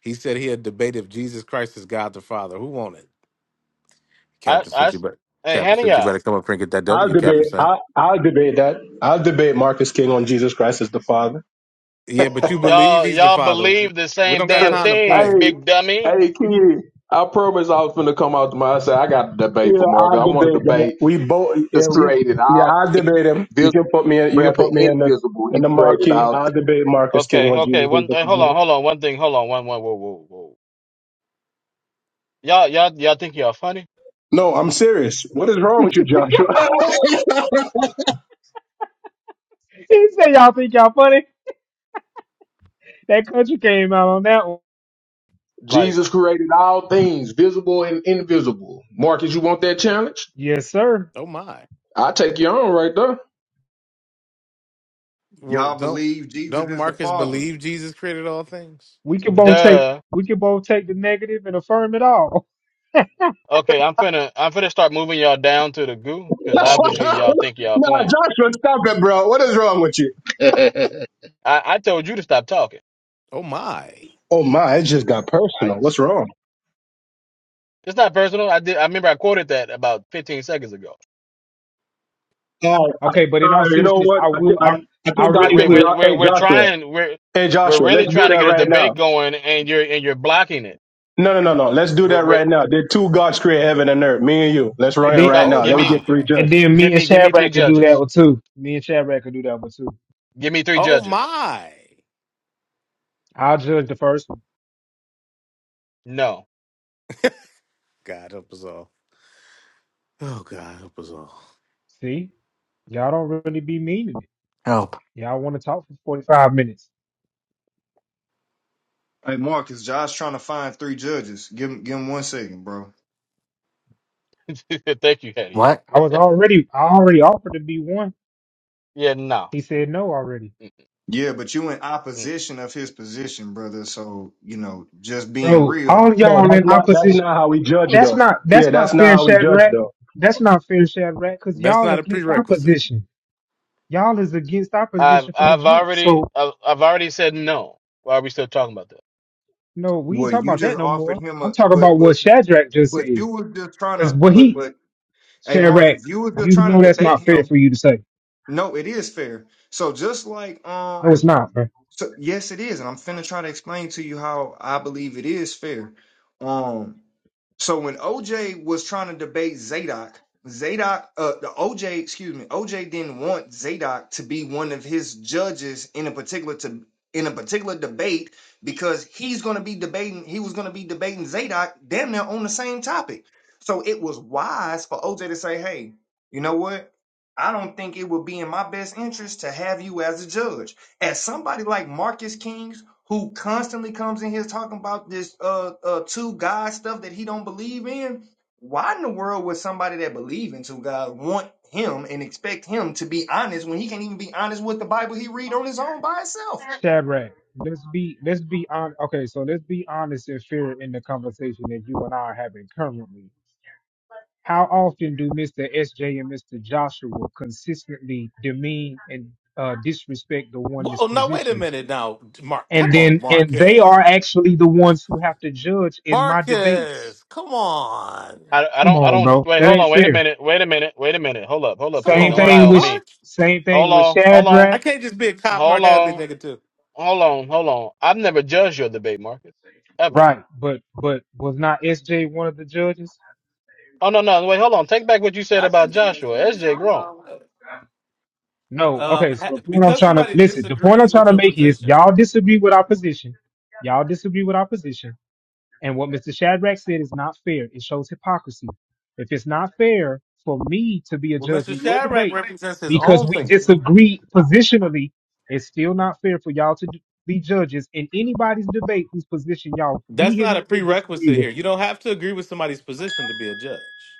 S2: He said he had debated if Jesus Christ is God the Father. Who won it?
S5: I,
S2: Captain
S5: I,
S2: sent you, but
S5: hey,
S2: Captain sent you
S5: uh,
S2: better come up here and get that
S18: I'll
S2: W, Captain
S18: debate.
S2: sent.
S18: I, I'll debate that. I'll debate Marcus King on Jesus Christ as the Father.
S2: Yeah,
S20: [LAUGHS]
S2: but you believe
S5: y'all,
S2: he's the
S5: y'all
S2: father.
S5: believe the
S2: We
S5: same
S2: don't got time to
S5: thing.
S2: play.
S20: hey,
S5: Me?
S20: hey, kid. I promise I was finna come out to my I said I got a
S18: Yeah,
S20: debate for Marcus. I
S18: I'll
S20: want to
S18: debate that.
S20: debate
S18: We both. Yeah,
S20: just
S18: we.
S20: created
S18: Yeah,
S20: all
S18: I'll debate him. You
S20: visible,
S18: can put me. In, you can
S20: rather
S18: put me in the
S20: invisible.
S18: in
S20: He
S18: the
S20: created
S18: marquee.
S20: all.
S18: I'll debate Marcus King
S5: Okay,
S18: on
S5: okay.
S18: Jesus as
S5: One,
S18: the
S5: uh, hold
S18: Father.
S5: on, hold on. One thing, hold on. One, one. Whoa, whoa, whoa. Y'all, y'all, y'all think y'all funny?
S18: No, I'm serious. What is wrong with you, Joshua? [LAUGHS]
S19: He said, y'all think y'all funny? That country came out on that one.
S5: Like,
S20: Jesus created all things, visible and invisible. Marcus, you want that challenge?
S19: Yes, sir.
S2: Oh my.
S20: I take you on right there.
S2: Well,
S15: Y'all
S2: don't
S15: believe Jesus
S2: don't
S15: is the
S2: Marcus
S15: Father?
S2: believe Jesus created all things?
S19: We can both take
S5: duh.
S19: we can both take the negative and affirm it all. [LAUGHS]
S5: Okay, I'm finna, I'm finna start moving y'all down to the goo because
S18: nah,
S5: obviously y'all think y'all playing.
S18: Joshua, stop it, bro. What is wrong with you?
S13: [LAUGHS] I-
S5: I, I told you to stop talking.
S2: Oh my.
S18: Oh my, it just got personal. What's wrong?
S5: It's not personal. I did. I remember I quoted that about 15 seconds ago.
S18: All right,
S19: Okay, but in
S18: all
S19: all
S18: right. You know
S19: seriousness,
S18: what?
S19: I
S18: I, thi-
S19: will
S18: I,
S19: I,
S18: I
S19: I
S18: think God
S5: We're,
S19: really
S5: we're,
S18: take
S19: will.
S5: we're,
S18: jo-
S5: we're,
S18: hey
S5: we're
S18: Joshua.
S5: trying. We're,
S18: Hey
S5: we're
S18: Joshua, let's
S5: really
S18: do
S5: trying to
S18: that
S5: get a
S18: right now.
S5: debate going, and you're, and you're blocking
S18: No, no, no, no. Let's do that
S5: it.
S18: right now. Did two gods create heaven and earth? Me and you. Let's run
S19: And
S18: it
S19: then
S18: right
S5: fa-
S2: Oh
S18: now.
S5: give
S18: Let me
S5: me,
S2: my.
S18: get three
S19: And
S18: judges.
S19: then
S5: give
S19: me and
S5: me, give me three
S19: Shadrach could do that
S5: judges.
S19: one too. Me and Shadrach could do that one too.
S5: Give me three
S2: Oh
S5: judges.
S2: my.
S19: I'll judge the first one.
S5: No,
S2: God help us all. Oh God help us all.
S19: See, y'all don't really be meaning it.
S14: Oh,
S19: Y'all want to talk for forty five minutes.
S15: Hey, Marcus, Josh trying to find three judges. Give him, give him one second, bro.
S5: [LAUGHS] thank you, Hetty. Yeah,
S14: what?
S19: I was already, I already offered to be one.
S5: yeah, no.
S19: He said no already,
S15: Yeah, but you in
S5: Mm.
S15: opposition of his position, brother. So you know, just being
S19: bro.
S15: real.
S19: All
S18: No,
S19: y'all
S18: that's
S19: in
S18: not that's
S19: opposition.
S18: not how we judge
S19: That's
S18: though.
S19: not,
S18: Yeah,
S19: that's
S18: that's
S19: not
S18: not
S19: fair,
S18: how we judge
S19: Shadrach.
S18: though.
S19: That's not fair, Shadrach, because
S2: That's
S19: y'all
S2: not a
S19: against
S2: prerequisite.
S19: opposition. Y'all is against
S5: I've
S19: opposition from the
S5: I've
S19: jump.
S5: already
S19: So
S5: I've, I've already said no. Why are we still talking about that?
S19: no, we ain't
S15: Well,
S19: talking
S15: you
S19: about
S15: just
S19: that no
S15: offered
S19: more.
S15: him
S19: I'm
S15: a,
S19: talking
S15: but
S19: about
S15: but
S19: what Shadrach just
S15: but
S19: said.
S15: you were just trying
S19: Because
S15: to,
S19: what
S15: but
S19: he
S15: but Hey
S19: Shadrach,
S15: Marcus, you were just
S19: you
S15: trying
S19: know
S15: to
S19: that's
S15: debate
S19: not fair
S15: him.
S19: for you to say.
S15: No, it is fair. So just like um
S19: No, it's not, man.
S15: so yes it is, and I'm finna try to explain to you how I believe it is fair. Um so when OJ was trying to debate Zadok, Zadok, uh, the OJ, excuse me, OJ didn't want Zadok to be one of his judges in a particular to in a particular debate because he's going to be debating. He was going to be debating Zadok damn near on the same topic. So it was wise for OJ to say, "Hey, you know what? I don't think it would be in my best interest to have you as a judge." as somebody like Marcus Kings, who constantly comes in here talking about this uh, uh two God stuff that he don't believe in, why in the world would somebody that believe in two God want him and expect him to be honest when he can't even be honest with the Bible he read on his own by himself?
S19: Shadrach, let's be let's be on. Okay, so let's be honest and fair in the conversation that you and I are having currently. How often do Mr. SJ and Mr. Joshua consistently demean and uh, disrespect the oneness
S2: Whoa, now wait a
S19: position?
S2: minute now. Mark
S19: And
S2: come on,
S19: then and they
S2: Marcus.
S19: are actually the ones who have to judge in my debates.
S2: Marcus, come on.
S5: I I
S19: Come
S5: don't I
S19: on,
S5: don't
S19: bro.
S5: wait.
S19: That
S5: Hold
S19: ain't
S5: on. Wait a
S19: fair.
S5: minute. Wait a minute. Wait a minute. Hold up. Hold up,
S2: Come
S5: player.
S19: Same
S2: on,
S5: Don't lie
S2: Marky
S19: thing
S5: on
S19: with
S5: me.
S2: Mark.
S19: same thing
S5: Hold
S19: with
S5: on. Hold on.
S2: I
S19: Shadrach.
S2: can't just be a cop,
S5: Hold
S2: Mark. I gotta be
S5: on.
S2: a nigga too.
S5: Hold on. Hold on. I've never judged your debate, Marcus, ever.
S19: Right, but but was not SJ one of the judges?
S5: Oh no no. Wait. Hold on. Take back what you said
S2: I
S5: about
S2: can be a
S5: Joshua. SJ grown.
S2: judge.
S19: No. Okay,
S2: Um,
S19: so
S2: ha-
S19: the point I'm
S2: because
S19: trying to
S2: somebody
S19: listen, the point I'm
S2: disagrees
S19: trying
S2: with
S19: to
S2: your
S19: make is
S2: position.
S19: y'all disagree with our position. Y'all disagree with our position. And what Mr. Shadrach said is not fair. It shows hypocrisy. If it's not fair for me to be a
S2: Well,
S19: judge
S2: Mr.
S19: in your
S2: Shadrack
S19: debate
S2: represents his
S19: because
S2: own
S19: we
S2: thinking.
S19: disagree positionally, it's still not fair for y'all to d- be judges in anybody's debate whose position y'all
S2: That's not a
S19: vehemently disagree
S2: prerequisite
S19: with.
S2: here. You don't have to agree with somebody's position to be a judge.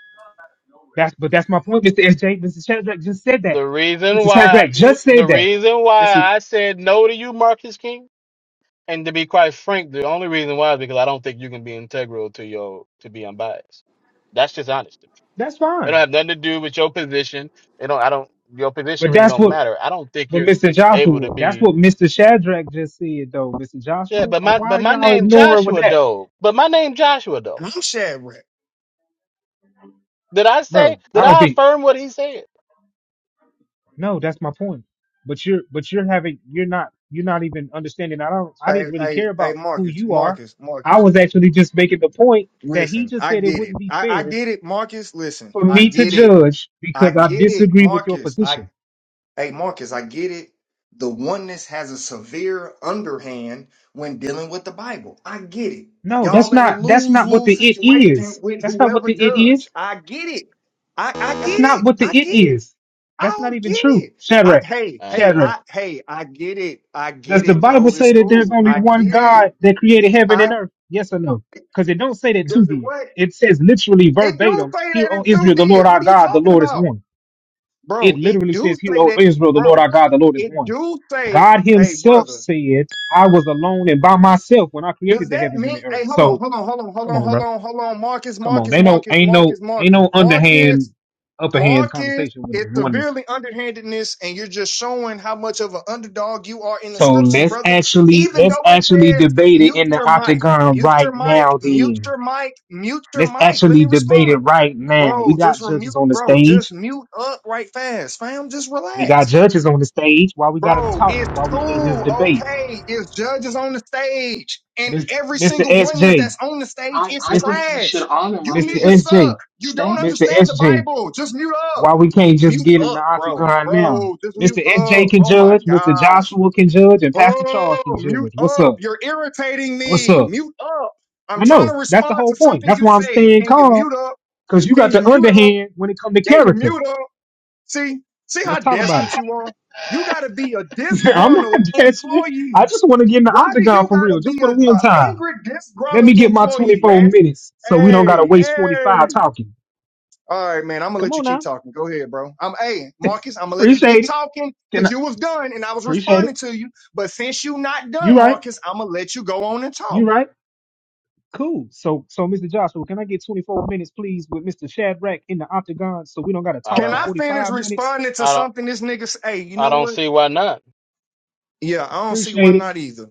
S19: That's but that's my point, Mr. SJ. Mr. Shadrach just said that.
S5: The reason
S19: Mr.
S5: why
S19: Shadrach
S5: you,
S19: just
S5: the
S19: said that.
S5: reason why
S19: Mr.
S5: I said no to you, Marcus King, and to be quite frank, the only reason why is because I don't think you can be integral to your to be unbiased. That's just honest. to me.
S19: That's
S5: It don't
S19: fine.
S5: have nothing to do with your position. It don't. I don't. Your position
S19: But
S5: really
S19: that's
S5: don't
S19: what
S5: matter. I don't think
S19: but
S5: you're
S19: Mr.
S5: able to
S19: Joshua, that's
S5: be.
S19: what Mr. Shadrach just said though, Mr.
S5: Yeah,
S19: Joshua.
S5: but
S19: Uh,
S5: my
S19: Why
S5: but
S19: are
S5: my
S19: y'all
S5: name
S19: ignoring with
S5: Joshua
S19: that?
S5: though. But my name Joshua
S15: And
S5: though.
S15: I'm Shadrach.
S5: Did I say?
S19: Bro,
S5: Did
S19: I don't
S5: I
S19: think
S5: affirm what he said?
S19: no, that's my point. But you're but you're having you're not you're not even understanding. I don't I
S15: Hey,
S19: didn't really
S15: hey,
S19: care
S15: hey,
S19: about who
S15: Marcus,
S19: you are.
S15: Marcus,
S19: I
S15: Marcus.
S19: was actually just making the point that he
S15: Listen,
S19: just
S15: I
S19: said it
S15: get it.
S19: wouldn't be
S15: I, I
S19: fair
S15: get it, Marcus. Listen,
S19: for
S15: I
S19: me to
S15: get it.
S19: judge
S15: I
S19: because I
S15: get it,
S19: disagree with your
S15: Marcus. I.
S19: position.
S15: Hey, Marcus, I get it. The oneness has a severe underhand when dealing with the Bible. I get it.
S19: No, that's
S15: Y'all at a
S19: not that's
S15: lose
S19: not what the
S15: lose
S19: it
S15: situation
S19: is.
S15: with
S19: That's not what
S15: whoever
S19: the it
S15: judge.
S19: is.
S15: I get it. I, I get
S19: That's not
S15: it.
S19: what the
S15: I get
S19: it
S15: it.
S19: is. That's
S15: I
S19: not
S15: get
S19: even true.
S15: it. I,
S19: Shadrach,
S15: hey,
S5: My
S15: hey,
S19: Shadrach,
S15: I,
S5: God,
S15: hey, I get it. I
S19: does
S15: get
S19: the
S15: it,
S19: Bible
S15: bro. It's
S19: say that there's
S15: cool.
S19: only
S15: I
S19: one
S15: get it.
S19: God that created heaven
S15: I
S19: and earth? Yes or no? Because it don't say that two
S15: does it
S19: did.
S15: what?
S19: It says literally
S15: It do
S19: verbatim,
S15: say
S19: "Hear,
S15: that
S19: O
S15: it too
S19: Israel, the Lord
S15: did. What
S19: our
S15: are you
S19: God, the
S15: talking
S19: Lord is
S15: about,
S19: one." It
S15: bro? It
S19: literally
S15: do
S19: says, "Hear,
S15: say
S19: O
S15: that,
S19: Israel, the Lord
S15: bro.
S19: our God, the Lord is
S15: It
S19: one."
S15: do say,
S19: God
S15: hey,
S19: Himself
S15: brother.
S19: said, "I was alone and by myself when I
S15: Does
S19: created the
S15: that
S19: heavens and
S15: mean?
S19: the earth."
S15: Hey, hold on,
S19: So,
S15: hold on, hold on, hold
S19: come
S15: on,
S19: on, bro.
S15: hold on, hold on, Marcus,
S19: Come on,
S15: Marcus,
S19: they know
S15: Marcus,
S19: ain't no
S15: Marcus,
S19: ain't
S15: Marcus,
S19: no
S15: Marcus,
S19: underhand, upper hand
S15: Marcus.
S19: conversation with the
S15: It's
S19: oneness.
S15: severely underhandedness, and you're just showing how much of an underdog you are in the
S19: So
S15: scriptures,
S19: let's
S15: brother.
S19: actually
S15: Even
S19: let's
S15: though it
S19: actually
S15: says
S19: debate it
S15: mute
S19: in the
S15: your mic,
S19: octagon
S15: mute your
S19: right
S15: mic,
S19: now.
S15: mute
S19: Then
S15: your mic, mute your
S19: let's
S15: mic. Let me
S19: actually debate it
S15: respond,
S19: right now. We
S15: bro.
S19: got
S15: Just remute,
S19: judges on the
S15: bro. Just
S19: stage.
S15: mute up right fast, fam. Just
S19: We got
S15: relax.
S19: judges on the stage. Why we gotta
S15: Bro,
S19: talk?
S15: it's
S19: Why we can't just
S15: cool.
S19: debate?
S15: Okay. It's judges on the stage. And
S19: Mis-
S15: every
S19: Mr.
S15: single oneness
S19: SJ,
S15: that's on the stage
S1: I,
S15: is
S1: I
S19: Mis-
S1: think you should
S15: trash.
S1: honor
S15: You
S19: Mr.
S15: niggas
S1: Marcus's
S15: suck.
S19: SJ,
S15: You don't
S19: Mr.
S1: stance.
S15: understand the
S19: SJ.
S15: Bible. Just mute up.
S19: Why we can't just
S15: Mute
S19: get in
S15: up,
S19: the
S15: bro.
S19: octagon now?
S15: Bro, just mute
S19: Mr.
S15: up.
S19: SJ can
S15: Oh my
S19: judge, Mr.
S15: gosh.
S19: Joshua can judge, and Pastor Charles
S15: Oh,
S19: can judge.
S15: mute
S19: What's up?
S15: up. You're irritating
S19: What's
S15: me.
S19: up?
S15: Mute up. I'm
S19: I
S15: trying to
S19: know. That's the
S15: respond
S19: whole
S15: to
S19: point.
S15: something
S19: That's
S15: you
S19: why I'm
S15: said.
S19: staying
S15: Can you
S19: calm
S15: mute up?
S19: because you got
S15: Can you
S19: the
S15: mute up?
S19: underhand when it comes to
S15: Can you
S19: character.
S15: mute up? See, see how
S19: Let's talk about
S15: desperate you are? You got to be a
S19: it. [LAUGHS] I'm not
S15: disgruntled
S19: desperate. I
S15: employee.
S19: just want to get in the
S15: Why do
S19: octagon
S15: you
S19: for
S15: got
S19: real,
S15: to
S19: just
S15: be a,
S19: for the one
S15: a
S19: time.
S15: angry,
S19: Let me
S15: disgruntled
S19: get my
S15: employee,
S19: 24
S15: man?
S19: minutes so we don't got to
S15: Hey,
S19: waste
S15: hey.
S19: 45 talking.
S15: All right, man. I'm gonna
S19: Come
S15: let you
S19: on
S15: keep
S19: now.
S15: talking. Go ahead, bro. I'm hey,
S19: [LAUGHS]
S15: Marcus. I'm gonna let you get
S19: Appreciate it.
S15: talking
S19: Can
S15: because
S19: I,
S15: you was done and I was
S19: appreciate
S15: responding
S19: it.
S15: to you. But since you not
S19: You
S15: done,
S19: right.
S15: Marcus, I'm gonna let you go on and
S19: You
S15: talk.
S19: right. Cool. So, so Mr. Joshua, can I get 24 minutes, please, with Mr. Shadrack in the octagon so we don't got to
S5: I
S19: talk
S15: Can
S19: for
S15: I
S5: don't.
S15: finish
S19: 45 minutes?
S15: responding to
S5: I don't.
S15: something this nigga? s- Hey, you
S5: I
S15: know
S5: don't
S15: what?
S5: see why not.
S15: Yeah, I don't see why
S19: Appreciate it.
S15: not either.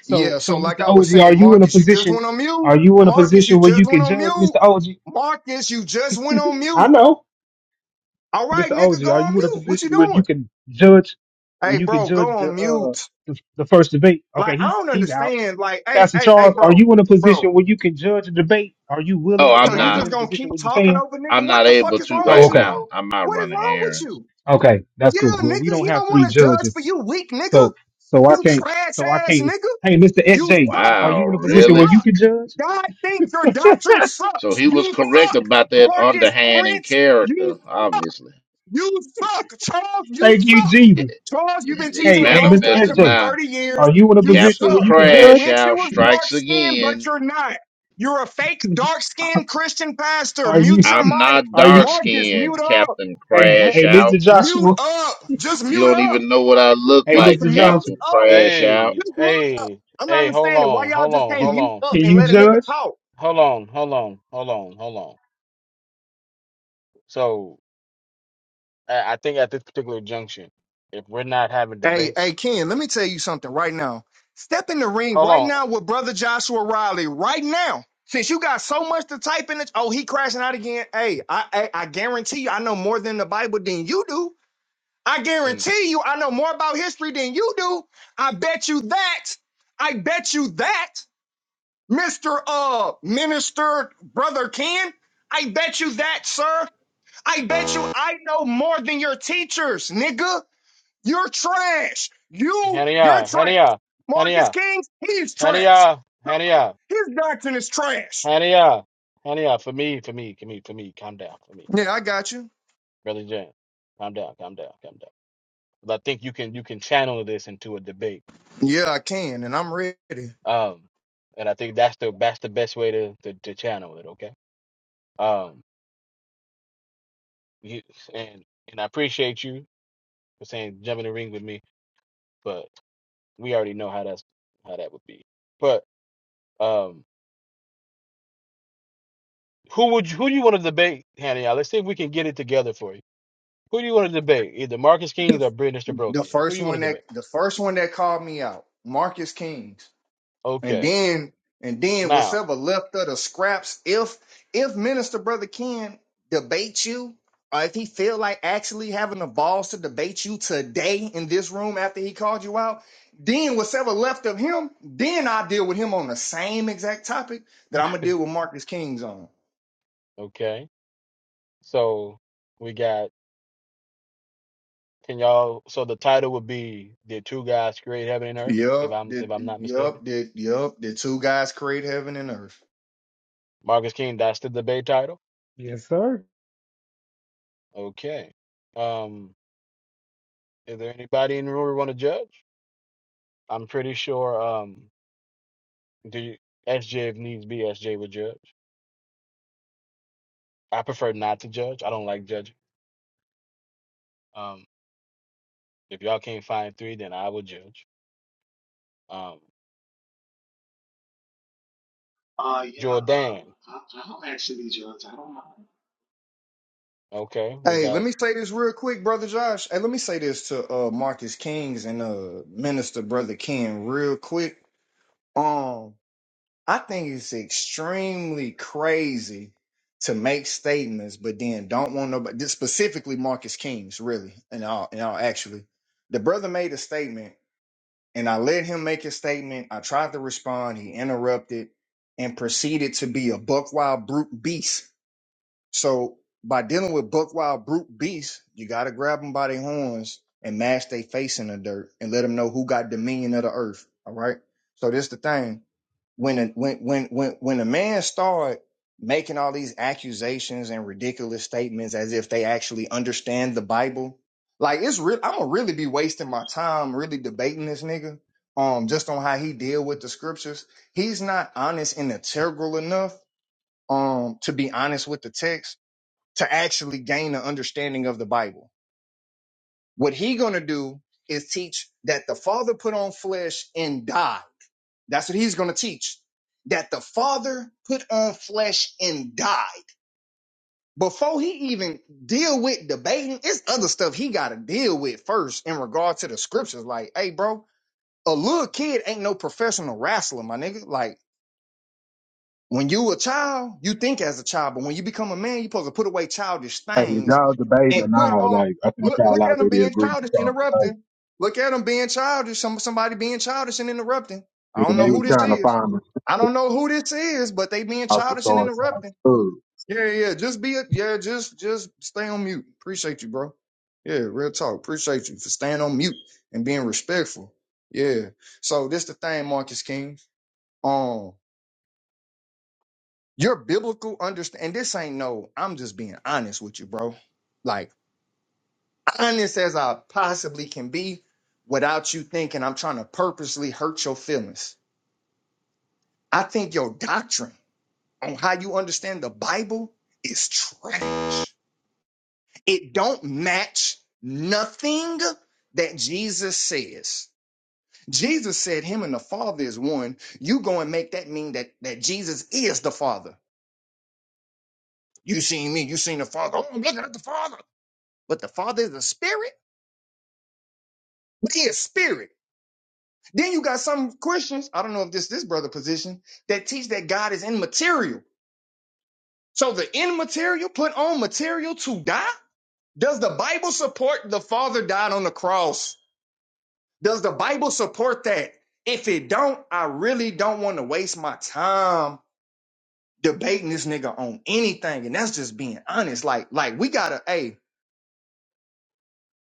S19: So,
S15: Yeah,
S19: so
S15: so like
S19: Mr.
S15: I was
S19: OG, are
S15: saying,
S19: you in a
S15: Marcus, you just
S19: position?
S15: went on mute.
S19: Are you in a
S15: Marcus, you
S19: position where
S15: just
S19: you
S15: went
S19: can
S15: on
S19: judge,
S15: mute.
S19: Mr. OG?
S15: Marcus, you just went on
S19: I
S15: mute.
S19: know,
S15: All right,
S19: Mr.
S15: nigga,
S19: OG,
S15: go
S19: are
S15: on
S19: you in a
S15: mute. What you
S19: position where
S15: doing?
S19: you can judge, where
S15: Hey,
S19: you can
S15: bro,
S19: judge
S15: go
S19: the
S15: on
S19: uh
S15: mute.
S19: the, the first debate? Okay,
S15: Like, I
S19: he's
S15: don't
S19: he's out.
S15: understand. Like, hey,
S19: Pastor
S15: hey, hey,
S19: Charles, are
S15: bro,
S19: you in a
S15: bro.
S19: position where you can judge a debate? Are you
S13: oh,
S19: willing,
S15: So
S13: I'm
S19: and are
S15: you
S19: you
S13: not.
S15: just
S19: in a
S15: gonna
S19: position
S15: keep
S19: where you
S15: talking
S19: can?
S15: over nigga?
S13: I'm
S15: What
S13: not
S15: the fuck
S13: able
S15: is
S13: to
S15: wrong
S19: Oh,
S15: with
S13: right
S15: you,
S19: okay,
S15: bro?
S13: now. I'm out
S15: What is
S13: running
S15: wrong with
S13: errands.
S15: you?
S19: okay, that's cool.
S15: Yeah,
S19: Well, we
S15: nigga,
S19: don't
S15: he
S19: have
S15: don't
S19: three
S15: wanna judge for
S19: judges,
S15: you, weak nigga.
S19: so so I
S15: You
S19: can't,
S15: trash
S19: so I
S15: ass
S19: can't.
S15: nigga.
S19: Hey, Mr.
S15: You
S19: SJ,
S15: suck.
S19: are
S13: Wow,
S19: you in a
S15: You
S19: position where
S13: really?
S19: you
S15: suck.
S19: can judge?
S15: God thinks your doctrine
S13: So
S15: sucks.
S13: he was
S15: You
S13: correct
S15: suck.
S13: about that
S15: Marcus
S13: underhand and
S15: Prince,
S13: character,
S15: you
S13: obviously.
S15: you suck. Charles, you
S19: Thank you,
S15: suck.
S13: [LAUGHS]
S19: Jesus.
S15: Charles, you've been
S13: he
S15: teaching
S19: Hey,
S15: the
S19: hey,
S15: wrong
S19: Mr.
S13: manifested
S15: doctrine for
S19: SJ.
S13: now.
S15: 30 years.
S19: Are you in a
S15: You
S19: position
S13: Captain
S19: where
S15: suck.
S19: you can
S15: You
S13: Crash
S19: judge?
S15: wish you
S13: Out
S15: was dark
S13: strikes
S15: skinned, but
S13: again.
S15: you're not. You're a fake
S19: [LAUGHS]
S15: dark skinned Christian pastor.
S19: Are
S15: Mute
S19: you?
S15: your
S13: I'm
S15: mic.
S13: not
S19: Are
S13: dark
S19: you?
S15: Marcus,
S13: skinned,
S15: mute up.
S13: Captain
S19: Hey,
S15: Mu-
S13: Crash
S19: hey,
S13: Out.
S19: Mr.
S15: Mute
S19: Joshua.
S15: up. Just
S13: You
S15: mute
S13: don't
S15: up.
S13: even know what I look
S19: Hey,
S13: like,
S15: Just
S19: Mr.
S15: mute
S19: Joshua.
S13: Captain
S15: up.
S13: Crash Out.
S5: Hey,
S15: Just mute up.
S5: hey,
S15: I'm not
S5: hey, hold
S15: understanding why
S5: on,
S15: y'all
S5: hold
S15: just
S5: on,
S15: can't
S19: Can,
S5: hold
S15: mute
S5: on,
S15: up
S19: can
S15: and
S19: you
S15: let a nigga
S19: judge?
S15: talk.
S5: hold on, hold on, hold on, hold on. So I, I think at this particular junction, if we're not having
S15: Hey, hey,
S5: debates,
S15: Ken, let me tell you something right now. Step in the ring
S5: hold
S15: right
S5: on.
S15: now with brother Joshua Riley right now. Since you got so much to type in the oh, he crashing out again. Hey, I, I I guarantee you I know more than the Bible than you do. I
S5: Mm.
S15: guarantee you I know more about history than you do. I bet you that. I bet you that, Mr. Uh Minister Brother Ken. I bet you that, sir. I bet you I know more than your teachers, nigga. You're trash. You, you're
S5: Hania,
S15: trash.
S5: Hania,
S15: Marcus
S5: Hania,
S15: King, he's trash.
S5: Hania, Hania,
S15: His doctrine is trash.
S5: Hania, Hania, for me, for me, for me, for me, calm down, for me.
S15: Yeah, I got you.
S5: Brother Jan, calm down, calm down, calm down. But I think you can you can channel this into a debate.
S15: Yeah, I can, and I'm ready. The,
S5: Um, and I think that's the that's the best way to to, to channel it, okay? Um, you and and I appreciate you for saying jump in the ring with me, but we already know how that's how that would be. But um, who would you, who do you want to debate, Hannah? Y'all? Let's see if we can get it together for you. Who do you want to debate? Either Marcus Kings or Brittany
S15: the
S5: Brokian. Who
S15: first
S5: you want to
S15: one that
S5: debate?
S15: the first one that called me out, Marcus King. And
S5: Okay,
S15: then and then
S5: now
S15: whatever left of the scraps, if if Minister Brother Ken debate you, or if he feel like actually having the balls to debate you today in this room after he called you out, then whatever left of him, then I deal with him on the same exact topic that I'm gonna deal with Marcus King's on.
S5: okay, so we got. Can y'all? So the title would be "Did Two Guys Create Heaven and Earth?" If
S15: Yup,
S5: I'm
S15: the
S5: if I'm not mistaken,
S15: yup, the yup, the two guys create heaven and earth.
S5: Marcus King. That's the debate title.
S19: Yes, sir.
S5: Okay. Um, is there anybody in the room we want to judge? I'm pretty sure um the SJ if needs be SJ would judge. I prefer not to judge. I don't like judging. Um if y'all can't find three, then I will judge. Um
S1: Uh, yeah,
S5: Jordan.
S1: um, I, I'll actually judge. I don't mind.
S5: Okay, we
S15: Hey, let
S5: got
S15: me say this real quick, brother Josh. Hey, let me say this to uh Marcus Kings and uh Minister Brother Ken real quick. Um, I think it's extremely crazy to make statements, but then don't want nobody this specifically Marcus Kings, really, and all and all actually. The brother made a statement and I let him make his statement. I tried to respond, he interrupted and proceeded to be a buck wild brute beast so by dealing with buck wild brute beasts, you got to grab them by their horns and mash their face in the dirt and let them know who got dominion of the earth. All right. So this the thing when a, when when when when a man start making all these accusations and ridiculous statements as if they actually understand the Bible, like it's real. I'm gonna really be wasting my time really debating this nigga. Um, just on how he deal with the scriptures, he's not honest and integral enough. Um, to be honest with the text, to actually gain an understanding of the Bible. What he gonna do is teach that the Father put on flesh and died. That's what he's gonna teach. That the Father put on flesh and died. Before he even deal with debating, it's other stuff he gotta deal with first in regard to the scriptures. Like, hey, bro, a little kid ain't no professional wrestler, my nigga. Like when you a child, you think as a child, but when you become a man, you're supposed to put away childish
S20: Hey, if
S15: things
S20: y'all debating
S15: and
S20: and
S15: put
S20: all,
S15: on
S20: like I think
S15: look
S20: y'all
S15: look at them
S20: already
S15: being
S20: agreed with
S15: childish,
S20: y'all
S15: interrupting. Look at them being childish, some somebody being childish and interrupting.
S20: See,
S15: I don't know
S20: they were
S15: who this
S20: trying to
S15: is.
S20: find me
S15: I don't know who this is, but they being
S20: out the house to
S15: childish and
S20: throw someone's
S15: interrupting.
S20: food.
S15: Yeah, yeah. yeah. Just be a yeah, just just stay on mute. Appreciate you, bro. Yeah, real talk. Appreciate you for staying on mute and being respectful. Yeah. So this the thing, Marcus King. Um, your biblical understand and this ain't no, I'm just being honest with you, bro. Like honest as I possibly can be without you thinking I'm trying to purposely hurt your feelings. I think your doctrine on how you understand the Bible is trash. It don't match nothing that Jesus says. Jesus said him and the Father is one. You go and make that mean that that Jesus is the Father. You seen me, you seen the Father. Oh, I'm looking at the Father. but the Father is a spirit, but he is spirit. Then you got some Christians, I don't know if this this brother position, that teach that God is immaterial. So the immaterial put on material to die? Does the Bible support the Father died on the cross? Does the Bible support that? If it don't, I really don't want to waste my time debating this nigga on anything. And that's just being honest. Like, like we gotta, a.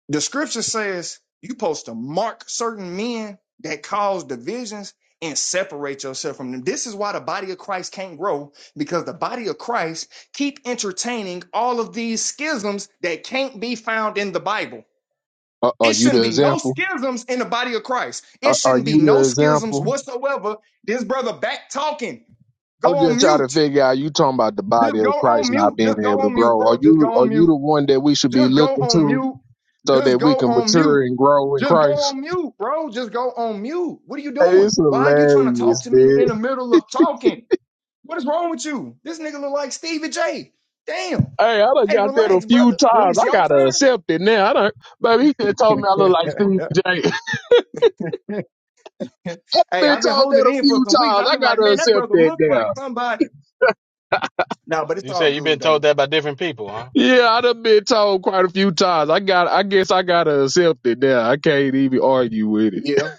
S15: The scripture says you supposed to mark certain men that cause divisions and separate yourself from them. This is why the body of Christ can't grow because the body of Christ keep entertaining all of these schisms that can't be found in the Bible.
S20: Are, are
S15: It
S20: you
S15: shouldn't
S20: the
S15: be no
S20: example?
S15: schisms in the body of Christ. It
S20: Are, are
S15: shouldn't be
S20: you
S15: no
S20: the
S15: schisms
S20: example?
S15: whatsoever. This brother back talking. Go
S20: I'm
S15: on
S20: just trying to
S15: mute.
S20: figure out. You talking about the body
S15: Just go
S20: of
S15: on
S20: Christ not
S15: mute.
S20: being
S15: Just go
S20: able to
S15: on mute,
S20: grow? Are
S15: bro. Just
S20: you
S15: go
S20: are
S15: on
S20: you
S15: mute.
S20: the one that we should be
S15: Just go
S20: looking
S15: on
S20: to
S15: mute.
S20: so
S15: Just
S20: that we
S15: go
S20: can
S15: on mute.
S20: mature and grow in
S15: Just go
S20: Christ?
S15: on mute, bro. Just go on mute. What are you
S20: Hey, it's
S15: doing? Why are you trying to
S20: hilarious,
S15: talk to me
S20: dude.
S15: in the middle of talking? What is wrong with you? This nigga look like Stevie J. Damn.
S20: Hey, I done
S15: Hey,
S20: got that a
S15: relax,
S20: few
S15: brother. When
S20: times.
S15: it's
S20: I
S15: your
S20: gotta
S15: turn.
S20: accept it now. I done, baby, he just told me I look like
S15: [LAUGHS]
S20: Steve J. [LAUGHS]
S15: hey,
S20: been
S15: I've been
S20: told that
S15: holding
S20: a
S15: in for
S20: few
S15: some weeks.
S20: times.
S15: I've
S20: I
S15: been like,
S20: gotta
S15: man, that
S20: accept
S15: brother
S20: that
S15: look
S20: now.
S15: like somebody. No, but it's
S5: you
S15: all
S5: said you've
S15: good
S5: been told
S15: though.
S5: that by different people, huh?
S20: Yeah, I done been told quite a few times. I got, I guess I gotta accept it now. I can't even argue with it.
S15: Yeah.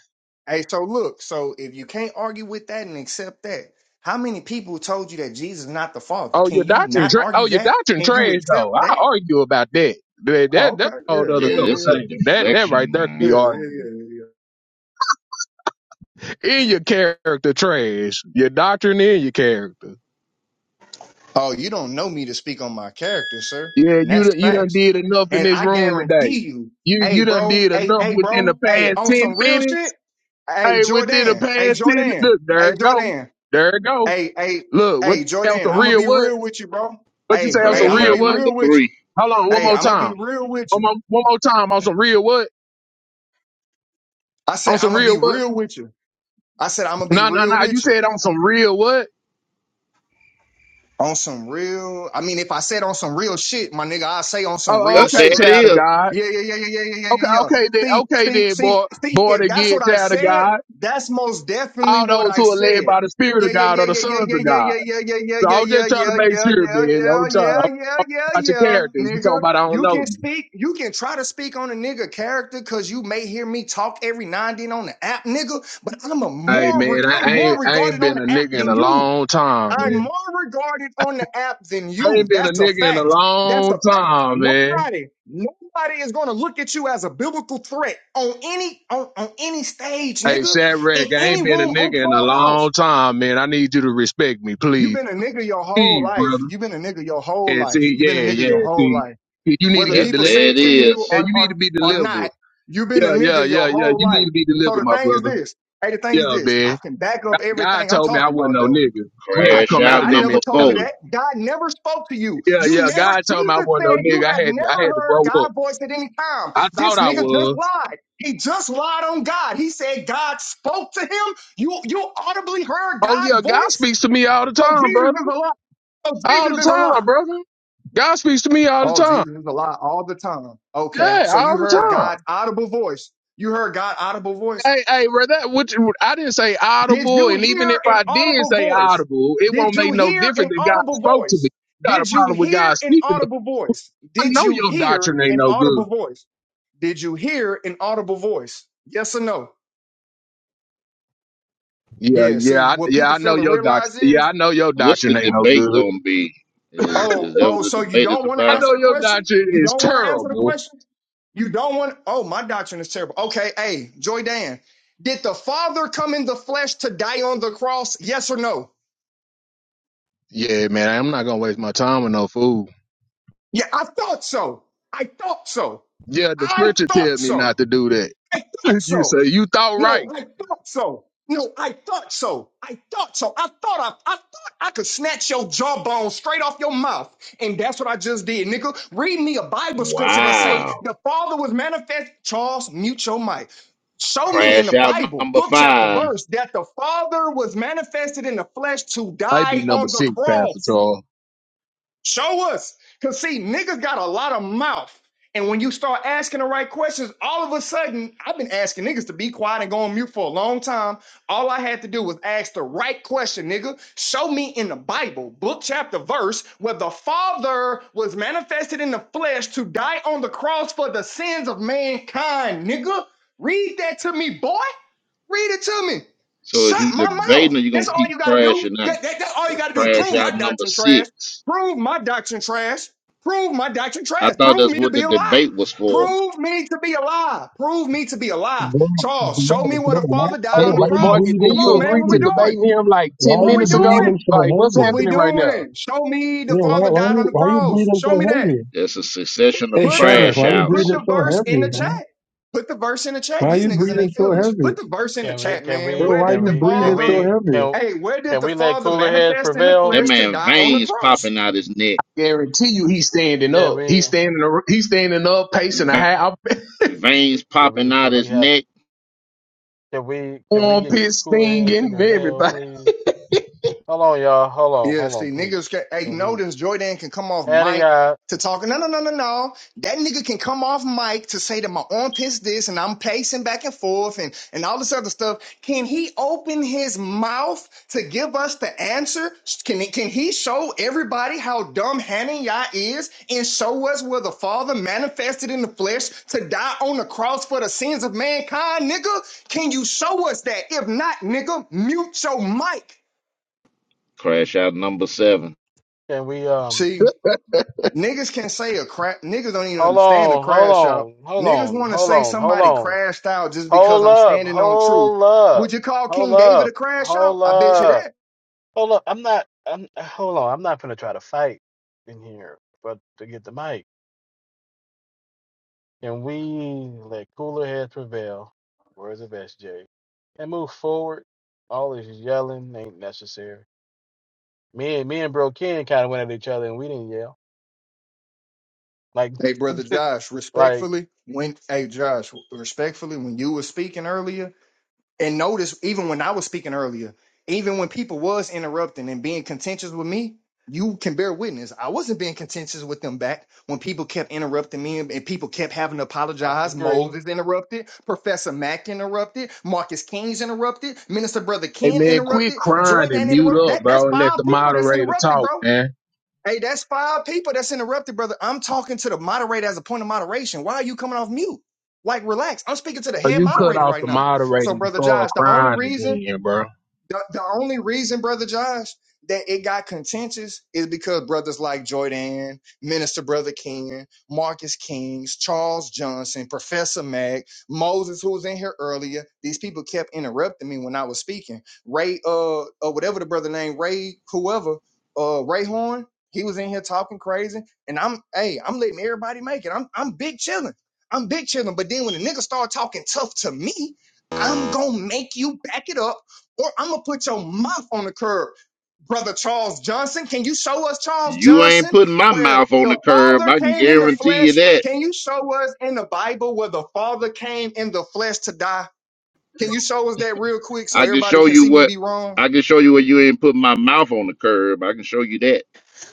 S15: Hey, so look, so if you can't argue with that and accept that, how many people told you that Jesus is not the Father?
S20: Oh,
S15: Can
S20: your
S15: you
S20: doctrine,
S15: not
S20: tra- oh,
S15: argue
S20: your
S15: that?
S20: doctrine
S15: Can you
S20: trash though.
S15: accept that?
S20: I argue about that. That,
S15: Oh,
S20: that
S15: okay.
S20: that's a whole
S15: Yeah,
S20: other
S13: Yeah, this
S15: yeah,
S13: is
S15: yeah.
S20: conversation. That that right
S13: deflection,
S20: there could
S15: Yeah,
S20: be
S15: yeah,
S13: man.
S15: yeah, yeah.
S20: argued.
S15: yeah. yeah.
S20: In your character trash, your doctrine in your character.
S15: Oh, you don't know me to speak on my character, sir.
S20: Yeah,
S15: And
S20: you
S15: that's
S20: done, you done
S15: facts.
S20: did enough in
S15: And
S20: this
S15: I
S20: room today.
S15: guarantee you,
S20: You
S15: hey,
S20: you done
S15: bro,
S20: did
S15: hey,
S20: enough
S15: hey,
S20: within
S15: bro,
S20: the
S15: hey,
S20: past
S15: on
S20: ten
S15: some real
S20: minutes.
S15: shit, hey,
S20: Hey, within the
S15: Jordan, hey,
S20: past ten minutes,
S15: Jordan,
S20: look, there
S15: hey,
S20: it go,
S15: Jordan,
S20: there it go.
S15: hey, hey,
S20: Look, what
S15: hey,
S20: the hell,
S15: Jordan, I'm gonna
S20: career?
S15: be
S20: What?
S15: real with you, bro.
S20: But you say
S15: Hey,
S20: on
S15: hey,
S20: some
S15: I'm
S13: Crash
S15: gonna
S20: real
S13: Out
S15: be
S20: what?
S13: number
S15: real with you.
S13: three.
S20: Hold on, one
S15: Hey,
S20: more
S15: I'm gonna be
S20: time.
S15: real with
S20: One
S15: you.
S20: more, one more time on some real what?
S15: I said,
S20: On some
S15: I'm gonna be
S20: real what?
S15: real with you. I said, I'm gonna be
S20: No, no,
S15: real
S20: no. You
S15: with you
S20: said on some real what?
S15: on some real. I mean, if I said on some real shit, my nigga, I say on some
S20: Oh,
S13: Oh,
S15: real
S20: okay,
S13: there
S15: shit.
S13: it
S20: child of
S13: is.
S20: God.
S15: Yeah, yeah, yeah, yeah, yeah, yeah,
S20: Okay,
S15: yeah, yeah.
S20: okay, then,
S15: See,
S20: okay,
S15: see,
S20: then,
S15: see,
S20: boy,
S15: see,
S20: born
S15: if that's
S20: again,
S15: what I
S20: child of
S15: said,
S20: God.
S15: that's most definitely
S20: All
S15: what
S20: those
S15: I
S20: who are led
S15: said.
S20: by the Spirit
S15: Yeah,
S20: of
S15: yeah,
S20: God
S15: yeah,
S20: are the
S15: yeah, yeah,
S20: sons
S15: yeah,
S20: of
S15: yeah,
S20: God.
S15: yeah, yeah, yeah,
S20: So
S15: yeah, yeah,
S20: I'm
S15: yeah,
S20: just
S15: yeah, yeah,
S20: trying to make
S15: yeah,
S20: sure, man. I'm trying
S15: yeah,
S20: I'm
S15: yeah, yeah,
S20: about your
S15: yeah,
S20: character. You talking
S15: nigga.
S20: about I don't
S15: You
S20: know
S15: can
S20: you?
S15: speak, you can try to speak on a nigga character because you may hear me talk every now and then on the app, nigga, but I'm a
S20: Hey,
S15: more,
S20: man,
S15: reg-
S20: I,
S15: I'm
S20: I ain't,
S15: more
S20: I ain't
S15: regarded on
S20: been a
S15: the app
S20: nigga in a
S15: than you.
S20: long time,
S15: I'm
S20: man.
S15: more regarded on the app than
S20: I
S15: you.
S20: ain't been a
S15: That's a
S20: nigga in a
S15: fact. That's
S20: long
S15: a fact.
S20: time, man.
S15: Nobody, nobody is gonna look at you as a biblical threat on any on, on any stage,
S20: Hey,
S15: nigga,
S20: sad
S15: in
S20: Shadrach, I
S15: any
S20: ain't been
S15: room
S20: a nigga
S15: on
S20: in a
S15: Clubhouse.
S20: long time, man. I need you to respect me,
S15: You've
S20: please.
S15: been a nigga your whole
S20: Please,
S15: life.
S20: brother.
S15: You've been a nigga your whole
S20: Yeah,
S15: life.
S20: see,
S15: You've been
S20: yeah,
S15: a nigga your
S20: yeah,
S15: whole
S20: see.
S15: life.
S20: You you need to
S15: Whether
S20: get
S13: Yep,
S15: people
S20: delivered.
S15: say
S13: there
S15: it
S13: it
S15: to you
S20: Yeah,
S13: is.
S15: or
S20: you need
S15: or,
S20: to be
S15: or
S20: delivered.
S15: not, you've been a
S20: Yeah, yeah,
S15: nigga your
S20: yeah, yeah.
S15: whole
S20: You need
S15: life.
S20: to be
S15: So
S20: delivered,
S15: the
S20: my
S15: thing is
S20: brother.
S15: this. Hey, the thing is
S20: Yeah,
S15: this. I
S20: man.
S15: can back up
S20: God
S15: everything I'm
S20: told me I
S15: talking
S20: wasn't
S15: about
S20: no
S15: though.
S20: nigga. I had
S15: I,
S20: to
S13: Crash
S20: come out
S13: Out
S20: of
S15: God
S20: that
S13: number
S15: never told you
S13: four.
S20: mentality.
S15: that. God never spoke to you.
S20: Yeah,
S15: You
S20: yeah.
S15: never,
S20: God told me I
S15: Jesus
S20: wasn't no
S15: said
S20: nigga.
S15: you have
S20: I had to,
S15: never
S20: I had to
S15: heard
S20: grow up.
S15: God's voice at any time.
S20: I thought
S15: This
S20: I
S15: nigga just
S20: was.
S15: lied. He just lied on God. He said God spoke to him. You, you audibly heard
S20: Oh yeah,
S15: God's
S20: God
S15: voice.
S20: speaks to me all the
S15: So
S20: time,
S15: Jesus
S20: brother.
S15: is a lie. So
S20: All
S15: Jesus
S20: the
S15: is a
S20: time,
S15: lie.
S20: brother. God speaks to me all the
S15: Oh,
S20: time.
S15: Jesus is a lie all the time. Okay.
S20: Yeah,
S15: So
S20: all
S15: you
S20: the
S15: heard
S20: time.
S15: God's audible voice. You heard God's audible voice.
S20: Hey, hey, bro, that which I didn't say
S15: Did
S20: audible,
S15: you
S20: and even if
S15: hear an
S20: I did
S15: audible
S20: say
S15: voice?
S20: audible, it won't
S15: Did
S20: make
S15: you
S20: no
S15: hear
S20: difference
S15: an
S20: if God
S15: audible
S20: spoke to me.
S15: voice?
S20: You got a
S15: Did you
S20: problem with
S15: hear
S20: God
S15: an
S20: speaking to
S15: audible voice?
S20: me. I
S15: Did
S20: know
S15: you
S20: your
S15: hear
S20: doctrine ain't
S15: an
S20: no good.
S15: audible voice? Did you hear an audible voice? Yes or no?
S20: Yeah,
S15: Yeah,
S20: yeah,
S15: see,
S20: I,
S15: what
S20: yeah,
S15: people
S20: I know
S15: fail to
S20: your doctrine.
S15: realize
S20: Yeah, I
S15: is
S20: know your
S13: What's the
S20: doctrine ain't no
S13: debate
S20: good.
S13: going to be? I-
S20: [LAUGHS] I
S13: Is
S15: oh,
S13: that what
S15: oh, so
S13: the
S15: you
S13: debate is
S15: don't want to
S13: about?
S20: know
S15: answer the
S20: your
S15: question?
S20: doctrine
S15: You
S20: is
S15: don't want to answer the
S20: terrible.
S15: question? You don't want, oh, my doctrine is terrible. Okay, hey, Joy Dan, did the Father come in the flesh to die on the cross? Yes or no?
S20: Yeah, man, I'm not gonna waste my time with no fool.
S15: Yeah, I thought so. I thought so.
S20: Yeah, the
S15: I
S20: scripture
S15: thought
S20: tells me not
S15: so.
S20: to do that.
S15: I thought
S20: [LAUGHS] you say
S15: so.
S20: you thought
S15: No,
S20: right.
S15: I thought so. No, I thought so. I thought so. I thought I, I thought I could snatch your jawbone straight off your mouth. And that's what I just did, nigga. Read me a Bible scripture that say
S13: Wow.
S15: the Father was manifest. Charles, mute your mic. Show me in the
S13: Crash Out
S15: Bible,
S13: number
S15: book, chapter,
S13: five.
S15: verse, that the Father was manifested in the flesh to
S20: I be
S15: die
S20: number
S15: on the
S20: six, Pastor
S15: cross.
S20: Charles.
S15: Show us. Because, see, niggas got a lot of mouth. And when you start asking the right questions, all of a sudden, I've been asking niggas to be quiet and go on mute for a long time. All I had to do was ask the right question, nigga. Show me in the Bible, book, chapter, verse, where the Father was manifested in the flesh to die on the cross for the sins of mankind, nigga. Read that to me, boy. Read it to me.
S13: So is
S15: Shut
S13: you
S15: my
S13: debating
S15: mouth.
S13: or you
S15: That's
S13: going to
S15: all
S13: keep
S15: you got to do.
S13: crashing out?
S15: That, that, that's all you
S13: That's
S15: got to do.
S13: Crash
S15: Prove my
S13: Out number
S15: doctrine trash.
S13: six.
S15: Prove my doctrine trash. Prove my doctrine
S13: I
S15: trash.
S13: thought
S15: Prove
S13: that's
S15: me to
S13: what
S15: be
S13: the
S15: a lie.
S13: debate was for.
S15: Prove me to be a lie. Prove me to be a lie.
S18: Bro, bro,
S15: Charles, show me where
S18: bro,
S15: the
S18: why,
S15: Father died
S18: bro,
S20: Hey,
S15: on the
S18: why
S20: what,
S18: you
S20: Morgan?
S15: cross.
S18: breathing
S20: Didn't
S15: Come
S18: so
S20: you
S15: on, man.
S20: agree
S15: What we
S20: to
S18: heavy?
S15: doing?
S20: debate him like
S18: Why
S20: ten
S15: What
S18: you
S15: we
S20: minutes ago?
S18: breathing
S15: doing?
S18: so
S20: Like, what's
S15: What
S18: heavy?
S15: we
S20: happening right now?
S15: doing? Show me the
S18: Yeah, why,
S15: Father
S18: why
S15: died
S18: you,
S15: on the
S18: why you
S15: cross.
S18: breathing
S15: Show
S18: so
S15: me that.
S18: heavy?
S13: It's a succession of
S18: Hey,
S15: Put the
S18: Shadrach,
S13: crash
S18: why you
S15: hey, put
S13: outs.
S18: breathing
S15: the
S18: so
S15: verse in
S18: heavy,
S15: the
S18: man?
S15: chat. Put the verse in the chat.
S18: Why
S15: These
S18: you
S15: niggas in their
S18: breathing so
S15: feelings. Put
S18: heavy?
S15: the verse in the
S5: Can we
S15: chat,
S5: can
S15: man.
S18: Bro,
S5: we
S15: Where
S18: why
S15: did
S5: can
S18: you
S15: the
S5: we can
S18: breathing
S15: father?
S18: so
S5: we
S18: heavy?
S5: can
S15: Hey, where did
S5: can
S15: the
S5: we let
S15: father
S5: cooler heads
S15: manifest in the
S13: That
S15: flesh
S5: prevail?
S15: to
S13: man
S15: die on the
S13: veins
S15: cross?
S13: popping out his neck.
S20: Guarantee you, he's standing
S5: Can
S20: up.
S5: we
S20: He's standing. ar- He's standing up, pacing a
S13: Ve-
S20: half
S13: Veins
S5: can
S13: popping
S5: we
S13: out
S5: can we
S13: his
S5: have
S13: neck.
S5: can we
S20: [LAUGHS]
S5: can we
S20: on
S5: get
S20: pit
S5: cooler heads
S20: stinging
S5: to
S20: and
S5: prevail,
S20: everybody. [LAUGHS]
S5: please? Hold on, y'all. Hold on,
S15: Yeah,
S5: hold
S15: see,
S5: on, please.
S15: niggas can hey,
S5: Can we
S15: notice Jordan can come off
S5: Hannah,
S15: mic
S5: y'all,
S15: to talk. No, no, no, no, no. That nigga can come off mic to say that my armpit's this and I'm pacing back and forth and, and all this other stuff. Can he open his mouth to give us the answer? Can he, can he show everybody how dumb Hananiah is and show us where the Father manifested in the flesh to die on the cross for the sins of mankind, nigga? Can you show us that? If not, nigga, mute your mic.
S13: Crash out number seven.
S5: can we um
S15: See? Niggas can say a crash. Niggas don't even
S5: Hold
S15: understand a
S5: on, hold
S15: crash out.
S5: on, hold
S15: Niggas
S5: on,
S15: want to
S5: hold
S15: say
S5: on, hold
S15: somebody
S5: on.
S15: crashed out just because
S5: Hold
S15: I'm
S5: up,
S15: standing on truth.
S5: hold up,
S15: Would you call
S5: hold
S15: King David a
S5: up,
S15: crash out?
S5: hold
S15: I bet you
S5: up,
S15: that.
S5: hold up. I'm not. I'm. Hold on. I'm not gonna try to fight in here, but to get the mic, and we let cooler heads prevail. Words of SJ, and move forward. All this yelling ain't necessary. Me and me and Bro Ken kind of went at each other, and we didn't yell. Like,
S15: Hey, brother Josh,
S5: [LAUGHS] like
S15: respectfully, when hey Josh, respectfully, when you were speaking earlier, And notice, even when I was speaking earlier, even when people was interrupting and being contentious with me, you can bear witness. I wasn't being contentious with them back when people kept interrupting me and and people kept having to
S5: I
S15: apologize.
S5: agree.
S15: Moses interrupted, Professor Mack interrupted, Marcus King's interrupted, Minister Brother
S20: Hey
S15: Ken
S20: man, quit
S15: interrupted,
S20: crying
S15: Joy
S20: and
S15: Dan
S20: mute
S15: interrupted.
S20: up,
S15: That that's
S20: bro, and let
S15: five
S20: the
S15: people that's
S20: moderator
S15: interrupted,
S20: talk,
S15: bro.
S20: man.
S15: Hey, that's five people that's interrupted, brother. I'm talking to the moderator as a point of moderation. Why are you coming off mute? Like, relax. I'm speaking to the
S20: Or
S15: head
S20: you cut
S15: moderator
S20: off
S15: right
S20: the
S15: now.
S20: moderator
S15: So,
S20: and
S15: brother
S20: start
S15: Josh, the only
S20: crying
S15: reason
S20: again, bro.
S15: the, the only reason, brother Josh, that it got contentious is because brothers like Jordan, Minister Brother King, Marcus Kings, Charles Johnson, Professor Mack, Moses, who was in here earlier. These people kept interrupting me when I was speaking. Ray, uh, uh whatever the brother name, Ray, whoever, uh, Ray Horn. He was in here talking crazy, and I'm, hey, I'm letting everybody make it. I'm, I'm big chilling. I'm big chilling. But then when the nigga start talking tough to me, I'm gonna make you back it up or I'm gonna put your mouth on the curb, brother Charles Johnson. Can you show us Charles
S13: You ain't
S15: Johnson
S13: putting my
S15: where
S13: mouth on
S15: the
S13: the curb.
S15: Father
S13: I can
S15: came in the
S13: guarantee you
S15: flesh?
S13: that.
S15: Can you show us in the Bible where the Father came in the flesh to die? Can you show us that real quick so
S13: I can
S15: everybody
S13: show
S15: can
S13: you
S15: see me
S13: what.
S15: be wrong?
S13: I can show you where you ain't putting my mouth on the curb. I can show you that.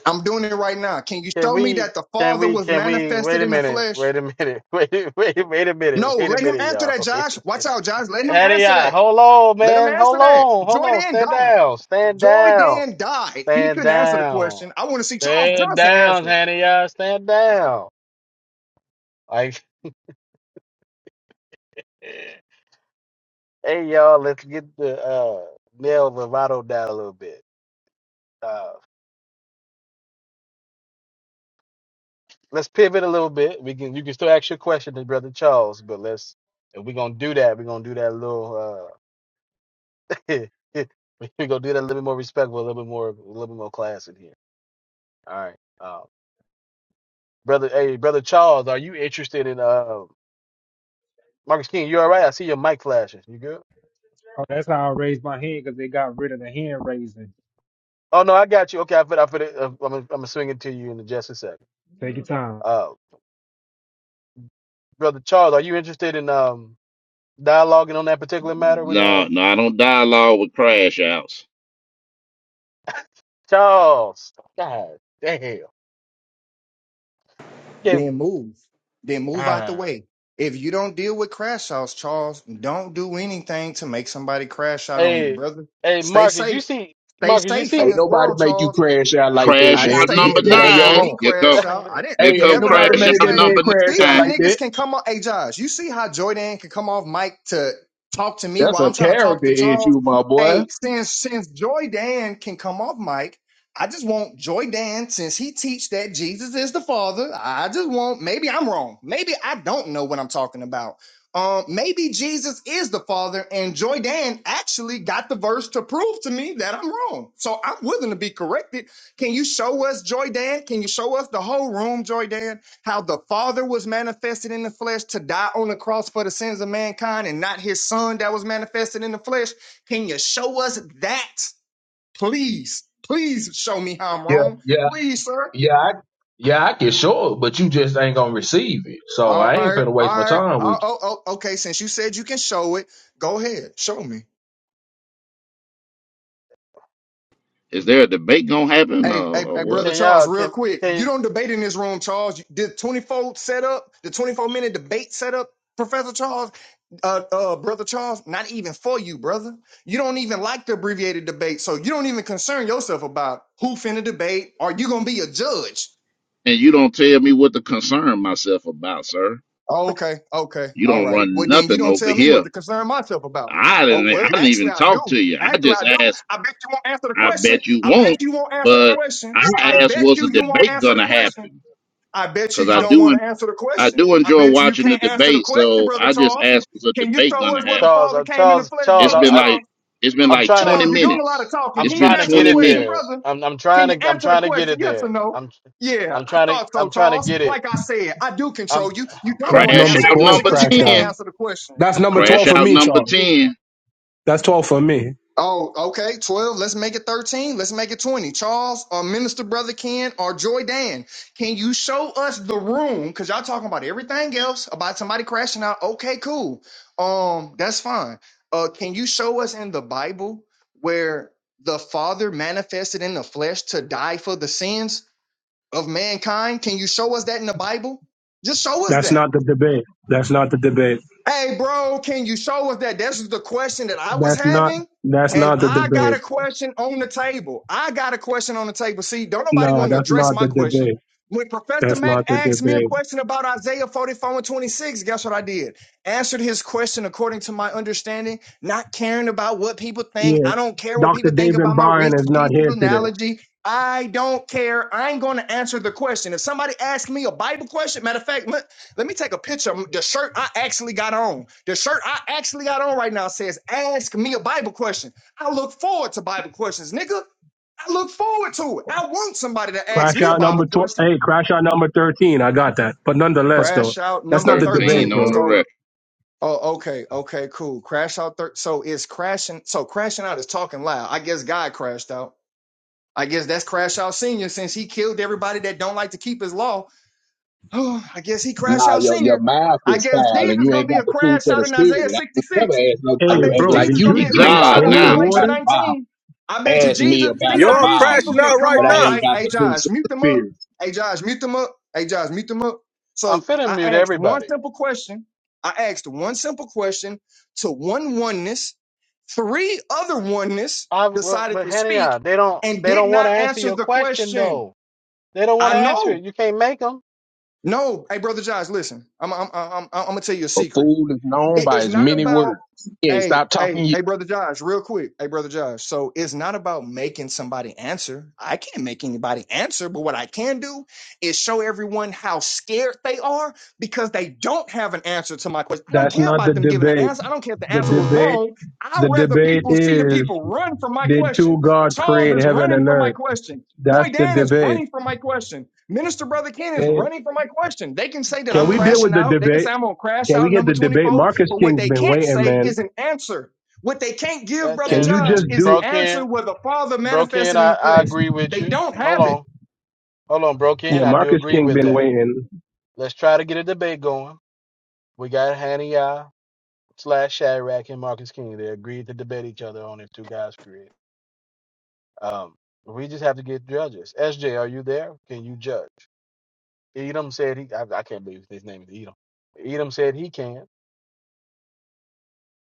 S15: I'm doing it right now. Can you
S5: Can
S15: show me
S5: we?
S15: that the
S5: Can
S15: Father
S5: we?
S15: was
S5: Can we? Wait
S15: manifested
S5: a
S15: in the
S5: minute.
S15: flesh?
S5: Wait a minute. [LAUGHS] Wait. Wait. Wait a minute.
S15: No,
S5: Wait a
S15: let him
S5: minute,
S15: answer
S5: y'all.
S15: that,
S5: [LAUGHS] Wait
S15: Josh.
S5: a
S15: Watch
S5: minute.
S15: out, Josh. Let him
S5: Howdy,
S15: answer that.
S5: Hold on,
S15: Let him
S5: man.
S15: answer
S5: Hold
S15: that.
S5: on. Hold
S15: Joy
S5: on.
S15: Dan
S5: Stand
S15: died.
S5: down. Stand
S15: Joy
S5: down.
S15: Dan died. He
S5: Stand
S15: couldn't answer the
S5: down.
S15: question. I want to see Charles
S5: Stand
S15: Johnson
S5: down,
S15: answer.
S5: Hannah, Stand down. Like, [LAUGHS] hey, y'all. Let's get the uh Nell Lovato down a little bit. Uh, let's pivot a little bit. We can. You can still ask your question to Brother Charles, but let's. If we're gonna do that, we're gonna do that little. uh, [LAUGHS] We're gonna do that a little bit more respectful, a little bit more, a little bit more class in here. All right, uh, brother. Hey, brother Charles, are you interested in uh Marcus King? You all right? I see your mic flashing. You good?
S19: Oh, that's how I raised my hand because they got rid of the hand raising.
S5: Oh no, I got you. Okay, I fit. I fit. It. uh, I'm gonna I'm gonna swing it to you in just a second.
S19: Take your time.
S5: Uh, brother Charles, are you interested in um dialoguing on that particular matter with uh
S13: No, no, I don't dialogue with crash outs.
S5: Charles? God damn. Can't-
S15: Then move. Then move out the
S5: ah.
S15: way. If you don't deal with crash outs, Charles, don't do anything to make somebody crash
S5: [SIGHS]
S15: out on you,
S5: Hey,
S15: brother.
S5: hey,
S15: Stay
S5: Marcus, you
S15: safe.
S5: see,
S15: Stay
S5: Marcus, you
S15: safe in
S5: see.
S20: Ain't
S15: this
S20: nobody
S15: world,
S20: make you
S15: Charles.
S20: crash out like that,
S13: Crash
S15: I didn't
S20: man.
S13: out
S15: say
S20: You did
S13: number
S20: that
S15: anybody
S20: on
S15: made
S20: your
S13: nine.
S15: me
S20: own.
S13: Here
S5: [SIGHS] [LAUGHS]
S13: come,
S15: crash out. I
S5: can
S15: didn't.
S13: here
S20: Hey,
S15: You
S20: ain't
S13: come
S15: never
S13: crash
S20: nobody
S15: heard me
S20: made
S13: out
S20: that
S15: say.
S20: man
S13: number
S20: crash
S15: See
S20: out
S15: how
S13: nine.
S20: like
S15: niggas
S20: that.
S15: can come off. Hey Josh, you see how Jordan can come off mic to talk to me
S20: That's
S15: while
S20: a
S15: I'm trying to talk
S20: character
S15: to Charles.
S20: issue, my
S15: Hey,
S20: boy.
S15: since since Joy Dan can come off mic, I just want Joy Dan since he teach that Jesus is the Father. I just want. Maybe I'm wrong. Maybe I don't know what I'm talking about. Um, maybe Jesus is the Father, and Joy Dan actually got the verse to prove to me that I'm wrong. So I'm willing to be corrected can you show us, Joy Dad? Can you show us the whole room, Joy Dad, how the Father was manifested in the flesh to die on the cross for the sins of mankind and not his son that was manifested in the flesh? Can you show us that? Please, please show me how I'm
S20: Yeah,
S15: wrong.
S20: yeah.
S15: Please, sir. All right, all right. Oh, oh, oh, okay. Since you said you can show it, go ahead. Show me.
S13: Is there a debate gonna happen or,
S15: Hey, hey,
S13: or
S15: hey,
S13: what?
S15: brother Charles,
S5: y'all
S15: real
S5: can
S15: quick. You
S5: can?
S15: don't debate in this room, Charles. Did 24 set up, the 24 minute debate set up, Professor Charles, uh, uh, brother Charles, not even for you, brother. You don't even like the abbreviated debate, so you don't even concern yourself about who finna debate. Are you gonna be a judge?
S13: And you don't tell me what to concern myself about, sir.
S15: Oh, okay, okay,
S13: You
S15: all
S13: don't
S15: right.
S13: run
S15: Well, then you
S13: nothing
S15: don't
S13: over
S15: tell me what
S13: here.
S15: to concern myself about.
S13: I didn't
S15: Oh,
S13: I
S15: well,
S13: didn't
S15: actually,
S13: even
S15: I
S13: talk to
S15: do.
S13: you. I
S15: Actually,
S13: just
S15: I do.
S13: asked,
S15: I bet you won't answer the
S13: I
S15: question.
S13: bet you
S15: I bet
S13: won't,
S15: you won't answer the
S13: but
S15: question.
S13: I
S15: I
S13: asked
S15: bet
S13: was the
S15: you you won't
S13: debate
S15: answer the
S13: gonna
S15: question.
S13: happen?
S15: I bet you
S13: Because
S15: you
S13: I
S15: don't
S13: do
S15: want
S13: en-
S15: to answer the
S13: I
S15: question.
S13: do
S15: I
S13: enjoy
S15: bet you you
S13: watching the
S15: can't answer the
S13: debate,
S15: question,
S13: so
S15: Brother
S13: I just
S15: Charles.
S13: asked was a
S15: Can you
S13: debate
S15: show
S13: gonna
S15: us where
S13: happen.
S15: the
S5: Charles,
S15: Father
S5: uh,
S15: came in the
S5: Charles,
S15: flesh,
S5: Charles,
S13: It's
S15: Brother
S5: I,
S13: been
S5: I,
S13: like
S15: Charles?
S13: it's been
S5: I'm
S13: like
S5: trying to,
S13: twenty
S15: Charles, you're doing a lot of
S13: minutes.
S15: talking.
S5: I'm
S13: It's
S15: Can you
S13: been
S5: trying to
S15: answer the
S5: get
S13: twenty
S5: it
S15: question,
S5: there.
S13: minutes.
S15: brother?
S5: I'm, I'm
S15: Can you
S5: trying to, I'm
S15: answer the
S5: trying to get
S15: question?
S5: it
S15: Yes or
S5: there.
S15: no?
S5: I'm,
S15: Yeah,
S5: I'm
S15: I
S5: trying to,
S15: thought so,
S5: I'm trying to
S15: Charles.
S5: get it.
S15: Like I said, I do
S5: I'm,
S15: control you. You don't
S18: That's
S15: want to
S13: Crash
S18: number
S15: answer the
S13: out
S18: 12
S15: question
S13: number
S15: because you
S18: crash
S15: can't
S18: out.
S13: ten.
S15: answer the question.
S18: That's number
S13: Crash
S18: 12 for
S13: out
S18: me,
S13: number
S18: Charles.
S13: ten.
S18: That's 12 for me.
S15: Oh, okay, 12. Let's make it 13. Let's make it 20. Charles, or Minister Brother Ken, or Joy Dan, can you show us the room? Because y'all talking about everything else, about somebody crashing out. Okay, cool. Um, that's fine. Uh, can you show us in the Bible where the Father manifested in the flesh to die for the sins of mankind? Can you show us that in the Bible? Just show us
S18: That's
S15: that.
S18: not the debate. That's not the debate.
S15: Hey, bro, can you show us that? This is the question that I was
S18: That's not
S15: having.
S18: that's
S15: And
S18: not the
S15: I got
S18: debate.
S15: a question on the table. I got a question on the table. See, don't nobody
S18: No,
S15: want to
S18: that's
S15: address
S18: not
S15: my
S18: the
S15: question.
S18: debate.
S15: When Professor
S18: That's
S15: Mack
S18: not the
S15: asked me a
S18: debate.
S15: question about Isaiah 44 and 26, guess what I did? Answered his question according to my understanding, not caring about what people think.
S18: Yeah.
S15: I don't care what people
S18: Dr.
S15: think
S18: David
S15: about my
S18: Byron is
S15: reasons,
S18: not
S15: pieces,
S18: here today.
S15: analogy. I don't care. I ain't going to answer the question. If somebody asks me a Bible question, matter of fact, let me take a picture. The shirt I actually got on. The shirt I actually got on right now says, Ask me a Bible question. I look forward to Bible questions, nigga. I look forward to it. I want somebody to ask
S18: Crash
S15: me a
S18: out
S15: Bible
S18: number 12.
S15: question.
S18: Hey, crash out number 13. I got that. But nonetheless, though,
S15: Crash out
S18: that's
S15: number
S18: not the debate,
S13: Thirteen
S15: 13.
S13: on the
S18: bro.
S15: So,
S13: record.
S15: oh, okay, okay, cool. Crash out. Thir- so, it's crashing. So, crashing out is talking loud. I guess God crashed out. I guess that's Crash Out Senior since he killed everybody that don't like to keep his law Oh, I guess he crashed
S20: Nah,
S15: out
S20: your your
S15: senior.
S20: mouth
S15: I
S20: is
S15: guess
S20: foul,
S15: Jesus
S20: and
S15: is
S20: you
S15: gonna
S20: ain't
S15: be
S20: got
S15: a
S20: the food
S15: crash
S20: for
S15: out
S20: the
S15: in
S20: spirit.
S15: Isaiah
S20: I would never
S15: 66.
S20: ask
S15: I
S20: nobody
S18: Hey,
S20: who
S15: bet you
S20: act
S18: bro,
S20: like
S15: Jesus
S18: did
S15: is gonna
S20: you
S18: you
S15: be
S13: He
S15: a
S20: any
S18: drink
S15: crash
S13: God
S15: out in
S20: Bible
S18: any
S13: now.
S20: verse
S15: Revelation
S20: about
S18: water?
S20: the Bible.
S15: 19. I bet you
S20: Ask me
S15: Jesus.
S20: about
S15: See
S20: the
S15: how
S21: Y'all
S15: these people
S21: crashing
S20: Bible,
S15: can
S21: out
S15: come
S21: right
S20: but I
S15: off,
S21: now.
S20: ain't
S15: Mike.
S20: got
S15: Hey
S20: the food
S15: Josh,
S20: for
S15: mute
S20: the
S15: them up.
S20: spirit.
S15: Hey Josh, mute them up. Hey Josh, mute them up.
S5: I'm
S15: So
S5: finna
S15: I
S5: mute
S15: asked one
S5: everybody.
S15: simple question. I asked one simple question to one oneness. Three other oneness
S5: I, well,
S15: decided
S5: but
S15: to speak
S5: Hania, they don't,
S15: and
S5: they
S15: did
S5: don't want to
S15: not
S5: answer
S15: answer
S5: your
S15: the
S5: question
S15: question.
S5: though. They don't want
S15: I
S5: to answer
S15: know
S5: it. You can't make them.
S15: no, hey, brother Josh, listen. I'm I'm I'm I'm, I'm gonna tell you a
S20: A
S15: secret.
S20: fool is known
S15: It
S20: by
S15: is
S20: his
S15: not
S20: many
S15: about
S20: words. He ain't
S15: hey
S20: stop
S15: hey
S20: talking
S15: hey brother Josh, real quick. Hey brother Josh. So it's not about making somebody answer. I can't make anybody answer, but what I can do is show everyone how scared they are because they don't have an answer to my question. I don't
S18: That's
S15: care
S18: not
S15: about
S18: the
S15: them giving an
S18: debate.
S15: answer. I don't care if the
S18: The
S15: answer was
S18: debate
S15: wrong. I
S18: the
S15: rather
S18: debate
S15: people see the
S18: is
S15: people run from my
S18: did
S15: question
S18: two gods
S15: Charles
S18: create
S15: is
S18: heaven
S15: running
S18: and
S15: from my
S18: earth?
S15: question. Joy
S18: That's the
S15: Dan is
S18: debate.
S15: running from my question. Minister Brother Ken is
S18: Hey,
S15: running from my question. They can say that
S18: can
S15: I'm
S18: we deal with
S15: crashing
S18: the
S15: out. They can say
S18: debate?
S15: I'm going to crash
S18: Can
S15: out
S18: we get
S15: number
S18: the debate?
S15: 24.
S18: Marcus
S15: But what
S18: King's
S15: they
S18: been
S15: can't
S18: waiting,
S15: say
S18: man.
S15: is an answer. What they can't give,
S5: That,
S15: Brother
S18: Can you
S5: and,
S15: Josh,
S18: just
S5: and
S15: is an
S18: do
S15: answer
S5: Broken,
S15: where the Father
S5: Broken,
S15: manifested in
S5: I,
S15: the
S5: I
S15: flesh.
S5: agree with
S15: They
S5: you.
S15: don't
S5: Hold
S15: have it.
S5: on, hold on,
S18: yeah,
S5: Broken, I do
S18: Marcus
S5: agree
S18: King
S5: with
S18: been
S5: that.
S18: waiting.
S5: Let's try to get a debate going. We got Hania. slash Shadrach and Marcus King. They agreed to debate each other on their two guys period. Um, we just have to get judges. SJ, are you there? Can you judge? Edom said he. I, I can't believe his name is Edom. Edom said he can.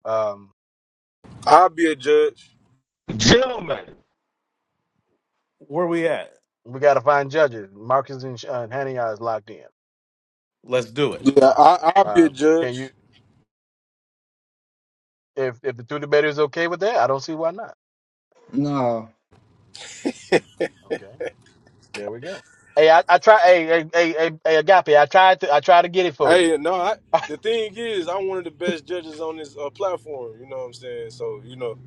S5: Um,
S21: I'll be a judge.
S2: Where we at?
S5: we got to find judges. Marcus and, Sh- uh, and Haniah is locked in.
S2: Let's do it.
S21: Yeah, I, I'll be a
S5: Uh, can
S21: judge.
S5: you? If if the two debaters okay with that, I don't see why not.
S15: No.
S5: Okay, there we go. Hey, I, I try. Hey, hey, hey, hey, hey, Agape, I tried to. I tried to get it for you.
S21: Hey, no, I,
S5: [LAUGHS]
S21: the thing is, I'm one of the best judges on this uh, platform. You know what I'm saying? So, you know,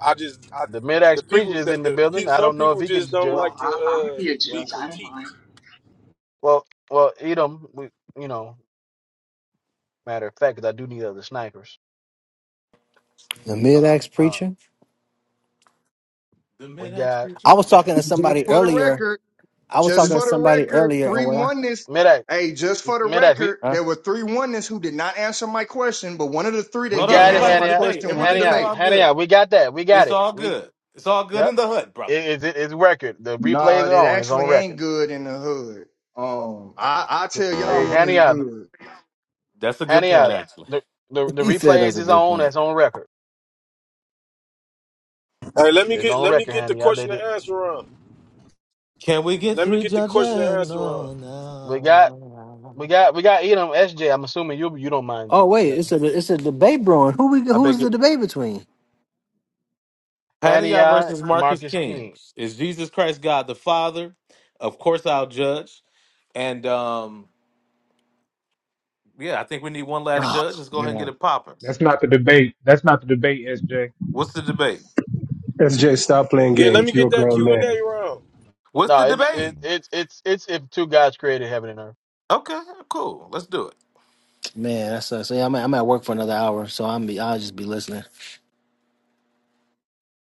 S21: I just, I,
S5: the
S21: the
S5: midax preacher
S21: people,
S5: is
S21: the,
S5: in the
S21: the, pe-
S5: building. I
S21: some
S5: don't know if
S21: people
S5: he
S21: just
S5: can
S21: don't
S5: judge.
S21: like
S1: Well,
S21: to
S1: I, I'll
S21: uh,
S1: be a
S21: be
S1: judge. I don't mind.
S21: critiqued.
S5: Well, well, Edom, we, you know, matter of fact, 'cause I do need other snipers.
S22: The mid axe
S5: Uh,
S22: preacher.
S2: The
S5: we
S2: mid-ax
S5: got
S2: preacher.
S22: I was talking to
S15: Just
S22: somebody
S5: yeah,
S15: for the
S22: earlier.
S15: record,
S22: I was
S15: just
S22: talking to
S15: for the
S22: somebody
S15: record,
S22: earlier, and
S15: three
S22: when I
S15: oneness.
S5: Medak,
S15: Hey, just for the
S5: Medak, we
S15: record,
S22: huh?
S15: there were three oneness who did not answer my question, but one of the three
S5: we
S15: that
S2: Hold
S15: didn't
S2: on,
S5: got
S2: you
S5: it,
S15: answer
S2: about to
S15: my
S5: Hanny out,
S2: debate.
S15: question won a
S2: Everything
S5: Hanny
S2: is
S5: out,
S15: debate.
S2: all
S5: Hanny
S2: good.
S5: out. We got that, we got
S2: It's
S5: it.
S2: all
S5: We
S2: good. It's all good
S5: yep,
S2: in the hood,
S5: it,
S2: brother.
S5: it's it, it's record. The
S15: No,
S5: replays are
S15: it
S5: on. It's on
S15: actually
S5: record.
S15: ain't good in the hood. Um, I I tell y'all
S5: Hey,
S15: when it's
S5: Hanny out,
S15: good.
S2: That's a good
S5: Hanny
S2: point,
S5: out.
S2: actually.
S5: The the
S22: [LAUGHS]
S5: the
S22: he said that's
S5: replays
S22: a
S5: is
S22: good
S5: on.
S22: point.
S5: That's on record.
S21: Hey, let me
S5: It's
S21: get,
S5: on
S21: let me
S5: record,
S21: get the
S5: Hanny out. They
S21: question and
S5: did.
S21: answer round.
S2: Can we get
S21: Let me
S2: three
S21: get the question and
S2: judges?
S21: answer
S2: No,
S21: round.
S5: We got we
S2: no.
S5: got we got Edom S. am assuming you you don't mind
S22: Oh wait, it's
S5: judging.
S22: a it's a debate brewing. Who we
S2: I beg
S22: who's
S2: your
S22: the debate between?
S5: Hanny
S2: Hananiah
S5: out,
S2: versus Marcus
S5: Marcus King.
S2: Kings. Is Jesus Christ God the Father? Of course I'll judge. And um, yeah, I think we need one last
S22: Oh,
S2: judge. Let's go ahead and
S22: yeah,
S2: get it popping.
S19: That's not the debate. That's not the debate, SJ.
S2: What's the debate?
S18: SJ, stop playing
S21: Yeah, let
S18: games.
S21: me
S18: You're
S21: get
S18: a
S21: that
S18: grown
S21: Q and
S18: man.
S21: A round.
S2: What's
S5: No,
S2: the
S5: it's it,
S2: debate?
S5: it's it's it's if two gods created heaven and earth.
S2: Okay, cool. Let's do it.
S22: man, that sucks. So, yeah, I'm at, I'm at work for another hour, so I'm be I'll just be listening.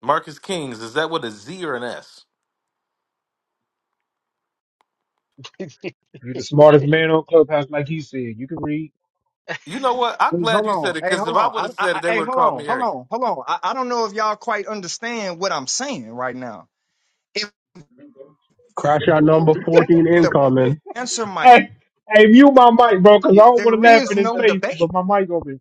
S2: Marcus Kings, is that with a Z or an S?
S19: You're the smartest man on Clubhouse, like he said. You can read.
S2: You know what? I'm
S15: Hey,
S2: glad
S15: hold
S2: you
S15: on,
S2: said it
S15: hey,
S2: because
S15: hold
S2: if I
S15: on,
S2: would
S15: I,
S2: have
S15: I,
S2: said
S15: I-
S2: it, they
S15: hey,
S2: would have
S15: hold
S2: called
S15: on,
S2: me
S15: hold
S2: arrogant.
S15: on, hold on. I, I don't know if y'all quite understand what I'm saying right now. If
S18: Crash out number fourteen
S15: the
S18: incoming.
S15: answer might,
S19: Hey, hey, mute my mic, bro, because I don't want to
S15: there
S19: laugh
S15: is
S19: in his
S15: no
S19: face,
S15: debate.
S19: but my mic open.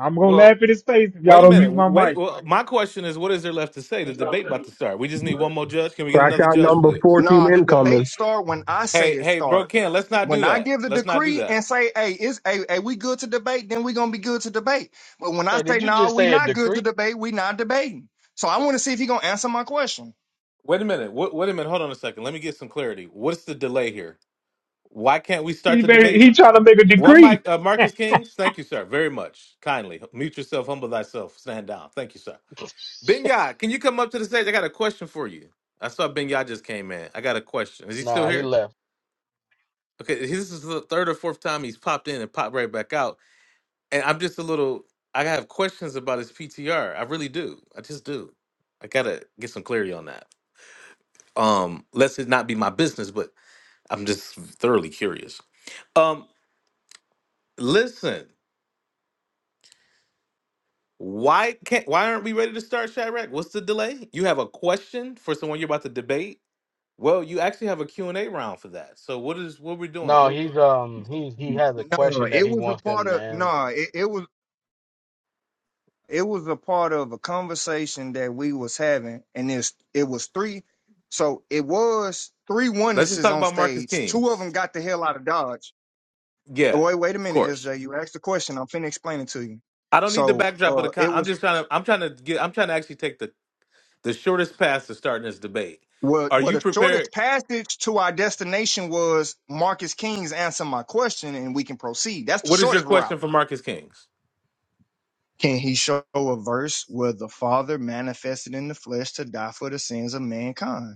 S19: I'm gonna
S2: Well,
S19: laugh in his face if
S2: wait
S19: y'all
S2: a
S19: don't
S2: minute.
S19: mute my
S2: Wait.
S19: mic.
S2: Well, my question is, what is there left to say? The debate about to start. We just need one more judge. Can we get
S18: Crash
S2: another
S18: out
S2: judge,
S18: number
S2: please?
S18: fourteen
S15: No, the
S18: incoming.
S15: debate start when I say
S2: Hey,
S15: it
S2: hey, bro,
S15: start.
S2: Ken, let's not
S15: When
S2: do
S15: I
S2: that.
S15: give the
S2: Let's not do
S15: decree
S2: that.
S15: and say, "Hey, is hey, hey, we good to debate?" Then we gonna be good to debate. But when
S5: [LAUGHS]
S15: I
S5: hey,
S15: say,
S5: did you
S15: "No,
S5: just
S15: we
S5: say a
S15: not good to
S5: decree?
S15: debate," we not debating. So I want to see if he gonna answer my question.
S2: Wait a minute. Wait, wait a minute. Hold on a second. Let me get some clarity. What's the delay here? Why can't we start
S19: He
S2: the
S19: made,
S2: debate?
S19: he trying to make a
S2: One,
S19: decree.
S2: Mike, uh,
S19: [LAUGHS]
S2: Marcus Kings, thank you, sir, very much. Kindly mute yourself, humble thyself, stand down. Thank you, sir.
S5: [LAUGHS]
S2: Benya, can you come up to the stage? I got a question for you. I saw Benya just came in. I got a question. Is he
S5: Nah,
S2: still
S5: he
S2: here?
S5: left.
S2: Okay, this is the third or fourth time he's popped in and popped right back out. And I'm just a little. I have questions about his PTR. I really do. I just do. I gotta get some clarity on that. Um, lest it not be my business, but I'm just thoroughly curious. Um, listen, why can't why aren't we ready to start, Shadrach? What's the delay? You have a question for someone you're about to debate? Well, you actually have a Q and a round for that. So what is what we're doing?
S5: No,
S2: What, what-
S5: he's um he he has a
S15: No,
S5: question that
S15: it
S5: he
S15: was a
S5: wants
S15: part
S5: them to
S15: of no,
S5: answer.
S15: it, it was it was a part of a conversation that we was having, and it's it was three, so it was three
S2: let's just
S15: onenesses
S2: talk
S15: on
S2: about Marcus
S15: stage. Two of them
S2: Kings.
S15: got the hell out of Dodge. Oh,
S2: Yeah,
S15: wait, wait a
S2: of
S15: minute,
S2: course.
S15: SJ. You asked the question. I'm finna explain it to you.
S2: I don't need the
S15: So,
S2: backdrop of
S15: uh,
S2: the
S15: it
S2: con- I'm
S15: was
S2: just trying to I'm trying to get I'm trying to actually take the the shortest path to starting this debate.
S15: what
S2: Are
S15: what
S2: you
S15: the
S2: prepared?
S15: shortest passage to our destination was. Marcus King's answer my question, and we can proceed. That's the
S2: What is your
S15: shortest route.
S2: question for Marcus Kings?
S15: Can he show a verse where the Father manifested in the flesh to die for the sins of mankind?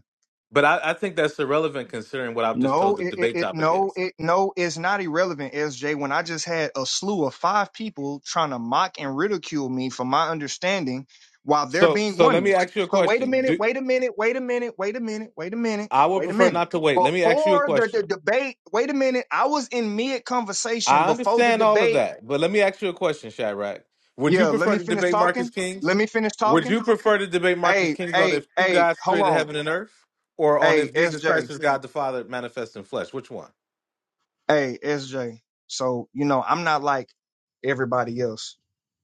S2: But I, I think that's irrelevant considering what I've just told
S15: No,
S2: the
S15: it, it,
S2: debate
S15: it
S2: topic
S15: no,
S2: is.
S15: it no, it's not irrelevant, SJ. When I just had a slew of five people trying to mock and ridicule me for my understanding while there
S2: So
S15: being
S2: so let
S15: oneness.
S2: me ask you a
S15: So wait a
S2: question.
S15: minute,
S2: Do
S15: wait a minute, wait a minute, wait a minute, wait a minute,
S2: I would
S15: wait a
S2: prefer
S15: minute.
S2: not to wait. Let me ask you a
S15: Before the, the
S2: question.
S15: debate, wait a minute, I was in mid conversation
S2: I
S15: before the
S2: understand all of
S15: debate.
S2: that, but let me ask you a question, Shadrach. Would you
S15: Yeah, let
S2: prefer
S15: me
S2: to
S15: finish
S2: debate Marcus
S15: talking. Let
S2: Kings?
S15: me finish
S2: Would
S15: talking
S2: you prefer to debate Marcus
S15: Hey,
S2: Kings on
S15: hey,
S2: if you
S15: hey,
S2: guys
S15: hold
S2: created
S15: on.
S2: heaven and earth or on
S15: Hey,
S2: if Jesus Christ
S15: SJ.
S2: is God the Father manifest in flesh? Which one?
S15: Hey, SJ. So, you know, I'm not like everybody else.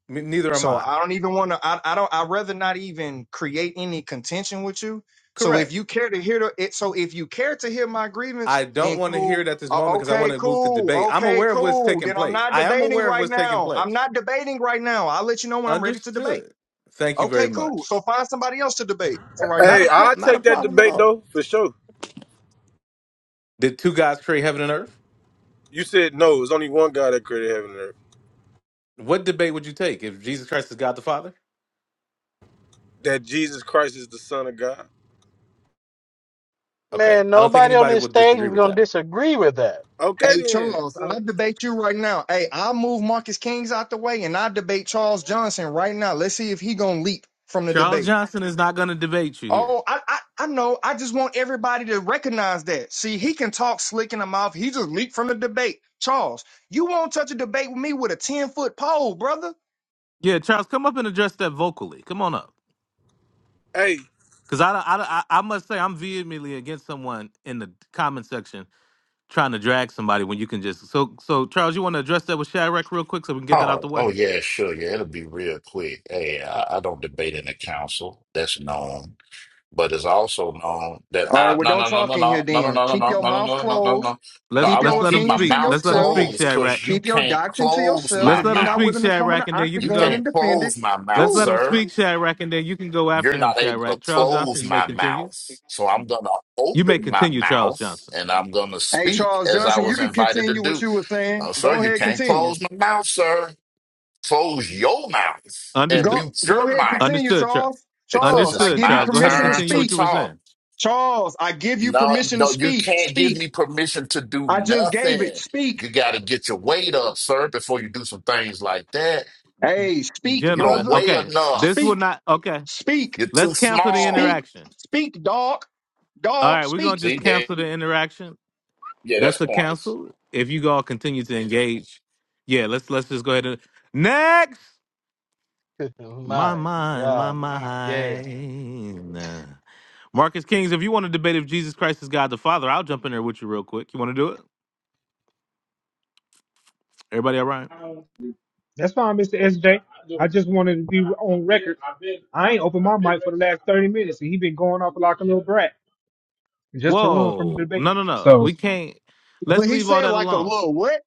S2: Me- neither am
S15: So
S2: I.
S15: I don't even want to, I, I don't, I'd rather not even create any contention with you. So if
S2: Correct.
S15: you care to hear the, it, so if you care to hear my grievance,
S2: I don't
S15: then
S2: want to hear
S15: cool.
S2: it at this
S15: Uh,
S2: moment because I
S15: okay,
S2: want to move to
S15: cool.
S2: debate. I'm
S15: Okay,
S2: aware of what's
S15: cool.
S2: taking
S15: Then I'm
S2: place.
S15: not
S2: I am
S15: debating
S2: aware of
S15: right
S2: what's taking
S15: now. I'm
S2: place.
S15: not debating right now. I'll let you know when I'm ready to debate.
S2: Understood. Thank you
S15: Okay,
S2: very
S15: cool. So
S2: much.
S15: find somebody else to debate for right now.
S2: Not a
S21: Hey,
S2: pro-
S21: I
S2: not a
S21: take that
S2: problem at
S21: debate
S2: all.
S21: though for sure.
S2: Did two guys create heaven and earth?
S21: You said no. It's only one guy that created heaven and earth.
S2: What debate would you take if Jesus Christ is God the Father?
S21: that Jesus Christ is the Son of God.
S2: Okay,
S5: Man,
S2: I don't think
S5: nobody on
S2: anybody
S5: this
S2: would
S5: stage
S2: disagree
S5: is
S2: with
S5: gonna
S2: that.
S5: disagree with that.
S21: Okay
S15: Hey
S21: then.
S15: Charles, I
S21: So
S15: debate you right now. Hey, I'll move Marcus Kings out the way and I debate Charles Johnson right now. Let's see if he gonna leap from the
S2: Charles
S15: debate.
S2: Johnson is not going to debate you here.
S15: Oh, I, I I know. I just want everybody to recognize that. See, he can talk slick in the mouth. He just leaped from the debate. Charles, you won't touch a debate with me with a 10 foot pole, brother.
S2: Yeah, Charles, come up and address that vocally. Come on up,
S21: hey,
S2: because I, I, I, I must say I'm vehemently against someone in the comment section trying to drag somebody when you can just. So, so Charles, you want to address that with Shadrach real quick so we can get that out
S13: Oh,
S2: the way.
S13: oh yeah, sure, yeah, it'll be real quick. Hey, I, I don't debate in the council. That's known, but it's also known that
S15: All right,
S13: I
S15: well,
S13: no
S15: don't
S13: no no
S15: talk
S13: no
S15: in here
S13: no no no
S15: then.
S13: no
S15: Keep
S13: no no
S15: your
S13: no no
S15: mouth
S13: no no no
S15: closed.
S13: no. No,
S2: Let's
S13: I
S15: Keep your
S2: let's
S13: won't
S2: let him
S13: keep my
S15: opinions to
S2: speak.
S13: mouth
S2: Let's let him
S15: yourself.
S2: speak,
S13: closed
S2: Shadrach.
S13: because you
S15: Keep your
S13: can't
S15: doctrine to
S13: close
S15: yourself.
S2: Let's
S13: my
S15: If
S2: let
S15: you're
S2: him
S15: not
S13: mouth.
S2: speak,
S15: willing to come in
S2: Shadrach,
S15: the
S2: and then you
S13: You
S2: can
S15: octagon
S2: go.
S15: and
S13: can't
S15: defend it,
S13: close my mouth,
S2: Let's let
S15: cool.
S2: him
S13: sir.
S2: speak, Shadrack, and then you can go
S13: You're
S2: after him,
S13: not able to
S2: Shadrack. Charles Johnson,
S13: close
S2: you may
S13: my
S2: continue.
S13: mouth. So I'm gonna
S2: You may
S13: open my
S2: continue, Charles
S13: mouth
S2: Johnson.
S13: and I'm gonna
S15: Hey,
S13: speak
S15: Charles
S13: as I
S15: Johnson, you
S13: was
S15: can
S13: invited to
S15: continue what
S13: do.
S15: you were saying.
S13: Oh, sir,
S15: Go
S13: you
S15: ahead,
S13: can't
S15: continue.
S13: close my mouth, sir. Close your mouth and
S2: Understood.
S15: Go,
S13: mute
S15: go
S13: your
S15: ahead,
S13: mind
S15: continue,
S2: Understood, Charles.
S15: Charles.
S13: because
S15: Charles, I
S13: it's
S2: Understood,
S15: give you
S13: my
S2: Charles. Go ahead and
S15: permission to
S13: turn
S2: continue
S13: to
S2: what
S15: speak.
S2: you were
S13: talk.
S2: saying,
S15: Charles, I give you
S13: No,
S15: permission to
S13: no, you
S15: speak.
S13: can't give
S15: Speak.
S13: me permission to do
S15: I just gave it.
S13: nothing.
S15: Speak.
S13: You got to get your weight up, sir, before you do some things like that.
S15: Hey, speak,
S13: You
S2: gentlemen.
S13: don't
S15: brother.
S13: weigh
S2: Okay, this will
S13: enough.
S15: Speak.
S2: not. Okay,
S15: Speak.
S13: You're
S2: let's
S13: too
S2: cancel the
S15: Speak.
S13: small.
S2: interaction.
S15: Speak, dog.
S2: All
S15: Dog,
S2: right, we're gonna
S15: speak.
S2: just
S13: See, there,
S2: cancel the interaction.
S13: yeah, that's
S2: That's a
S13: points.
S2: cancel. If you all continue to engage, yeah, let's let's just go ahead and next.
S5: [LAUGHS]
S2: My
S5: My
S2: mind, my
S5: God, today.
S2: mind. Marcus Kings, if you want to debate if Jesus Christ is God the Father, I'll jump in there with you real quick. You want to do it? Everybody all right?
S19: That's fine, Mr. SJ. I just wanted to be on record. I ain't opened my mic for the last 30 minutes, and he been going off like a little brat just to run from the
S2: Whoa. No,
S19: debate.
S2: no, no.
S19: So
S2: We can't.
S15: But
S2: Let's
S15: he
S2: leave all
S15: said
S2: that
S15: like a
S2: alone.
S15: little what?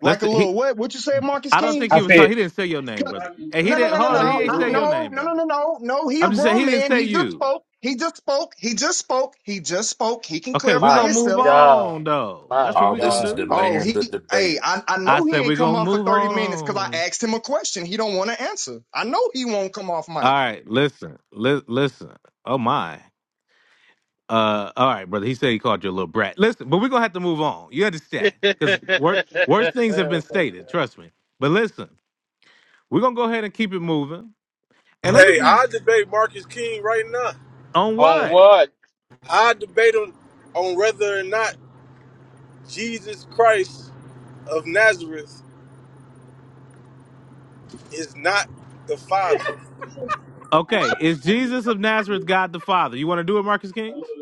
S15: Like
S2: Let's
S15: a little
S2: he
S15: what? What you said, Marcus
S2: I
S19: I,
S2: don't
S19: s-
S15: King?
S2: think he
S19: I
S2: was talking.
S19: said,
S2: He didn't say your name,
S15: 'Cause-
S2: brother. And he
S15: No, no,
S2: didn't
S15: no, no,
S2: hold on, he
S15: no,
S2: ain't
S15: I,
S2: say your
S15: no,
S2: name,
S15: no, no,
S2: brother.
S15: no, no, no. He a
S2: I'm just saying he
S15: grown
S2: didn't
S15: man.
S2: say
S15: He just
S2: you.
S15: spoke. He just spoke. He just spoke. He just spoke. He can
S2: Okay, we're
S15: clarify
S2: gonna
S5: My
S2: move
S15: himself.
S5: God.
S2: on though.
S5: My
S2: That's what
S13: All
S2: we're
S13: this
S2: gonna
S13: is
S5: God.
S2: do.
S15: Oh,
S13: delaying the
S15: he.
S13: debate.
S15: Hey, I, I
S2: I
S15: know he
S2: said
S15: ain't
S2: we're
S15: come
S2: gonna
S15: on for
S2: move
S15: thirty minutes because I
S2: on.
S15: asked him a question. He don't want to answer. I know he won't come off
S2: All
S15: mic.
S2: right, listen. Li- listen. Oh my. Uh, all right, brother. He said he called you a little brat. Listen, but we're gonna have to move on. You
S5: [LAUGHS]
S2: understand?
S5: Oh
S2: Because wor- worse things have been
S5: my
S2: stated.
S5: God.
S2: Trust me. But listen, we're gonna go ahead and keep it moving. And let me
S21: hey,
S2: be
S21: I debate Marcus King right now.
S2: on
S5: On
S2: what?
S5: what?
S21: I debate him on whether or not Jesus Christ of Nazareth is not the Father.
S2: Okay, is Jesus of Nazareth God the Father? You want to do it, Marcus Kings?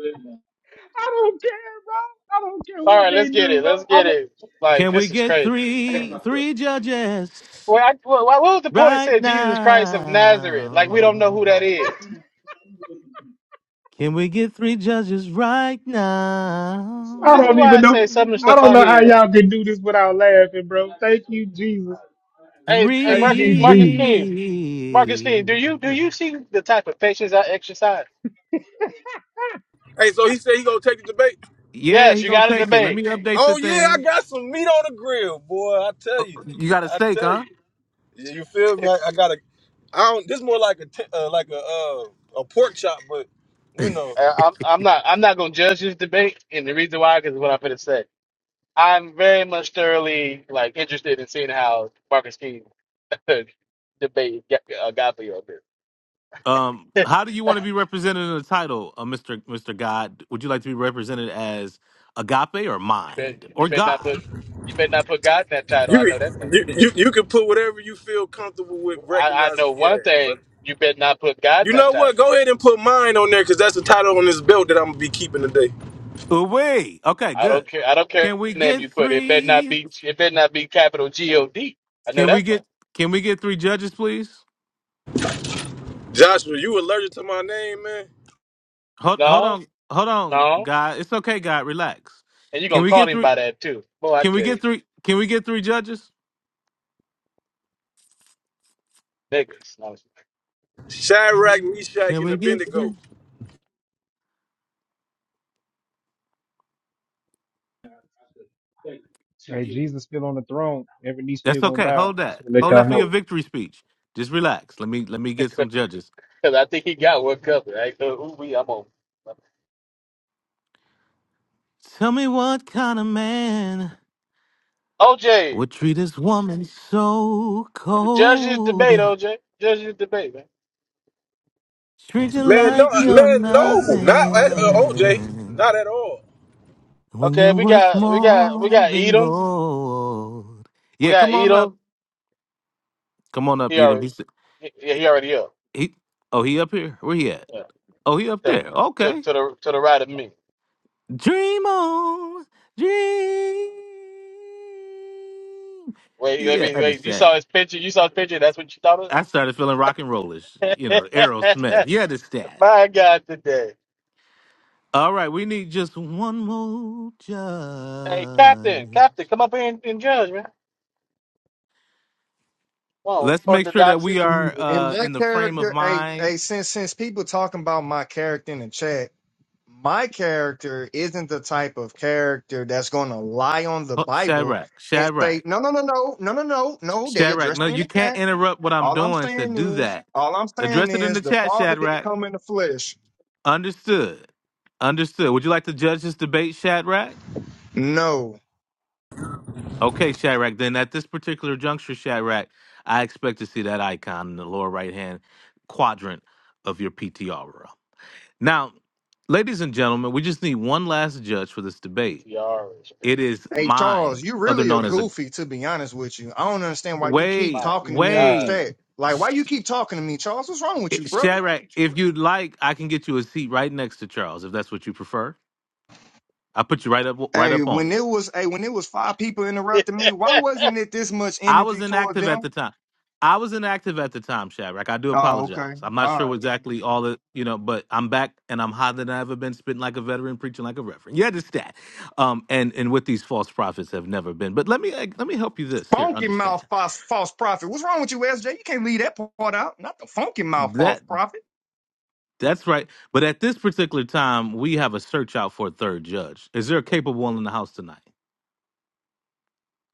S19: I don't care, bro. I don't care
S5: All
S19: what
S5: right, let's
S19: they
S5: get
S19: do,
S5: it.
S19: bro.
S5: Let's get
S19: I'm a,
S5: it. Like
S2: Can we
S5: this is
S2: get
S5: crazy.
S2: three three judges
S5: Well, I, well, what was the point of
S2: right
S5: saying Jesus Christ of Nazareth? Like we don't
S2: now?
S5: know who that is.
S2: Can we get three judges right
S19: I
S5: This is
S19: don't
S5: why
S19: even
S5: I
S19: know.
S5: say some of the
S19: I
S5: stuff
S2: now?
S19: don't
S5: out
S19: know how
S5: here.
S19: y'all can do this without laughing, bro. Thank you, Jesus.
S5: Hey, hey,
S19: Thank
S5: Marcus,
S2: Three.
S19: you,
S5: Marcus
S19: Jesus.
S5: King, Marcus King, do you do you see the type of patience I exercise?
S21: Hey, so he said he gonna take the debate.
S2: Yeah,
S5: Yes,
S2: he
S5: you
S2: gonna
S5: got to
S2: take it. Let
S5: debate.
S2: me update the
S21: Oh yeah, I
S2: thing.
S21: got some meat on the grill, boy. I tell
S2: Uh,
S21: you,
S2: You got a
S21: I
S2: stake,
S21: tell
S2: huh?
S21: you. Yeah, you feel me?
S5: [LAUGHS]
S21: I, I got a. I don't. This more like a t- uh, like a uh, a pork chop, but you know.
S5: Uh, I'm I'm not I'm not gonna judge this debate, and the reason why because what I'm gonna say. I'm very much thoroughly like interested in seeing how Marcus King [LAUGHS] debate Ga- uh, Godfrey on
S2: Um,
S5: this.
S2: how do you want to be represented in the title, uh, Mister Mister God? Would you like to be represented as Agape or
S5: [LAUGHS] you better
S2: Mind
S5: you
S2: or
S5: better not
S2: God?
S5: put you better not put God in that title.
S21: You,
S5: I know that much.
S21: can- you you you can put whatever you feel comfortable with
S5: I, I know
S21: recognizing me
S5: one
S21: as,
S5: thing:
S21: brother.
S5: you better not put God in
S21: You
S5: that
S21: know what?
S5: title.
S21: Go ahead and put mine on there because that's the title on this belt that I'm gonna be keeping today.
S2: Away. Okay,
S5: I
S2: good.
S5: don't care. I don't care
S2: Can we
S5: what name
S2: get
S5: you put. It better not
S2: three?
S5: be. It better not be capital G O D. I know
S2: Can we
S5: that much.
S2: get Can we get three judges, please?
S21: Joshua, you allergic to my name, man?
S2: Hold Hold
S5: No,
S2: on, hold on,
S5: no,
S2: God. It's okay, God. Relax.
S5: and you're
S2: Can
S5: gonna
S2: we
S5: call
S2: get
S5: him
S2: three?
S5: by that too. Boy, I
S2: Can we
S5: tell you,
S2: get three? Can we get three judges?
S5: niggas. No,
S21: Shadrach, Meshach,
S2: Can
S21: and
S2: we get
S21: Abednego.
S2: some?
S19: Hey, Jesus still on the throne. Every knee
S2: That's
S19: still gonna
S2: okay.
S19: bow.
S2: Hold
S19: Just
S2: that.
S19: to let
S2: Hold
S19: y'all
S2: that for your
S19: know.
S2: victory speech. Just relax. Let me let me get
S5: [LAUGHS]
S2: some judges.
S5: Because I think he got one covered. Right? So, ooh, we, I'm on.
S2: Tell me what kind of man
S5: OJ,
S2: would treat this woman so
S5: judges
S2: cold.
S5: debate. OJ, judges debate, man.
S2: Treat you
S21: Man, no,
S2: like you're
S21: man, no, not at, uh, OJ,
S2: nothing
S21: not at all.
S2: when
S5: Okay,
S2: you're
S5: we
S2: worth
S5: got, we got, we
S2: more
S5: got
S2: than
S5: Edom.
S2: gold.
S5: We
S2: Yeah,
S5: got
S2: come on up.
S5: Edom.
S2: Come on up,
S5: He
S2: Edom.
S5: already,
S2: He's
S5: he, he already up.
S2: he. Oh, he up here. Where he at?
S5: Yeah.
S2: Oh, he up
S5: To,
S2: there.
S5: to,
S2: Okay.
S5: to the to the right of me.
S2: Dream on, dream.
S5: Wait, let
S2: You
S5: me wait. You saw
S2: understand?
S5: his picture. You saw his picture. That's what you thought
S2: I started feeling rock and rollish, you know, Aerosmith.
S5: of.
S2: You
S5: [LAUGHS]
S2: understand?
S5: My God, today.
S2: All right, we need just one more
S5: Hey, Captain,
S2: judge.
S5: Captain, come up here and, and judge, man. Well,
S2: Let's make sure that
S5: orthodoxy,
S2: we are
S15: And
S2: uh,
S15: my
S2: in the frame of
S15: character, hey,
S2: mind.
S15: hey, since since people talking about my character in the chat, my character isn't the type of character that's going to lie on the
S2: Oh,
S15: Bible
S2: Shadrach,
S15: and say,
S2: Shadrach,
S15: no, no, no, no, no, no, no, no. They
S2: Shadrach.
S15: addressed
S2: No,
S15: me in
S2: you
S15: the
S2: can't
S15: chat.
S2: interrupt what I'm
S15: All I'm
S2: doing to
S15: saying
S2: do
S15: is,
S2: that.
S15: all I'm saying
S2: Address it in
S15: is,
S2: the
S15: the
S2: chat,
S15: Father didn't
S2: Shadrach.
S15: come in the flesh.
S2: Understood. Understood. Would you like to judge this debate, Shadrach?
S15: No.
S2: Okay, Shadrach. Then at this particular juncture, Shadrach, I expect to see that icon in the lower right hand quadrant of your PTR. row. Now, ladies and gentlemen, we just need one last judge for this debate.
S5: PTR is great.
S2: It is
S15: Hey Charles,
S2: mine,
S15: you
S2: other
S15: really a
S2: known as a
S15: goofy to be honest with you. I don't understand why you keep
S2: wait,
S5: My
S15: talking to me in the
S5: God.
S2: wait.
S15: chat. Like, why you
S2: Sh-
S15: keep talking to me, Charles? What's wrong with
S2: eh,
S15: you, brother?
S2: Shadrach, if you'd like, I can get you a seat right next to Charles, if that's what you prefer. I put you right up, right
S15: Hey,
S2: up on
S15: when
S2: him.
S15: it was, hey, when it was five people
S5: [LAUGHS] it's
S15: interrupting me, why wasn't it this much
S2: I was
S15: energy toward
S2: inactive at
S15: them?
S2: the time. I was inactive at the time, Shadrach. I do
S15: Oh, okay,
S2: apologize. I'm not
S15: all
S2: sure
S15: right.
S2: exactly all the you know, but I'm back and I'm hotter than I ever been, spitting like a veteran, preaching like a reverend. You understand? Um, and and what these false prophets have never been. But let me like, let me help you this here.
S15: Funky
S2: Understand
S15: mouth false, false prophet. What's wrong with you, SJ? You can't leave that part out. Not the funky mouth false
S2: that
S15: prophet.
S2: that's right. But at this particular time, we have a search out for a third judge. Is there a capable one in the house tonight?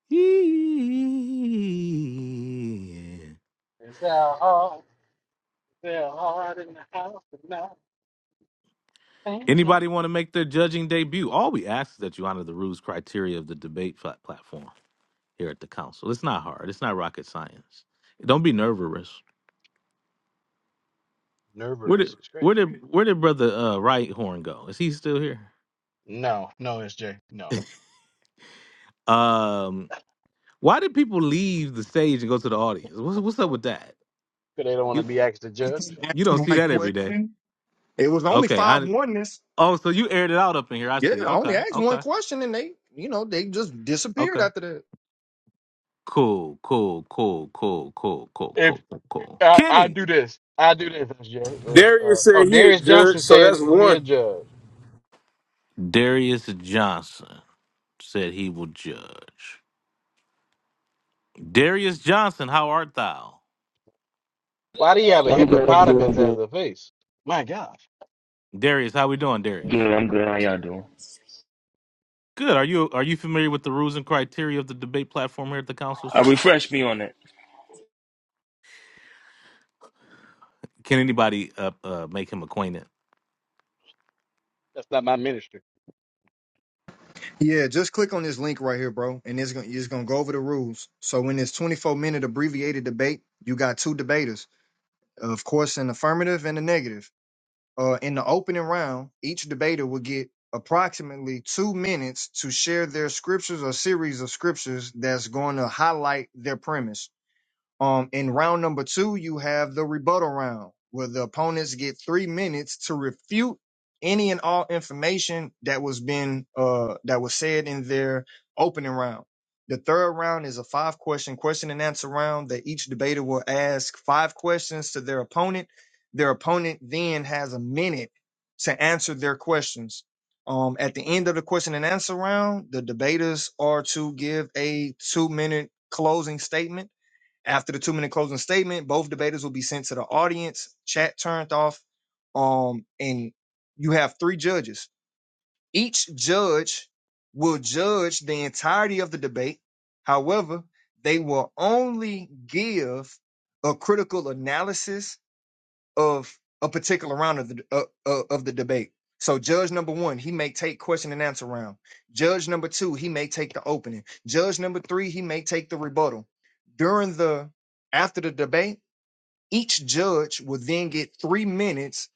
S2: Yeah.
S5: our heart. It's our heart in the house. and
S2: Anybody want to make their judging debut? All we ask is that you honor the rules criteria of the debate plat- platform here at the council. It's not hard. It's not rocket science. Don't be nervous. Where did
S5: Nervous is great.
S2: where did where did brother uh, Right Horn go? Is he still here?
S5: No, no, SJ, no.
S2: Um, why did people leave the stage and go to the audience? What's what's up
S5: Because
S2: with that?
S5: they don't want to
S2: You
S5: be asked to
S15: [LAUGHS]
S2: you
S5: judge.
S2: you
S15: Answer
S2: don't see
S15: my
S2: that every day.
S15: question. It was only
S2: Okay,
S15: five
S2: I
S15: oneness.
S2: oh so you aired it out up in here. I
S15: Yeah,
S2: see.
S15: I only
S2: Okay,
S15: asked one
S2: okay,
S15: question and they, you know, they just disappeared
S2: okay.
S15: after that.
S2: Cool, cool, cool, cool, cool, cool,
S5: If
S2: cool, cool, cool.
S5: I, I
S2: Kenny.
S5: do this, I do this, SJ. If uh,
S21: Darius
S5: oh,
S21: said he a
S5: Darius
S21: judge,
S5: Johnson
S21: so that's
S5: said he'll
S21: one.
S5: judge.
S2: Darius Johnson said he will judge. Darius Johnson, how art thou?
S5: Why do you have a
S23: I'm good. I'm good. I'm
S5: hippopotamus as
S23: good.
S5: a face? My gosh,
S2: Darius, how we doing,
S23: Good.
S2: Darius?
S23: I'm good. How y'all doing?
S2: Good. Are you are you familiar with the rules and criteria of the debate platform here at the council,
S23: I
S2: sir?
S23: refresh me on it.
S2: Can anybody uh, uh make him acquainted?
S5: that's not my ministry.
S15: Yeah, just click on this link right here, bro, and it's gonna it's gonna go over the rules. So in this 24 minute abbreviated debate, you got two debaters, of course, an affirmative and a negative. Uh, in the opening round, each debater will get approximately two minutes to share their scriptures or series of scriptures that's going to highlight their premise. Um, in round number two, you have the rebuttal round where the opponents get three minutes to refute any and all information that was been uh that was said in their opening round. The third round is a five question question and answer round that each debater will ask five questions to their opponent. Their opponent then has a minute to answer their questions. Um, at the end of the question and answer round, the debaters are to give a two minute closing statement after the two minute closing statement, both debaters will be sent to the audience, chat turned off. Um, and you have three judges. Each judge will judge the entirety of the debate. However, they will only give a critical analysis of a particular round of the uh, uh, of the debate. So judge number one, he may take question and answer round. Judge number two, he may take the opening. Judge number three, he may take the rebuttal. During the after the debate, each judge will then get three minutes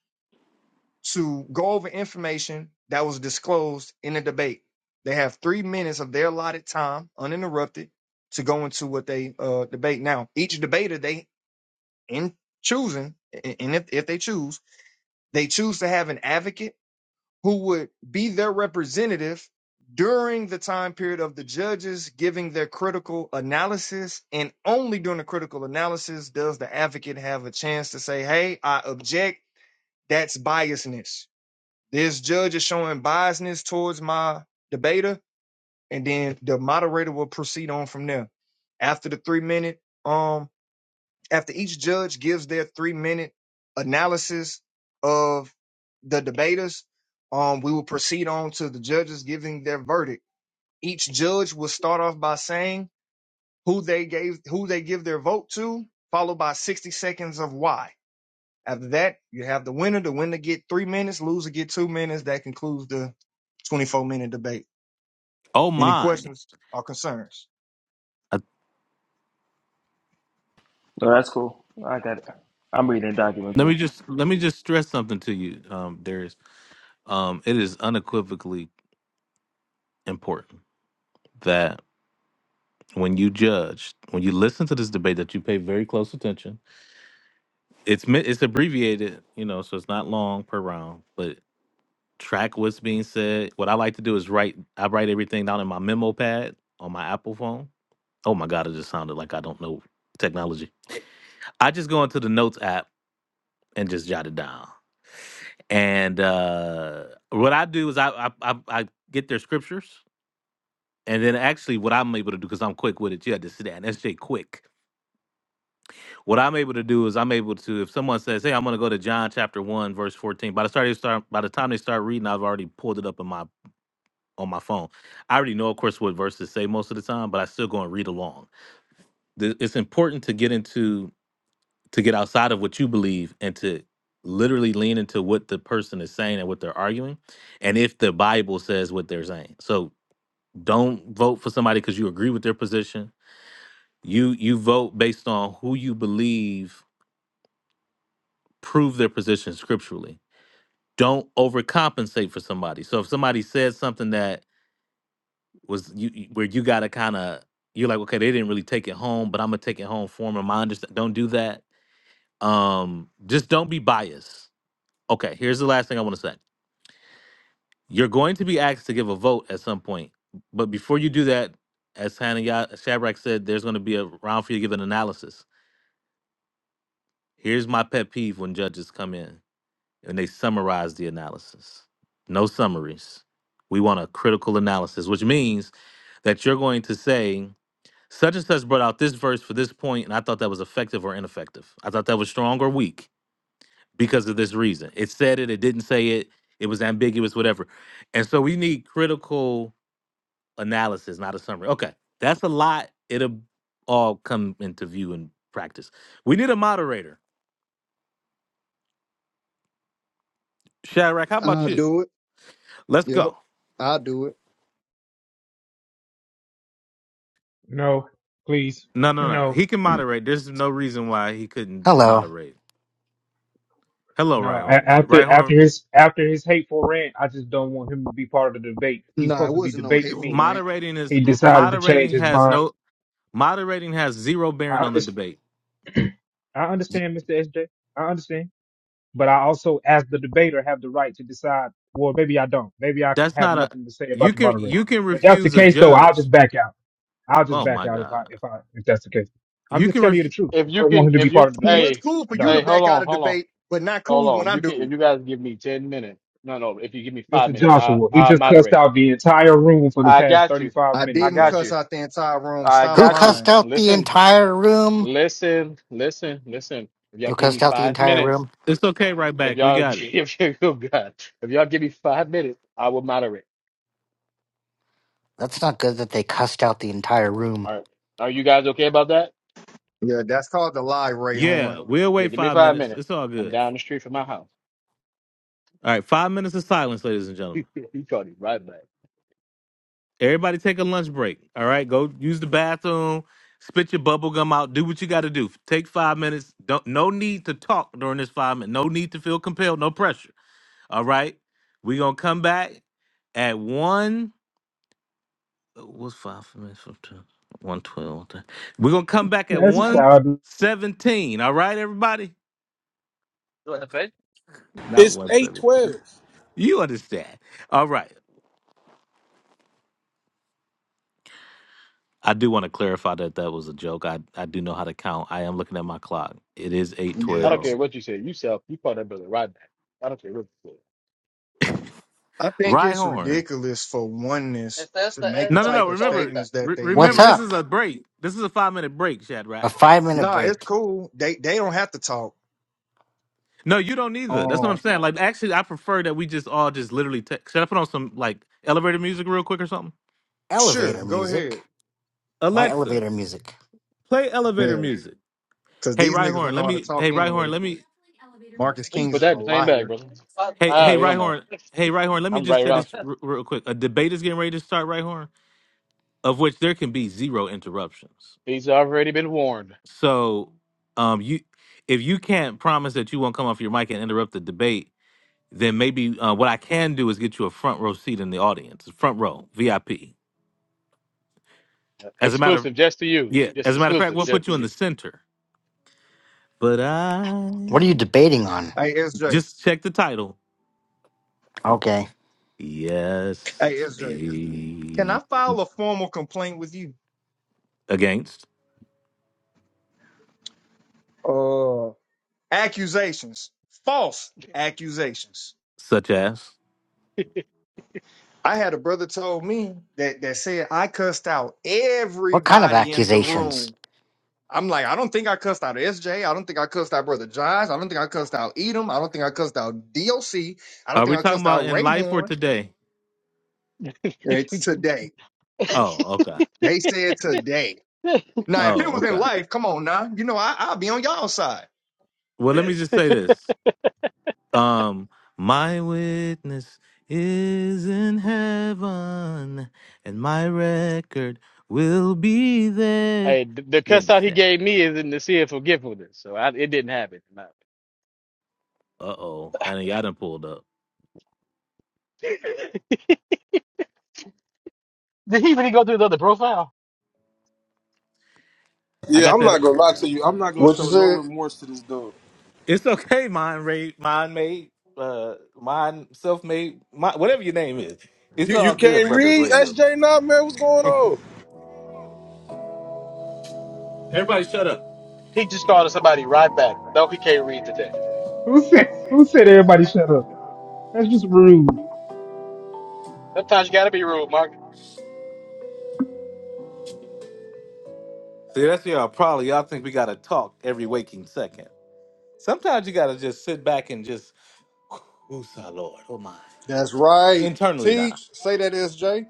S15: to go over information that was disclosed in the debate. They have three minutes of their allotted time, uninterrupted, to go into what they uh, debate. Now, each debater, they in choosing, and and if, if they choose they choose to have an advocate who would be their representative during the time period of the judges giving their critical analysis. And only during the critical analysis does the advocate have a chance to say, Hey, I object. That's biasness. This judge is showing biasness towards my debater. And then the moderator will proceed on from there. After the three minute, um, after each judge gives their three minute analysis of the debaters, um, we will proceed on to the judges giving their verdict. Each judge will start off by saying who they gave who they give their vote to, followed by 60 seconds of why. After that, you have the winner. The winner get three minutes, loser get two minutes. That concludes the 24 minute debate.
S2: Oh
S15: Any
S2: my.
S15: questions or concerns?
S2: Uh,
S23: No, that's cool. I got it. I'm reading the document
S2: let
S23: too.
S2: me just let me just stress something to you, um, Darius. Um, it is unequivocally important that when you judge, when you listen to this debate, that you pay very close attention it's mi- it's abbreviated, you know, so it's not long per round, but track what's being said. What I like to do is write. I write everything down in my memo pad on my Apple phone. Oh my god, it just sounded like I don't know technology. I just go into the notes app and just jot it down. And uh, what I do is I I, I I get their scriptures, and then actually what I'm able to do because I'm quick with it. You had to sit down. That's Jay Quick. What I'm able to do is I'm able to if someone says, "Hey, I'm going to go to John chapter one verse 14," by the start they start by the time they start reading, I've already pulled it up in my on my phone. I already know, of course, what verses say most of the time, but I still go and read along. The- It's important to get into to get outside of what you believe and to literally lean into what the person is saying and what they're arguing, and if the Bible says what they're saying. So don't vote for somebody because you agree with their position. You you vote based on who you believe prove their position scripturally. Don't overcompensate for somebody. So if somebody says something that was you you- where you gotta kind of you're like okay they didn't really take it home but i'm gonna take it home for them my understand don't do that um just don't be biased okay here's the last thing i want to say you're going to be asked to give a vote at some point but before you do that as Hannah Ya- Shadrach said there's going to be a round for you to give an analysis here's my pet peeve when judges come in and they summarize the analysis no summaries we want a critical analysis which means that you're going to say Such and such brought out this verse for this point, and I thought that was effective or ineffective. I thought that was strong or weak because of this reason. It said it, it didn't say it, it was ambiguous, whatever. And so we need critical analysis, not a summary. Okay, that's a lot. It'll all come into view in practice. We need a moderator. Shadrach, how about
S15: I'll
S2: you?
S15: do it.
S2: Let's
S15: Yep.
S2: go.
S15: I'll do it.
S19: No, please.
S2: No, no, no.
S19: no."
S2: He can moderate. There's no reason why he couldn't
S14: Hello.
S2: moderate. Hello,
S19: No, a-
S2: Rhyhorn.
S19: after after
S2: Rhyhorn,
S19: his after his hateful rant, I just don't want him to be part of the debate. He's
S15: Nah, it
S19: supposed to be
S15: wasn't no
S19: debating
S15: hateful
S19: me.
S15: rant.
S2: moderating is
S19: He decided to change
S2: moderating
S19: his
S2: has
S19: mind.
S2: no Moderating has zero
S19: I
S2: bearing on the
S19: understand,
S2: debate.
S19: I understand, Mr. SJ. I understand, but I also, as the debater, have the right to decide. Well, maybe I don't. Maybe I
S2: That's
S19: have
S2: not a
S19: nothing to say
S2: you
S19: about the
S2: can
S19: moderator.
S2: you can
S19: If that's the
S2: refuse a
S19: case, though, I'll
S2: judge.
S19: just back out. I'll just
S2: Oh
S19: back
S2: my
S19: out if I
S2: god.
S19: if I if that's the case. I'm
S2: You
S19: just
S2: can
S19: telling you
S2: ref
S19: the truth.
S5: If
S19: I
S5: you
S19: don't want
S5: can,
S19: him to be
S5: if
S19: part
S5: you,
S19: of the
S15: Well,
S19: debate.
S15: it's
S5: hey,
S15: cool
S19: I
S15: for you
S19: don't.
S15: to
S5: hey, hold
S15: back out
S5: on,
S15: of
S5: hold on,
S15: debate, but not
S5: hold
S15: cool when
S5: on.
S15: I
S5: You can,
S15: do
S5: if
S15: it.
S5: you guys give me ten minutes. No, no. If you give me five
S19: Mr.
S5: minutes, I,
S19: Joshua, he
S5: I
S19: just cussed
S5: moderate.
S19: out the entire room for the
S5: I
S19: past
S5: got you.
S19: 35
S15: I
S19: minutes,
S5: I
S15: didn't
S19: bro.
S5: got
S15: cuss
S5: you.
S15: out the entire room.
S5: I
S15: Stop
S14: Who
S5: got you.
S14: cussed
S15: lying.
S14: out the
S5: Listen,
S14: entire room?
S5: listen, listen, listen. If y'all
S14: Who
S5: give me
S14: cussed out the
S5: five
S14: entire
S5: minutes,
S14: room?
S2: it's okay right
S5: if
S2: back. We
S5: y'all, [LAUGHS]
S2: got it.
S5: if you, oh God, if y'all give me five minutes, I will moderate.
S14: That's not good that they cussed out the entire room.
S5: All right. Are you guys okay about that?
S15: Yeah, that's called the lie, Ray Horn.
S2: Yeah, we'll
S5: Yeah,
S2: wait
S5: give me
S2: five
S5: five
S2: minutes.
S5: minutes.
S2: It's all
S5: I'm
S2: good.
S5: down the street from my house.
S2: All right, five minutes of silence, ladies and gentlemen.
S5: You called him right back.
S2: Everybody take a lunch break. All right, go use the bathroom, spit your bubble gum out, do what you gotta do. Take five minutes. Don't no need to talk during this five minutes. No need to feel compelled, no pressure. All right. We're gonna come back at one. Uh, What's five minutes from two? One twelve. We're gonna come back at
S19: That's
S2: one
S19: childish.
S2: seventeen. All right, everybody.
S5: What the fuck?
S2: Not
S21: It's
S2: one
S21: eight
S2: seventeen.
S21: twelve.
S2: You understand? All right. I do want to clarify that that was a joke. I I do know how to count. I am looking at my clock. It is eight
S5: I
S15: Yeah.
S5: don't
S2: twelve.
S5: care what you said. You self, you called that brother right back. I don't care what you said.
S15: I think
S2: Right
S15: it's
S2: horn.
S15: ridiculous for oneness
S5: Esta,
S15: to
S5: esta,
S15: make the
S2: No,
S5: esta,
S2: no,
S5: la
S2: no.
S15: type of
S5: costada
S2: Remember,
S5: esta.
S15: statements that
S2: re-
S15: they
S14: What's
S2: remember.
S15: make.
S2: This is
S14: up?
S2: a break. This is a five minute break,
S14: A
S2: Shadrach.
S14: five minute
S15: Nah, it's
S14: break.
S15: cool. They they don't have to talk.
S2: No, you don't either. That's what I'm
S15: Um,
S2: saying. Like, actually, I prefer that we just all just literally text. Should I put on some like elevator music real quick or something?
S15: sure,
S14: Elevator
S15: go
S14: music?
S15: ahead.
S14: Why
S2: Alexa.
S14: elevator music?
S2: Play elevator
S15: Yeah,
S2: music.
S15: because
S2: Hey,
S15: these niggas
S2: Rhyhorn,
S15: don't know
S2: let
S15: how to
S2: me.
S15: talk
S2: Hey, Rhyhorn,
S15: anyway.
S2: let me.
S15: Marcus
S5: You can
S15: Kings
S5: put
S15: is a
S5: that in the same bag,
S15: liar.
S5: brother.
S2: Hey,
S5: Ah,
S2: hey,
S5: we don't know.
S2: Rhyhorn. Hey, Rhyhorn, let me
S5: I'm
S2: just
S5: right
S2: say
S5: around.
S2: this
S5: [LAUGHS]
S2: r- real quick. A debate is getting ready to start, Rhyhorn, of which there can be zero interruptions.
S5: He's already been warned.
S2: So, um, you, if you can't promise that you won't come off your mic and interrupt the debate, then maybe uh, what I can do is get you a front row seat in the audience, front row VIP.
S5: Yeah,
S2: As a matter,
S5: Exclusive, just to you.
S2: yeah.
S5: Just
S2: As a matter of fact,
S5: exclusive,
S2: we'll
S5: just
S2: put
S5: to
S2: you in the
S5: you.
S2: center. But I
S14: What are you debating on?
S15: Hey, SJ.
S2: just check the title.
S14: Okay.
S2: Yes,
S15: Hey,
S2: it's
S15: SJ. Can I
S2: me.
S15: file a formal complaint with you?
S2: Against,
S15: Uh. accusations, false accusations.
S2: such as.
S15: I had a brother told me that that said I cussed out
S14: What kind of
S15: everybody in the
S14: accusations?
S15: room. I'm like, I don't think I cussed out S J. I don't think I cussed out Brother Josh. I don't think I cussed out Edom. I don't think I cussed out DOC. I don't
S2: Are
S15: think
S2: we
S15: I
S2: talking
S15: cussed out
S2: about in life or
S15: Rayhorn.
S2: today?
S15: It's today.
S2: Oh, okay.
S15: They said today.
S5: [LAUGHS]
S15: Now, if it
S2: Oh,
S15: was in
S2: okay.
S15: life, come on now. You know, I, I'll be on y'all side.
S2: Well, let me just say this. Um, my witness is in heaven, and my record will be there.
S5: hey, the, the
S2: You
S5: cuss out he
S2: understand?
S5: gave me is in the sea of forgetfulness, so I, it didn't happen. No.
S2: Uh oh, honey, all done pulled up.
S5: [LAUGHS] Did he really go through his other profile?
S2: I
S21: Yeah,
S2: got
S21: I'm
S2: that.
S21: not gonna lie to you. I'm not gonna
S24: What you
S21: show no
S24: said?
S21: remorse to this dude.
S2: It's okay, mind raid, mind made, uh, mind self made, mind, whatever your name is. It's
S21: You you
S2: all good,
S21: can't
S2: brother of the
S21: read
S2: radio.
S21: SJ now, man. What's
S2: [LAUGHS]
S21: going on?
S2: Everybody shut up.
S5: He just called somebody right back. No, he can't read today.
S19: Who said who said everybody shut up? That's just rude.
S5: Sometimes you gotta be rude, Mark.
S2: See, that's y'all probably. Y'all think we got to talk every waking second. Sometimes you got to just sit back and just, who's our Lord? Oh, my.
S24: That's right.
S2: Internally now.
S24: Teach. Say that, SJ.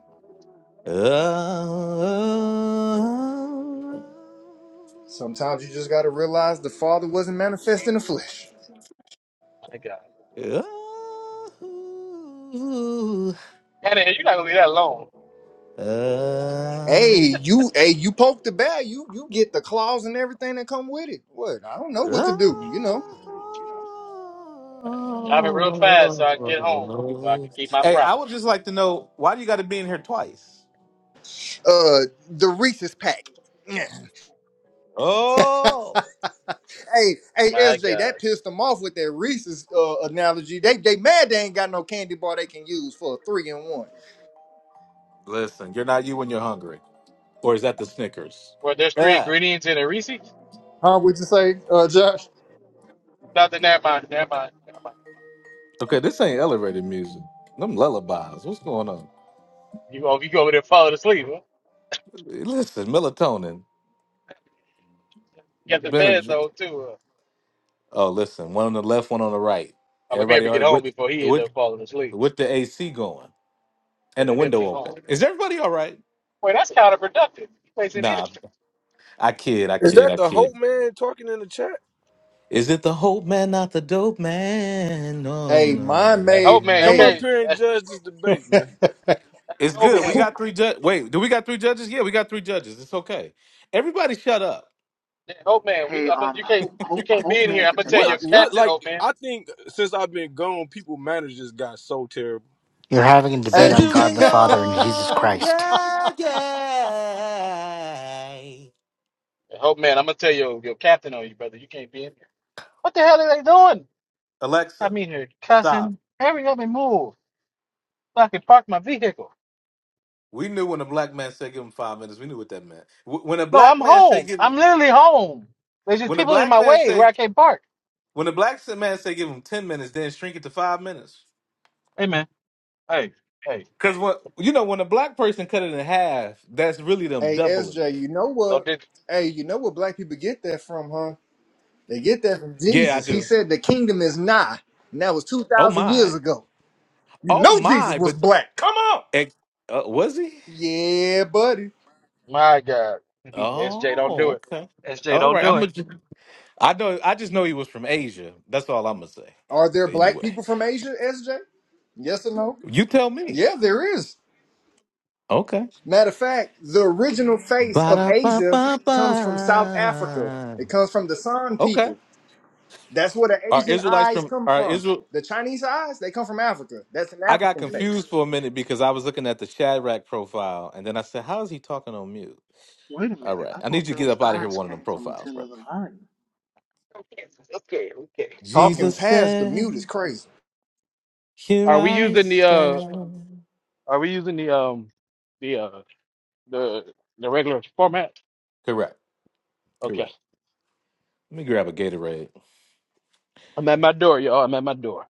S2: Oh,
S24: Sometimes you just gotta realize the Father wasn't manifest in the flesh.
S5: My
S2: oh, oh,
S5: God.
S2: oh.
S24: Hey, you, hey, you poke the bear. You, you get the claws and everything that come with it. What? I don't know what to
S2: Hey,
S24: do. You know,
S5: Driving real fast so I can get home, so I can keep my
S2: I
S5: promise.
S2: would just like to know why do you got to be in here twice?
S24: uh, the Reese's pack. Yeah.
S2: Oh,
S24: [LAUGHS] Hey, hey,
S5: My
S24: SJ, that
S5: God.
S24: pissed them off with that Reese's uh, analogy. They, they mad they ain't got no candy bar they can use for a three and one.
S2: listen, you're not you when you're hungry, or is that the Snickers?
S5: Well, there's three
S2: Yeah.
S5: ingredients in a Reese's.
S24: Huh? What you say, uh, Josh?
S5: Nothing, never mind, never mind.
S2: Okay, this ain't elevated music. Them lullabies. What's going on?
S5: You go, you go over there falling asleep. Huh?
S2: Listen, melatonin.
S5: You got the bed
S2: Benadryl.
S5: though too. Huh?
S2: Oh, listen, one on the left, one on the right.
S5: Oh, let me
S2: Everybody
S5: ever
S2: all
S5: get
S2: right
S5: home
S2: with
S5: before he end
S2: with
S5: up falling asleep.
S2: with the AC going
S5: Yeah,
S2: and the
S5: let me ever
S2: window
S5: get home.
S2: open. Is everybody all right?
S5: Wait, that's counterproductive. You wasting
S2: Nah.
S5: energy.
S2: I kid, I
S21: Is
S2: kid,
S21: that
S2: I
S21: the Hope
S2: kid.
S21: man talking in the chat?
S2: Is it the hope man, not the dope man? No,
S24: Hey,
S21: You
S2: no,
S24: mine
S5: Hey, hope
S24: made.
S5: man, you
S21: come
S2: no.
S21: up
S24: Hey,
S5: can't.
S21: here and
S5: Hey,
S21: judge this debate, man.
S2: It's
S5: hope
S2: good. We
S5: man, you
S2: got three judges. Wait, do we got three judges? Yeah, we got three judges. It's okay. Everybody shut up.
S5: hey, hope man, we.
S1: Hey,
S5: I'm,
S1: um,
S5: you can't.
S1: Hope,
S5: You
S1: Hope,
S5: can't be
S1: Hope
S5: in here.
S1: Man
S5: I'm
S1: can
S5: gonna
S1: take
S5: tell
S21: What
S1: my
S5: your
S21: what
S1: spot.
S5: captain,
S21: like
S5: hope man.
S21: I think since I've been gone, people managers got so terrible.
S14: You're having a debate
S2: Since
S14: on
S2: you've
S14: God
S2: been
S14: the
S24: hey.
S14: Father and
S24: [LAUGHS]
S14: Jesus
S2: gone,
S14: Christ.
S2: yeah, yeah.
S5: Hey, hope man, I'm gonna tell your your captain on you, brother. You can't be in here. What the hell are they doing? I
S2: Alexa,
S5: mean, they're
S2: stop.
S5: cussing. Hurry up and move. so I can park my vehicle.
S2: We knew when a black man said give him five minutes. We knew what that meant. Wh- When a
S5: No,
S2: black
S5: I'm
S2: man say
S5: home.
S2: give,
S5: I'm literally home. There's just
S2: when a
S5: people in
S2: black
S5: my
S2: man
S5: way where
S2: say,
S5: I can't park.
S2: when a black man say give him ten minutes, then shrink it to five minutes.
S5: Hey man, hey, hey,
S2: Cause when you know when a black person cut it in half, that's really them
S24: Hey
S2: doubling
S24: SJ,
S2: it.
S24: you know
S5: don't
S24: what?
S5: do.
S24: Hey, you know what black people get that from, huh? They get that from
S2: Yeah, I
S24: Jesus. He
S2: do.
S24: said the kingdom is nigh. And that was
S2: Oh
S24: 2,000 years
S2: my.
S24: ago. You
S2: Oh
S24: know Jesus
S2: my.
S24: was
S2: But
S24: black. Come on.
S2: ex- uh, was he?
S24: Yeah, buddy.
S5: My God, [LAUGHS] SJ, don't do
S2: Oh,
S5: it.
S2: okay.
S5: SJ,
S2: All
S5: don't
S2: right.
S5: do
S2: I'm. A,
S5: it.
S2: I know. I just know he was from Asia. That's all I'm gonna say.
S24: Are there black
S2: Anyway,
S24: people from Asia, SJ? Yes or no?
S2: you tell me.
S24: Yeah, there is.
S2: Okay.
S24: Matter of fact, the original face of Asia comes from South Africa.
S2: Ba-da-ba-ba-ba.
S24: It comes from the San
S2: Okay.
S24: people. That's where the
S2: Are
S24: Asian
S2: Israelites
S24: eyes
S2: from?
S24: come
S2: Are
S24: from.
S2: Israel?
S24: The Chinese eyes, they come from Africa. That's an
S2: I got
S24: African face.
S2: confused for a minute because I was looking at the Shadrach profile, and then I said, "How is he talking on mute?"
S1: Wait a
S2: All
S1: minute.
S2: right.
S1: I
S2: I need
S1: thought
S2: you to get
S1: those
S2: up out of here with
S1: eyes
S2: one of them
S1: came from
S2: profiles, bro.
S1: Attila the Hun.
S5: Okay, okay, okay. Um,
S24: Talking
S2: Jesus
S24: past the mute is
S2: said,
S24: crazy.
S2: Here
S5: are we
S2: I
S5: using the uh?
S2: stand.
S5: Are we using the um the uh the the regular format?
S2: Correct.
S5: Okay,
S2: Correct. Let me grab a Gatorade.
S5: I'm at my door, y'all. I'm at my door.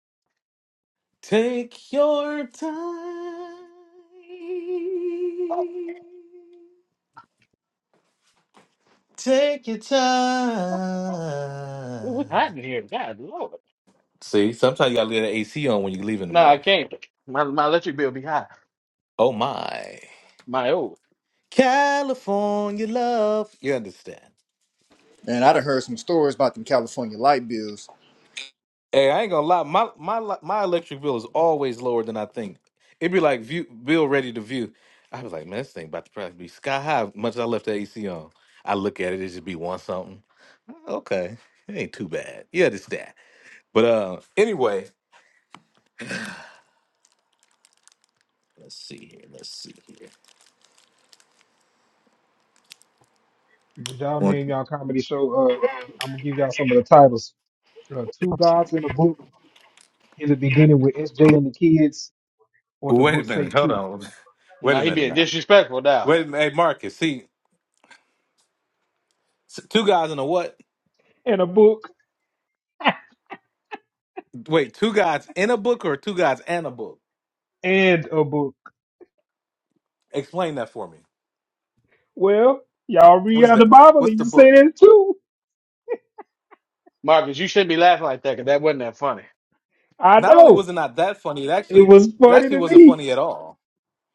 S2: Take your time.
S5: Oh,
S2: Take your time.
S5: ooh, it's hot in here. God, Lord.
S2: See, sometimes you gotta leave the AC on when you leave in the
S5: No, I
S2: morning.
S5: can't. My my electric bill be high.
S2: Oh my.
S5: My oh,
S2: California love. You understand.
S24: Man, I done heard some stories about them California light bills.
S2: Hey, I ain't gonna lie. My my li- my electric bill is always lower than I think. It'd be like view bill ready to view. I was like, man, this thing about to probably be sky high. Much as I left the AC on, I look at it, it just be one something. Okay, it ain't too bad. Yeah, this that. But uh, anyway, let's see here. Let's see.
S19: Did y'all
S2: Wait
S19: name y'all comedy show? Uh, I'm gonna give y'all some of the titles. Uh, two gods in a book in the beginning with SJ and the kids, or the
S2: wait a
S19: book say
S2: minute. Hold
S19: two
S2: on. [LAUGHS] Wait
S5: now
S2: a
S5: he
S2: minute
S5: being
S2: now.
S5: disrespectful now.
S2: Wait, a minute. hey Marcus. See, s- two guys in a what?
S19: and a book
S2: Wait, two guys in a book or two guys and a book?
S19: and a book.
S2: Explain that for me.
S19: Well, y'all
S2: What
S19: read
S2: is
S19: out the
S2: that?
S19: Bible
S2: What's
S19: and
S2: the
S19: you
S2: book?
S19: say that too.
S5: Marcus, you shouldn't be laughing like that because that wasn't that funny.
S19: I
S2: Not only
S19: know
S2: was it not that funny, it
S19: it
S2: actually
S19: was
S2: it
S19: funny
S2: actually
S19: to
S2: wasn't
S19: me.
S2: funny at all.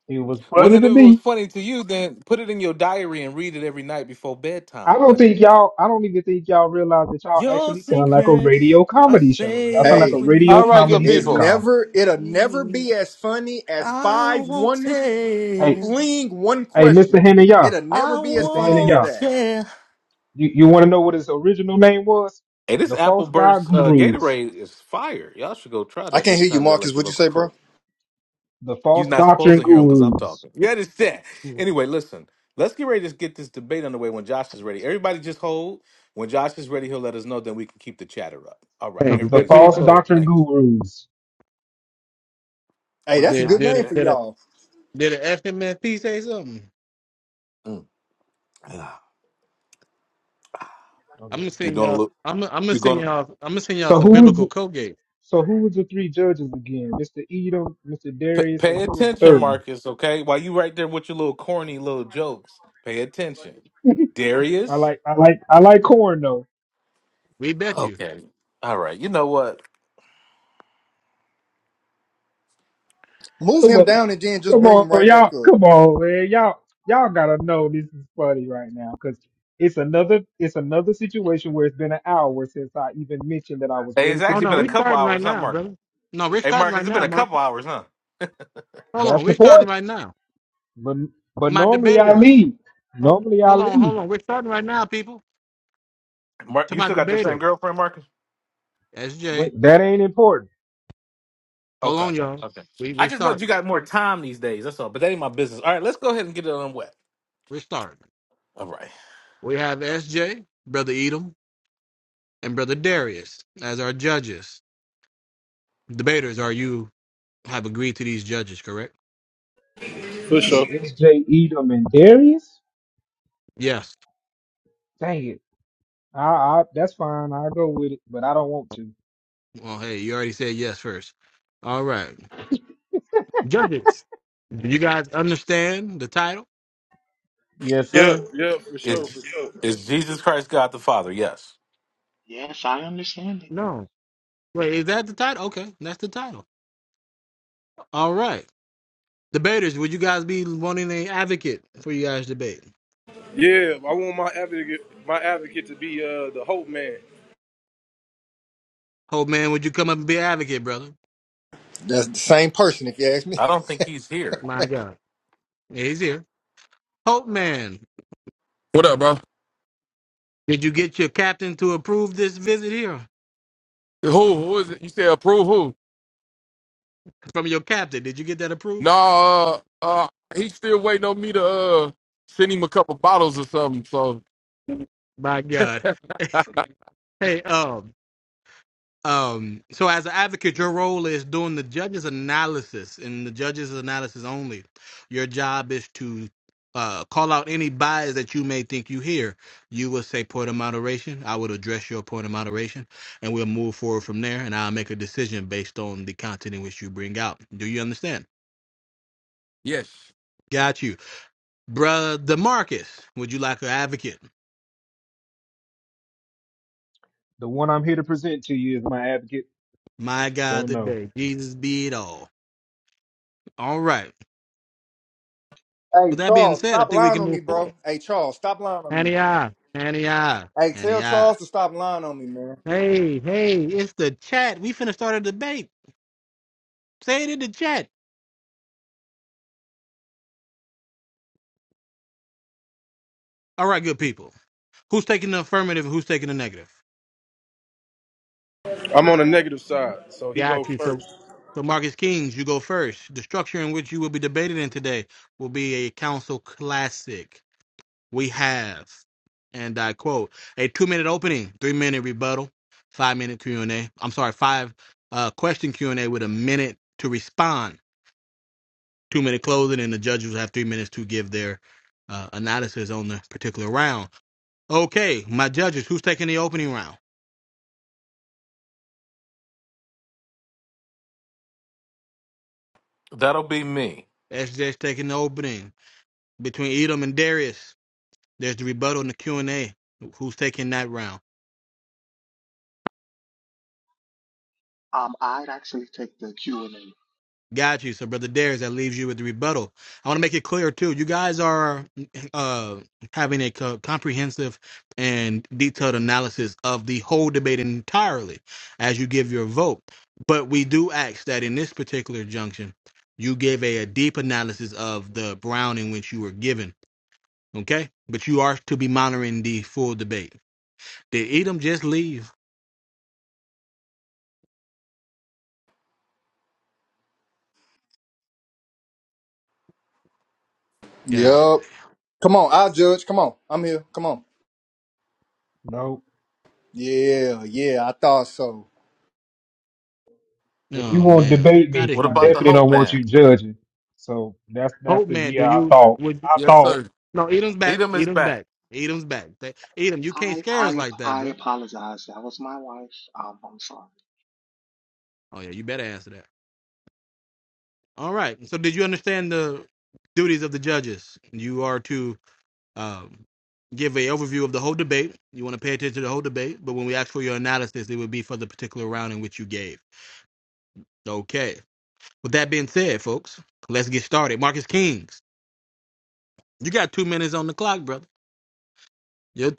S19: It was funny
S2: Wasn't
S19: to
S2: if it was
S19: me.
S2: funny to you, then put it in your diary and read it every night before
S19: I
S2: bedtime,
S19: don't
S2: buddy.
S19: think y'all. I don't even think y'all realize that y'all
S2: Your
S19: actually sound like a
S2: secrets
S19: radio
S2: are
S19: comedy show. Y'all sound like a
S2: safe
S24: Hey,
S2: with
S19: radio
S5: All right, good
S19: comedy
S24: it's
S5: people.
S19: sitcom.
S24: never, it'll never
S2: me.
S24: be as funny as
S2: I
S24: five
S2: won't
S24: oneness
S19: Hey,
S2: tell.
S24: fleeing one
S19: hey, Mr.
S24: question.
S19: Hanaya,
S24: It'll never
S2: I
S24: be as
S19: Mr.
S24: funny as
S19: Hanaya,
S2: won't
S24: that.
S2: tell.
S19: you, you want to know what his original name was?
S2: Hey, this
S19: The
S2: Apple
S19: false God
S2: Burst uh,
S19: gurus,
S2: Gatorade is fire. Y'all should go try
S24: I
S2: that
S24: can't
S2: next
S24: hear you,
S2: time y'all
S24: Marcus.
S2: at your
S24: What'd you
S2: local
S24: say, bro?
S2: Kroger.
S19: the false
S2: You're not supposed
S19: doctrine
S2: to hear him because I'm
S19: gurus,
S2: talking. You understand? Anyway, listen. Let's get ready to get this debate underway when Josh is ready. Everybody just hold. When Josh is ready, he'll let us know. Then we can keep the chatter up. All right.
S5: Hey,
S19: the, the
S2: Everybody
S5: good
S2: slow
S19: false
S2: down.
S5: people.
S19: doctrine
S2: Thank you.
S19: gurus.
S24: Hey,
S2: My
S24: that's a
S5: Did
S24: good
S2: God,
S5: did
S24: name
S2: today.
S5: it
S24: for
S5: did it
S24: y'all.
S5: did it FMFP say something?
S2: Mm. Ah.
S5: I'm gonna
S2: You're
S5: send
S2: going to
S5: y'all.
S2: look.
S5: I'm gonna- I'm gonna
S2: You're
S5: send
S2: going to
S5: y'all. I'm gonna send y'all
S19: So
S5: some
S19: who was
S5: biblical
S19: the-
S5: Colgate.
S19: so who was the three judges again? Mr. Edom, Mr.
S2: p-
S19: Darius, and
S2: pay
S19: who was the
S2: attention,
S19: third one?
S2: Marcus, okay? While you right there with your little corny little jokes, pay attention.
S19: I
S2: Darius.
S19: like I like I like corn though.
S5: We bet you.
S2: Okay. All right. You know what?
S24: Move him down and then just
S19: Come
S24: bring him
S19: on,
S24: right back
S19: y'all.
S24: up.
S19: Come on, man. Y'all, y'all gotta know this is funny right now because it's another, it's another situation where it's been an hour since I even mentioned that I was
S2: Hey,
S19: ready
S2: it's
S19: to
S5: Oh
S2: actually
S5: no,
S2: been a
S5: we're
S19: debate.
S2: couple
S5: starting right
S2: hours, huh,
S5: now,
S2: Mark?
S5: brother. No, we're
S2: Hey,
S5: starting
S2: Marcus,
S5: right
S2: it's been
S5: now,
S2: a couple
S5: Marcus.
S2: hours, huh?
S5: Hold
S19: That's
S5: on,
S19: the
S5: we're starting
S19: point.
S5: right now.
S19: But, but
S5: My
S19: normally I
S5: debaters.
S19: leave.
S5: Hold,
S19: Normally I
S5: hold on,
S19: leave.
S5: hold on. We're starting right now, people.
S2: Mark,
S5: To
S2: you
S5: my
S2: still got the same
S5: debaters.
S2: girlfriend, Marcus?
S5: Okay,
S19: Wait, that ain't important.
S2: Okay. Okay.
S5: we
S2: I just know that you got more time these days. That's all. But that ain't my business. All right, let's go ahead and get it on wet.
S5: we're starting.
S2: All right.
S5: We have SJ, brother Edom, and brother Darius as our judges. Debaters, are you? have agreed to these judges, correct?
S19: You
S21: For
S19: said
S21: sure.
S19: S.J. Edom and Darius.
S5: Yes.
S19: Dang it. I, I, that's fine. I'll go with it, but I don't want to.
S5: Well, hey, you already said yes first. All right. Judges, do you guys understand the title?
S19: Yes,
S21: Yeah,
S19: sir.
S21: yeah, for sure,
S2: Is
S21: for sure.
S2: is Jesus Christ God the Father? Yes.
S1: Yes, I understand it.
S5: No. Wait, is that the title? Okay, that's the title. All right. Debaters, would you guys be wanting an advocate for you guys' debate?
S21: Yeah, I want my advocate, my advocate to be uh, the hope man.
S5: Hope man, would you come up and be an advocate, brother?
S24: That's the same person, if you ask me.
S2: I
S24: [LAUGHS]
S2: don't think he's here.
S5: My God. Yeah, he's here. Hope man,
S25: What up, bro?
S5: did you get your captain to approve this visit here?
S25: Who? Who is it? You said approve who?
S5: From your captain, did you get that approved?
S25: Nah, uh, uh, he's still waiting on me to uh send him a couple bottles or something. So
S5: My God. Hey, um, Um, so as an advocate, your role is doing the judge's analysis and the judge's analysis only. Your job is to uh, call out any bias that you may think you hear. You will say point of moderation. I would address your point of moderation, and we'll move forward from there. And I'll make a decision based on the content in which you bring out. Do you understand?
S25: yes,
S5: Got you, brother Demarcus. Would you like an advocate?
S19: The one I'm here to present to you is my advocate.
S5: My
S19: So
S5: God,
S19: no,
S5: today Jesus be it all. All right.
S24: Hey,
S5: With that being
S24: Charles,
S5: said, I
S24: stop
S5: think we
S24: lying
S5: can
S24: on me,
S5: move forward.
S24: bro. Hey, Charles, stop lying on me.
S5: Hania, Hania,
S24: Hey, tell
S5: Hania.
S24: Charles to stop lying on me, man.
S5: Hey, hey, it's the chat. We finna start a debate. Say it in the chat. All right, good people. Who's taking the affirmative and who's taking the negative?
S21: I'm on the negative side, so he go
S5: Got you. So,
S21: first.
S5: so Marcus Kings, you go first. The structure in which you will be debated in today will be a council classic. We have, and I quote, a two-minute opening, three-minute rebuttal, five-minute Q and A. I'm sorry, five uh, question Q and A with a minute to respond two minute closing, and the judges will have three minutes to give their uh, analysis on the particular round. Okay, my judges, who's taking the opening round?
S2: That'll be me.
S5: SJ's taking the opening between Edom and Darius. There's the rebuttal and the Q and A. Who's taking that round?
S1: Um, I'd actually take the Q and A.
S5: Got you. So, Brother Darius, that leaves you with the rebuttal. I want to make it clear, too. You guys are uh, having a co- comprehensive and detailed analysis of the whole debate entirely as you give your vote. But we do ask that in this particular junction, you give a, a deep analysis of the Brown in which you were given. Okay? But you are to be monitoring the full debate. Did Edom just leave? God.
S24: Yup. Come on, I'll judge. Come on. I'm here. Come on.
S19: no.
S24: Yeah, yeah, I thought so.
S19: If you
S5: Oh,
S19: want to
S5: man.
S19: debate
S5: How
S19: me,
S5: did
S2: What
S5: he
S19: I
S2: about
S5: just?
S2: the
S19: definitely
S2: Hope
S19: don't want
S2: Man?
S19: you judging. So that's that's
S5: Hope,
S19: the
S5: man,
S19: year
S5: do
S19: I
S5: you.
S19: thought.
S5: would.
S19: I
S25: yes,
S19: thought
S25: sir.
S5: No, Edom's back.
S2: Edom is
S5: Edom's
S2: back.
S5: back. Edom's back. Th- Edom, you can't
S1: I,
S5: scare us
S1: I, ap-
S5: like that,
S1: I
S5: brother.
S1: apologize. That was my wife. Um, I'm sorry.
S5: Oh yeah, you better answer that. All right. So did you understand the duties of the judges? You are to um, give a overview of the whole debate. You want to pay attention to the whole debate, but when we ask for your analysis, it would be for the particular round in which you gave. Okay. With that being said, let's get started. Marcus Kings, you got two minutes on the clock. You're-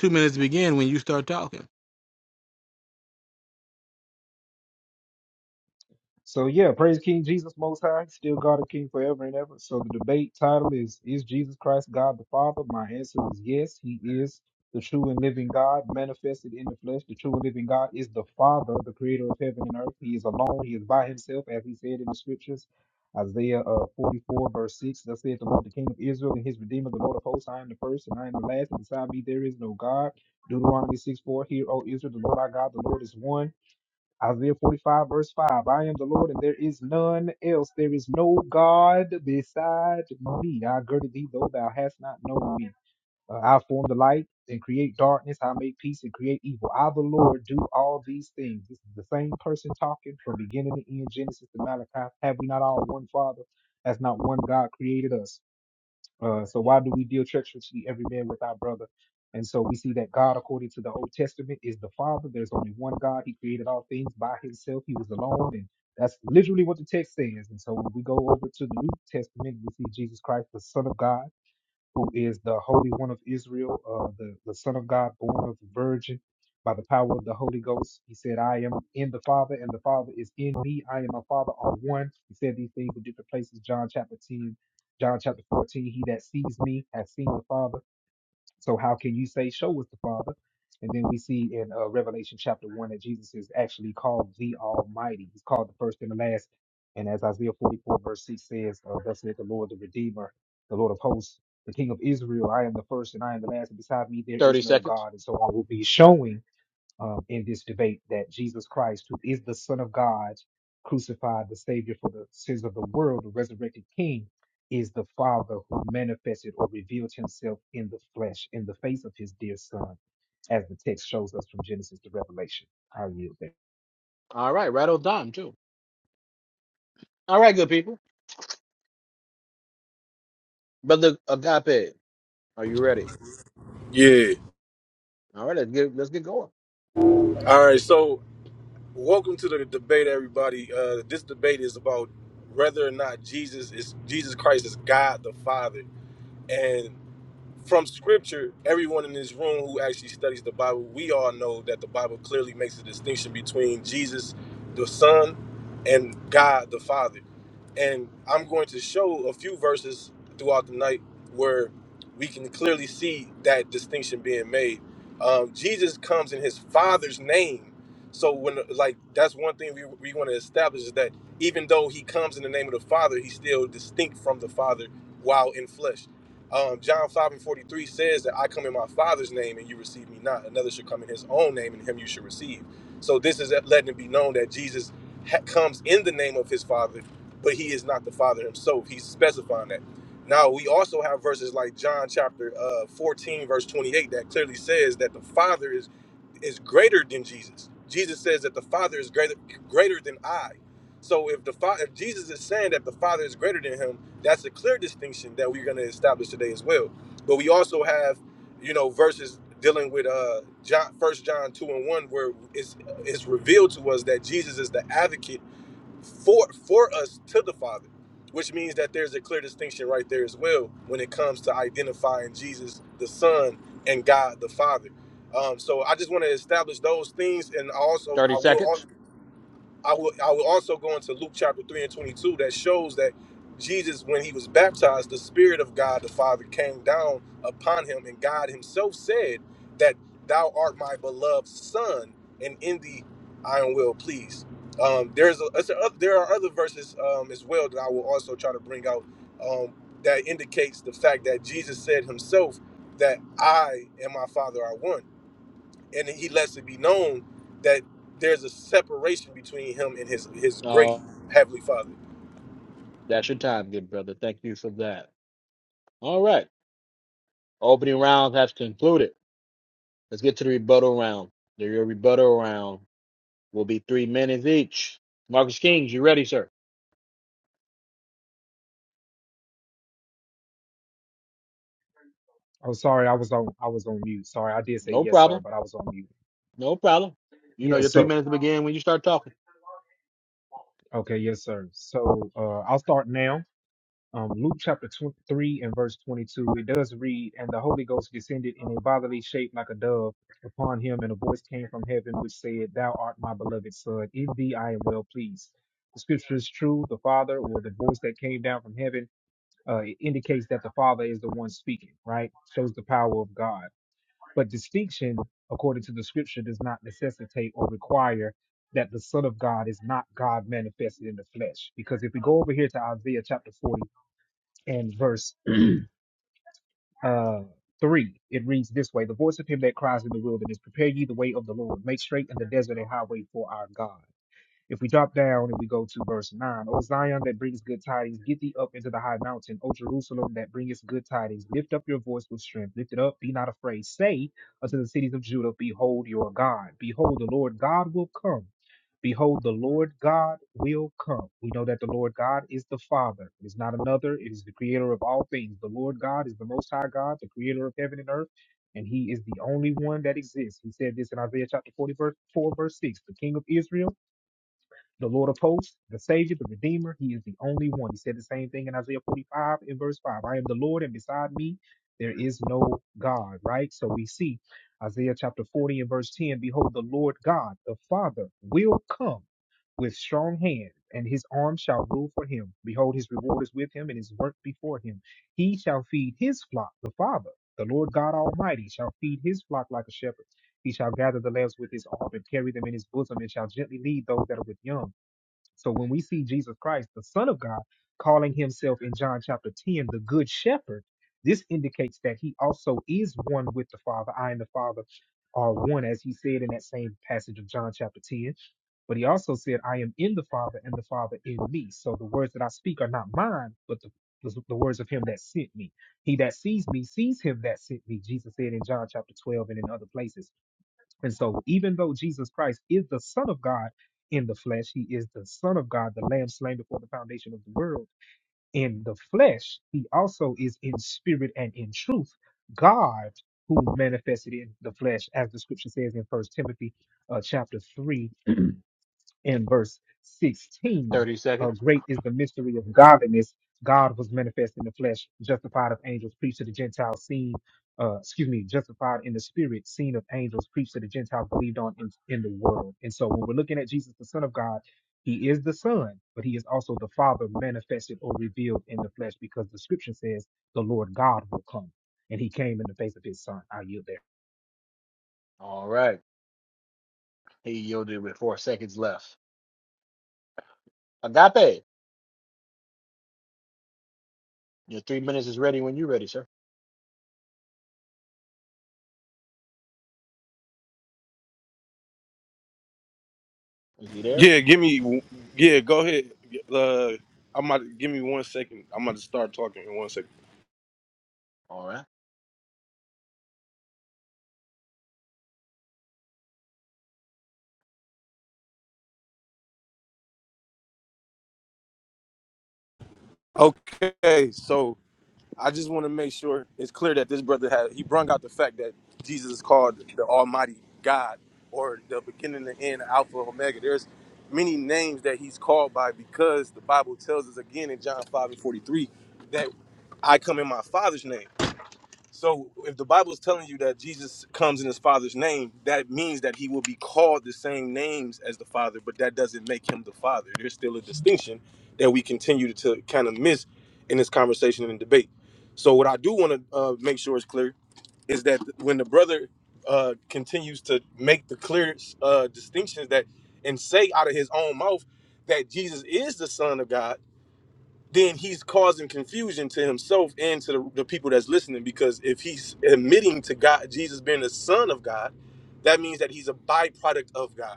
S19: So yeah, praise King Jesus Most High, still God and King forever and ever. So the debate title is Is Jesus Christ God the Father? My answer is yes, he is the true and living God manifested in the flesh. The true and living God is the Father, the creator of heaven and earth. He is alone, he is by himself, as he said in the scriptures. Isaiah uh, 44, verse 6, thus saith the Lord, the King of Israel and his Redeemer, the Lord of hosts, I am the first and I am the last, and beside me there is no God. Deuteronomy 6, 4, Hear, O Israel, the Lord our God, the Lord is one. Isaiah 45, verse 5 I am the Lord, and there is none else. There is no God beside me. I girded thee, though thou hast not known me. Uh, I form the light and create darkness. I make peace and create evil. I, the Lord, do all these things. This is the same person talking from beginning to end, Genesis to Malachi. Have we not all one Father? Has not one God created us? Uh, so why do we deal treacherously every man with our brother? And so we see that God, according to the Old Testament, is the Father. There's only one God. He created all things by himself. He was alone. And that's literally what the text says. And so when we go over to the New Testament, we see Jesus Christ, the Son of God who is the Holy One of Israel, uh, the, the Son of God, born of the Virgin by the power of the Holy Ghost. He said, I am in the Father, and the Father is in me. I and my Father are one. He said these things in different places. John chapter 10, John chapter 14. He that sees me has seen the Father. So how can you say, show us the Father? And then we see in uh, Revelation chapter one that Jesus is actually called the Almighty. He's called the first and the last. And as Isaiah 44 verse 6 says, uh, thus saith the Lord, the Redeemer, the Lord of hosts, the King of Israel, I am the first and I am the last, and beside me there is
S5: 30
S19: no
S5: seconds.
S19: God. And so I will be showing um, in this debate that Jesus Christ, who is the Son of God, crucified, the Savior for the sins of the world, the resurrected King, is the Father who manifested or revealed himself in the flesh, in the face of his dear Son, as the text shows us from Genesis to Revelation. I yield there.
S5: All right, right on time, too. All right, good people. Brother Agape, are you ready?
S21: Yeah.
S5: All right, let's get, let's get going.
S21: All right, so welcome to the debate, everybody. Uh this debate is about whether or not Jesus is Jesus Christ is God the Father. and from scripture, everyone in this room who actually studies the Bible, we all know that the Bible clearly makes a distinction between Jesus, the Son, and God, the Father. And I'm going to show a few verses throughout the night where we can clearly see that distinction being made. Um, Jesus comes in his Father's name. So when like that's one thing we, we want to establish is that even though he comes in the name of the Father, he's still distinct from the Father while in flesh. Um, John 5 and 43 says that I come in my Father's name and you receive me not. Another should come in his own name and him you should receive. So this is letting it be known that Jesus ha- comes in the name of his Father, but he is not the Father himself. He's specifying that. Now, we also have verses like John chapter uh, 14, verse 28, that clearly says that the Father is is greater than Jesus. Jesus says that the Father is greater greater than I. So if the Father, if Jesus is saying that the Father is greater than him, that's a clear distinction that we're going to establish today as well. But we also have, you know, verses dealing with uh John, First John two and one, where it's it's revealed to us that Jesus is the advocate for for us to the Father, which means that there's a clear distinction right there as well when it comes to identifying Jesus the Son and God the Father. Um, so I just want to establish those things, and also
S5: 30
S21: I
S5: seconds.
S21: will. I will I will also go into Luke chapter 3 and 22 that shows that Jesus when he was baptized the spirit of God the Father came down upon him and God himself said that thou art my beloved son and in thee I am well pleased. Um, there's a, it's a- there are other verses um, as well that I will also try to bring out um, that indicates the fact that Jesus said himself that I and my Father are one and he lets it be known that there's a separation between him and his his great
S5: Oh,
S21: heavenly father.
S5: that's your time, good brother. Thank you for that. All right. Opening round has concluded. Let's get to the rebuttal round. The- Your rebuttal round will be three minutes each. Marcus Kings, you ready, sir?
S19: Oh, sorry, I was on I was on mute. Sorry, I did say
S5: No
S19: yes, sir,
S5: problem.
S19: but I was on mute.
S5: No problem. You know
S19: Yeah,
S5: your three
S19: so
S5: minutes will begin when you start talking.
S19: okay, yes, sir. So uh, I'll start now. um, Luke chapter 23 and verse 22, it does read, And the Holy Ghost descended in a bodily shape like a dove upon him, and a voice came from heaven which said, Thou art my beloved Son, in thee I am well pleased. The scripture is true. The Father, or the voice that came down from heaven, uh, it indicates that the Father is the one speaking, right? Shows the power of God. But distinction, according to the scripture, does not necessitate or require that the Son of God is not God manifested in the flesh. Because if we go over here to Isaiah chapter forty and verse uh, 3. It reads this way The voice of him that cries in the wilderness, Prepare ye the way of the Lord, make straight in the desert a highway for our God. If we drop down and we go to verse 9, O Zion that brings good tidings, get thee up into the high mountain. O Jerusalem that bringest good tidings, lift up your voice with strength. Lift it up, be not afraid. Say unto the cities of Judah, Behold your God. Behold, the Lord God will come. Behold, the Lord God will come. We know that the Lord God is the Father. It is not another. It is the creator of all things. The Lord God is the Most High God, the creator of heaven and earth and he is the only one that exists. He said this in Isaiah chapter 40, verse 4, verse 6. The king of Israel the Lord of hosts, the Savior, the Redeemer. He is the only one. He said the same thing in Isaiah 45 in verse 5. I am the Lord, and beside me there is no God, right? So we see Isaiah chapter 40 and verse 10 Behold, the Lord God, the Father, will come with strong hand, and his arm shall rule for him. Behold, his reward is with him, and his work before him. He shall feed his flock, the Father. The Lord God Almighty shall feed his flock like a shepherd. He shall gather the lambs with his arm and carry them in his bosom, and shall gently lead those that are with young. So when we see Jesus Christ, the Son of God, calling himself in John chapter 10 the Good Shepherd, this indicates that he also is one with the Father. I and the Father are one, as he said in that same passage of John chapter 10. But he also said, I am in the Father and the Father in me. So the words that I speak are not mine, but the, the, the words of him that sent me. He that sees me sees him that sent me, Jesus said in John chapter 12 and in other places. And so, even though Jesus Christ is the Son of God in the flesh, he is the Son of God, the Lamb slain before the foundation of the world. In the flesh, he also is in spirit and in truth God who manifested in the flesh, as the scripture says in First Timothy uh, chapter 3 in verse 16.
S5: 30
S19: Uh,
S5: seconds.
S19: great is the mystery of godliness. God was manifest in the flesh, justified of angels, preached to the Gentiles, seen, uh, excuse me, justified in the spirit, seen of angels, preached to the Gentiles, believed on in, in the world. And so when we're looking at Jesus, the Son of God, he is the Son, but he is also the Father manifested or revealed in the flesh because the scripture says the Lord God will come. And he came in the face of his Son. I yield there.
S5: All right. He yielded with four seconds left. Agape, your three minutes is ready when you're ready, sir. Is he there?
S21: Yeah, give me. Yeah, go ahead. Uh, I'm about to give me one second. I'm about to start talking in one second.
S5: All right.
S21: Okay, so I just want to make sure it's clear that this brother had he brung out the fact that Jesus is called the Almighty God or the beginning and end, Alpha Omega. There's many names that he's called by because the Bible tells us again in John 5 and 43 that I come in my father's name. So if the Bible is telling you that Jesus comes in his father's name, that means that he will be called the same names as the father, but that doesn't make him the father. There's still a distinction that we continue to kind of miss in this conversation and debate. So what I do want to uh, make sure is clear is that when the brother uh, continues to make the clear uh, distinctions that and say out of his own mouth that Jesus is the son of God then he's causing confusion to himself and to the, the people that's listening because if he's admitting to God Jesus being the son of God, that means that he's a byproduct of God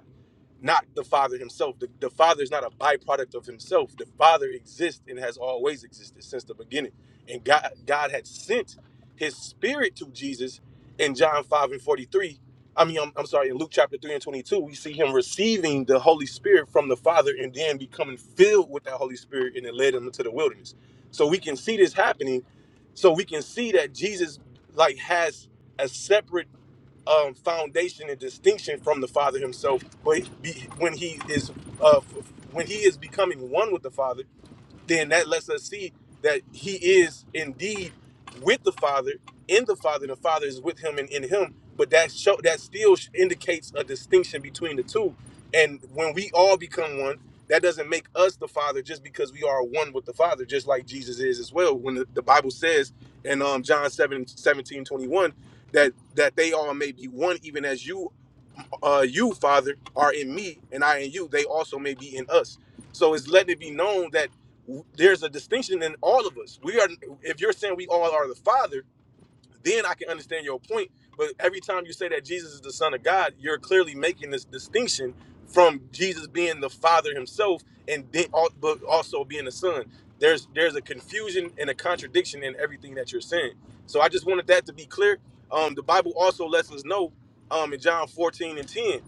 S21: not the Father himself. The, the Father is not a byproduct of himself. The Father exists and has always existed since the beginning. And God, God had sent his spirit to Jesus in John 5 and 43. I mean, I'm, I'm sorry, in Luke chapter 3 and 22, we see him receiving the Holy Spirit from the Father and then becoming filled with that Holy Spirit and it led him into the wilderness. So we can see this happening. So we can see that Jesus like has a separate um, foundation and distinction from the Father Himself. But he- be- when He is uh, f- when He is becoming one with the Father, then that lets us see that he is indeed with the Father, in the Father, the Father is with him and in him. But that show that still indicates a distinction between the two. And when we all become one, that doesn't make us the Father just because we are one with the Father, just like Jesus is as well. When the, the Bible says in um, John 7 17 21, that that they all may be one, even as you uh, you, Father, are in me, and I in you, they also may be in us. So it's letting it be known that w- there's a distinction in all of us. We are, if you're saying we all are the Father, then I can understand your point. But every time you say that Jesus is the Son of God, you're clearly making this distinction from Jesus being the Father Himself and then, al- but also being the Son. There's there's a confusion and a contradiction in everything that you're saying. So I just wanted that to be clear. Um, the Bible also lets us know um, in John 14 and 10,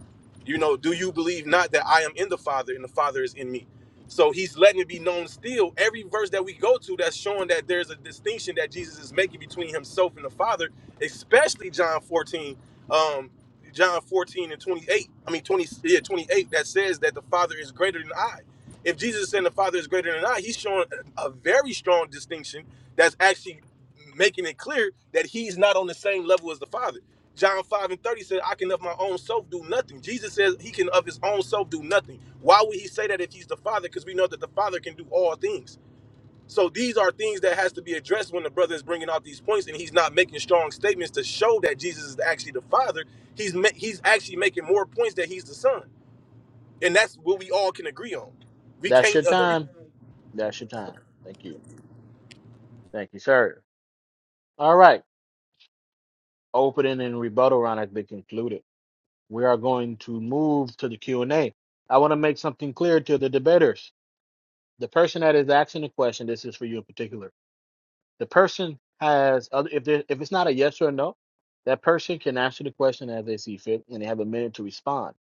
S21: you know, do you believe not that I am in the Father and the Father is in me? So he's letting it be known still. Every verse that we go to that's showing that there's a distinction that Jesus is making between himself and the Father, especially John 14, um, John 14 and 28. I mean 20, yeah, 28 that says that the Father is greater than I. If Jesus is saying the Father is greater than I, he's showing a a very strong distinction that's actually making it clear that he's not on the same level as the Father. John 5 and 30 said, I can of my own self do nothing. Jesus says he can of his own self do nothing. Why would he say that if he's the Father? Because we know that the Father can do all things. So these are things that has to be addressed when the brother is bringing out these points and he's not making strong statements to show that Jesus is actually the Father. He's ma- he's actually making more points that he's the Son. And that's what we all can agree on. We
S5: That's
S21: can't
S5: your
S21: agree.
S5: time. That's your time. Thank you. Thank you, sir. All right. opening and rebuttal round has been concluded. We are going to move to the Q and A. I want to make something clear to the debaters. The person that is asking the question, this is for you in particular. The person has, other- if there, if it's not a yes or a no, that person can answer the question as they see fit, and they have a minute to respond.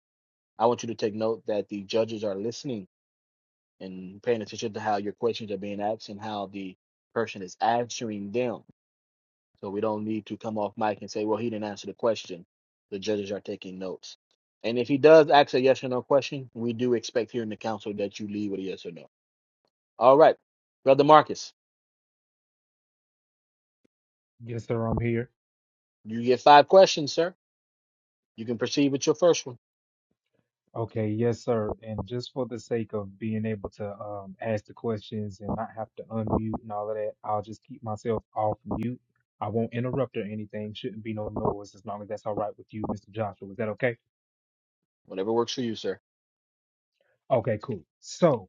S5: I want you to take note that the judges are listening and paying attention to how your questions are being asked and how the person is answering them. So we don't need to come off mic and say, well, he didn't answer the question. The judges are taking notes. And if he does ask a yes or no question, we do expect here in the council that you leave with a yes or no. All right. Brother Marcus,
S19: Yes, sir, I'm here.
S5: you get five questions, sir. You can proceed with your first one.
S19: Okay, yes, sir. And just for the sake of being able to um, ask the questions and not have to unmute and all of that, I'll just keep myself off mute. I won't interrupt or anything. Shouldn't be no noise as long as that's all right with you, Mr. Joshua. Is that okay?
S5: Whatever works for you, sir.
S19: Okay, cool. So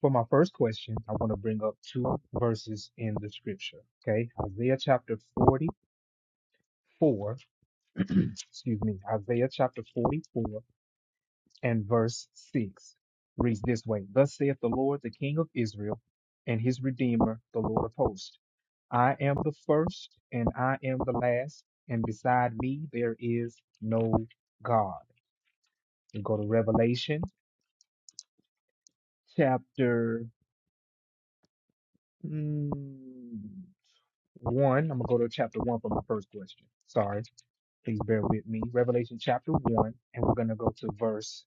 S19: for my first question, I want to bring up two verses in the scripture. Okay, Isaiah chapter 44. [CLEARS THROAT] excuse me, Isaiah chapter 44 and verse 6 reads this way Thus saith the Lord, the King of Israel, and his Redeemer, the Lord of hosts I am the first, and I am the last, and beside me there is no God. We go to Revelation chapter mm, 1. I'm going to go to chapter 1 for my first question. Sorry. Please bear with me. Revelation chapter 1, and we're going to go to verse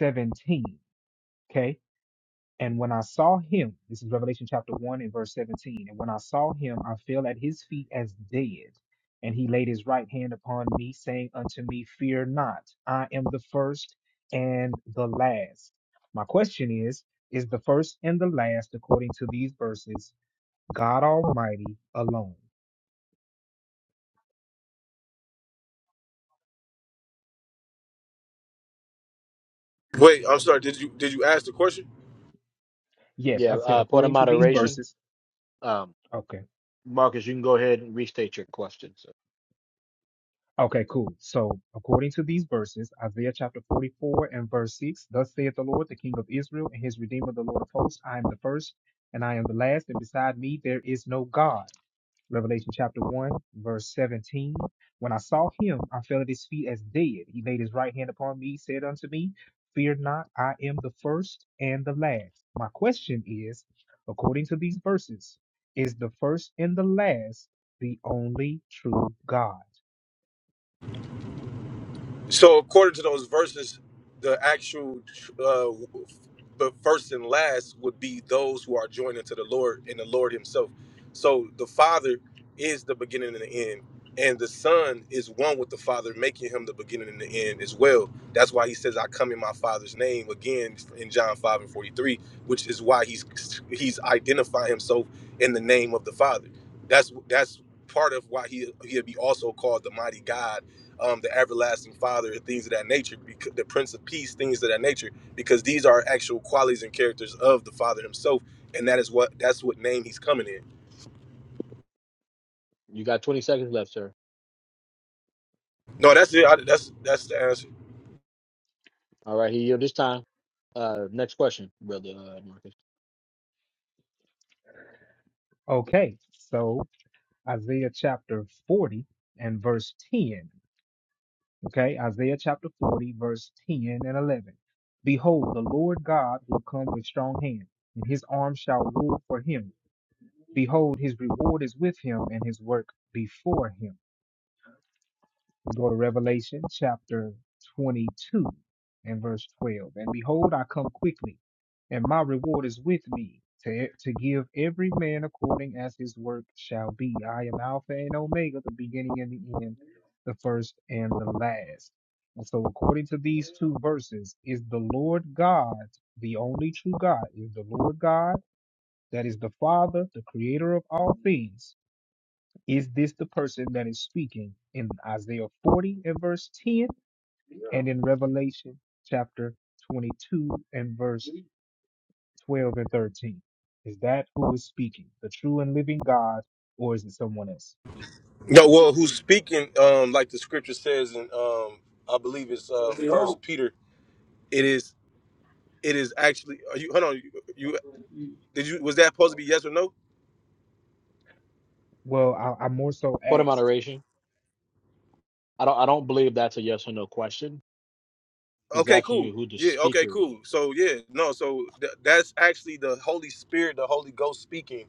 S19: 17. Okay. And when I saw him, this is Revelation chapter 1 and verse 17. And when I saw him, I fell at his feet as dead. And he laid his right hand upon me, saying unto me, Fear not, I am the first and the last. My question is Is the first and the last, according to these verses, God Almighty alone?
S21: Wait, I'm sorry. Did you did you ask the question?
S19: Yes,
S5: Yeah,
S19: I said,
S5: uh, point of
S19: according to these
S5: moderation.
S19: verses.
S5: Um,
S19: Okay.
S5: Marcus, you can go ahead and restate your question, sir.
S19: Okay, cool. So, according to these verses, Isaiah chapter 44 and verse 6, Thus saith the Lord, the King of Israel, and his Redeemer, the Lord of hosts, I am the first, and I am the last, and beside me there is no God. Revelation chapter 1, verse 17. When I saw him, I fell at his feet as dead. He laid his right hand upon me, said unto me, Fear not, I am the first and the last. My question is, according to these verses, is the first and the last the only true God?
S21: So according to those verses, the actual uh, the first and last would be those who are joined unto the Lord and the Lord Himself. So the Father is the beginning and the end, and the Son is one with the Father, making Him the beginning and the end as well. That's why He says, "I come in My Father's name." Again, in John five and forty three, which is why He's He's identifying Himself in the name of the Father. That's that's part of why He He'll be also called the Mighty God um, the everlasting father and things of that nature because the prince of peace things of that nature because these are actual qualities and characters of the father himself and that is what that's what name he's coming in
S5: You got 20 seconds left, sir.
S21: no that's it I, that's that's the answer
S5: All right, he yielded his time. Uh, next question, brother uh, Marcus.
S19: Okay, so Isaiah chapter 40 and verse 10. Okay, Isaiah chapter 40, verse 10 and 11. Behold, the Lord God will come with strong hand, and his arm shall rule for him. Behold, his reward is with him, and his work before him. Go to Revelation chapter 22 and verse 12. And behold, I come quickly, and my reward is with me to, e, to give every man according as his work shall be. I am Alpha and Omega, the beginning and the end, the first and the last. And so, according to these two verses, is the Lord God the only true God? Is the Lord God that is the Father, the creator of all things? Is this the person that is speaking in Isaiah 40 and verse 10 and in Revelation chapter 22 and verse 12 and 13? Is that who is speaking, the true and living God, or is it someone else?
S21: no well who's speaking um like the scripture says in um i believe it's uh first peter it is it is actually are you hold on you, you did you was that supposed to be yes or no
S19: Well, I, I more so
S5: Point of
S19: asked.
S5: moderation. I don't. I don't believe that's a yes or no question. He's
S21: Okay,
S5: asking
S21: cool.
S5: you who the
S21: Yeah, okay,
S5: speaker is.
S21: cool. So yeah, no, so th- that's actually the Holy Spirit, the Holy Ghost speaking.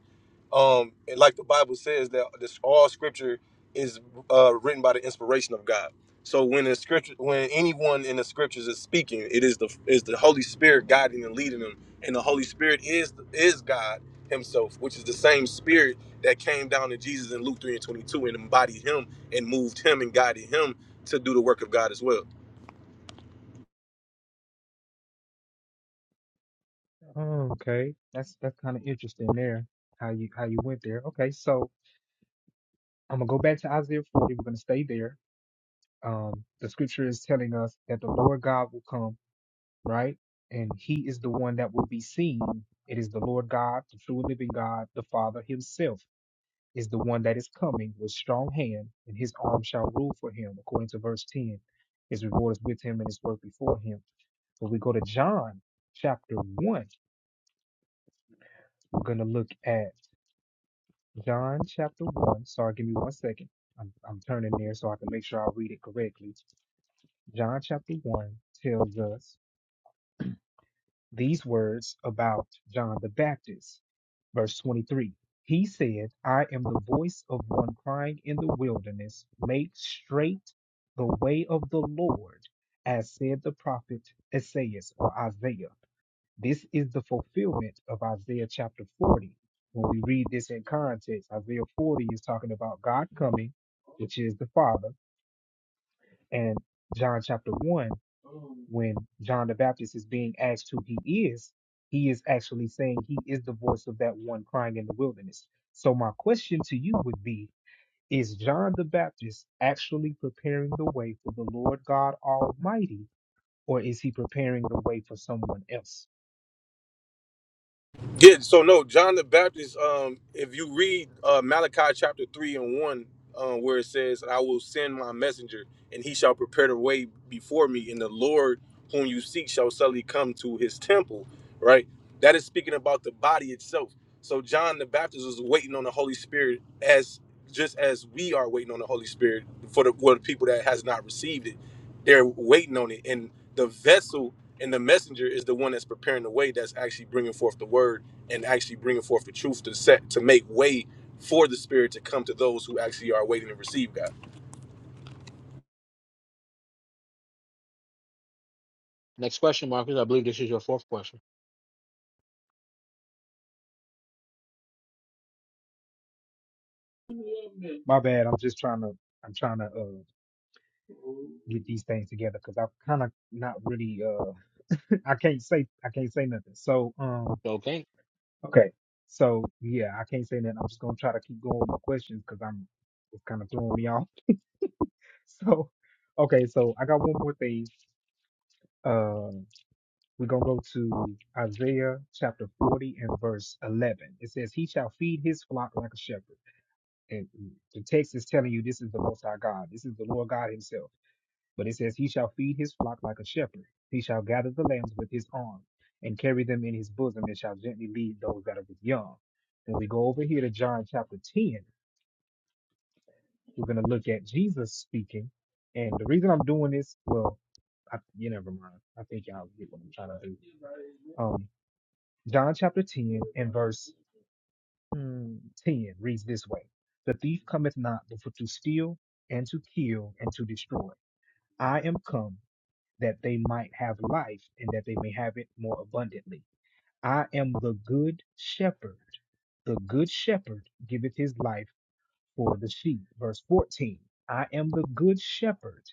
S21: Um, and like the Bible says that this all scripture is uh written by the inspiration of God. So when the scripture when anyone in the scriptures is speaking, it is the is the Holy Spirit guiding and leading them. And the Holy Spirit is is God himself, which is the same spirit that came down to Jesus in Luke 3 and 22 and embodied him and moved him and guided him to do the work of God as well.
S19: Oh, okay, that's that's kind of interesting there. How you how you went there? Okay, so I'm gonna go back to Isaiah 40. We're gonna stay there. Um, the scripture is telling us that the Lord God will come. right? And he is the one that will be seen. It is the Lord God, the true and living God, the Father himself is the one that is coming with strong hand, and his arm shall rule for him, according to verse 10. His reward is with him and his work before him. But we go to John chapter 1. We're going to look at John chapter 1. Sorry, give me one second. I'm, I'm turning there so I can make sure I read it correctly. John chapter 1 tells us these words about John the Baptist. Verse 23 He said, I am the voice of one crying in the wilderness, make straight the way of the Lord, as said the prophet Isaiah or Isaiah. This is the fulfillment of Isaiah chapter 40. When we read this in context, Isaiah 40 is talking about God coming, which is the Father and John chapter 1, when John the Baptist is being asked who he is, he is actually saying he is the voice of that one crying in the wilderness. So, my question to you would be Is John the Baptist actually preparing the way for the Lord God Almighty, or is he preparing the way for someone else?
S21: Yeah, so no, John the Baptist, um, if you read uh, Malachi chapter 3 and 1, um, where it says, I will send my messenger, and he shall prepare the way before me, and the Lord whom you seek shall suddenly come to his temple, right? That is speaking about the body itself. So John the Baptist was waiting on the Holy Spirit as just as we are waiting on the Holy Spirit for the, for the people that has not received it. They're waiting on it. And the vessel and the messenger is the one that's preparing the way that's actually bringing forth the word and actually bringing forth the truth to set to make way for the spirit to come to those who actually are waiting to receive God.
S5: Next question, Marcus. I believe this is your fourth question.
S19: My bad. I'm just trying to. I'm trying to uh, get these things together because I'm kind of not really. Uh, [LAUGHS] I can't say I can't say nothing. So, um,
S5: Okay.
S19: Okay. So yeah, I can't say that. I'm just gonna try to keep going with my questions because I'm it's kind of throwing me off. [LAUGHS] So okay, so I got one more thing. Uh, we're gonna go to Isaiah chapter 40 and verse 11. It says, "He shall feed his flock like a shepherd." And the text is telling you this is the Most High God. This is the Lord God Himself. But it says, He shall feed his flock like a shepherd. He shall gather the lambs with his arm and carry them in his bosom and shall gently lead those that are with young. When we go over here to John chapter 10, we're going to look at Jesus speaking. And the reason I'm doing this, well, I, you never mind. I think y'all get what I'm trying to do. Um, John chapter 10 and verse mm, 10 reads this way The thief cometh not but for to steal and to kill and to destroy. I am come that they might have life and that they may have it more abundantly. I am the good shepherd. The good shepherd giveth his life for the sheep. Verse 14 I am the good shepherd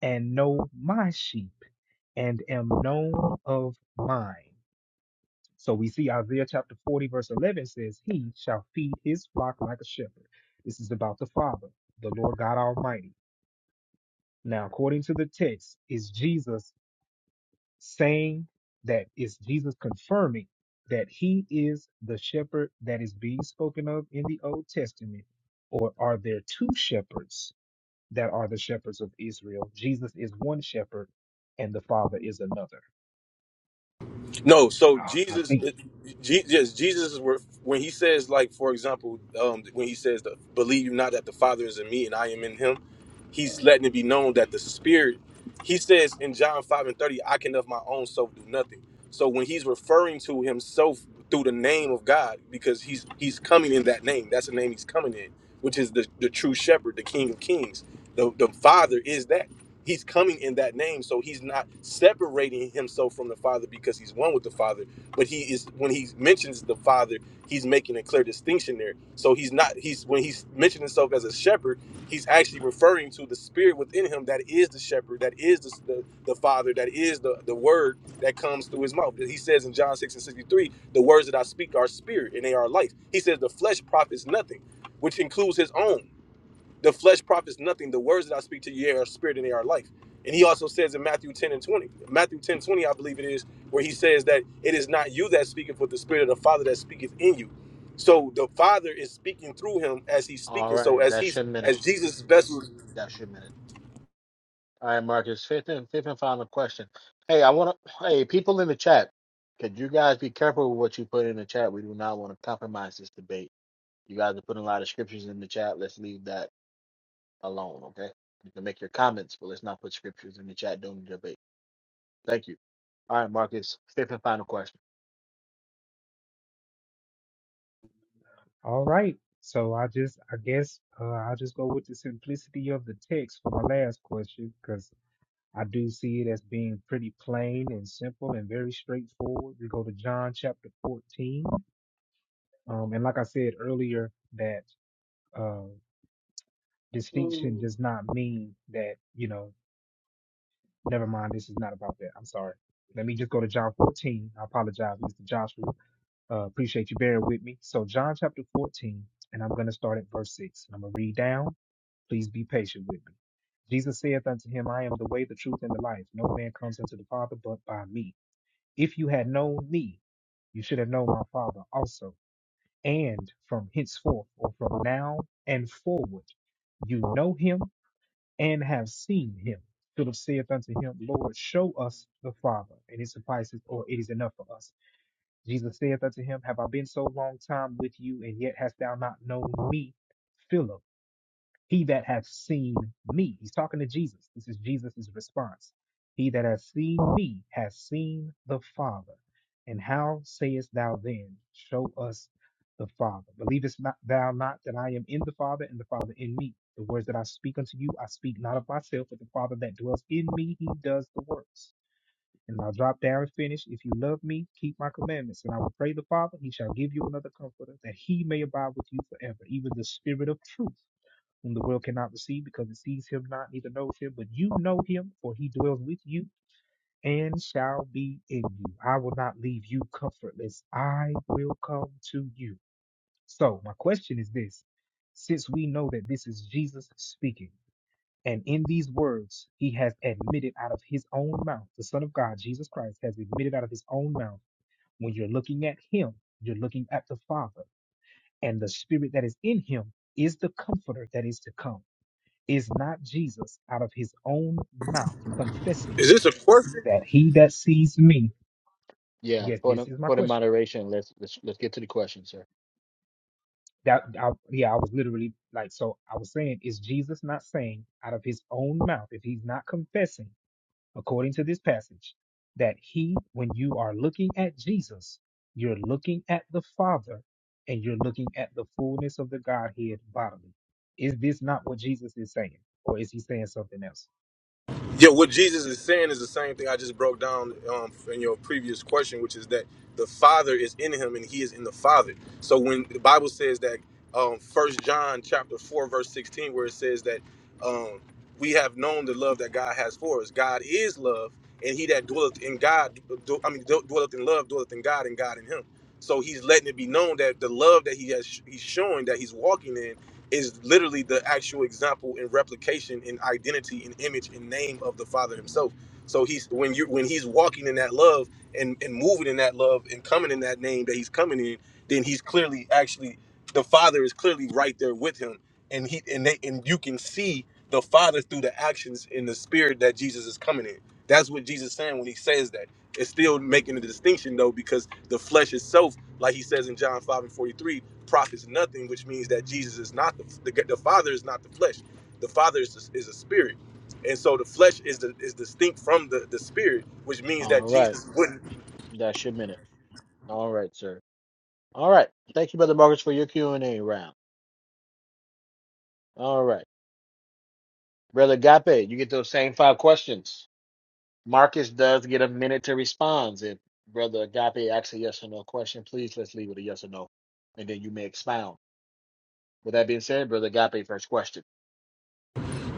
S19: and know my sheep and am known of mine. So we see Isaiah chapter 40, verse 11 says, He shall feed his flock like a shepherd. This is about the Father, the Lord God Almighty. Now, according to the text, is Jesus saying that is Jesus confirming that he is the shepherd that is being spoken of in the Old Testament? Or are there two shepherds that are the shepherds of Israel? Jesus is one shepherd and the Father is another.
S21: No, so
S19: Ah, I
S21: Jesus,
S19: think.
S21: Je- yes, Jesus is where when he says, like for example, um, when he says, the, "Believe you not that the Father is in me and I am in Him," he's letting it be known that the Spirit. He says in John five and thirty, "I can of my own self do nothing." So when he's referring to himself through the name of God, because he's he's coming in that name. That's the name he's coming in, which is the the true Shepherd, the King of Kings. The the Father is that he's coming in that name so he's not separating himself from the father because he's one with the father but he is when he mentions the father he's making a clear distinction there so he's not he's when he's mentioning himself as a shepherd he's actually referring to the spirit within him that is the shepherd that is the, the, the father that is the, the word that comes through his mouth he says in john 6 and 63 the words that i speak are spirit and they are life he says the flesh profits nothing which includes his own the flesh profits nothing. The words that I speak to you are spirit and they are life. And he also says in Matthew 10 and 20, Matthew 10 20, I believe it is, where he says that it is not you that speaketh, but the spirit of the Father that speaketh in you. So the Father is speaking through him as he's
S5: All
S21: speaking. So
S5: right.
S21: as
S5: That's
S21: he's
S5: your minute.
S21: as Jesus' vessel.
S5: That's your minute. All right, Marcus. Fifth and fifth and final question. Hey, I want to. Hey, people in the chat, could you guys be careful with what you put in the chat? We do not want to compromise this debate. You guys are putting a lot of scriptures in the chat. Let's leave that alone. Okay. You can make your comments, but let's not put scriptures in the chat during the debate. Thank you. All right, Marcus. Fifth and final question.
S19: All right. So I just, I guess, uh, I'll just go with the simplicity of the text for my last question because I do see it as being pretty plain and simple and very straightforward. We go to John chapter 14 Um, and like I said earlier, that uh, distinction does not mean that, you know, never mind, this is not about that. I'm sorry. Let me just go to John 14. I apologize, Mr. Joshua. Uh, appreciate you bearing with me. So, John chapter 14, and I'm going to start at verse 6. I'm going to read down. Please be patient with me. Jesus saith unto him, I am the way, the truth, and the life. No man comes unto the Father but by me. If you had known me, you should have known my Father also. and from henceforth or from now and forward you know him and have seen him. Philip saith unto him, Lord, show us the Father, and it suffices, or it is enough for us. Jesus saith unto him, Have I been so long time with you, and yet hast thou not known me? Philip, he that hath seen me. He's talking to Jesus. This is Jesus' response. He that hath seen me has seen the Father. And how sayest thou then, Show us the Father? Believest not thou not that I am in the Father and the Father in me? The words that I speak unto you, I speak not of myself, but the Father that dwells in me, he does the works. And I'll drop down and finish. If you love me, keep my commandments. And I will pray the Father, he shall give you another comforter, that he may abide with you forever, even the Spirit of truth whom the world cannot receive because it sees him not, neither knows him, but you know him, for he dwells with you and shall be in you. I will not leave you comfortless. I will come to you. So, my question is this since we know that this is Jesus speaking, and in these words, he has admitted out of his own mouth, the Son of God, Jesus Christ, has admitted out of his own mouth, when you're looking at him, you're looking at the Father, and the Spirit that is in him is the comforter that is to come. Is not Jesus out of his own mouth confessing
S21: Is this a question?
S19: that he that sees me?
S5: Yeah,
S19: Yes,
S5: put
S19: this
S5: in,
S19: is my
S5: put in
S19: question.
S5: moderation. Let's let's let's get to the question, sir.
S19: That I, yeah, I was literally like, so I was saying, is Jesus not saying out of his own mouth if he's not confessing, according to this passage, that he, when you are looking at Jesus, you're looking at the Father, and you're looking at the fullness of the Godhead bodily. Is this not what Jesus is saying, or is he saying something else?
S21: Yeah, what Jesus is saying is the same thing I just broke down um, in your previous question, which is that the Father is in him and he is in the Father. So when the Bible says that um, 1 John chapter 4, verse 16, where it says that um, we have known the love that God has for us. God is love, and he that dwelleth in God, dw- I mean, dw- dwelleth in love, dwelleth in God, and God in him. So he's letting it be known that the love that he has, he's showing that he's walking in is literally the actual example and replication and identity and image and name of the father himself so he's when you when he's walking in that love and and moving in that love and coming in that name that he's coming in then he's clearly actually the father is clearly right there with him and he and they and you can see the father through the actions in the spirit that jesus is coming in that's what jesus is saying when he says that it's still making a distinction though because the flesh itself like he says in john 5 and 43 profits nothing, which means that Jesus is not the the, the Father is not the flesh. The Father is a, is a spirit, and so the flesh is the, is distinct from the the spirit, which means
S5: All
S21: that
S5: right.
S21: Jesus wouldn't.
S5: That's your minute. All right, sir. All right. Thank you, Brother Marcus, for your Q and A round. All right, Brother Agape, you get those same five questions. Marcus does get a minute to respond. If Brother Agape asks a yes or no question, please let's leave with a yes or no, and then you may expound. With that being said, Brother Agape, first question.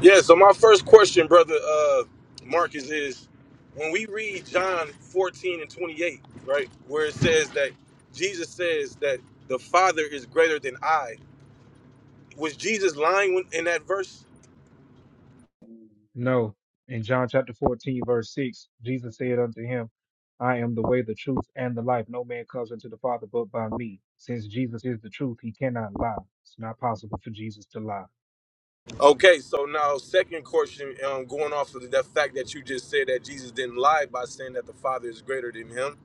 S21: Yeah. So my first question, brother uh, Marcus, is when we read John fourteen and twenty eight, right, where it says that Jesus says that the Father is greater than I. Was Jesus lying when, in that verse?
S19: No. In John chapter 14, verse 6, Jesus said unto him, I am the way, the truth, and the life. No man comes unto the Father but by me. Since Jesus is the truth, he cannot lie. It's not possible for Jesus to lie.
S21: Okay, so now second question, um, going off of the fact that you just said that Jesus didn't lie by saying that the Father is greater than him.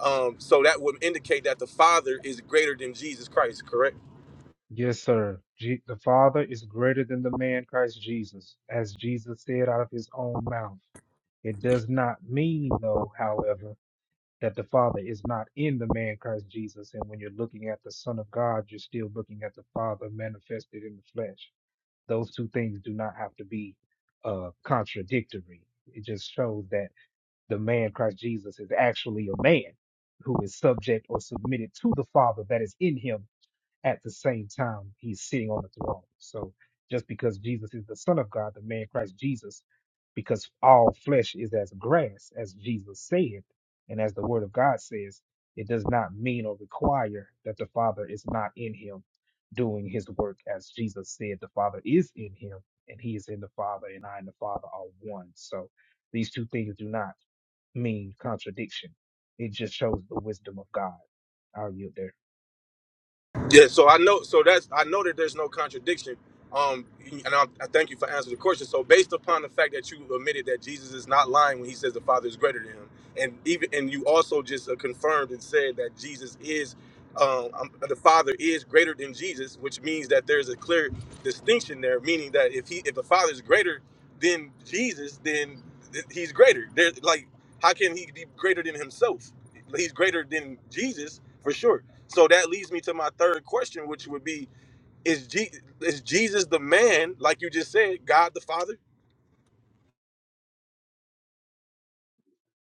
S21: Um, so that would indicate that the Father is greater than Jesus Christ, correct?
S19: Yes, sir. Je- the Father is greater than the man Christ Jesus, as Jesus said out of his own mouth. It does not mean, though, however, that the Father is not in the man Christ Jesus. And when you're looking at the Son of God, you're still looking at the Father manifested in the flesh. Those two things do not have to be uh, contradictory. It just shows that the man Christ Jesus is actually a man who is subject or submitted to the Father that is in him at the same time he's sitting on the throne. So just because Jesus is the Son of God, the man Christ Jesus, because all flesh is as grass, as Jesus said, and as the Word of God says, it does not mean or require that the Father is not in him doing his work. As Jesus said, the Father is in him, and he is in the Father, and I and the Father are one. So these two things do not mean contradiction. It just shows the wisdom of God. I'll yield there.
S21: Yeah, so I know, so that's I know that there's no contradiction. Um, and I, I thank you for answering the question. So, based upon the fact that you admitted that Jesus is not lying when he says the Father is greater than him, and even and you also just uh, confirmed and said that Jesus is, um, um, the Father is greater than Jesus, which means that there's a clear distinction there. Meaning that if he if the Father is greater than Jesus, then th- he's greater. There, like, how can he be greater than himself? He's greater than Jesus for sure so that leads me to my third question, which would be: Is Je- is Jesus the man, like you just said, God the Father?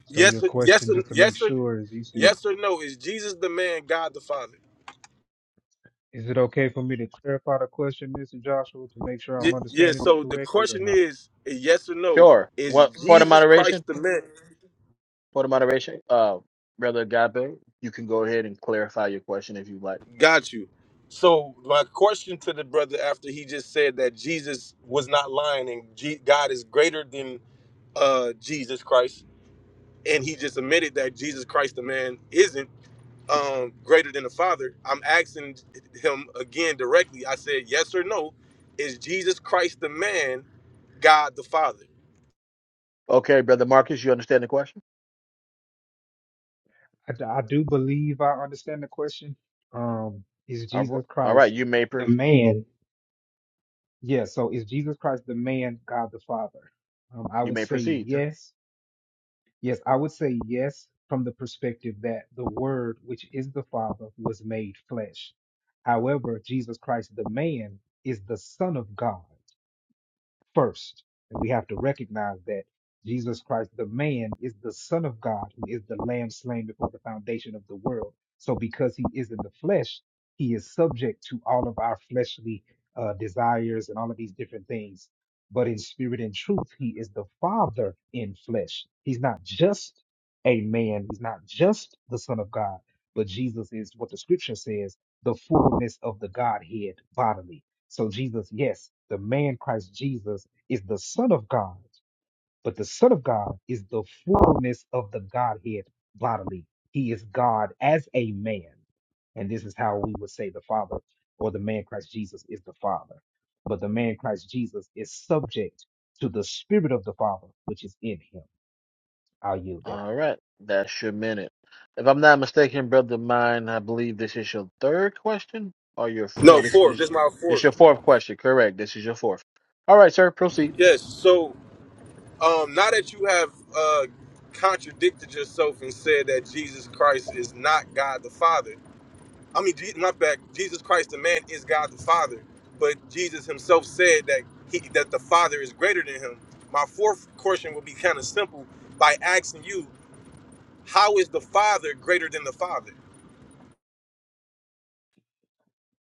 S19: So your
S21: Yes, yes,
S19: question, just to make
S21: yes, or
S19: sure, is he said,
S21: yes or no? Is Jesus the man, God the Father?
S19: is it okay for me to clarify the question, Mr. Joshua, to make sure
S21: Y-
S19: I'm
S21: yeah.
S19: understanding it
S21: So the
S19: correctly or
S21: question
S19: not?
S21: is: Yes or no?
S5: Sure.
S21: Is
S5: What part of
S21: Jesus
S5: moderation?
S21: Christ the man?
S5: Part of moderation. Uh, Brother Agape, you can go ahead and clarify your question if you like.
S21: Got you. So my question to the brother after he just said that Jesus was not lying and G- God is greater than uh, Jesus Christ, and he just admitted that Jesus Christ the man isn't. um, greater than the Father, I'm asking him again directly. I said, yes or no, is Jesus Christ the man, God the Father?
S5: Okay, Brother Marcus, you understand the question?
S19: I, d- I do believe I understand the question. Um, is
S5: All right.
S19: Jesus
S5: All right.
S19: Christ
S5: You may pr-
S19: the man? Yes. So is Jesus Christ the man, God the Father? Um, I
S5: you
S19: would
S5: may
S19: say
S5: proceed, sir.
S19: yes. Yes, I would say yes from the perspective that the Word, which is the Father, was made flesh. However, Jesus Christ, the man, is the Son of God. first. And we have to recognize that Jesus Christ, the man, is the Son of God, who is the Lamb slain before the foundation of the world. So because he is in the flesh, he is subject to all of our fleshly uh, desires and all of these different things. But in spirit and truth, he is the Father in flesh. He's not just a man, he's not just the Son of God, but Jesus is what the scripture says the fullness of the Godhead bodily. So Jesus, yes, the man Christ Jesus is the Son of God, but the Son of God is the fullness of the Godhead bodily. He is God as a man. And this is how we would say the Father or the man Christ Jesus is the Father. But the man Christ Jesus is subject to the Spirit of the Father, which is in him. I'll yield there.
S5: All right, that's your minute. If I'm not mistaken, brother mine, I believe this is your third question or your
S21: No,
S5: no, this
S21: fourth. This
S5: is
S21: is my
S5: this
S21: fourth.
S5: your fourth question. Correct. This is your fourth. All right, sir, proceed
S21: Yes. So um, now that you have uh, contradicted yourself and said that Jesus Christ is not God the Father, I mean, Je- my back, Jesus Christ the man is God the Father, but Jesus himself said that he that the Father is greater than him. My fourth question would be kind of simple by asking you How is the Father greater than the Father?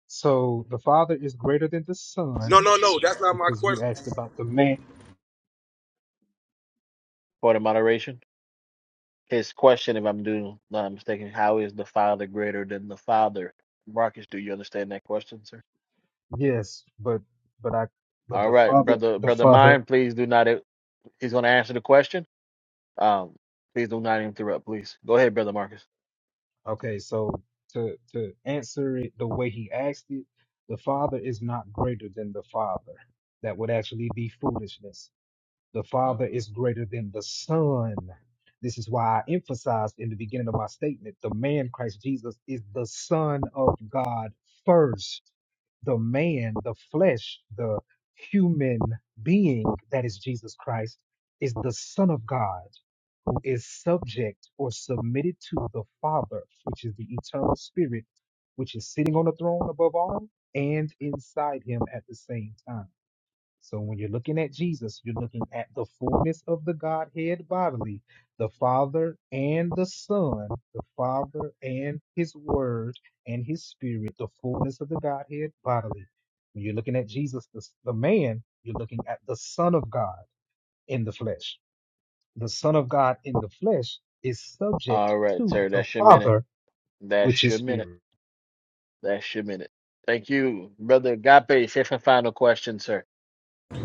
S19: So the Father is greater than the Son
S21: No, no, no. That's not my
S19: because you
S21: question.
S19: asked about the man.
S5: for the moderation. His question, if I'm doing not mistaken, how is the Father greater than the Father? Marcus, do you understand that question, sir?
S19: Yes, but but I but
S5: All
S19: the
S5: right,
S19: Father
S5: brother,
S19: the
S5: brother
S19: Father
S5: mine, please do not. He's going to answer the question. Um, please do not interrupt, please. Go ahead, brother Marcus.
S19: Okay, so to to answer it the way he asked it, the Father is not greater than the Father. That would actually be foolishness. The Father is greater than the Son. This is why I emphasized in the beginning of my statement, the man Christ Jesus is the Son of God first. The man, the flesh, the human being that is Jesus Christ is the Son of God is subject or submitted to the Father, which is the eternal Spirit, which is sitting on the throne above all and inside him at the same time. So when you're looking at Jesus, you're looking at the fullness of the Godhead bodily, the Father and the Son, the Father and His Word and His Spirit, the fullness of the Godhead bodily. When you're looking at Jesus, the, the man, you're looking at the Son of God in the flesh the Son of God in the flesh is subject
S5: All right,
S19: to
S5: sir,
S19: the
S5: that's your minute.
S19: Father, which
S5: That's
S19: is
S5: your minute.
S19: spirit.
S5: That's your minute. Thank you, brother Agape. Safe and final question, sir.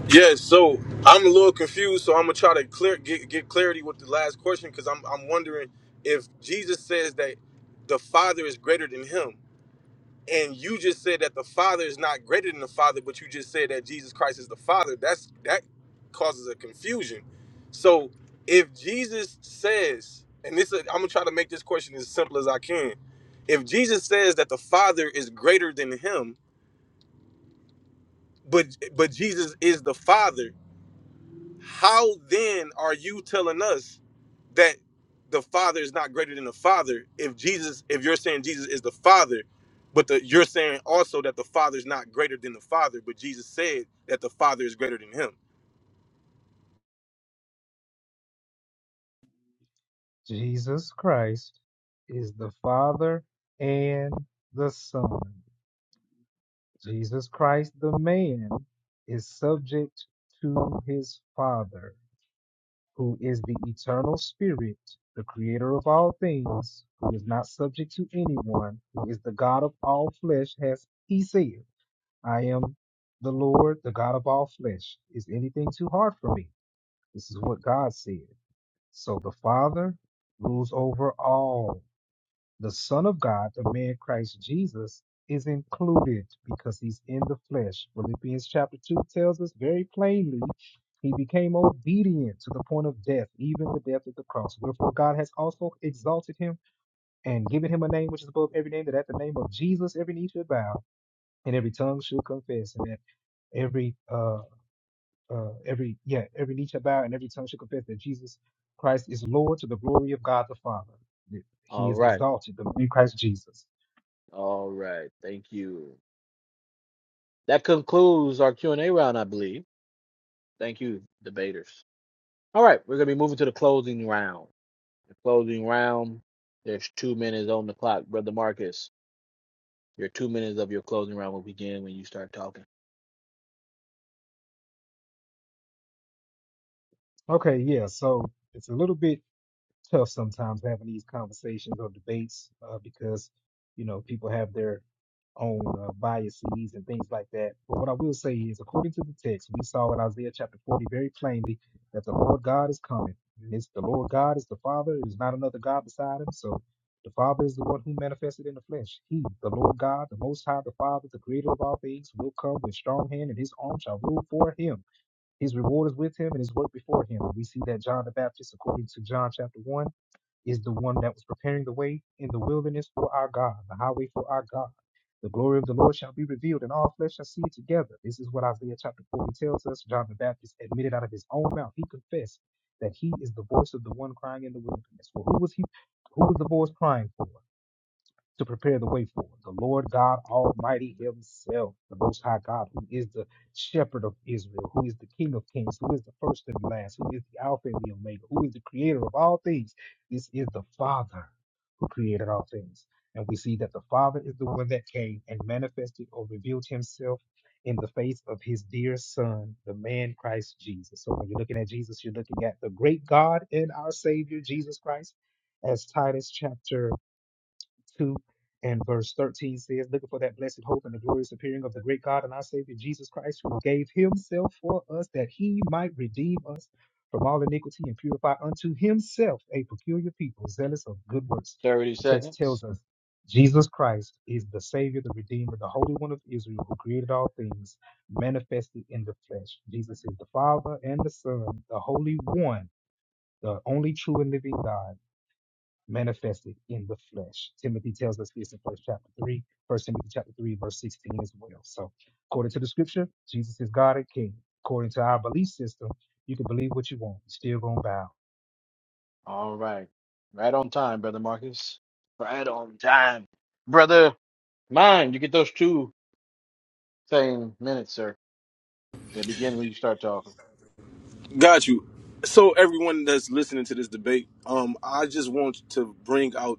S21: Yes. So I'm a little confused. So I'm gonna try to clear get, get clarity with the last question because I'm I'm wondering if Jesus says that the Father is greater than Him, and you just said that the Father is not greater than the Father, but you just said that Jesus Christ is the Father. That's that causes a confusion. So if Jesus says, and this is, I'm gonna try to make this question as simple as I can. If Jesus says that the Father is greater than Him, but but Jesus is the Father. How then are you telling us that the Father is not greater than the Father if Jesus if you're saying Jesus is the Father, but the, you're saying also that the Father is not greater than the Father, but Jesus said that the Father is greater than him.
S19: Jesus Christ is the Father and the Son. Jesus Christ, the man, is subject to his Father, who is the eternal spirit, the creator of all things, who is not subject to anyone, who is the God of all flesh, as he said, I am the Lord, the God of all flesh. Is anything too hard for me? This is what God said. So the Father rules over all. The Son of God, the man Christ Jesus, is included because he's in the flesh. Philippians chapter 2 tells us very plainly he became obedient to the point of death, even the death of the cross. Wherefore God has also exalted him and given him a name which is above every name, that at the name of Jesus every knee should bow and every tongue should confess, and that every uh, uh, every yeah every knee shall bow and every tongue shall confess that Jesus Christ is Lord to the glory of God the Father. That He
S5: All
S19: is
S5: right,
S19: exalted the- in Christ Jesus.
S5: all right. Thank you. That concludes our Q and A round, I believe. Thank you, debaters. All right, we're gonna be moving to the closing round. The closing round. There's two minutes on the clock, brother Marcus. Your two minutes of your closing round will begin when you start talking.
S19: Okay, yeah. So it's a little bit tough sometimes having these conversations or debates uh, because you know people have their own uh, biases and things like that. But what I will say is, according to the text, we saw in Isaiah chapter 40 very plainly that the Lord God is coming. And it's the Lord God is the Father. There's not another God beside Him. So the Father is the one who manifested in the flesh. He, the Lord God, the Most High, the Father, the Creator of all things, will come with strong hand, and His arm shall rule for Him. His reward is with Him, and His work before Him. We see that John the Baptist, according to John chapter 1 is the one that was preparing the way in the wilderness for our God, the highway for our God. The glory of the Lord shall be revealed, and all flesh shall see it together. This is what Isaiah chapter 40 tells us. John the Baptist admitted out of his own mouth, he confessed that he is the voice of the one crying in the wilderness. Well, who was he? Who was the voice crying for? to prepare the way for the Lord God Almighty Himself, the Most High God, who is the Shepherd of Israel, who is the King of Kings, who is the first and last, who is the Alpha and the Omega, who is the Creator of all things. This is the Father who created all things. And we see that the Father is the one that came and manifested or revealed Himself in the face of His dear Son, the man Christ Jesus. So when you're looking at Jesus, you're looking at the great God and our Savior, Jesus Christ, as Titus chapter 2 and verse 13 says, Looking for that blessed hope and the glorious appearing of the great God and our Savior Jesus Christ, who gave himself for us that he might redeem us from all iniquity and purify unto himself a peculiar people, zealous of good works.
S5: Thirty
S19: The text
S5: seconds.
S19: tells us Jesus Christ is the Savior, the Redeemer, the Holy One of Israel, who created all things, manifested in the flesh. Jesus is the Father and the Son, the Holy One, the only true and living God manifested in the flesh. Timothy tells us this in first chapter three, first Timothy chapter three, verse 16 as well. So according to the scripture, Jesus is God and King. According to our belief system, you can believe what you want. you still gonna bow.
S5: All right, right on time, brother Marcus. Right on time, brother. Mine. You get those two same minutes, sir. They begin when you start talking.
S21: Got you. So everyone that's listening to this debate, um, I just want to bring out.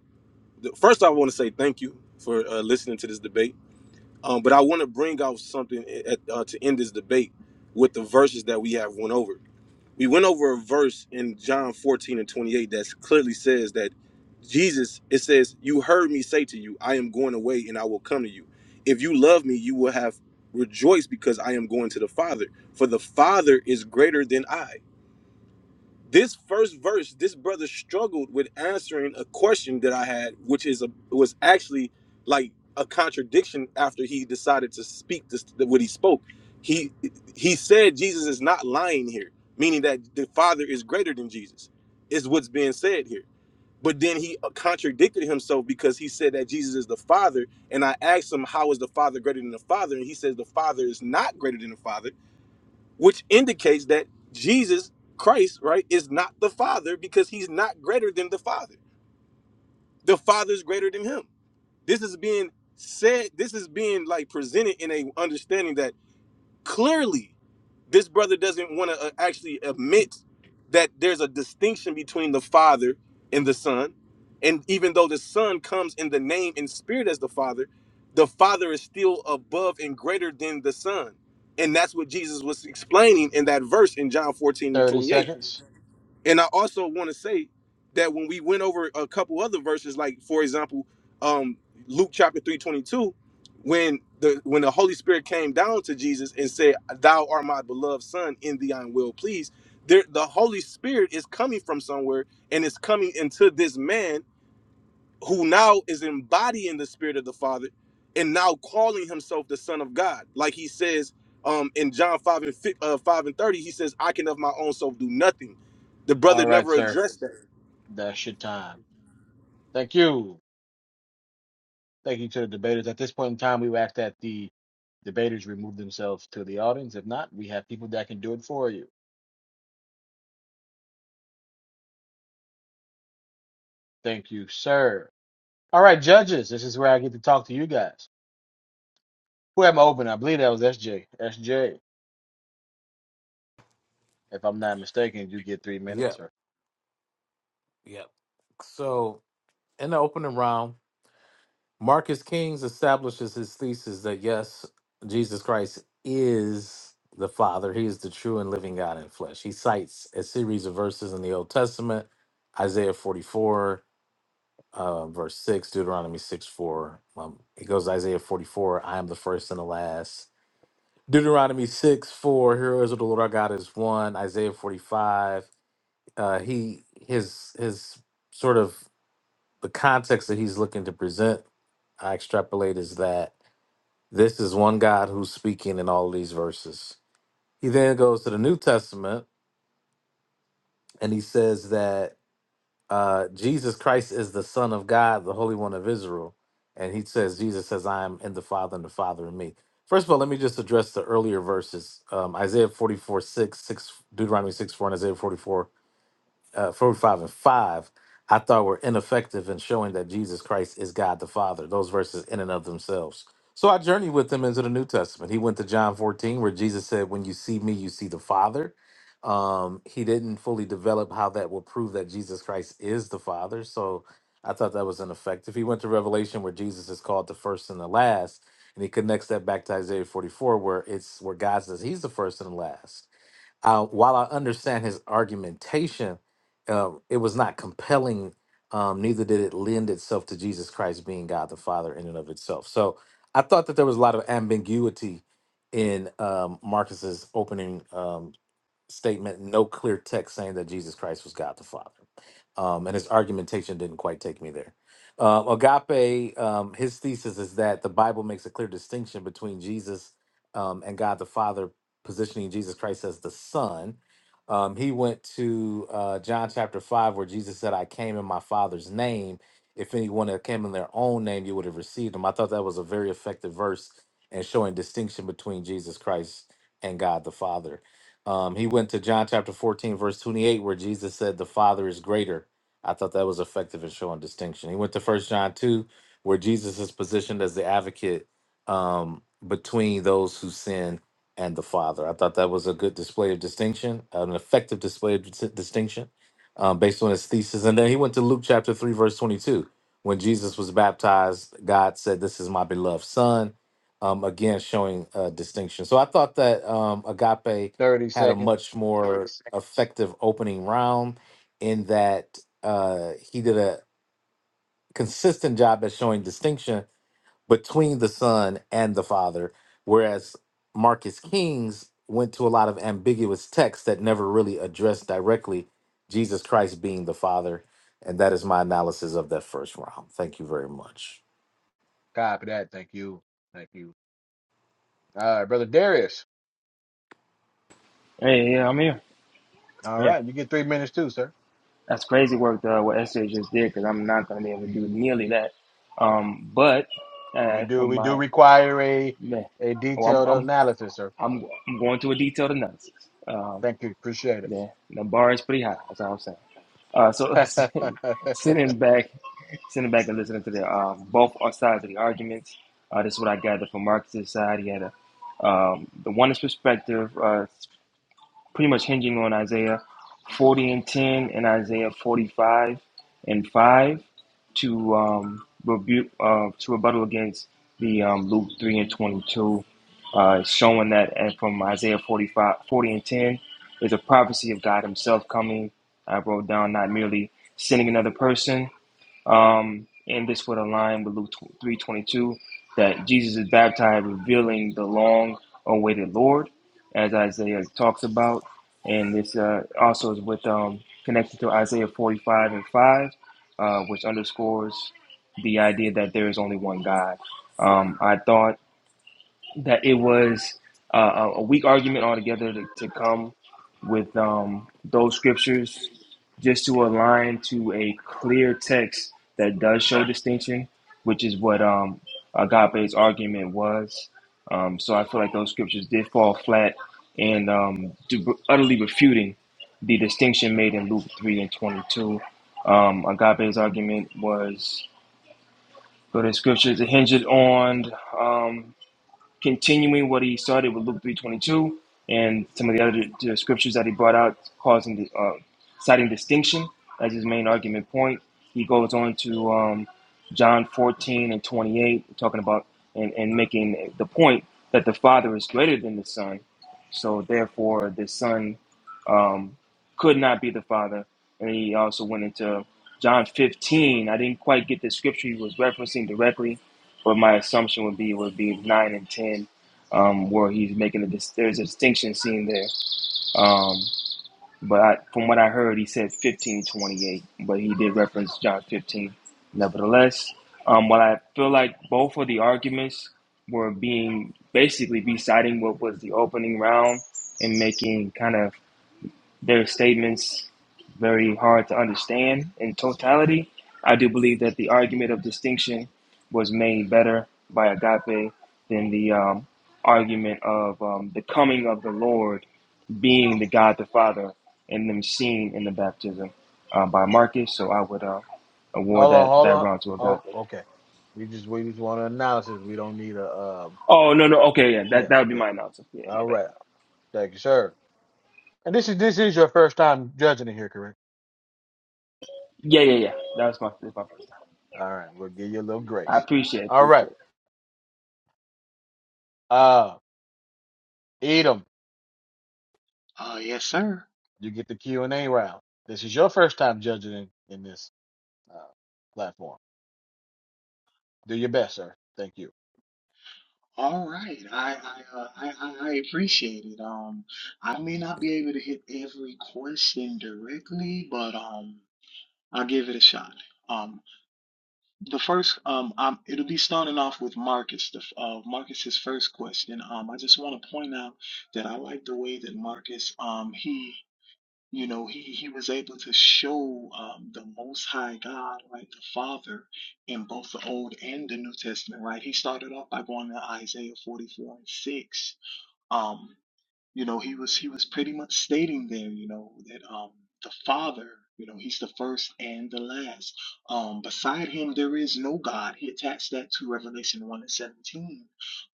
S21: The, first, I want to say thank you for uh, listening to this debate. Um, but I want to bring out something at, uh, to end this debate with the verses that we have went over. We went over a verse in John 14 and 28 that clearly says that Jesus, it says, You heard me say to you, I am going away and I will come to you. If you love me, you will have rejoiced because I am going to the Father, for the Father is greater than I this first verse, this brother struggled with answering a question that I had, which is a was actually like a contradiction after he decided to speak this what he spoke. He he said Jesus is not lying here, meaning that the Father is greater than Jesus, is what's being said here. But then he uh, contradicted himself because he said that Jesus is the Father, and I asked him how is the Father greater than the Father, and he says the Father is not greater than the Father which indicates that Jesus Christ, right, is not the Father because he's not greater than the Father. The Father's greater than him. This is being said, this is being like presented in a understanding that clearly this brother doesn't want to actually admit that there's a distinction between the father and the son and even though the son comes in the name and spirit as the father the father is still above and greater than the son and that's what jesus was explaining in that verse in john 14 and
S5: 30
S21: 28
S5: seconds.
S21: and I also want to say that when we went over a couple other verses, like for example, um, Luke chapter three twenty two, when the when the Holy Spirit came down to Jesus and said, "Thou art my beloved Son; in thee I am well pleased." There, the Holy Spirit is coming from somewhere and it's coming into this man who now is embodying the spirit of the Father and now calling himself the Son of God. Like he says um, in John 5 and, fi- uh, 5 and 30, he says, I can of my own self do nothing. The
S5: All
S21: brother
S5: right,
S21: never
S5: sir.
S21: addressed that.
S5: That's your time. Thank you. Thank you to the debaters. At this point in time, we ask that the debaters remove themselves to the audience. If not, we have people that can do it for you. Thank you, sir. All right, judges. This is where I get to talk to you guys. Who am I opening? I believe that was S J. S J. If I'm not mistaken, you get three minutes
S2: Yep.
S5: or
S2: Yep. So in the opening round, Marcus Kings establishes his thesis that yes, Jesus Christ is the Father. He is the true and living God in flesh. He cites a series of verses in the Old Testament, Isaiah 44. uh, verse 6, Deuteronomy 6 4. Um, it goes to Isaiah 44, I am the first and the last. Deuteronomy 6 4, Here is of the Lord our God is one. Isaiah 45, uh, he his his sort of the context that he's looking to present, I extrapolate is that this is one God who's speaking in all of these verses. He then goes to the New Testament and he says that. uh, Jesus Christ is the Son of God, the Holy One of Israel. And he says, Jesus says, I am in the Father and the Father in me. First of all, let me just address the earlier verses um, Isaiah 44 6, 6, Deuteronomy 6, 4, and Isaiah forty-four uh, 45 and 5, I thought were ineffective in showing that Jesus Christ is God the Father, those verses in and of themselves. So I journeyed with him into the New Testament. He went to John 14, where Jesus said, When you see me, you see the Father. Um, he didn't fully develop how that will prove that Jesus Christ is the Father. So I thought that was ineffective. He went to Revelation, where Jesus is called the first and the last. And he connects that back to Isaiah 44, where it's where God says he's the first and the last uh, while I understand his argumentation, uh, it was not compelling. Um, neither did it lend itself to Jesus Christ being God the Father in and of itself. So I thought that there was a lot of ambiguity in um, Marcus's opening um, statement, no clear text saying that Jesus Christ was God the Father. Um, and his argumentation didn't quite take me there. Um, Agape, um, his thesis is that the Bible makes a clear distinction between Jesus um, and God the Father, positioning Jesus Christ as the Son. Um, he went to uh, John chapter 5, where Jesus said, I came in my Father's name. If anyone had came in their own name, you would have received him. I thought that was a very effective verse and showing distinction between Jesus Christ and God the Father um, he went to John chapter 14, verse 28, where Jesus said, The Father is greater. I thought that was effective in showing distinction. He went to First John 2, where Jesus is positioned as the advocate um, between those who sin and the Father. I thought that was a good display of distinction, an effective display of dis- distinction um, based on his thesis. And then he went to Luke chapter 3, verse 22. When Jesus was baptized, God said, This is my beloved Son. Um, again, showing uh, distinction. So I thought that um, agape
S5: 30
S2: had a much
S5: seconds.
S2: more effective opening round in that uh, he did a consistent job at showing distinction between the son and the father, whereas Marcus Kings went to a lot of ambiguous texts that never really addressed directly Jesus Christ being the father. And that is my analysis of that first round. Thank you very much.
S5: Copy that. Thank you. Thank you. All right, brother Darius.
S23: Hey, yeah, I'm here.
S5: All
S23: Yeah,
S5: right, you get three minutes too, sir.
S23: that's crazy work uh, what SJ just did because I'm not gonna be able to do nearly that. Um, but
S5: We
S23: uh, for
S5: do we do
S23: my
S5: require a
S23: man,
S5: a
S23: oh, I'm,
S5: detailed
S23: I'm
S5: analysis, sir.
S23: I'm I'm going to a detailed analysis. Um,
S5: Thank you. Appreciate
S23: yeah, the bar is pretty high. That's all I'm saying. Uh, so
S5: it. [LAUGHS] hold
S23: [LAUGHS]
S5: on,
S23: sitting back, sitting back and listening to the uh, both sides of the arguments. Uh, this is what I gathered from Marcus's side. He had a um, the oneness perspective. uh, pretty much hinging on Isaiah 40 and 10 and Isaiah 45 and 5 to um, rebuke uh, to rebuttal against the um, Luke 3 and 22, uh, showing that and from Isaiah 45 40 and 10 is a prophecy of God Himself coming. I wrote down not merely sending another person, um, and this would align with Luke three twenty two that Jesus is baptized, revealing the long awaited Lord, as Isaiah talks about. And this uh, also is with um, connected to Isaiah forty five and five, uh, which underscores the idea that there is only one God. Um, I thought that it was uh, a weak argument altogether to, to come with um, those scriptures just to align to a clear text that does show distinction, which is what um, Agape's argument was. Um, so I feel like those scriptures did fall flat and um, do, utterly refuting the distinction made in Luke 3 and 22. Um, Agape's argument was, go the scriptures, it hinges on um, continuing what he started with Luke 3:22 and some of the other uh, scriptures that he brought out, causing the, uh, citing distinction as his main argument point. He goes on to um, John 14 and 28, talking about and, and making the point that the Father is greater than the Son, so therefore the Son um, could not be the Father. And he also went into John 15. I didn't quite get the scripture he was referencing directly, but my assumption would be would be nine and ten, um, where he's making a dis- there's a distinction seen there. Um, but I, from what I heard, he said fifteen twenty eight, but he did reference John fifteen. Nevertheless, um, while I feel like both of the arguments were being basically be citing what was the opening round and making kind of their statements very hard to understand in totality. I do believe that the argument of distinction was made better by agape than the um, argument of um, the coming of the Lord being the God the Father and them seen in the baptism uh, by Marcus. So I would uh, award that,
S5: hold
S23: that
S5: on.
S23: round to
S5: Oh,
S23: agape.
S5: okay. We just we just want an analysis. We don't need a um
S23: Oh, no, no. Okay, yeah,
S5: yeah,
S23: that, that would be
S5: yeah.
S23: my announcement. Yeah, my
S5: All
S23: bad.
S5: right. Thank you, sir. And this is this is your first time judging it here, correct?
S23: Yeah, yeah, yeah. That was my, that was my first time.
S5: All right, we'll give you a little
S23: I
S5: grace.
S23: appreciate it.
S5: All right.
S23: Appreciate it.
S5: Uh Edom,
S1: Uh, yes, sir.
S5: you get the Q and A round. This is your first time judging in, in this uh, platform. Do your best, sir. Thank you.
S1: All right. I I, uh, I I I appreciate it. Um, I may not be able to hit every question directly, but um, I'll give it a shot. Um, The first, um, um, it'll be starting off with Marcus. The uh, Marcus's first question. Um, I just want to point out that I like the way that Marcus, um, he, you know, he he was able to show um, the Most High God, right, the Father, in both the Old and the New Testament, right. He started off by going to Isaiah 44 and 6, Um you know he was he was pretty much stating there you know that um the father you know he's the first and the last um beside him there is no god he attached that to revelation 1 and 17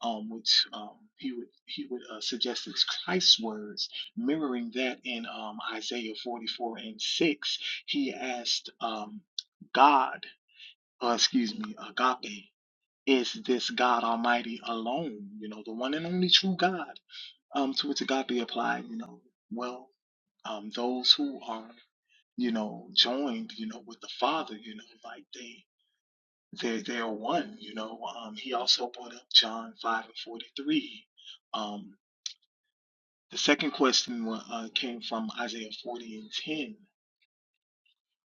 S1: um which um he would he would uh, suggest is christ's words mirroring that in um isaiah 44 and 6 he asked um god uh, excuse me agape is this god almighty alone you know the one and only true god um, to which it got to be applied, you know, well, um, those who are, you know, joined, you know, with the Father, you know, like they, they, they're one, you know. Um, he also brought up John 5 and 43. Um, the second question wa- uh, came from Isaiah 40 and 10.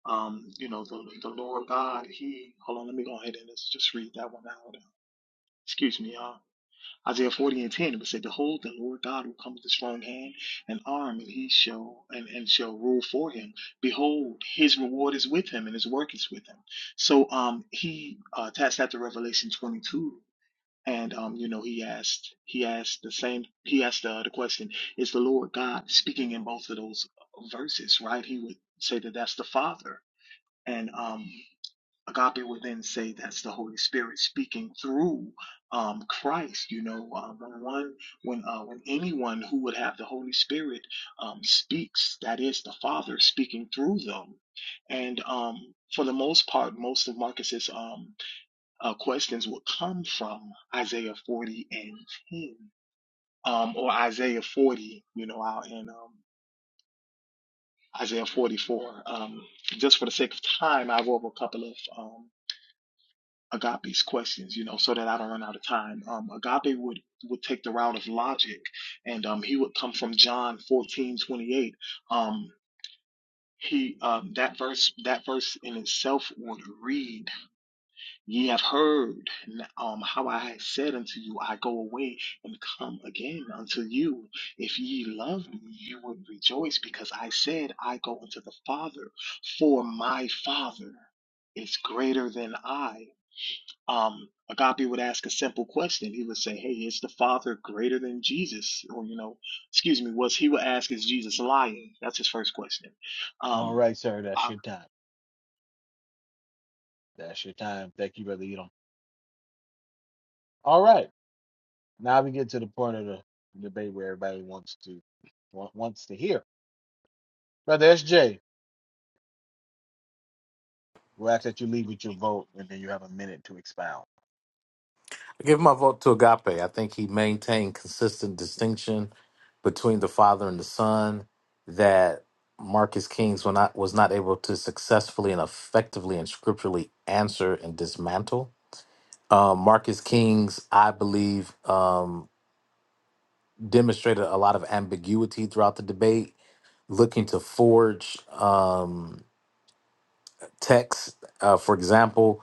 S1: Um, you know, the, the Lord God, he, hold on, let me go ahead and let's just read that one out. Excuse me, y'all Isaiah 40 and 10, it said, Behold, the Lord God will come with a strong hand and arm, and he shall and, and shall rule for him. Behold, his reward is with him, and his work is with him. So um he uh attached that to Revelation 22. And um, you know, he asked he asked the same he asked the, the question, is the Lord God speaking in both of those verses, right? He would say that that's the Father. And um Agape would then say that's the Holy Spirit speaking through um, Christ. You know, uh, when one, when uh, when anyone who would have the Holy Spirit um, speaks, that is the Father speaking through them. And um, for the most part, most of Marcus's um, uh, questions would come from Isaiah 40 and 10, um, or Isaiah 40. You know, out in um, Isaiah 44. Um, just for the sake of time, I will have a couple of. um, Agape's questions, you know, so that I don't run out of time. Um, Agape would would take the route of logic, and um, he would come from John fourteen twenty eight. Um, he um, that verse that verse in itself would read, "Ye have heard um, how I have said unto you, I go away and come again unto you. If ye love me, you would rejoice, because I said, I go unto the Father, for my Father is greater than I." um, Agape would ask a simple question. He would say, Hey, is the Father greater than Jesus? Or, you know, excuse me, was he would ask, Is Jesus lying? That's his first question.
S5: All
S1: Um,
S5: right, sir. That's
S1: I,
S5: your time. That's your time. Thank you, brother. Edom. All right. Now we get to the point of the debate where everybody wants to wa- wants to hear. Brother SJ, we'll ask that you leave with your vote, and then you have a minute to expound.
S2: Give my vote to Agape. I think he maintained consistent distinction between the Father and the Son that Marcus Kings were not, was not able to successfully and effectively and scripturally answer and dismantle. Um, Marcus Kings, I believe, um, demonstrated a lot of ambiguity throughout the debate, looking to forge um, texts. Uh, for example,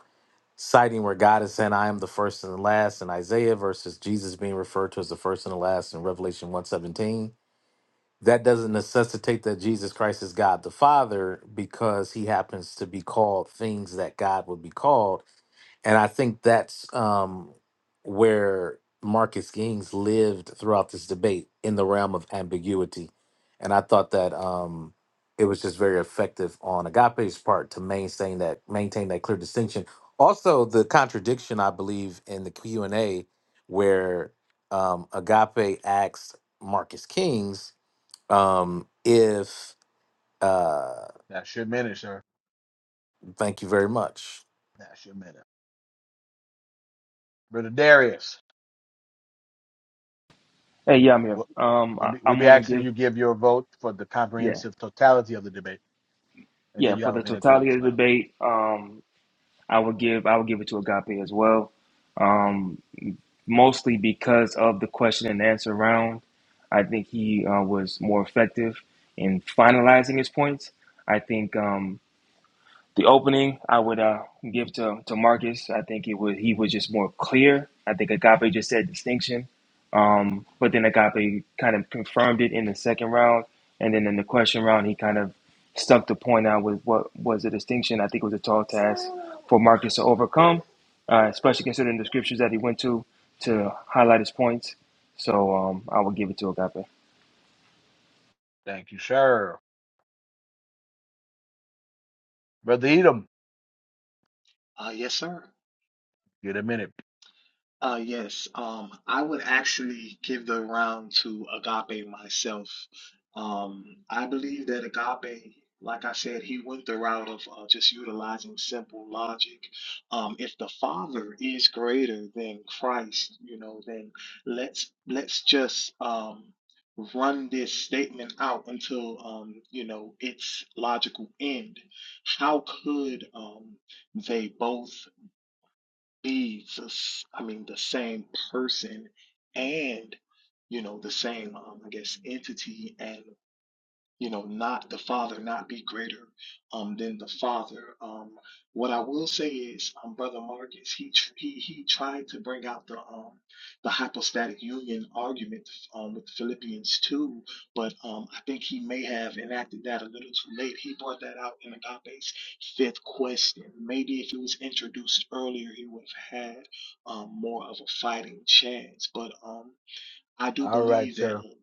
S2: citing where God is saying, I am the first and the last in Isaiah versus Jesus being referred to as the first and the last in Revelation 117. That doesn't necessitate that Jesus Christ is God the Father because he happens to be called things that God would be called and I think that's um, where Marcus King's lived throughout this debate in the realm of ambiguity. And I thought that um, it was just very effective on Agape's part to maintain that maintain that clear distinction. Also, the contradiction I believe in the Q and A where um, Agape asked Marcus Kings um, if uh,
S5: That's your minute, sir.
S2: thank you very much.
S5: That's your minute. Brother Darius,
S23: Hey, yeah, I'm here.
S5: we'll,
S23: Um,
S5: we'll,
S23: I,
S5: be, we'll
S23: I'm
S5: be
S23: gonna
S5: asking
S23: give
S5: you give your vote for the
S23: Yeah,
S5: comprehensive totality of the debate, and
S23: yeah.
S5: then you
S23: For
S5: have a
S23: the
S5: minute to
S23: totality of the
S5: expound.
S23: debate, um, I would give I would give it to Agape as well, um, mostly because of the question and answer round. I think he uh, was more effective in finalizing his points. I think. Um, the opening I would uh, give to, to Marcus. I think it was he was just more clear. I think Agape just said distinction, um, but then Agape kind of confirmed it in the second round, and then in the question round he kind of stuck the point out with what was the distinction. I think it was a tall task for Marcus to overcome, uh, especially considering the scriptures that he went to to highlight his points. So um, I would give it to Agape.
S5: Thank you, sir. Brother Edom,
S1: uh, yes, sir.
S5: get a minute.
S1: Uh, yes, um, I would actually give the round to Agape myself. Um, I believe that Agape, like I said, he went the route of uh, just utilizing simple logic. Um, if the Father is greater than Christ, you know, then let's let's just um, run this statement out until um, you know its logical end. How could um, they both? leads us, I mean, the same person and, you know, the same, um, I guess, entity and you know not the father not be greater um than the father um what i will say is um brother marcus he tr- he he tried to bring out the um the hypostatic union argument um with philippians 2 but um i think he may have enacted that a little too late he brought that out in agape's fifth question maybe if it was introduced earlier he would have had um more of a fighting chance but um I do
S5: All right,
S1: believe
S5: sir.
S1: that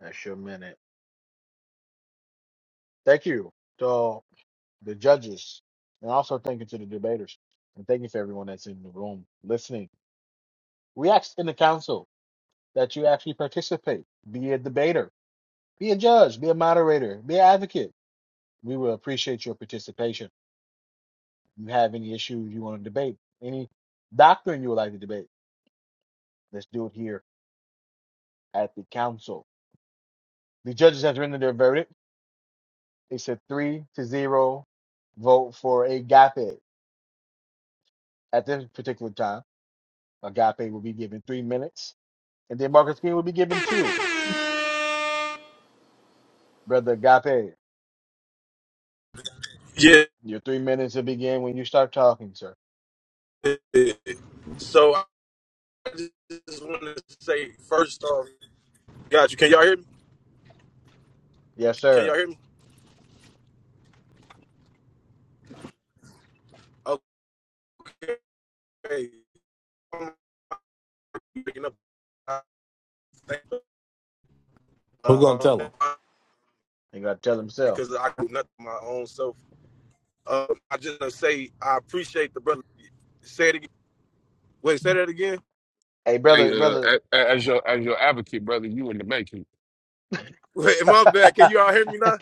S5: That's your minute. Thank you. So. the judges, and also thank you to the debaters. And thank you for everyone that's in the room listening. We ask in the council that you actually participate, be a debater, be a judge, be a moderator, be an advocate. We will appreciate your participation. If you have any issues you want to debate, any doctrine you would like to debate, let's do it here at the council. The judges have rendered their verdict. It's a three to zero vote for agape at this particular time. Agape will be given three minutes And then Marcus King will be given two. Brother Agape,
S21: Yeah.
S5: your three minutes will begin when you start talking, sir.
S21: So I just want to say first off, got you. Can y'all hear me?
S5: Yes,
S21: Can y'all
S5: sir.
S21: hear me? Okay. I'm picking up. I think,
S2: Who gonna
S21: uh,
S2: tell him?
S5: He got to tell himself.
S21: because I do nothing my own self. Uh, I just want to say I appreciate the brother. Say it again. Wait, say that again.
S5: Hey,
S25: Hey,
S5: brother,
S25: uh,
S5: brother.
S25: as, as your as your advocate, brother, you in the making.
S21: [LAUGHS] Wait,
S5: [LAUGHS]
S21: my bad. Can you all hear me now?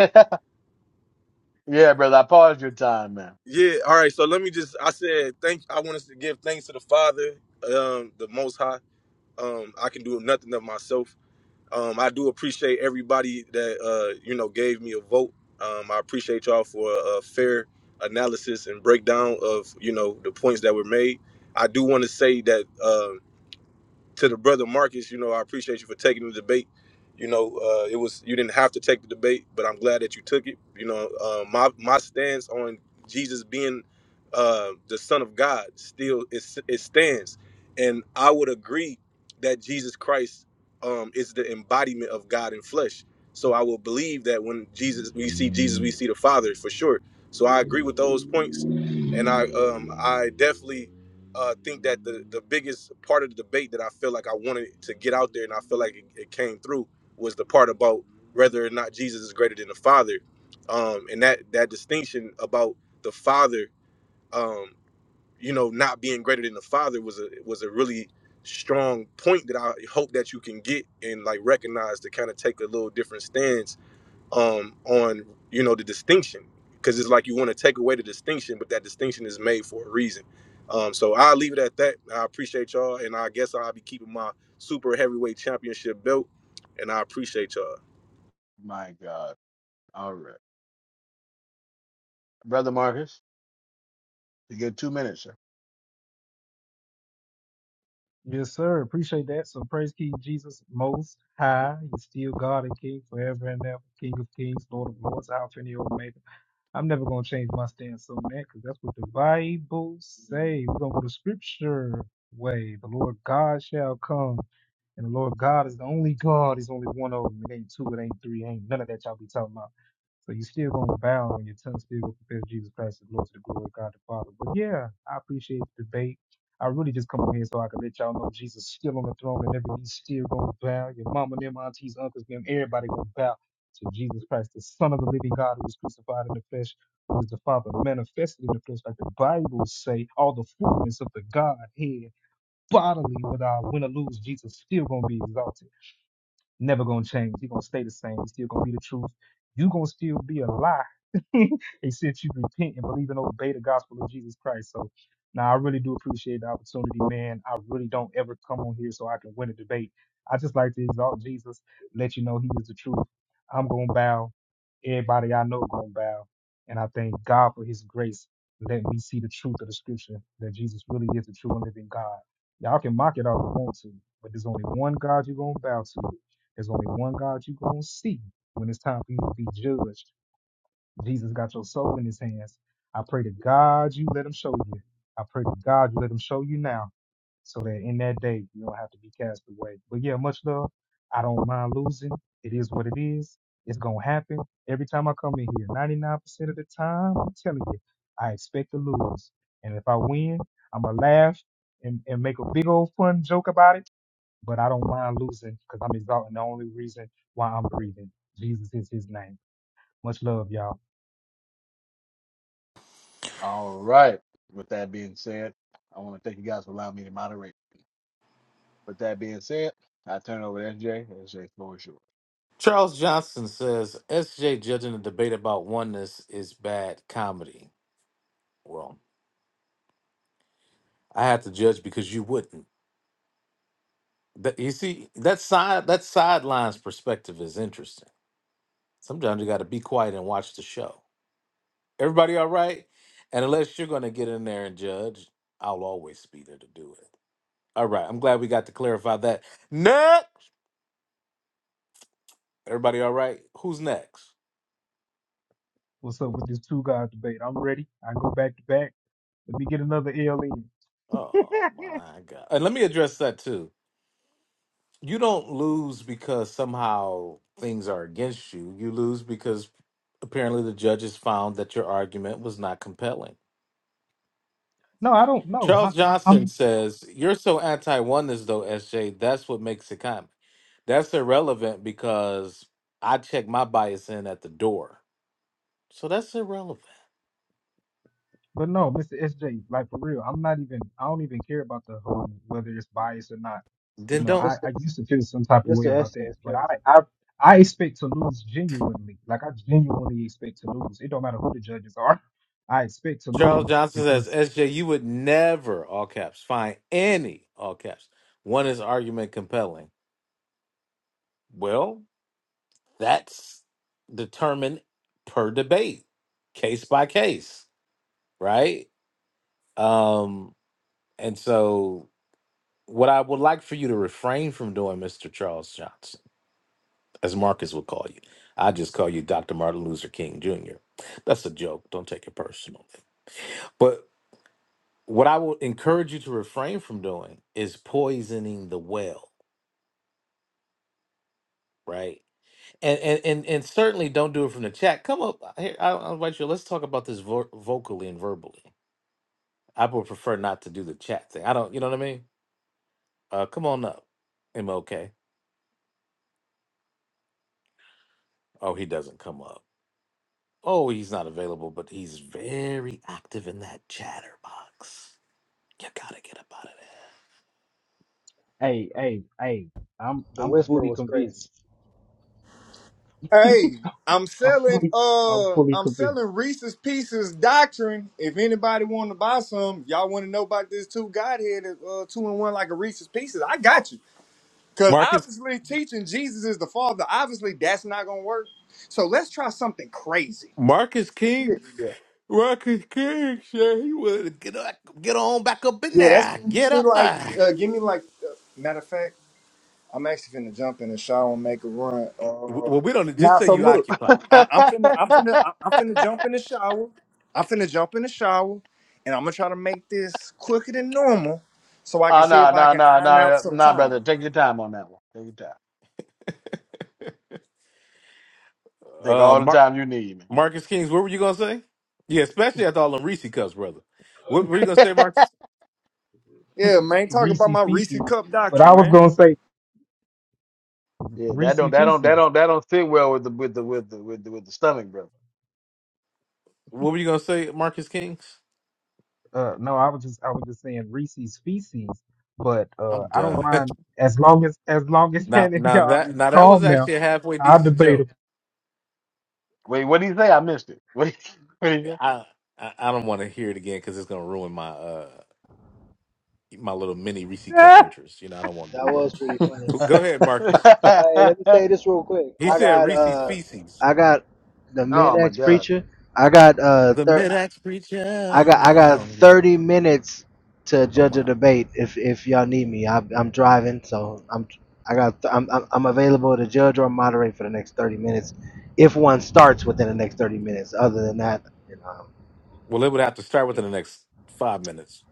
S5: yeah, brother, I paused your time, man.
S21: Yeah. All right. So let me just. I said thank. I want us to give thanks to the Father, um, the Most High. Um, I can do nothing of myself. Um, I do appreciate everybody that uh, you know gave me a vote. Um, I appreciate y'all for a, a fair analysis and breakdown of you know the points that were made. I do want to say that. Um, to the brother Marcus, you know, I appreciate you for taking the debate. You know, uh, it was you didn't have to take the debate, but I'm glad that you took it. You know, uh, my my stance on Jesus being uh, the Son of God still is it stands, and I would agree that Jesus Christ um, is the embodiment of God in flesh. So I will believe that when Jesus we see Jesus, we see the Father for sure. So I agree with those points, and I um, I definitely uh, think that the, the biggest part of the debate that I feel like I wanted to get out there and I feel like it, it came through was the part about whether or not Jesus is greater than the Father. Um, and that, that distinction about the Father, um, you know, not being greater than the Father was a was a really strong point that I hope that you can get and like recognize to kind of take a little different stance um, on you know the distinction because it's like you want to take away the distinction, but that distinction is made for a reason. Um, so I'll leave it at that. I appreciate y'all, and I guess I'll be keeping my super heavyweight championship belt, and I appreciate y'all.
S5: My God. All right. Brother Marcus, you get two minutes, sir.
S19: Yes, sir. Appreciate that. So praise King Jesus most high. He's still God and King forever and ever. King of kings, Lord of lords, Alpha and the Omega I'm never gonna change my stance on that because that's what the Bible say. We're gonna go the scripture way. The Lord God shall come. And the Lord God is the only God. He's only one of them. It ain't two, it ain't three, it ain't none of that y'all be talking about. So you still gonna bow and your tongue still gonna confess Jesus Christ as Lord to the glory of God the Father. But yeah, I appreciate the debate. I really just come on here so I can let y'all know Jesus is still on the throne and everybody's still gonna bow. Your mama, them aunties, uncles, them, everybody gonna bow to Jesus Christ, the Son of the living God, who was crucified in the flesh, who is the Father manifested in the flesh, like the Bible say, all the fullness of the Godhead bodily, whether I win or lose, Jesus still gonna be exalted. Never gonna change. He gonna stay the same. He still gonna be the truth. You gonna still be a lie. [LAUGHS] and since you repent and believe and obey the gospel of Jesus Christ. So now I really do appreciate the opportunity, man. I really don't ever come on here so I can win a debate. I just like to exalt Jesus, let you know he is the truth. I'm gonna bow. Everybody I know gonna bow. And I thank God for his grace. Let me see the truth of the scripture that Jesus really is the true and living God. Y'all can mock it all you want to, but there's only one God you're gonna bow to, there's only one God you're going to see when it's time for you to be judged. Jesus got your soul in his hands. I pray to God you let him show you. I pray to God you let him show you now so that in that day you don't have to be cast away. But yeah, much love. I don't mind losing. It is what it is. It's gonna happen every time I come in here. Ninety nine percent of the time, I'm telling you, I expect to lose. And if I win, I'ma laugh and, and make a big old fun joke about it but I don't mind losing because I'm exalting the only reason why I'm breathing. Jesus is his name. Much love, y'all.
S5: All right. With that being said, I want to thank you guys for allowing me to moderate. With that being said, I turn it over to SJ. SJ, floor is yours.
S2: Charles Johnson says SJ judging a debate about oneness is bad comedy. Well, I have to judge because you wouldn't. That, you see, that side that sidelines perspective is interesting. Sometimes you got to be quiet and watch the show. Everybody all right? And unless you're going to get in there and judge, I'll always be there to do it. All right, I'm glad we got to clarify that. Next, everybody all right? Who's next?
S19: What's up with this two God debate? I'm ready. I go back to back. Let me get another L in.
S2: Oh my god! And let me address that too you don't lose because somehow things are against you. You lose because apparently the judges found that your argument was not compelling.
S19: No, I don't know. I,
S2: Charles
S19: I,
S2: Johnson
S19: I'm,
S2: says, You're so anti oneness, though, SJ. That's what makes it common. That's irrelevant because I check my bias in at the door. So that's irrelevant.
S19: but no, Mr. SJ, like for real, I'm not even, I don't even care about the whole whether it's biased or not. You
S2: Then
S19: know,
S2: don't.
S19: I,
S22: Mr.
S19: I used to feel some type of way
S22: Mr.
S19: about
S22: Estee
S19: that,
S22: is
S19: but
S22: crazy.
S19: I, I, I expect to lose genuinely. Like I genuinely expect to lose. It don't matter who the judges are. [LAUGHS] I expect to
S2: Charles
S19: lose
S2: Johnson says,
S19: because
S2: SJ, you would never, all caps, find any, all caps, one is argument compelling. Well, That's determined per debate, case by case, right? Um, and so, what I would like for you to refrain from doing, Mr. Charles Johnson, as Marcus would call you, I just call you Dr. Martin Luther King Jr. That's a joke. Don't take it personally. But what I would encourage you to refrain from doing is poisoning the well, right? And and and, and certainly don't do it from the chat. Come up here. I'll, I'll invite you. Let's talk about this vo- vocally and verbally I would prefer not to do the chat thing. I don't, you know what I mean? Uh, come on up, M. O. K. Oh, he doesn't come up. Oh, he's not available, but he's very active in that chatter box. You gotta get up out of
S19: Hey, hey, hey, I'm
S22: The
S19: I'm
S22: whisper
S19: fully
S22: was crazy.
S19: convinced.
S24: Hey, I'm
S19: [LAUGHS] I'm
S24: selling
S19: fully I'm
S24: uh
S19: fully
S24: I'm
S19: convinced.
S24: selling Reese's Pieces Doctrine. If anybody wanna buy some, y'all wanna know about this two Godhead uh two and one like a Reese's Pieces, I got you.
S2: there.
S24: Cause
S2: Marcus,
S24: obviously teaching Jesus is the Father, obviously that's not gonna work. So let's try something crazy.
S2: Marcus King,
S24: Yeah.
S2: Marcus King, sure, he would get up, get on back up in
S24: Yeah, that's
S2: there.
S24: give
S2: Get
S24: me
S2: up
S24: like
S2: there.
S24: uh give me like uh, matter of fact. I'm actually finna jump in the shower and make a run.
S2: W-
S24: Uh,
S2: Well, we don't just
S24: now,
S2: say
S24: so
S2: you
S24: look,
S2: occupy.
S24: I, I'm finna, I'm finna, I- I'm finna jump in the shower. I'm finna jump in the shower, and I'm gonna try to make this quicker than normal, so
S5: [LAUGHS]
S24: I can
S5: oh,
S24: see
S5: no,
S24: if I
S5: no,
S24: can
S5: no,
S24: iron out
S5: no,
S24: some
S5: no,
S24: time.
S5: brother. Take your time on that one. Take your time. Take
S2: Uh,
S5: all the
S2: Mar-
S5: time you need,
S2: Marcus Kings, what were you gonna say? Yeah, especially after all the Reese cups, brother. What were you gonna
S5: man.
S2: say,
S5: [LAUGHS]
S2: Marcus?
S24: Yeah, man, talk about
S19: Reese
S24: my Reese
S19: feces.
S24: Cup
S19: But I
S24: doctrine,
S19: was
S24: man.
S19: gonna say
S5: Yeah, that
S19: Reese
S5: don't that don't that
S19: feces.
S5: don't that don't sit well with the with the with the with the, with the stomach, bro.
S2: What were you gonna say, Marcus Kings?
S19: Uh no, I was just I was just saying Reese's feces. But uh
S2: I'm
S19: I don't
S2: done.
S19: mind as long as as long
S2: [LAUGHS]
S19: as [LAUGHS]
S2: now,
S19: Hannah and
S2: now
S19: y'all
S2: that
S19: is
S2: now that was
S19: calm now,
S2: actually a halfway
S19: I'll
S2: decent
S19: debate
S2: joke.
S19: him.
S5: Wait, what did he say? I missed it. [LAUGHS] What did he say?
S2: I I, I don't want to hear it again because it's gonna ruin my uh my little mini Reese cup
S19: [LAUGHS]
S2: interest. You know, I don't want to
S22: That
S2: do that.
S22: was pretty funny.
S2: But go ahead, Marcus.
S22: Hey, let me
S5: [LAUGHS]
S22: say this real quick.
S2: He
S22: I
S2: said
S22: got
S2: Reese's
S22: uh,
S2: feces.
S22: I got the
S5: oh my
S22: mid-ex
S5: God!
S22: preacher. I got uh,
S2: The
S22: thir-
S2: mid-ax
S22: I
S2: preacher.
S22: got I got
S2: No, no.
S22: 30 minutes to
S2: Oh
S22: judge a
S2: my.
S22: debate if if y'all need me. I, I'm driving, so I'm I got I'm I'm I'm available to judge or moderate for the next 30 minutes, if one starts within the next 30 minutes. Other than that, you know.
S2: Well, it would have to start within the next five minutes.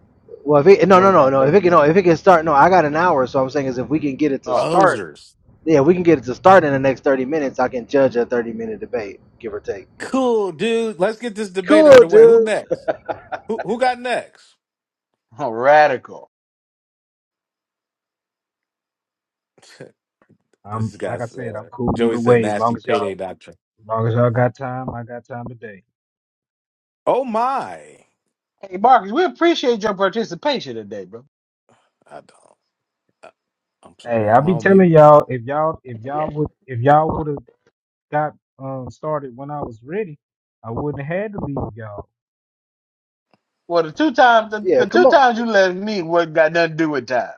S22: Well, if it,
S5: And
S22: no
S5: you
S22: no
S5: only
S22: no
S5: got
S22: no if
S5: thirty
S22: it can no
S5: minutes.
S22: if it can start no I got an hour. So I'm saying is if we can get it to
S5: Oh,
S22: start,
S2: Ozers.
S22: yeah, we can get it to start in the next 30 minutes. I can judge a 30 minute debate, give or take. You know.
S2: Cool, dude. Let's get this debate
S22: Cool,
S2: underway. Who
S22: dude.
S2: next? Who who got next?
S5: [LAUGHS] radical.
S19: I'm
S2: This
S19: like I
S2: guy's
S19: said, I'm
S2: uh,
S19: cool
S2: Joey
S19: either
S2: said
S19: way. As long
S2: nasty
S19: as
S2: payday
S19: y'all
S2: doctrine.
S19: as long as y'all got time, I got time today.
S2: Oh my! I
S5: Hey, Marcus, we appreciate your participation today, bro.
S2: don't. uh, I'm sorry.
S19: Hey, I'll
S2: I'm
S19: be
S2: on
S19: telling
S2: mute.
S19: y'all if y'all if y'all would if y'all would have got um, started when I was ready, I wouldn't have had to leave y'all.
S5: Well, the two times the,
S22: Yeah,
S5: the
S22: come
S5: two
S22: on.
S5: times you left me, what got nothing to do with time,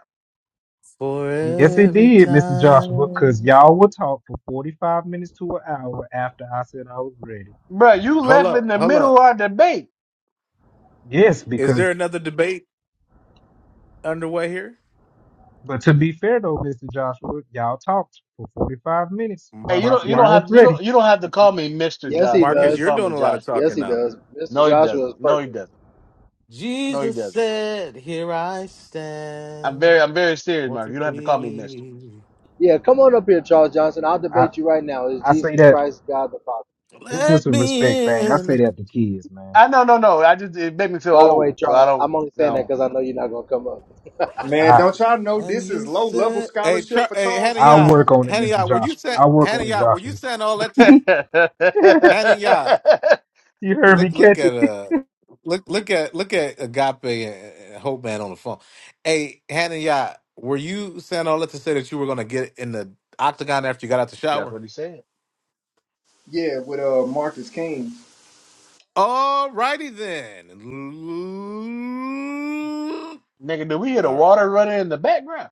S2: For
S19: Yes, it
S2: every
S19: did, Mr. Joshua, because
S2: time.
S19: y'all would talk for 45 minutes to an hour after I said I was ready.
S5: bro? You
S2: Hold
S5: left in
S2: up.
S5: the
S2: Hold
S5: middle
S2: up.
S5: of our debate.
S19: Yes,
S2: Is there
S19: because,
S2: another debate underway here?
S19: but to be fair though, Mr. Joshua, y'all talked for 45 minutes
S2: M-
S5: Hey,
S19: while
S5: you
S19: I
S2: Mark,
S5: don't you
S19: said I
S5: don't
S2: Mark,
S19: was
S5: have you
S19: ready.
S5: don't you don't have to call me Mister
S22: Yes, he
S5: Joshua. You
S2: Marcus,
S5: just
S22: does.
S2: you're
S5: call
S2: doing
S5: me
S2: a lot of
S5: Joshua.
S22: Yes,
S2: talking
S22: he
S2: now.
S22: does. Mr.
S5: No, he
S22: Joshua is
S5: doesn't. No, he
S22: perfect.
S5: doesn't. No, he
S2: Jesus
S5: doesn't.
S2: said, "Here I
S5: I'm very,
S2: stand.
S5: I'm very serious,
S2: Won't
S5: Murph.
S2: you
S5: You don't have to call me Mister.
S2: please
S22: Yeah, come on up here, Charles Johnson. I'll
S19: I,
S22: debate you right now. Is
S19: I
S22: Jesus
S19: say that,
S22: Christ God the Father?
S19: it's just
S2: let
S19: a respect
S2: me
S19: thing. I
S2: in?"
S19: say that to kids, man.
S5: I no, no, no. I just it made me feel
S22: By the way,
S5: old, so I
S22: Charles,
S5: don't.
S22: I'm only saying that
S5: No.
S22: because I know you're not gonna come up.
S24: Man,
S19: I,
S24: don't y'all know
S2: And
S24: this
S2: you
S24: is low level
S2: said, "Hey,
S24: scholarship
S2: Char-
S24: for
S2: hey,
S24: Charles
S2: Hannah
S19: I'll
S2: Yacht,
S24: Johnson?
S19: work on it,
S2: Hannah
S19: Mr.
S2: Yacht, were you
S19: Joshua.
S2: saying,
S19: I'll work
S2: Hannah
S19: on it,
S2: Yacht, were you
S19: Joshua.
S2: saying all that
S5: [LAUGHS]
S2: to
S5: That's
S2: Hannah Yacht?
S19: [LAUGHS] you heard
S2: Look,
S19: me
S2: look
S19: catch it.
S2: at uh, look, look at look at Agape and, and Hope Man on the phone. Hey, Hannah Yacht, were you saying all that to say that you were gonna get in the octagon after you got out the shower?
S5: what he said.
S24: Yeah, with uh Marcus King.
S2: All righty then.
S5: Nigga, do we hear the
S2: All right,
S5: water running in the background?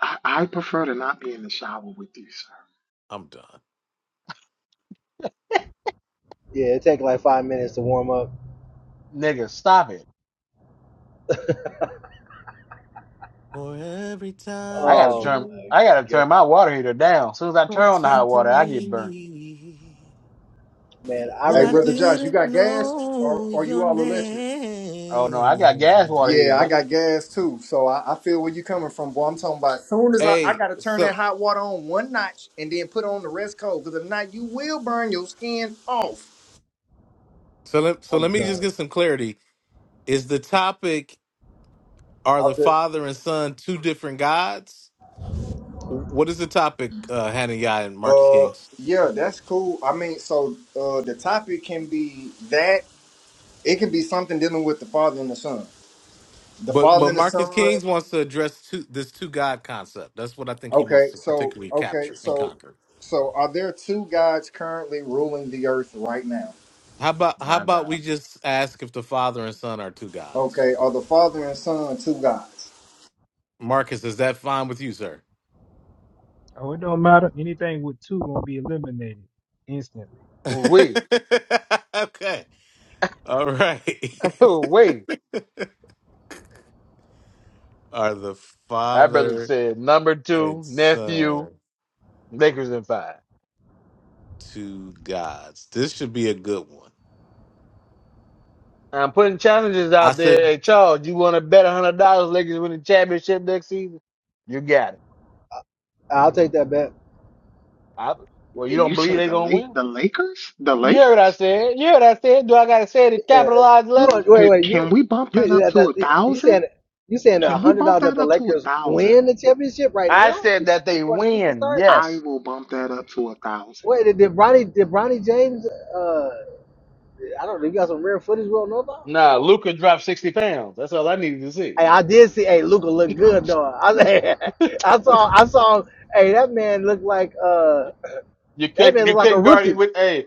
S1: I, I prefer to not be in the shower with you, sir.
S2: I'm done.
S22: Yeah, it take like five minutes to warm up.
S5: Nigga, stop it.
S2: For every time
S5: I gotta
S2: that
S22: Oh
S5: turn,
S2: you
S22: my
S5: I gotta
S22: god,
S5: turn my water heater down. As soon as I turn on the hot
S2: protected
S5: water, I get burnt.
S2: me.
S22: man! I
S2: When
S24: Hey,
S2: I
S24: brother
S22: remember.
S24: Josh, you
S2: didn't
S24: got gas or
S2: know
S24: or you
S2: your
S24: all electric?
S5: Oh no, I got gas water
S2: name.
S5: heater,
S24: Yeah, I
S5: brother.
S24: got gas too. So I, I feel where you coming from, boy. I'm talking about as soon as I, I
S2: Hey,
S24: gotta turn that
S2: so
S24: hot water on one notch and then put on the rest cold. Cause if not, you will burn your skin off.
S2: so let so
S22: I'm
S2: let me just
S22: done.
S2: get some clarity. Is the topic are the
S24: I bet.
S2: father and son two different gods? What is the topic, uh, Hananiah and Marcus
S24: Uh
S2: Kings?
S24: yeah, that's cool. I mean, so uh the topic can be that it can be something dealing with the father and the son. The
S2: But
S24: father
S2: but
S24: and the
S2: Marcus
S24: son.
S2: Kings wants to address two, this two God concept. That's what I think he wants
S24: Okay,
S2: to
S24: so
S2: particularly
S24: okay,
S2: capture and
S24: so
S2: conquer.
S24: so are there two gods currently ruling the earth right now?
S2: How about how
S5: My
S2: about
S5: God.
S2: we just ask if the father and son are two gods?
S24: Okay, are the father and son two gods?
S2: Marcus, is that fine with you, sir?
S19: Oh, it don't matter. Anything with two gonna be eliminated instantly.
S5: We,
S2: [LAUGHS] okay. All right. [LAUGHS]
S5: we.
S2: Are the
S5: [LAUGHS] Our brother
S2: Father
S5: said number
S2: and
S5: two nephew
S2: Son
S5: Lakers in five.
S2: two gods? This should be a good one.
S5: I'm putting challenges
S2: I
S5: out there.
S2: said
S5: Hey, Charles, you want to bet one hundred dollars Lakers win the championship next season? You got it.
S22: I'll take that bet.
S5: I, well, you
S1: Wait, you
S5: don't believe
S1: said
S5: they're
S1: the
S5: gonna
S1: late
S5: win?
S1: the Lakers? The
S5: You heard what I
S1: Lakers?
S5: said. You heard what I said. Do I gotta say it in
S22: Yeah,
S5: capitalized
S22: you are-
S5: letters?
S22: wait,
S1: Can,
S22: wait,
S1: can
S22: you,
S1: we bump that
S22: you,
S1: up
S22: that,
S1: to
S22: that,
S1: a
S22: you saying
S1: thousand?
S22: you saying a
S1: Can we
S22: hundred
S1: bump
S22: dollars that
S1: that
S22: the
S1: up to a
S22: Lakers
S1: thousand?
S22: win the championship right
S5: I
S22: now
S5: said
S22: be-
S5: that they
S22: before the season
S5: win.
S22: starts?
S1: I
S5: Yes.
S1: will bump that up to a thousand.
S22: Wait, did, did Bronny did Bronny James? Uh, I don't know. You got some rare footage we don't know about?
S5: Nah, Luca dropped sixty pounds. That's all I needed to see.
S22: Hey, I did see. Hey, Luca look good though. I,
S5: [LAUGHS]
S22: [LAUGHS] I saw. I saw. Hey, that man looked like uh,
S5: You
S22: that
S5: couldn't
S22: man
S5: you
S22: looked like a
S5: couldn't guard him
S22: rookie.
S5: with hey,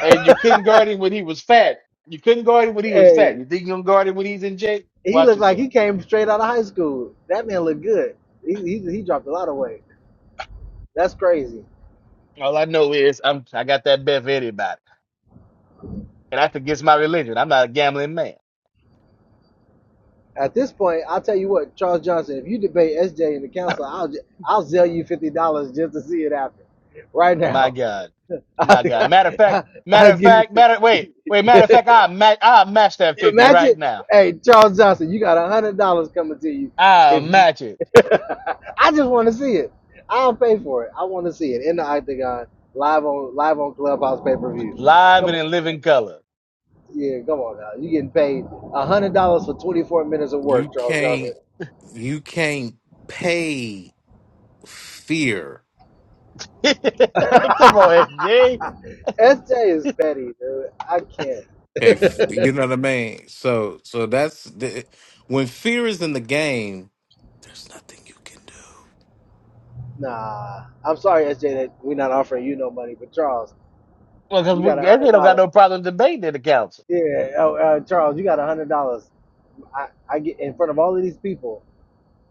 S5: hey, you couldn't guard him when he was fat. You couldn't guard him when he was
S22: Hey,
S5: fat. You think you can guard him when he's in shape?
S22: he
S5: Watch
S22: looked like
S5: yourself.
S22: he came straight out of high school. That man looked good. He he, he dropped a lot of weight. That's crazy.
S5: All I know is I'm I got that bet for anybody. and that's against my religion. I'm not a gambling man.
S22: At this point, I'll tell you what, Charles Johnson. If you debate SJ in the council, I'll ju- I'll sell you fifty dollars just to see it happen, right
S5: My
S22: now.
S5: God,
S22: [LAUGHS] I,
S5: my God. Matter of fact,
S22: I,
S5: matter
S22: I'll
S5: of
S22: give you.
S5: fact, matter. Wait, wait.
S22: 50.
S5: Matter of
S22: [LAUGHS]
S5: fact, I match. I match that
S22: You
S5: fifty
S22: imagine,
S5: right now.
S22: hey Charles Johnson, you got a hundred dollars coming to you
S5: I
S22: if you.
S5: match it
S22: [LAUGHS] I just want to see it. I'll pay for it. I want to see it in the octagon, live on live on Clubhouse pay per view.
S5: live
S22: Come
S5: and
S22: on,
S5: in
S22: Charles.
S5: living color.
S22: yeah, come on now. You getting paid a hundred dollars for twenty four minutes of
S2: you
S22: work, Charles Johnson.
S2: can't you can't pay fear.
S5: [LAUGHS] Come
S22: [LAUGHS]
S5: on, SJ.
S22: SJ is petty, dude. I
S2: Okay, f- you
S22: can't.
S2: know what I mean? So so that's the, when fear is in the game, there's nothing you can do.
S22: [LAUGHS] nah, I'm sorry, SJ, that we're not offering you no money, but Charles,
S5: Well, because
S22: you
S5: we
S22: got a
S5: SJ don't got
S22: $100.
S5: no problem debating in the council.
S22: Yeah, oh, uh, Charles, you got a hundred dollars. I, I get in front of all of these people.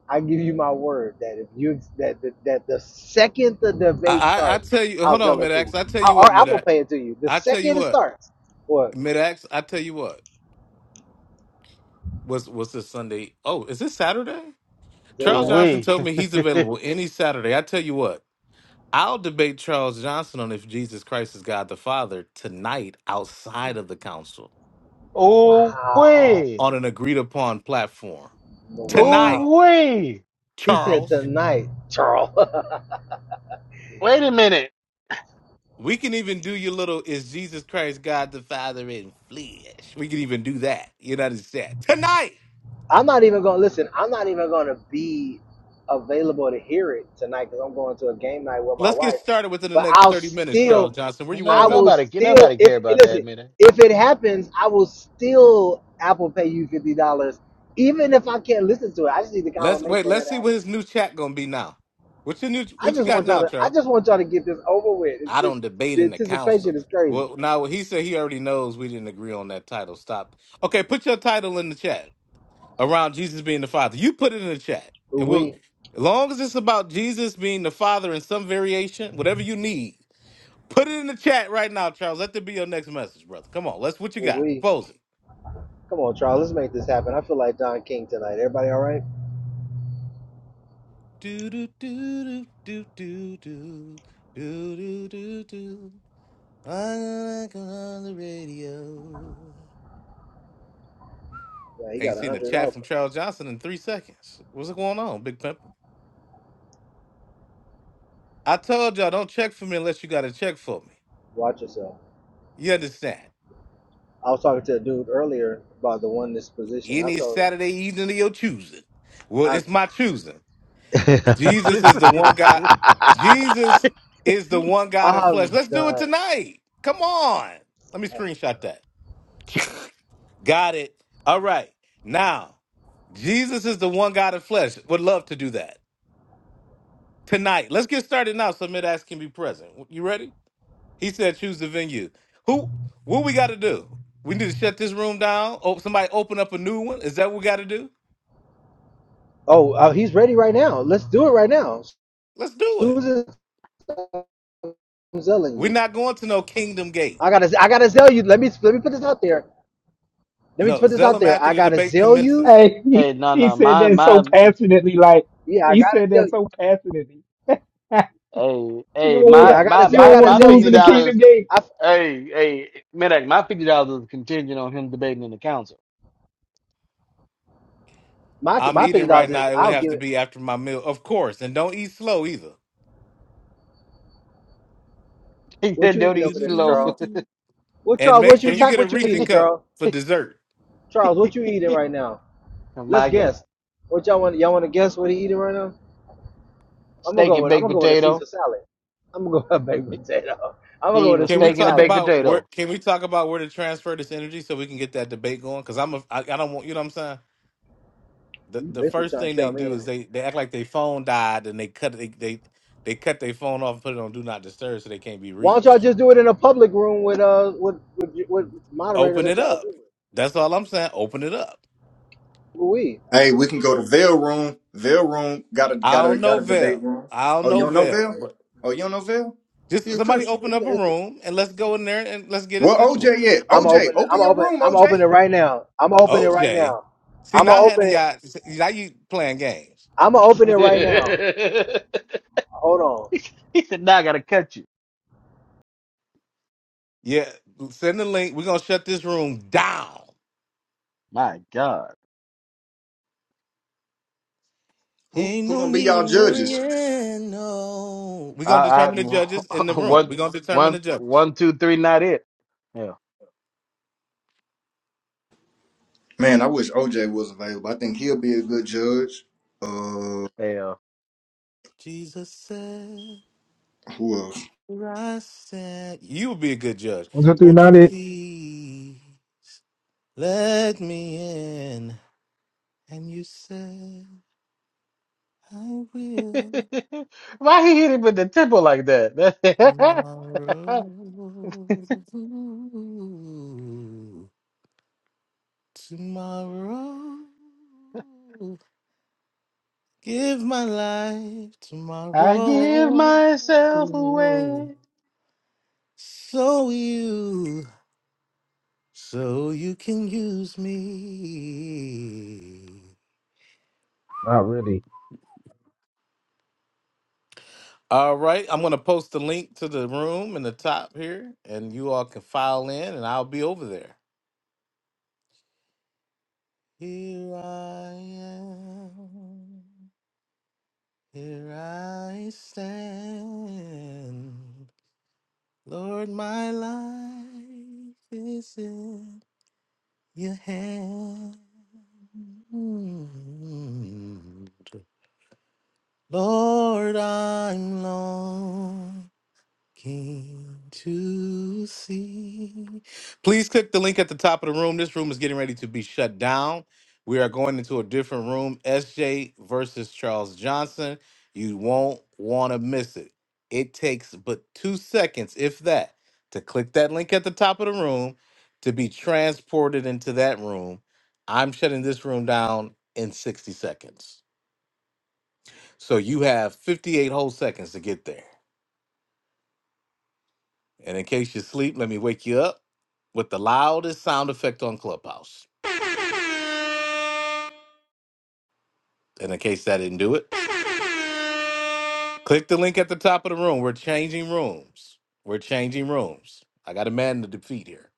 S22: I give you my word that if you that that, that the second the
S2: I
S22: debate
S2: I, I
S22: starts,
S2: tell you
S22: I'll
S2: hold on,
S22: sell it to
S2: Midax.
S22: you,
S2: I tell
S22: I,
S2: you
S22: or
S2: what,
S22: I will
S2: Midax.
S22: pay it to you the
S2: I tell you
S22: second it
S2: what,
S22: starts. What
S2: Midax, I tell you what. What's what's this Sunday? Oh, is this Saturday?
S22: today's
S5: Ooh
S2: Charles
S22: Saturday?
S2: Johnson
S5: wee,
S2: told me he's available any Saturday. I tell you what, I'll debate Charles Johnson on if Jesus Christ is God the Father tonight outside of the council
S5: ooh
S22: Wow,
S5: wee,
S2: on an agreed upon platform. Tonight,
S22: wow.
S5: ooh wee.
S22: He said
S2: Charles.
S22: tonight, Charles. [LAUGHS]
S5: Wait a minute.
S2: We can even do your little is Jesus Christ God the Father in flesh. We can even do that. You know what I'm saying? Tonight.
S22: I'm not even gonna listen. I'm not even gonna be available to hear it tonight because I'm going to a game night with my
S2: Let's get
S22: wife.
S2: started within the
S22: But
S2: next
S22: I'll
S2: 30 minutes, Charles
S22: still,
S2: Johnson. Where you want to
S22: I
S5: No,
S2: go?
S22: will
S5: nobody,
S22: still.
S5: nobody
S22: If
S5: care about that
S22: listen,
S5: minute.
S22: if it happens, I will still Apple pay you fifty dollars, even if I can't listen to it. I just need the
S2: Let's wait.
S22: confirmation that
S2: Let's
S22: it
S2: see what
S22: happened.
S2: his new chat gonna be now. What's your new?
S22: I
S2: What you
S22: just
S2: got
S22: want y'all
S2: now,
S22: to. I
S2: Charles?
S22: just want y'all to get this over with. It's
S2: I
S22: just
S2: don't debate
S22: the
S2: in the
S22: anticipation
S2: council.
S22: is crazy.
S2: Well, now he said he already knows we didn't agree on that title. Stop. Okay, put your title in the chat around Jesus being the Father. You put it in the chat,
S22: Ooh
S2: and
S22: we,
S2: we'll. As long as it's about Jesus being the Father in some variation, whatever you need, put it in the chat right now, Charles. Let that be your next message, brother. Come on, let's. What you
S22: ooh
S2: got?
S22: we.
S2: Propose it.
S22: Come on, Charles. Let's make this happen. I feel like Don King tonight. Everybody, all right?
S2: Do do do do do do do do do do do. I like on the radio.
S22: Yeah, he got
S2: Ain't
S22: a
S2: seen a
S22: hundred
S2: chat
S22: dollars.
S2: from Charles Johnson in three seconds. What's going on, Big Pimp? I told y'all don't check for me unless you got a check for me.
S22: Watch yourself.
S2: You understand?
S22: I was talking to a dude earlier about the oneness position. I
S2: Any
S22: told him
S2: Saturday evening of your choosing. Well,
S22: I
S2: it's my choosing. Jesus is the one God.
S5: [LAUGHS]
S22: [LAUGHS]
S2: Jesus is the one God in
S22: I've
S2: flesh. Let's do it
S22: done.
S2: tonight. Come on. Let me screenshot that. Got it. All right. Now, Jesus is the one God in flesh. Would love to do that. tonight. Let's get started now so mid-ax can be present. You ready? He said choose the venue. Who what we gotta do? We need to shut this room down. Oh, somebody open up a new one. Is that what we gotta do?
S22: Oh, uh, he's ready right now. Let's do it right now.
S2: Let's do it.
S22: Susan, I'm selling
S2: We're
S22: you.
S2: not going to no kingdom gate.
S22: I gotta, I gotta sell you. Let me, let me put this out there. Let me
S2: No,
S22: put this out
S2: Zellum
S22: there.
S2: after
S22: I
S2: the
S22: gotta
S2: debate
S22: sell you.
S2: commences.
S19: Hey, he,
S5: Hey, no,
S19: he
S5: no,
S19: said
S5: my
S19: that
S5: my
S19: so passionately, like
S22: Yeah, I
S19: he
S22: gotta
S19: said
S22: sell
S19: that
S22: you.
S19: so passionately. [LAUGHS]
S5: Hey,
S19: you
S5: hey,
S19: don't wanna
S22: Yeah,
S5: my
S22: I
S5: my
S22: gotta,
S19: you
S22: I
S5: my
S19: don't
S22: gotta
S19: wanna
S5: my
S22: sell you
S19: lose
S5: fifty
S19: in the
S22: because my,
S19: kingdom
S5: dollars.
S19: gate.
S22: I,
S5: Hey, hey, man, hey, my fifty dollars is contingent on him debating in the council.
S22: my,
S2: I'm
S22: my fifty
S2: eating
S22: dollars
S2: right now.
S22: is.
S2: It would
S22: I'll
S2: have
S22: give
S2: to
S22: it.
S2: be after my meal, of course. And don't eat slow either.
S5: [LAUGHS]
S22: What
S5: That
S22: you
S5: dude
S22: eating
S5: is
S22: over there,
S5: slow.
S22: Charles?
S2: [LAUGHS]
S22: What
S2: And
S22: Charles?
S2: make
S22: What you
S2: sure
S5: [LAUGHS]
S2: you
S22: type?
S2: get a
S22: What you
S2: Reese
S22: eating,
S2: cup
S22: Charles?
S2: for dessert.
S22: Charles, what you eating right now?
S5: Oh
S22: Let's
S5: my God,
S22: guess. What y'all want? Y'all want to guess what he eating right now? I'm gonna
S5: steak
S22: go
S5: and
S22: with. I'm
S5: baked
S22: gonna go with a
S5: potato.
S22: Caesar salad. I'm gonna go with a baked
S5: He
S22: potato. I'm gonna go
S5: eating
S22: with
S5: a
S22: a
S2: Can we
S22: Caesar
S5: steak and a
S2: talk
S22: salad.
S5: baked
S2: about where?
S5: potato.
S2: Can we talk about where to transfer this energy so we can get that debate going? Because I'm a, I, I don't want you know what I'm saying. The
S22: You
S2: the
S22: basically
S2: first
S22: trying to
S2: thing they
S22: tell me?
S2: do
S22: ain't
S2: is they they act like their phone died and they cut they they, they cut their phone off and put it on do not disturb so they can't be
S22: Why don't y'all
S2: reached.
S22: just do it in a public room with uh with with, with moderators
S2: Open
S22: that
S2: it
S22: y'all agree
S2: up.
S22: with?
S2: That's all I'm saying. Open it up.
S22: Louis,
S24: Hey, we can go to Vail Room. Vail Room got a
S2: I
S24: got a
S2: don't
S24: got
S2: know
S24: a debate
S2: Vel.
S24: room.
S2: I don't
S24: Oh, you
S2: know
S24: don't know
S2: Vel,
S24: Vail?
S2: but
S24: Oh, you don't know Vail?
S2: just
S24: He a
S2: somebody open
S22: it's
S24: Christian.
S2: up a
S22: a, it's a,
S2: room and let's go in there and let's get it
S24: Well,
S2: situated.
S24: OJ, at?
S22: I'm gonna
S24: OJ,
S22: open. I'm
S24: open
S22: gonna
S24: your
S22: open.
S24: room,
S22: I'm gonna
S24: OJ.
S22: open it right now. I'm gonna open it right
S2: OJ,
S22: now.
S2: see
S22: I'm
S2: now,
S22: gonna
S2: I had
S22: open it.
S2: y'all. Now you playing games.
S22: I'm gonna open it right now.
S5: [LAUGHS]
S22: Hold on.
S5: He said, "Now I gotta cut you."
S2: Yeah, send the link. We're gonna shut this room down.
S5: My God,
S24: Who
S2: Ain't
S24: who
S2: no
S24: gonna be
S2: need
S24: y'all
S2: in
S24: judges?
S2: worrying. No, we're
S5: I,
S2: gonna
S5: I
S2: determine the judges in the
S5: [LAUGHS]
S2: room.
S5: one
S2: We're gonna determine the
S5: one
S2: judges.
S5: one two three, not it. Hell,
S24: Man, I wish OJ was available. I think he'll be a good judge. Uh,
S5: hell.
S2: Jesus said,
S24: who else?
S2: where I said, you will be a good judge.
S19: One, two, three,
S2: Won't you
S19: not it.
S2: please let me in? And you said, I will
S5: [LAUGHS] Why he hit him with the tempo like that? [LAUGHS]
S2: tomorrow. Tomorrow. Give my life
S5: I give
S2: tomorrow.
S5: myself away.
S2: So you, so you can use me.
S19: Not really.
S2: All right, I'm gonna post the link to the room in the top here, and you all can file in, and I'll be over there. Here I am, here I stand. Lord, my life is in. Your hand, Lord, I'm lost. Came to see. Please click the link at the top of the room. This room is getting ready to be shut down. We are going into a different room. SJ versus Charles Johnson. You won't want to miss it. It takes but two seconds, if that, to click that link at the top of the room to be transported into that room. I'm shutting this room down in 60 seconds. So you have 58 whole seconds to get there. And in case you sleep, let me wake you up with the loudest sound effect on Clubhouse. And in case that didn't do it, click the link at the top of the room. We're changing rooms. We're changing rooms. I got a man to defeat here.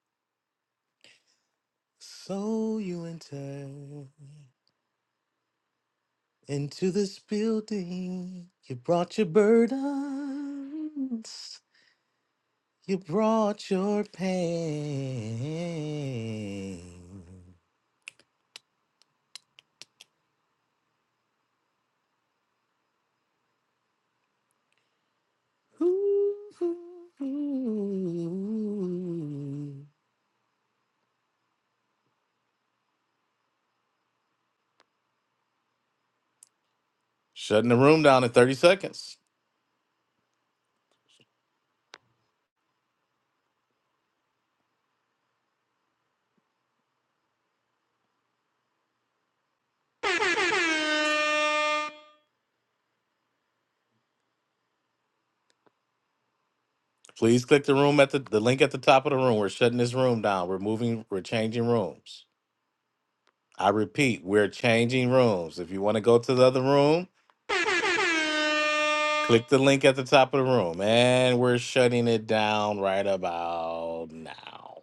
S2: So you enter into this building. You brought your burdens. You brought your pain. Shutting the room down in 30 seconds. Please click the room at the, the link at the top of the room. We're shutting this room down. We're moving, we're changing rooms. I repeat, we're changing rooms. If you want to go to the other room, click the link at the top of the room. And we're shutting it down right about now.